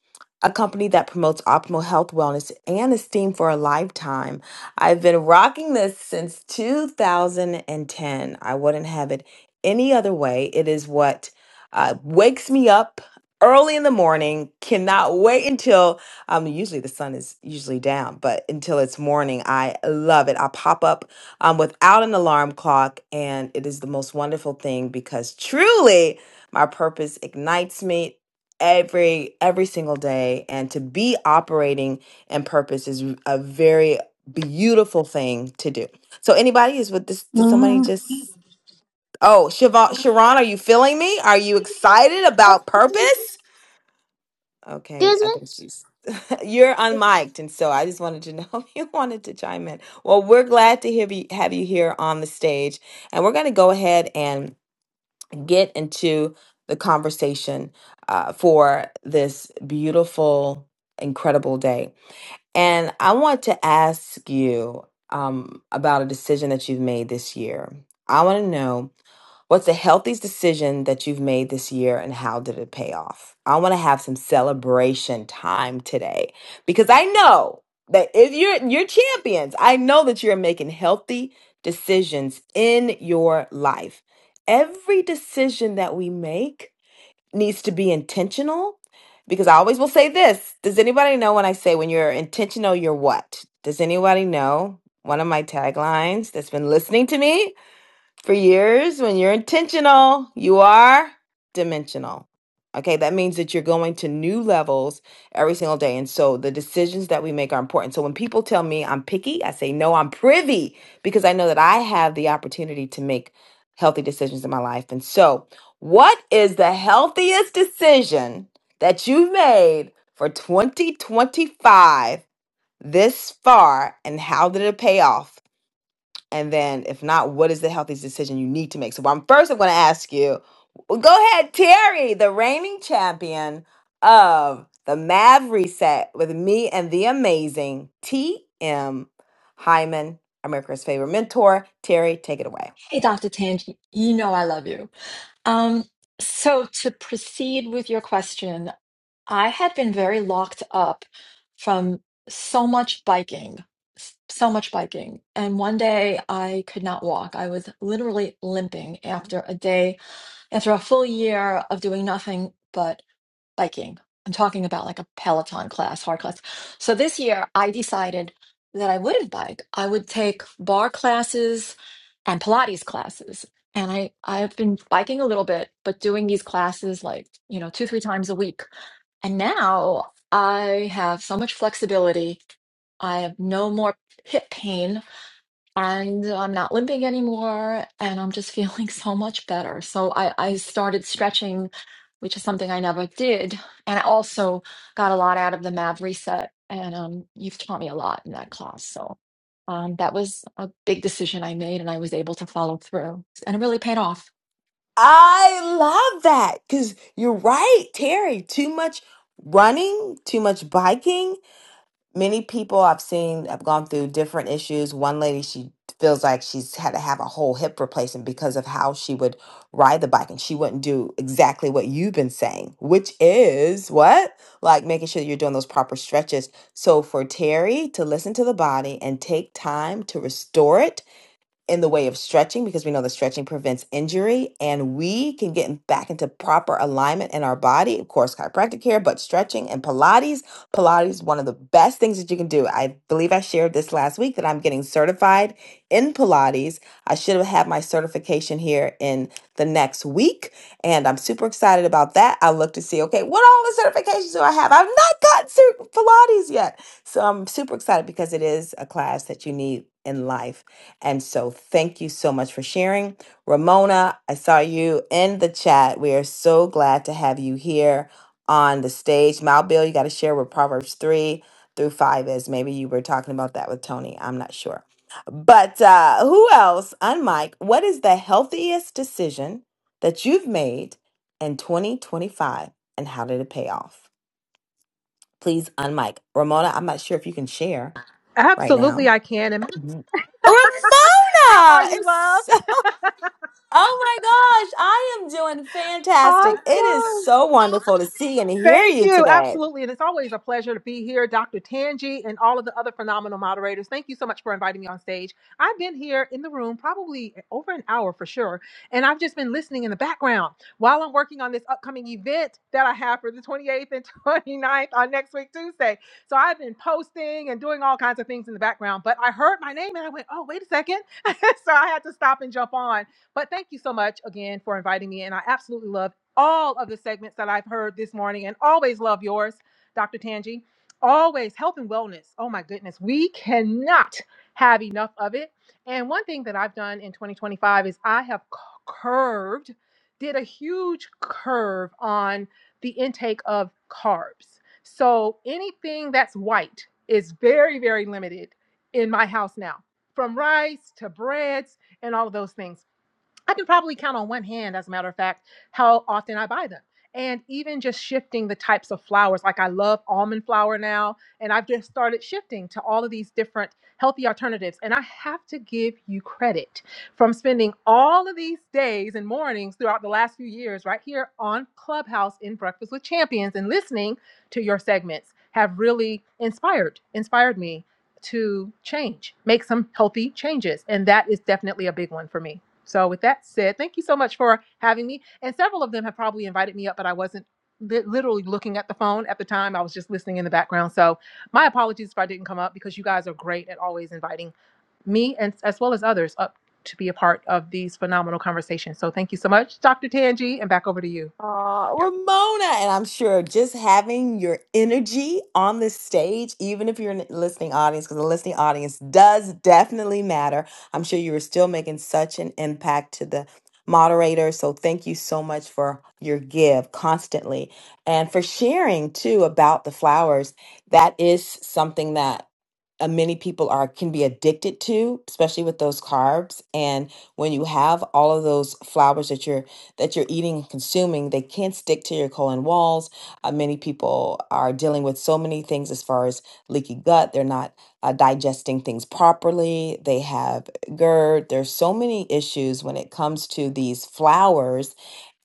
S27: a company that promotes optimal health, wellness, and esteem for a lifetime. I've been rocking this since 2010. I wouldn't have it any other way. It is what uh, wakes me up early in the morning. Cannot wait until um, usually the sun is usually down, but until it's morning, I love it. I pop up um, without an alarm clock. And it is the most wonderful thing because truly my purpose ignites me every every single day and to be operating in purpose is a very beautiful thing to do so anybody is with this did somebody
S28: hmm
S27: just oh Siobhan, sharon are you feeling me are you excited about purpose okay
S28: Excuse
S27: i think
S28: me.
S27: she's you're unmiked, and so I just wanted to know if you wanted to chime in. Well, we're glad to have you, have you here on the stage, and we're going to go ahead and get into the conversation uh, for this beautiful, incredible day. And I want to ask you um, about a decision that you've made this year. I want to know What's the healthiest decision that you've made this year and how did it pay off? I want to have some celebration time today because I know that if you're you're champions, I know that you're making healthy decisions in your life. Every decision that we make needs to be intentional because I always will say this. Does anybody know when I say when you're intentional, you're what? Does anybody know? One of my taglines that's been listening to me for years, when you're intentional, you are dimensional. Okay, that means that you're going to new levels every single day. And so the decisions that we make are important. So when people tell me I'm picky, I say, no, I'm privy because I know that I have the opportunity to make healthy decisions in my life. And so, what is the healthiest decision that you've made for 2025 this far, and how did it pay off? And then, if not, what is the healthiest decision you need to make? So, I'm first, I'm going to ask you well, go ahead, Terry, the reigning champion of the Mav Reset with me and the amazing TM Hyman, America's favorite mentor. Terry, take it away.
S20: Hey, Dr. Tange, you know I love you. Um, so to proceed with your question, I had been very locked up from so much biking, s- so much biking. And one day I could not walk. I was literally limping after a day, after a full year of doing nothing but biking. I'm talking about like a Peloton class, hard class. So this year I decided that I wouldn't bike. I would take bar classes and Pilates classes. And I, I've been biking a little bit, but doing these classes like, you know, two, three times a week. And now I have so much flexibility. I have no more hip pain and I'm not limping anymore and I'm just feeling so much better. So I, I started stretching, which is something I never did. And I also got a lot out of the MAV reset and um, you've taught me a lot in that class. So um, that was a big decision I made and I was able to follow through and it really paid off.
S27: I love that because you're right, Terry. Too much running, too much biking, many people I've seen have gone through different issues. One lady, she feels like she's had to have a whole hip replacement because of how she would ride the bike and she wouldn't do exactly what you've been saying, which is what? Like making sure you're doing those proper stretches. So for Terry to listen to the body and take time to restore it in the way of stretching because we know that stretching prevents injury and we can get in- back into proper alignment in our body. Of course, chiropractic care, but stretching and Pilates. Pilates is one of the best things that you can do. I believe I shared this last week that I'm getting certified in Pilates. I should have had my certification here in the next week. And I'm super excited about that. I look to see, okay, what all the certifications do I have? I've not gotten cert- Pilates yet. So I'm super excited because it is a class that you need in life and so, thank you so much for sharing. Ramona, I saw you in the chat. We are so glad to have you here on the stage. Mal Bill, you got to share with Proverbs 3 through 5 is. Maybe you were talking about that with Tony. I'm not sure. But uh, who else, on Mike, what is the healthiest decision that you've made in 2025 and how did it pay off? Please, on Mike. Ramona, I'm not sure if you can share right
S29: Absolutely,
S27: now.
S29: I can. And
S27: Mhm.
S29: how are
S27: Ramona!
S29: you,
S27: It's
S29: love?
S27: Oh my gosh, I am doing fantastic. It is
S29: Awesome.
S27: so wonderful to see and hear
S29: Thank
S27: you
S29: you.
S27: today.
S29: Absolutely. And it's always a pleasure to be here, Dr. Tangi, and all of the other phenomenal moderators. Thank you so much for inviting me on stage. I've been here in the room probably over an hour for sure. And I've just been listening in the background while I'm working on this upcoming event that I have for the 28th and 29th on next week, Tuesday. So I've been posting and doing all kinds of things in the background. But I heard my name and I went, oh, wait a second. so I had to stop and jump on. But thank you so much again for inviting me. And I absolutely love all of the segments that I've heard this morning and always love yours, Dr. Tanji. Always health and wellness. Oh my goodness, we cannot have enough of it. And one thing that I've done in 2025 is I have c- curved, did a huge curve on the intake of carbs. So anything that's white is very, very limited in my house now, from rice to breads and all of those things. I can probably count on one hand, as a matter of fact, how often I buy them. And even just shifting the types of flowers, like I love almond flour now, and I've just started shifting to all of these different healthy alternatives. And I have to give you credit from spending all of these days and mornings throughout the last few years right here on Clubhouse in Breakfast with Champions and listening to your segments have really inspired inspired me to change, make some healthy changes, and that is definitely a big one for me. So, with that said, thank you so much for having me. And several of them have probably invited me up, but I wasn't li- literally looking at the phone at the time. I was just listening in the background. So, my apologies if I didn't come up because you guys are great at always inviting me and as well as others up to be a part of these phenomenal conversations. So, thank you so much, Dr. Tangi, and back over to you.
S27: Aw, Ramona, and I'm sure just having your energy on the stage, even if you're in the listening audience, because the listening audience does definitely matter. I'm sure you were still making such an impact to the moderator. So thank you so much for your give constantly and for sharing too about the flowers. That is something that uh, many people are can be addicted to, especially with those carbs. And when you have all of those flowers that you're that you're eating and consuming, they can't stick to your colon walls. Uh, many people are dealing with so many things as far as leaky gut. They're not uh, digesting things properly. They have GERD. There's so many issues when it comes to these flours,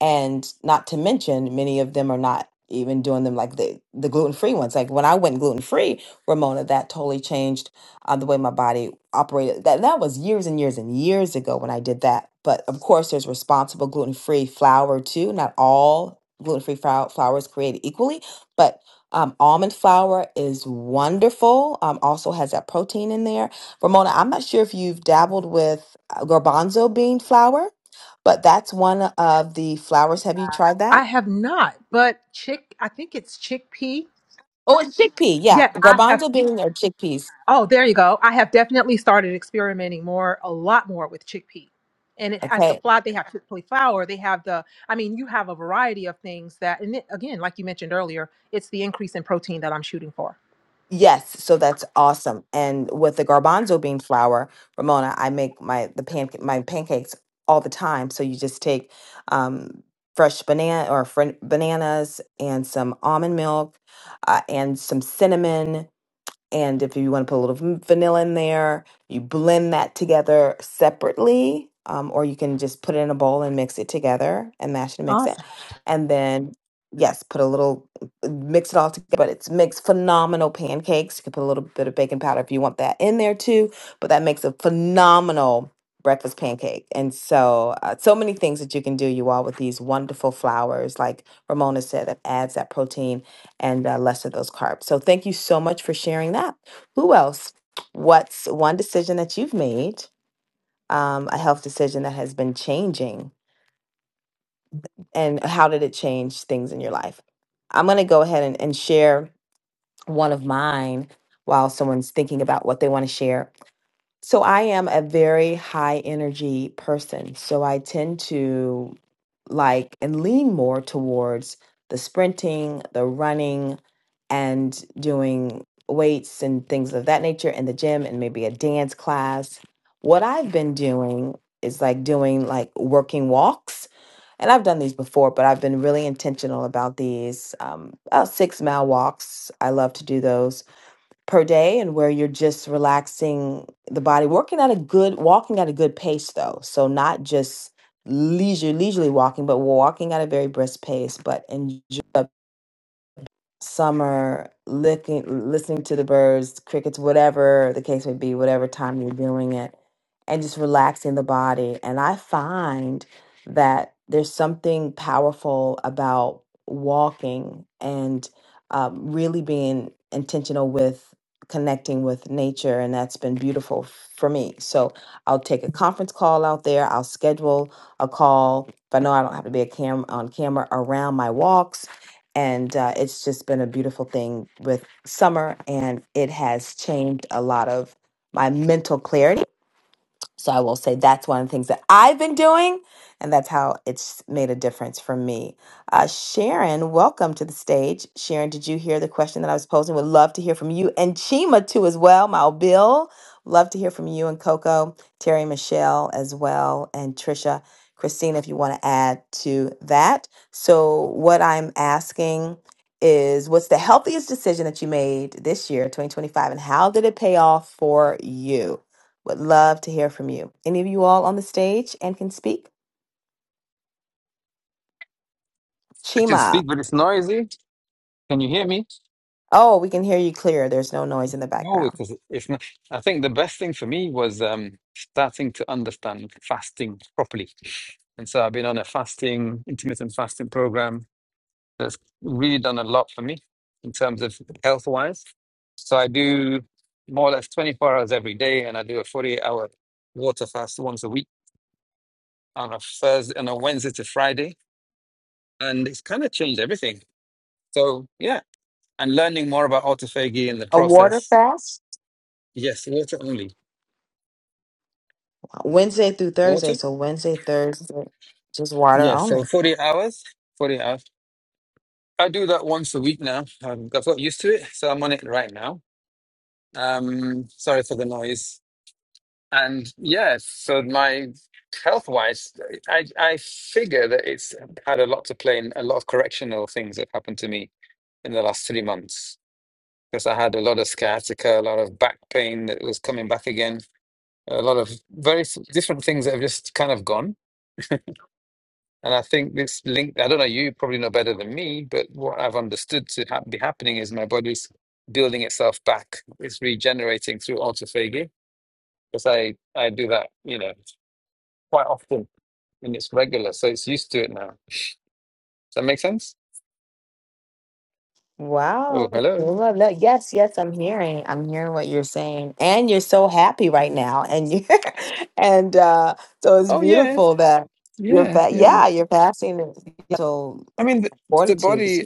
S27: and not to mention many of them are not even doing them like the the gluten free ones. Like when I went gluten free, Ramona, that totally changed uh, the way my body operated that that was years and years and years ago when I did that. But of course, there's responsible gluten free flour too. Not all gluten free flour, flour is created equally, but um, almond flour is wonderful. Um, also has that protein in there. Ramona, I'm not sure if you've dabbled with uh, garbanzo bean flour, but that's one of the flours. Have you tried
S29: I
S27: that?
S29: have not, but chick, I think it's chickpea.
S27: Oh, it's chickpea. Yeah,
S29: Yeah, I have
S27: garbanzo bean or chickpeas.
S29: Oh, there you go. I have definitely started experimenting more, a lot more with chickpea. And it has
S27: Okay,
S29: the flour, they have chickpea flour, they have the, I mean, you have a variety of things that, and it, again, like you mentioned earlier, it's the increase in protein that I'm shooting for.
S27: Yes, so that's awesome. And with the garbanzo bean flour, Ramona, I make my the pancake my pancakes all the time. So you just take um, fresh banana or fr- bananas and some almond milk uh, and some cinnamon and if you want to put a little vanilla in there, you blend that together separately, um, or you can just put it in a bowl and mix it together and mash it and mix it. And then, yes, put a little, mix it all together. But it's makes phenomenal pancakes. You can put a little bit of baking powder if you want that in there too. But that makes a phenomenal breakfast pancake. And so, uh, so many things that you can do, you all, with these wonderful flours, like Ramona said, that adds that protein and uh, less of those carbs. So thank you so much for sharing that. Who else? What's one decision that you've made, um, a health decision that has been changing, and how did it change things in your life? I'm going to go ahead and, and share one of mine while someone's thinking about what they want to share. So I am a very high energy person. So I tend to like and lean more towards the sprinting, the running, and doing weights and things of that nature in the gym and maybe a dance class. What I've been doing is like doing like working walks. And I've done these before, but I've been really intentional about these um, about six mile walks. I love to do those per day and where you're just relaxing the body working at a good walking at a good pace though so not just leisure leisurely walking but walking at a very brisk pace but enjoy the summer looking listening to the birds crickets whatever the case may be whatever time you're doing it and just relaxing the body and i find that there's something powerful about walking and um, really being intentional with connecting with nature and that's been beautiful for me so i'll take a conference call out there i'll schedule a call if i know i don't have to be a cam on camera around my walks and uh, it's just been a beautiful thing with summer and it has changed a lot of my mental clarity so I will say that's one of the things that I've been doing, and that's how it's made a difference for me. Uh, Sharon, welcome to the stage. Sharon, did you hear the question that I was posing? Would love to hear from you and Chima too as well. My old Bill, love to hear from you and Coco, Terry, Michelle as well, and Trisha, Christina, if you want to add to that. So what I'm asking is, what's the healthiest decision that you made this year, 2025, and how did it pay off for you? Would love to hear from you. Any of you all on the stage and can speak?
S5: I can
S27: Chima.
S5: speak, but it's noisy. Can you hear me?
S27: Oh, we can hear you clear. There's no noise in the
S5: Oh,
S27: background.
S5: because it's not. I think the best thing for me was um, starting to understand fasting properly. And so I've been on a fasting, intermittent fasting program that's really done a lot for me in terms of health wise. So I do more or less 24 hours every day and I do a 48 hour water fast once a week on a Thursday, on a Wednesday to Friday, and it's kind of changed everything. So yeah, and learning more about autophagy and the
S27: A water
S5: process.
S27: fast?
S5: Yes, water only.
S27: Wednesday through Thursday.
S5: Water?
S27: So Wednesday, Thursday, just water
S5: Yeah. So
S27: only.
S5: forty hours. Forty hours. I do that once a week now. Um, I've got used to it, so I'm on it right now. Um, sorry for the noise. And yeah, so my health-wise, I I figure that it's had a lot to play in a lot of correctional things that happened to me in the last three months. because I had a lot of sciatica, a lot of back pain that was coming back again, a lot of very s- different things that have just kind of gone. And I think this link, I don't know, you probably know better than me, but what I've understood to ha- be happening is my body's building itself back. It's regenerating through autophagy because I, I do that, you know, quite often and it's regular. So it's used to it now. Does that make sense? Oh,
S27: Wow.
S5: hello.
S27: Love that. Yes, yes, I'm hearing. I'm hearing what you're saying. And you're so happy right now. And you are and uh so it's
S5: Oh, yeah.
S27: beautiful that you're
S5: Yeah.
S27: fa-
S5: Yeah.
S27: yeah, you're passing it. so
S5: I mean, the, the
S27: fortitude.
S5: body.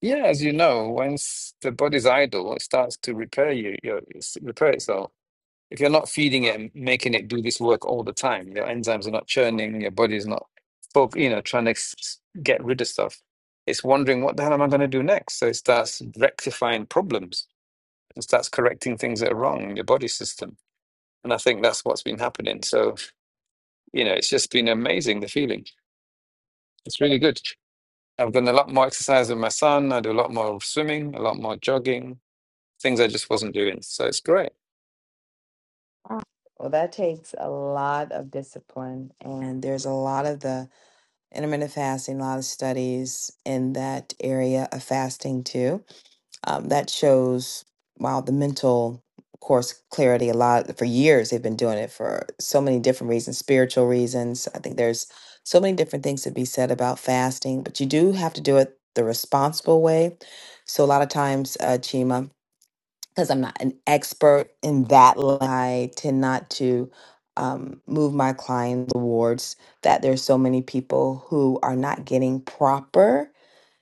S5: Yeah, as you know, once the body's idle, it starts to repair you, you it's- repair itself. If you're not feeding it and making it do this work all the time, your enzymes are not churning, your body's not, foc- you know, trying to s- s- get rid of stuff. It's wondering what the hell am I going to do next? So it starts rectifying problems and starts correcting things that are wrong in your body system. And I think that's what's been happening. So, you know, it's just been amazing, the feeling. It's really good. I've done a lot more exercise with my son. I do a lot more swimming, a lot more jogging things I just wasn't doing. So it's great.
S27: Wow. Well, that takes a lot of discipline and there's a lot of the intermittent fasting, a lot of studies in that area of fasting too um, that shows wow the mental of course clarity a lot for years they've been doing it for so many different reasons spiritual reasons i think there's so many different things to be said about fasting but you do have to do it the responsible way so a lot of times uh, chima because I'm not an expert in that. line, I tend not to um, move my clients towards that. There's so many people who are not getting proper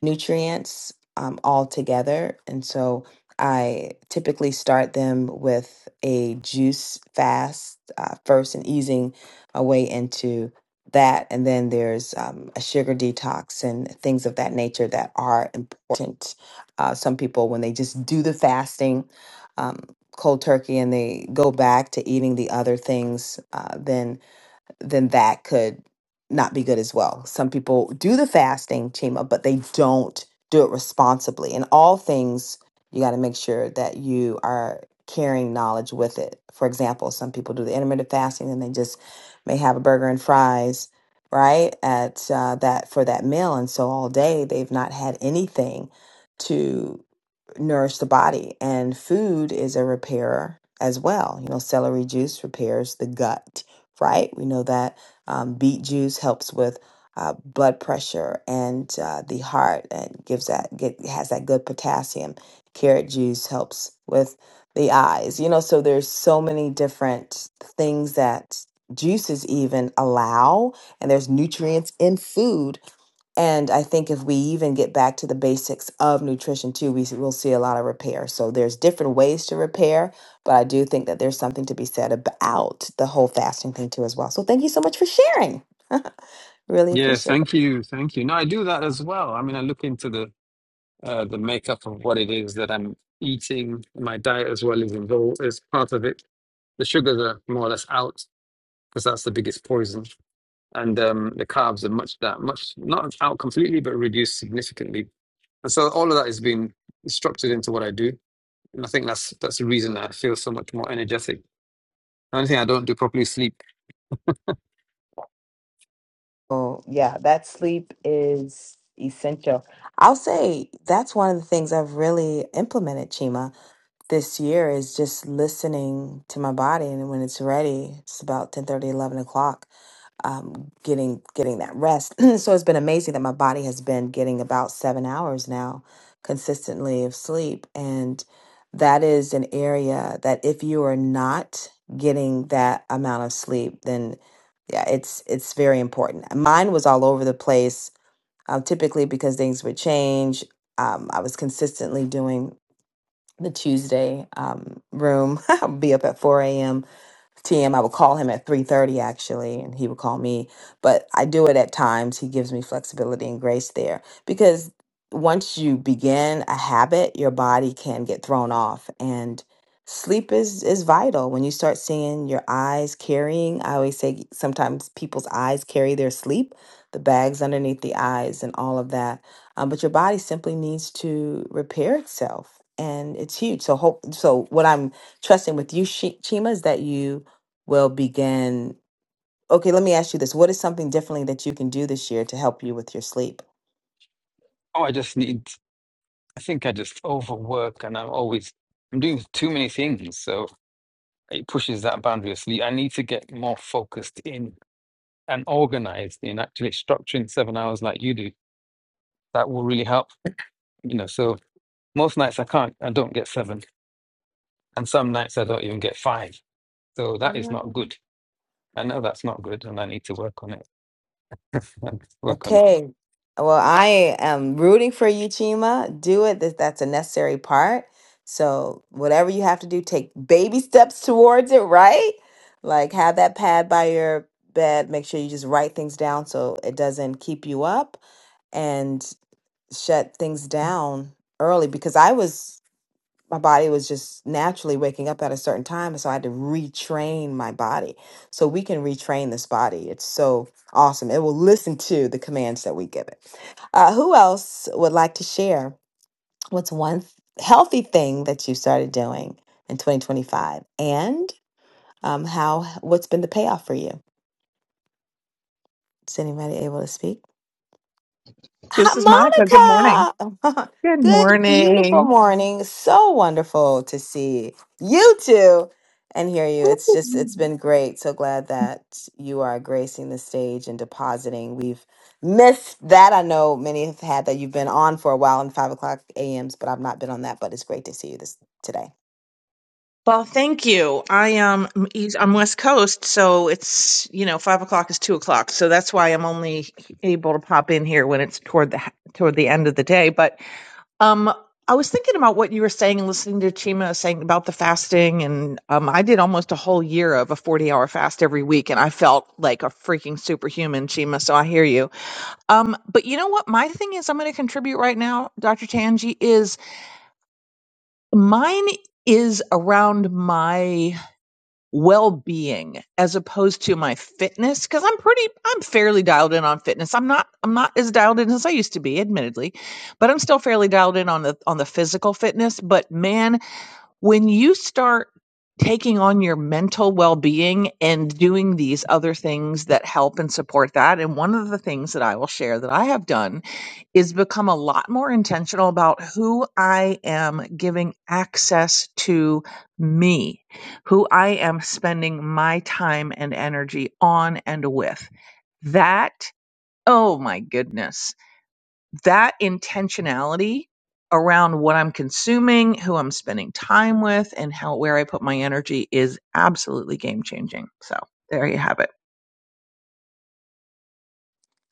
S27: nutrients um, altogether, and so I typically start them with a juice fast uh, first, and easing a way into that and then there's um, a sugar detox and things of that nature that are important uh, some people when they just do the fasting um, cold turkey and they go back to eating the other things, uh, then then that could not be good as well. Some people do the fasting, Chima, but they don't do it responsibly. In all things, you got to make sure that you are carrying knowledge with it. For example, some people do the intermittent fasting and they just may have a burger and fries, right? At uh, that for that meal, and so all day they've not had anything to nourish the body. And food is a repairer as well. You know, celery juice repairs the gut right? We know that um, beet juice helps with uh, blood pressure and uh, the heart and gives that get, has that good potassium. Carrot juice helps with the eyes. You know, so there's so many different things that juices even allow, and there's nutrients in food and I think if we even get back to the basics of nutrition too, we will see a lot of repair. So there's different ways to repair, but I do think that there's something to be said about the whole fasting thing too as well. So thank you so much for sharing. really
S5: Yeah,
S27: appreciate it.
S5: thank you, thank you. No, I do that as well. I mean, I look into the uh, the makeup of what it is that I'm eating. My diet as well is involved is part of it. The sugars are more or less out because that's the biggest poison, and um, the carbs are much that much not out completely, but reduced significantly. And so all of that is being structured into what I do, and I think that's that's the reason that I feel so much more energetic. The only thing I don't do properly is sleep.
S27: Oh, yeah, that sleep is essential. I'll say that's one of the things I've really implemented, Chima, this year is just listening to my body. And when it's ready, it's about ten thirty, eleven o'clock um, getting getting that rest. so it's been amazing that my body has been getting about seven hours now consistently of sleep, and that is an area that if you are not getting that amount of sleep, then yeah, it's it's very important. Mine was all over the place, um, typically because things would change. Um, I was consistently doing the Tuesday um, room. I would be up at 4 a.m. TM. I would call him at 3:30 actually, and he would call me. But I do it at times. He gives me flexibility and grace there because once you begin a habit, your body can get thrown off and sleep is is vital when you start seeing your eyes carrying i always say sometimes people's eyes carry their sleep the bags underneath the eyes and all of that um, but your body simply needs to repair itself and it's huge so hope so what i'm trusting with you Shi- chima is that you will begin okay let me ask you this what is something differently that you can do this year to help you with your sleep
S5: Oh, I just need. I think I just overwork and I'm always I'm doing too many things. So it pushes that boundary of sleep. I need to get more focused in and organized in actually structuring seven hours like you do. That will really help. You know, so most nights I can't I don't get seven. And some nights I don't even get five. So that is not good. I know that's not good and I need to work on it. Work on it.
S27: Okay. Well, I am rooting for you, Chima. Do it. That- That's a necessary part. So, whatever you have to do, take baby steps towards it, right? Like, have that pad by your bed. Make sure you just write things down so it doesn't keep you up and shut things down early because I was, my body was just naturally waking up at a certain time. So, I had to retrain my body. So, we can retrain this body. It's so awesome. It will listen to the commands that we give it. Uh, who else would like to share? What's one th- healthy thing that you started doing in 2025, and um, how? What's been the payoff for you? Is anybody able to speak?
S25: This is Monica. Good morning.
S27: Hi, Monica.
S25: Good
S27: Good, beautiful
S25: morning.
S27: morning. So wonderful to see you two and hear you. It's just, it's been great. So glad that you are gracing the stage and depositing. We've missed that. I know many have had that you've been on for a while in five o'clock a.m.s, but I've not been on that. But it's great to see you this today.
S25: Well, thank you. I am um, East- I'm West Coast, so it's you know five o'clock is two o'clock, so that's why I'm only able to pop in here when it's toward the toward the end of the day. But um, I was thinking about what you were saying and listening to Chima saying about the fasting, and um, I did almost a whole year of a 40 hour fast every week, and I felt like a freaking superhuman, Chima. So I hear you. Um, but you know what? My thing is, I'm going to contribute right now, Dr. Tanji. is mine is around my well-being as opposed to my fitness because i'm pretty i'm fairly dialed in on fitness i'm not i'm not as dialed in as i used to be admittedly but i'm still fairly dialed in on the on the physical fitness but man when you start taking on your mental well-being and doing these other things that help and support that and one of the things that I will share that I have done is become a lot more intentional about who I am giving access to me who I am spending my time and energy on and with that oh my goodness that intentionality around what I'm consuming, who I'm spending time with, and how where I put my energy is absolutely game changing. So there you have it.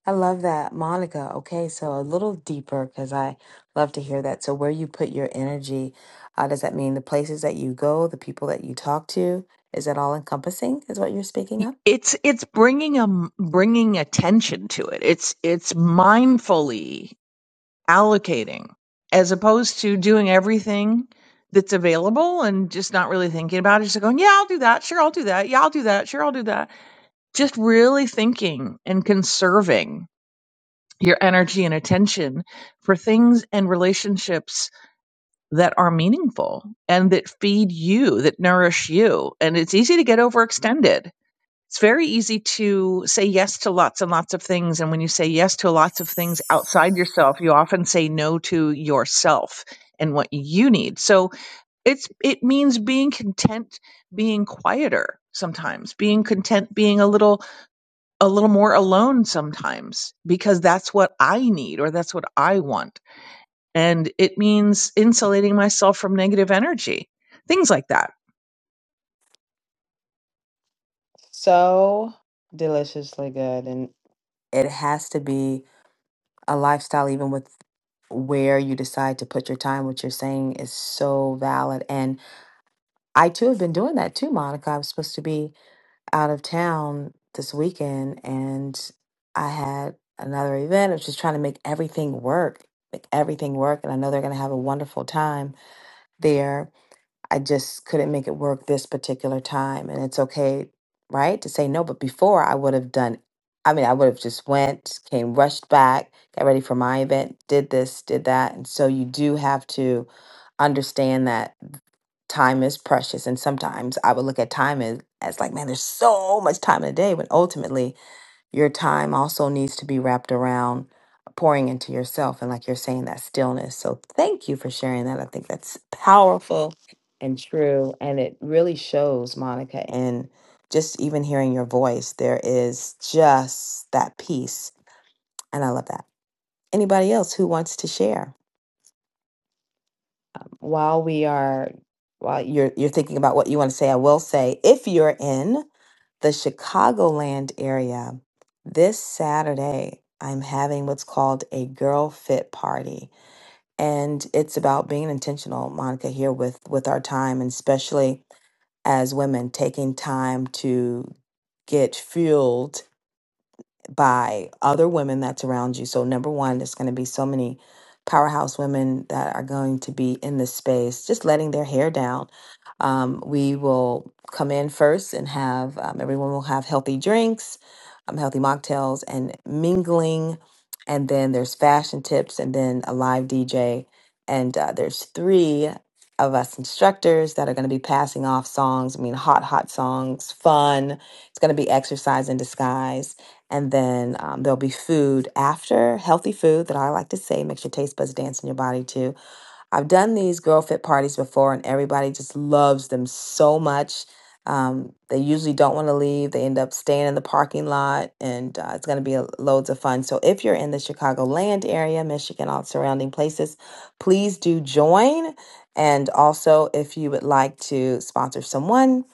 S27: I love that, Monica. Okay, so a little deeper because I love to hear that. So, where you put your energy, uh, does that mean the places that you go, the people that you talk to? Is that all encompassing, is what you're speaking of?
S25: It's it's bringing a bringing attention to it. It's it's mindfully allocating as opposed to doing everything that's available and just not really thinking about it. Just going, yeah, I'll do that. Sure, I'll do that. Yeah, I'll do that. Sure, I'll do that. Just really thinking and conserving your energy and attention for things and relationships that are meaningful and that feed you, that nourish you. And it's easy to get overextended. It's very easy to say yes to lots and lots of things. And when you say yes to lots of things outside yourself, you often say no to yourself and what you need. So it's, it means being content, being quieter sometimes, being content, being a little a little more alone sometimes because that's what I need or that's what I want. And it means insulating myself from negative energy, things like that.
S27: So deliciously good. And It has to be a lifestyle, even with where you decide to put your time. What you're saying is so valid. And I too have been doing that too, Monica. I'm supposed to be out of town this weekend and I had another event. I was just trying to make everything work, make everything work. And I know they're going to have a wonderful time there. I just couldn't make it work this particular time. And it's okay, right, to say no. But before I would have done, I mean, I would have just went, came, rushed back, got ready for my event, did this, did that. And so you do have to understand that time is precious. And sometimes I would look at time as, as like, man, there's so much time in a day when ultimately your time also needs to be wrapped around pouring into yourself and, like you're saying, that stillness. So, thank you for sharing that. I think that's powerful and true. And it really shows, Monica, and just even hearing your voice, there is just that peace. And I love that. Anybody else who wants to share? While we are, while you're, you're thinking about what you want to say, I will say if you're in, the Chicagoland area, this Saturday, I'm having what's called a girl fit party. And it's about being intentional, Monica, here with, with our time, and especially as women, taking time to get fueled by other women that's around you. So, number one, there's going to be so many powerhouse women that are going to be in this space, just letting their hair down. Um, we will come in first and have um, everyone will have healthy drinks, um, healthy mocktails, and mingling. And then there's fashion tips, and then a live DJ. And uh, there's three of us instructors that are going to be passing off songs. I mean, hot, hot songs, fun. It's going to be exercise in disguise and then um, there'll be food after, healthy food that I like to say makes your taste buds dance in your body too I've done these girl fit parties before, and everybody just loves them so much. Um, they usually don't want to leave. They end up staying in the parking lot, and uh, it's going to be a- loads of fun. So, if you're in the Chicagoland area, Michigan, all surrounding places, please do join. And also, if you would like to sponsor someone,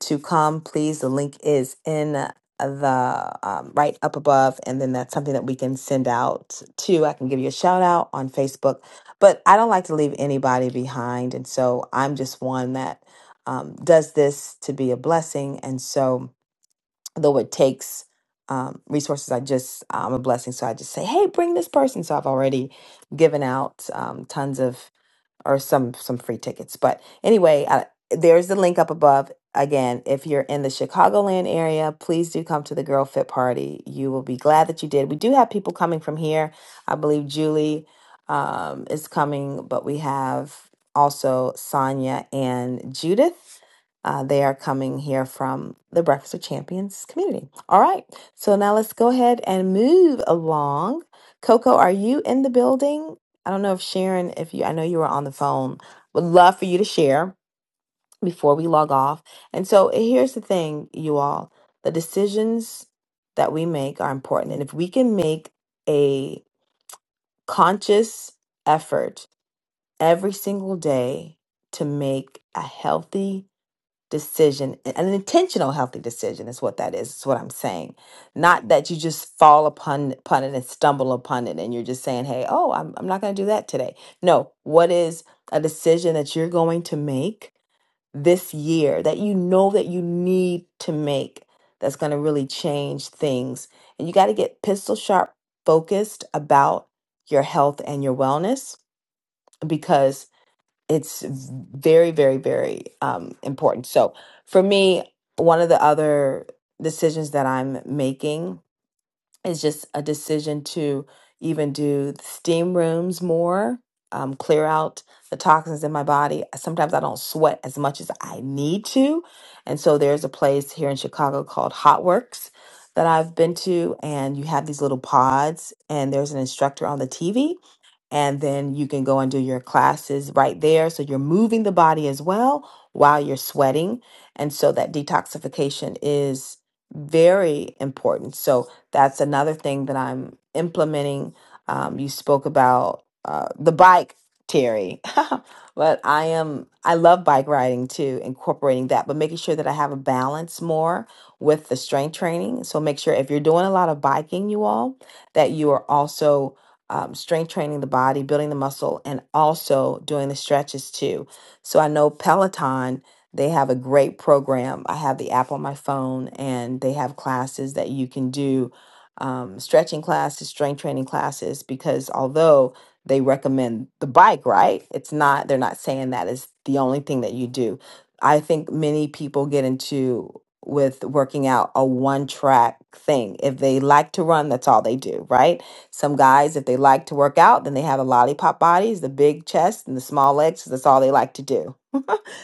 S27: to come, please. The link is in the um, right up above, and then that's something that we can send out to. I can give you a shout out on Facebook but I don't like to leave anybody behind. And so I'm just one that um, does this to be a blessing. And so, though it takes um, resources, I just, I'm a blessing. So I just say, hey, bring this person. So I've already given out um, tons of or some some free tickets. But anyway, I, there's the link up above. Again, if you're in the Chicagoland area, please do come to the Girl Fit Party. You will be glad that you did. We do have people coming from here. I believe Julie um, is coming, but we have also Sonia and Judith. Uh, they are coming here from the Breakfast of Champions community. All right, so now let's go ahead and move along. Coco, are you in the building? I don't know if Sharon, if you, I know you were on the phone, would love for you to share before we log off. And so eh, here's the thing, you all the decisions that we make are important. And if we can make a conscious effort every single day to make a healthy decision, an intentional healthy decision is what that is. Is what I'm saying. Not that you just fall upon upon it and stumble upon it, and you're just saying, "Hey, oh, I'm I'm not going to do that today." No, what is a decision that you're going to make this year that you know that you need to make that's going to really change things, and you got to get pistol sharp focused about your health and your wellness because it's very very very um, important so for me one of the other decisions that i'm making is just a decision to even do steam rooms more um, clear out the toxins in my body sometimes i don't sweat as much as i need to and so there's a place here in chicago called hot works that i've been to and you have these little pods and there's an instructor on the tv and then you can go and do your classes right there. So you're moving the body as well while you're sweating. And so that detoxification is very important. So that's another thing that I'm implementing. Um, you spoke about uh, the bike, Terry, but I am, I love bike riding too, incorporating that, but making sure that I have a balance more with the strength training. So make sure if you're doing a lot of biking, you all, that you are also um, strength training the body, building the muscle, and also doing the stretches too. So I know Peloton, they have a great program. I have the app on my phone, and they have classes that you can do um, stretching classes, strength training classes, because although they recommend the bike, right? It's not, they're not saying that is the only thing that you do. I think many people get into with working out a one track thing. If they like to run, that's all they do, right? Some guys, if they like to work out, then they have the lollipop bodies, the big chest and the small legs, 'cause that's all they like to do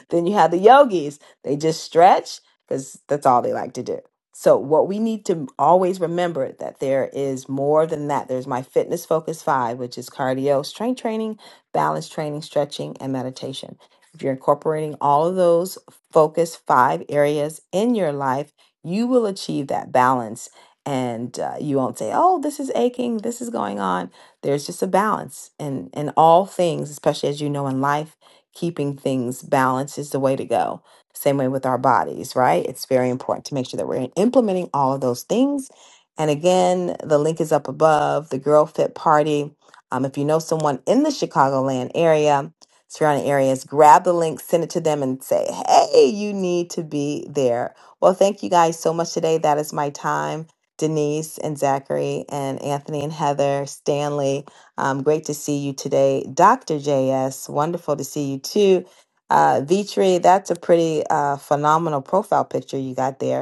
S27: then you have the yogis. They just stretch because that's all they like to do. So what we need to always remember that there is more than that. There's my fitness focus five, which is cardio, strength training, balance training, stretching, and meditation. If you're incorporating all of those focus five areas in your life, you will achieve that balance and uh, you won't say, oh, this is aching, this is going on. There's just a balance in, in all things, especially as you know in life keeping things balanced is the way to go. Same way with our bodies, right? It's very important to make sure that we're implementing all of those things. And again, the link is up above the Girl Fit Party. Um, if you know someone in the Chicagoland area, surrounding areas, grab the link, send it to them, and say, hey, you need to be there. Well, thank you guys so much today. That is my time. Denise and Zachary and Anthony and Heather, Stanley. Um, great to see you today, Dr. JS. Wonderful to see you too. Uh, Vitri, that's a pretty uh, phenomenal profile picture you got there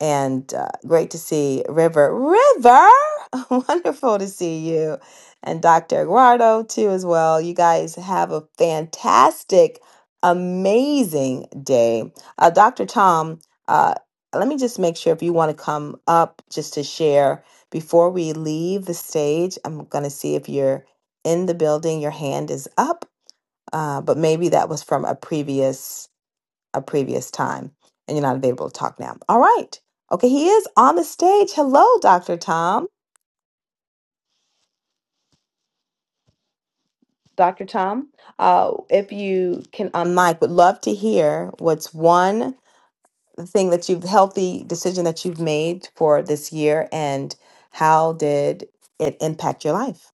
S27: and uh, great to see River. River, wonderful to see you, and Dr. Eduardo too as well. You guys have a fantastic, amazing day. Uh, Dr. Tom, uh, let me just make sure if you want to come up just to share before we leave the stage. I'm gonna see if you're in the building. Your hand is up, uh, but maybe that was from a previous a previous time and you're not available to talk now. All right. Okay, he is on the stage. Hello, Dr. Tom. Dr. Tom, uh, if you can on would love to hear what's one thing that you've healthy decision that you've made for this year and how did it impact your life?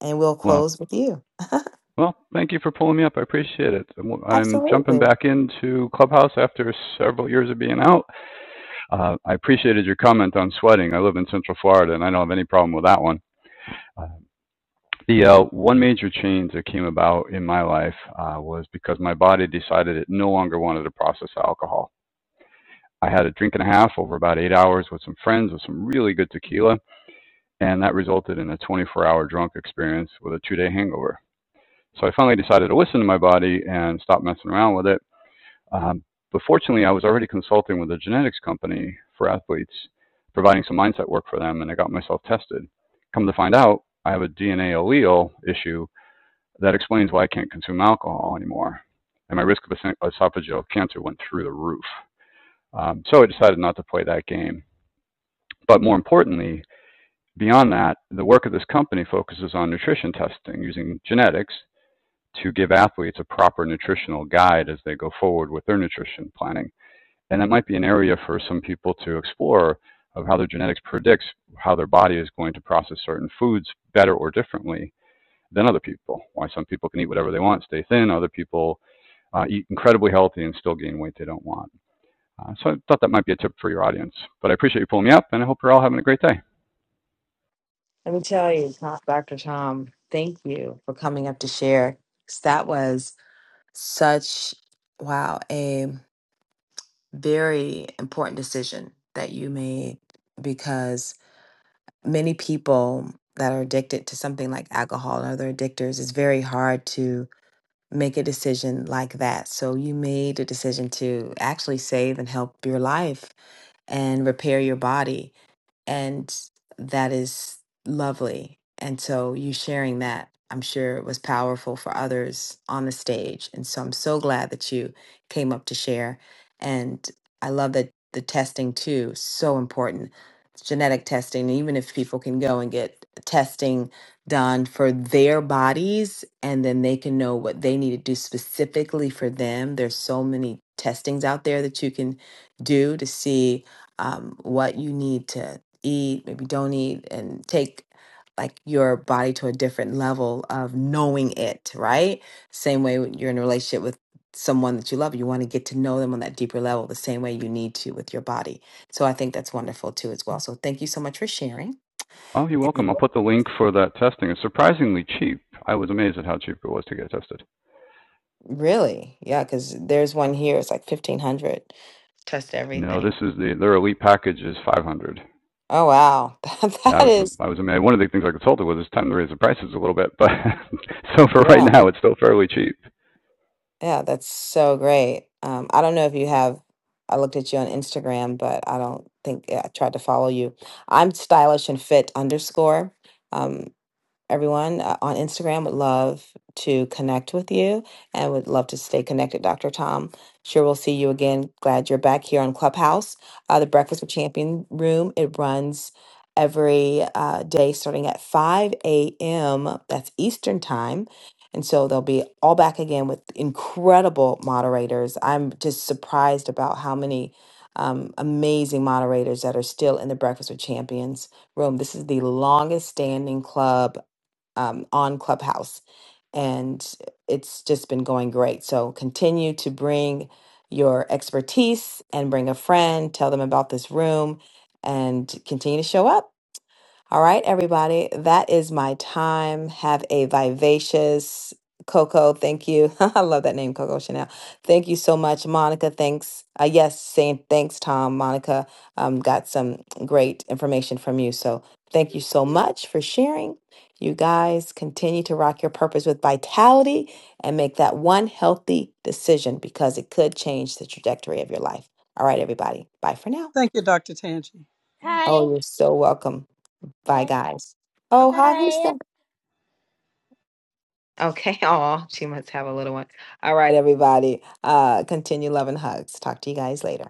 S27: And we'll
S30: Well,
S27: close with you.
S30: well, thank you for pulling me up. I appreciate it. I'm- I'm jumping
S27: Absolutely.
S30: back into Clubhouse after several years of being out. Uh, I appreciated your comment on sweating. I live in Central Florida, and I don't have any problem with that one. Uh, the uh, one major change that came about in my life uh, was because my body decided it no longer wanted to process alcohol. I had a drink and a half over about eight hours with some friends with some really good tequila, and that resulted in a 24 hour drunk experience with a two day hangover. So I finally decided to listen to my body and stop messing around with it. Um, but fortunately, I was already consulting with a genetics company for athletes, providing some mindset work for them, and I got myself tested. Come to find out, I have a DNA allele issue that explains why I can't consume alcohol anymore. And my risk of esophageal cancer went through the roof. Um, so I decided not to play that game. But more importantly, beyond that, the work of this company focuses on nutrition testing using genetics to give athletes a proper nutritional guide as they go forward with their nutrition planning. And that might be an area for some people to explore of how their genetics predicts how their body is going to process certain foods better or differently than other people. Why some people can eat whatever they want, stay thin, other people uh, eat incredibly healthy and still gain weight they don't want. Uh, so I thought that might be a tip for your audience. But I appreciate you pulling me up, and I hope you're all having a great day.
S27: Let me tell you, Tom- Dr. Tom, thank you for coming up to share. 'Cause That was such wow, a very important decision that you made because many people that are addicted to something like alcohol and other addictors, it's very hard to make a decision like that. So you made a decision to actually save and help your life and repair your body. And that is lovely. And so you sharing that, I'm sure it was powerful for others on the stage. And so I'm so glad that you came up to share. And I love that the testing too, so important. It's genetic testing, even if people can go and get testing done for their bodies and then they can know what they need to do specifically for them. There's so many testings out there that you can do to see um, what you need to eat, maybe don't eat, and take like your body to a different level of knowing it, right? Same way when you're in a relationship with someone that you love, you want to get to know them on that deeper level, the same way you need to with your body. So I think that's wonderful too, as well. So thank you so much for sharing.
S30: Oh, you're welcome.
S27: Mhm.
S30: I'll put the link for that testing. It's surprisingly cheap. I was amazed at how cheap it was to get tested.
S27: Really? Yeah, because there's one here, it's like 1500. Test
S30: No,
S27: everything.
S30: this is the their elite package is 500.
S27: Oh, wow.
S30: Yeah, I
S27: that
S30: was
S27: is.
S30: I was amazed. One of the things I consulted was it's time to raise the prices a little bit, but so for
S27: yeah.
S30: right now it's still fairly cheap.
S27: Yeah, that's so great. Um, I don't know if you have, I looked at you on Instagram, but I don't think yeah, I tried to follow you. I'm stylish and fit underscore. Um, everyone uh, on Instagram. Would love to connect with you and would love to stay connected, Dr. Tom. Sure, we'll see you again. Glad you're back here on Clubhouse, uh, the Breakfast with Champion room. It runs every uh, day starting at 5 a.m. That's Eastern time. And so they'll be all back again with incredible moderators. I'm just surprised about how many um, amazing moderators that are still in the Breakfast with Champions room. This is the longest standing club um, on Clubhouse. And it's just been going great. So continue to bring your expertise and bring a friend, tell them about this room, and continue to show up. All right, everybody, that is my time. Have a vivacious Coco. Thank you. I love that name, Coco Chanel. Thank you so much, Monica. Thanks. Uh, yes, saying thanks, Tom. Monica um, got some great information from you. So thank you so much for sharing. You guys continue to rock your purpose with vitality and make that one healthy decision because it could change the trajectory of your life. All right, everybody. Bye for now.
S28: Thank you, Dr. Tangi. Hi.
S27: Oh, you're so welcome. Bye,
S28: Hi.
S27: guys.
S28: Bye
S27: Oh,
S28: bye.
S27: hi, who's
S28: Hi.
S27: that? Okay. Oh, she must have a little one. All right, everybody. Uh, continue loving hugs. Talk to you guys later.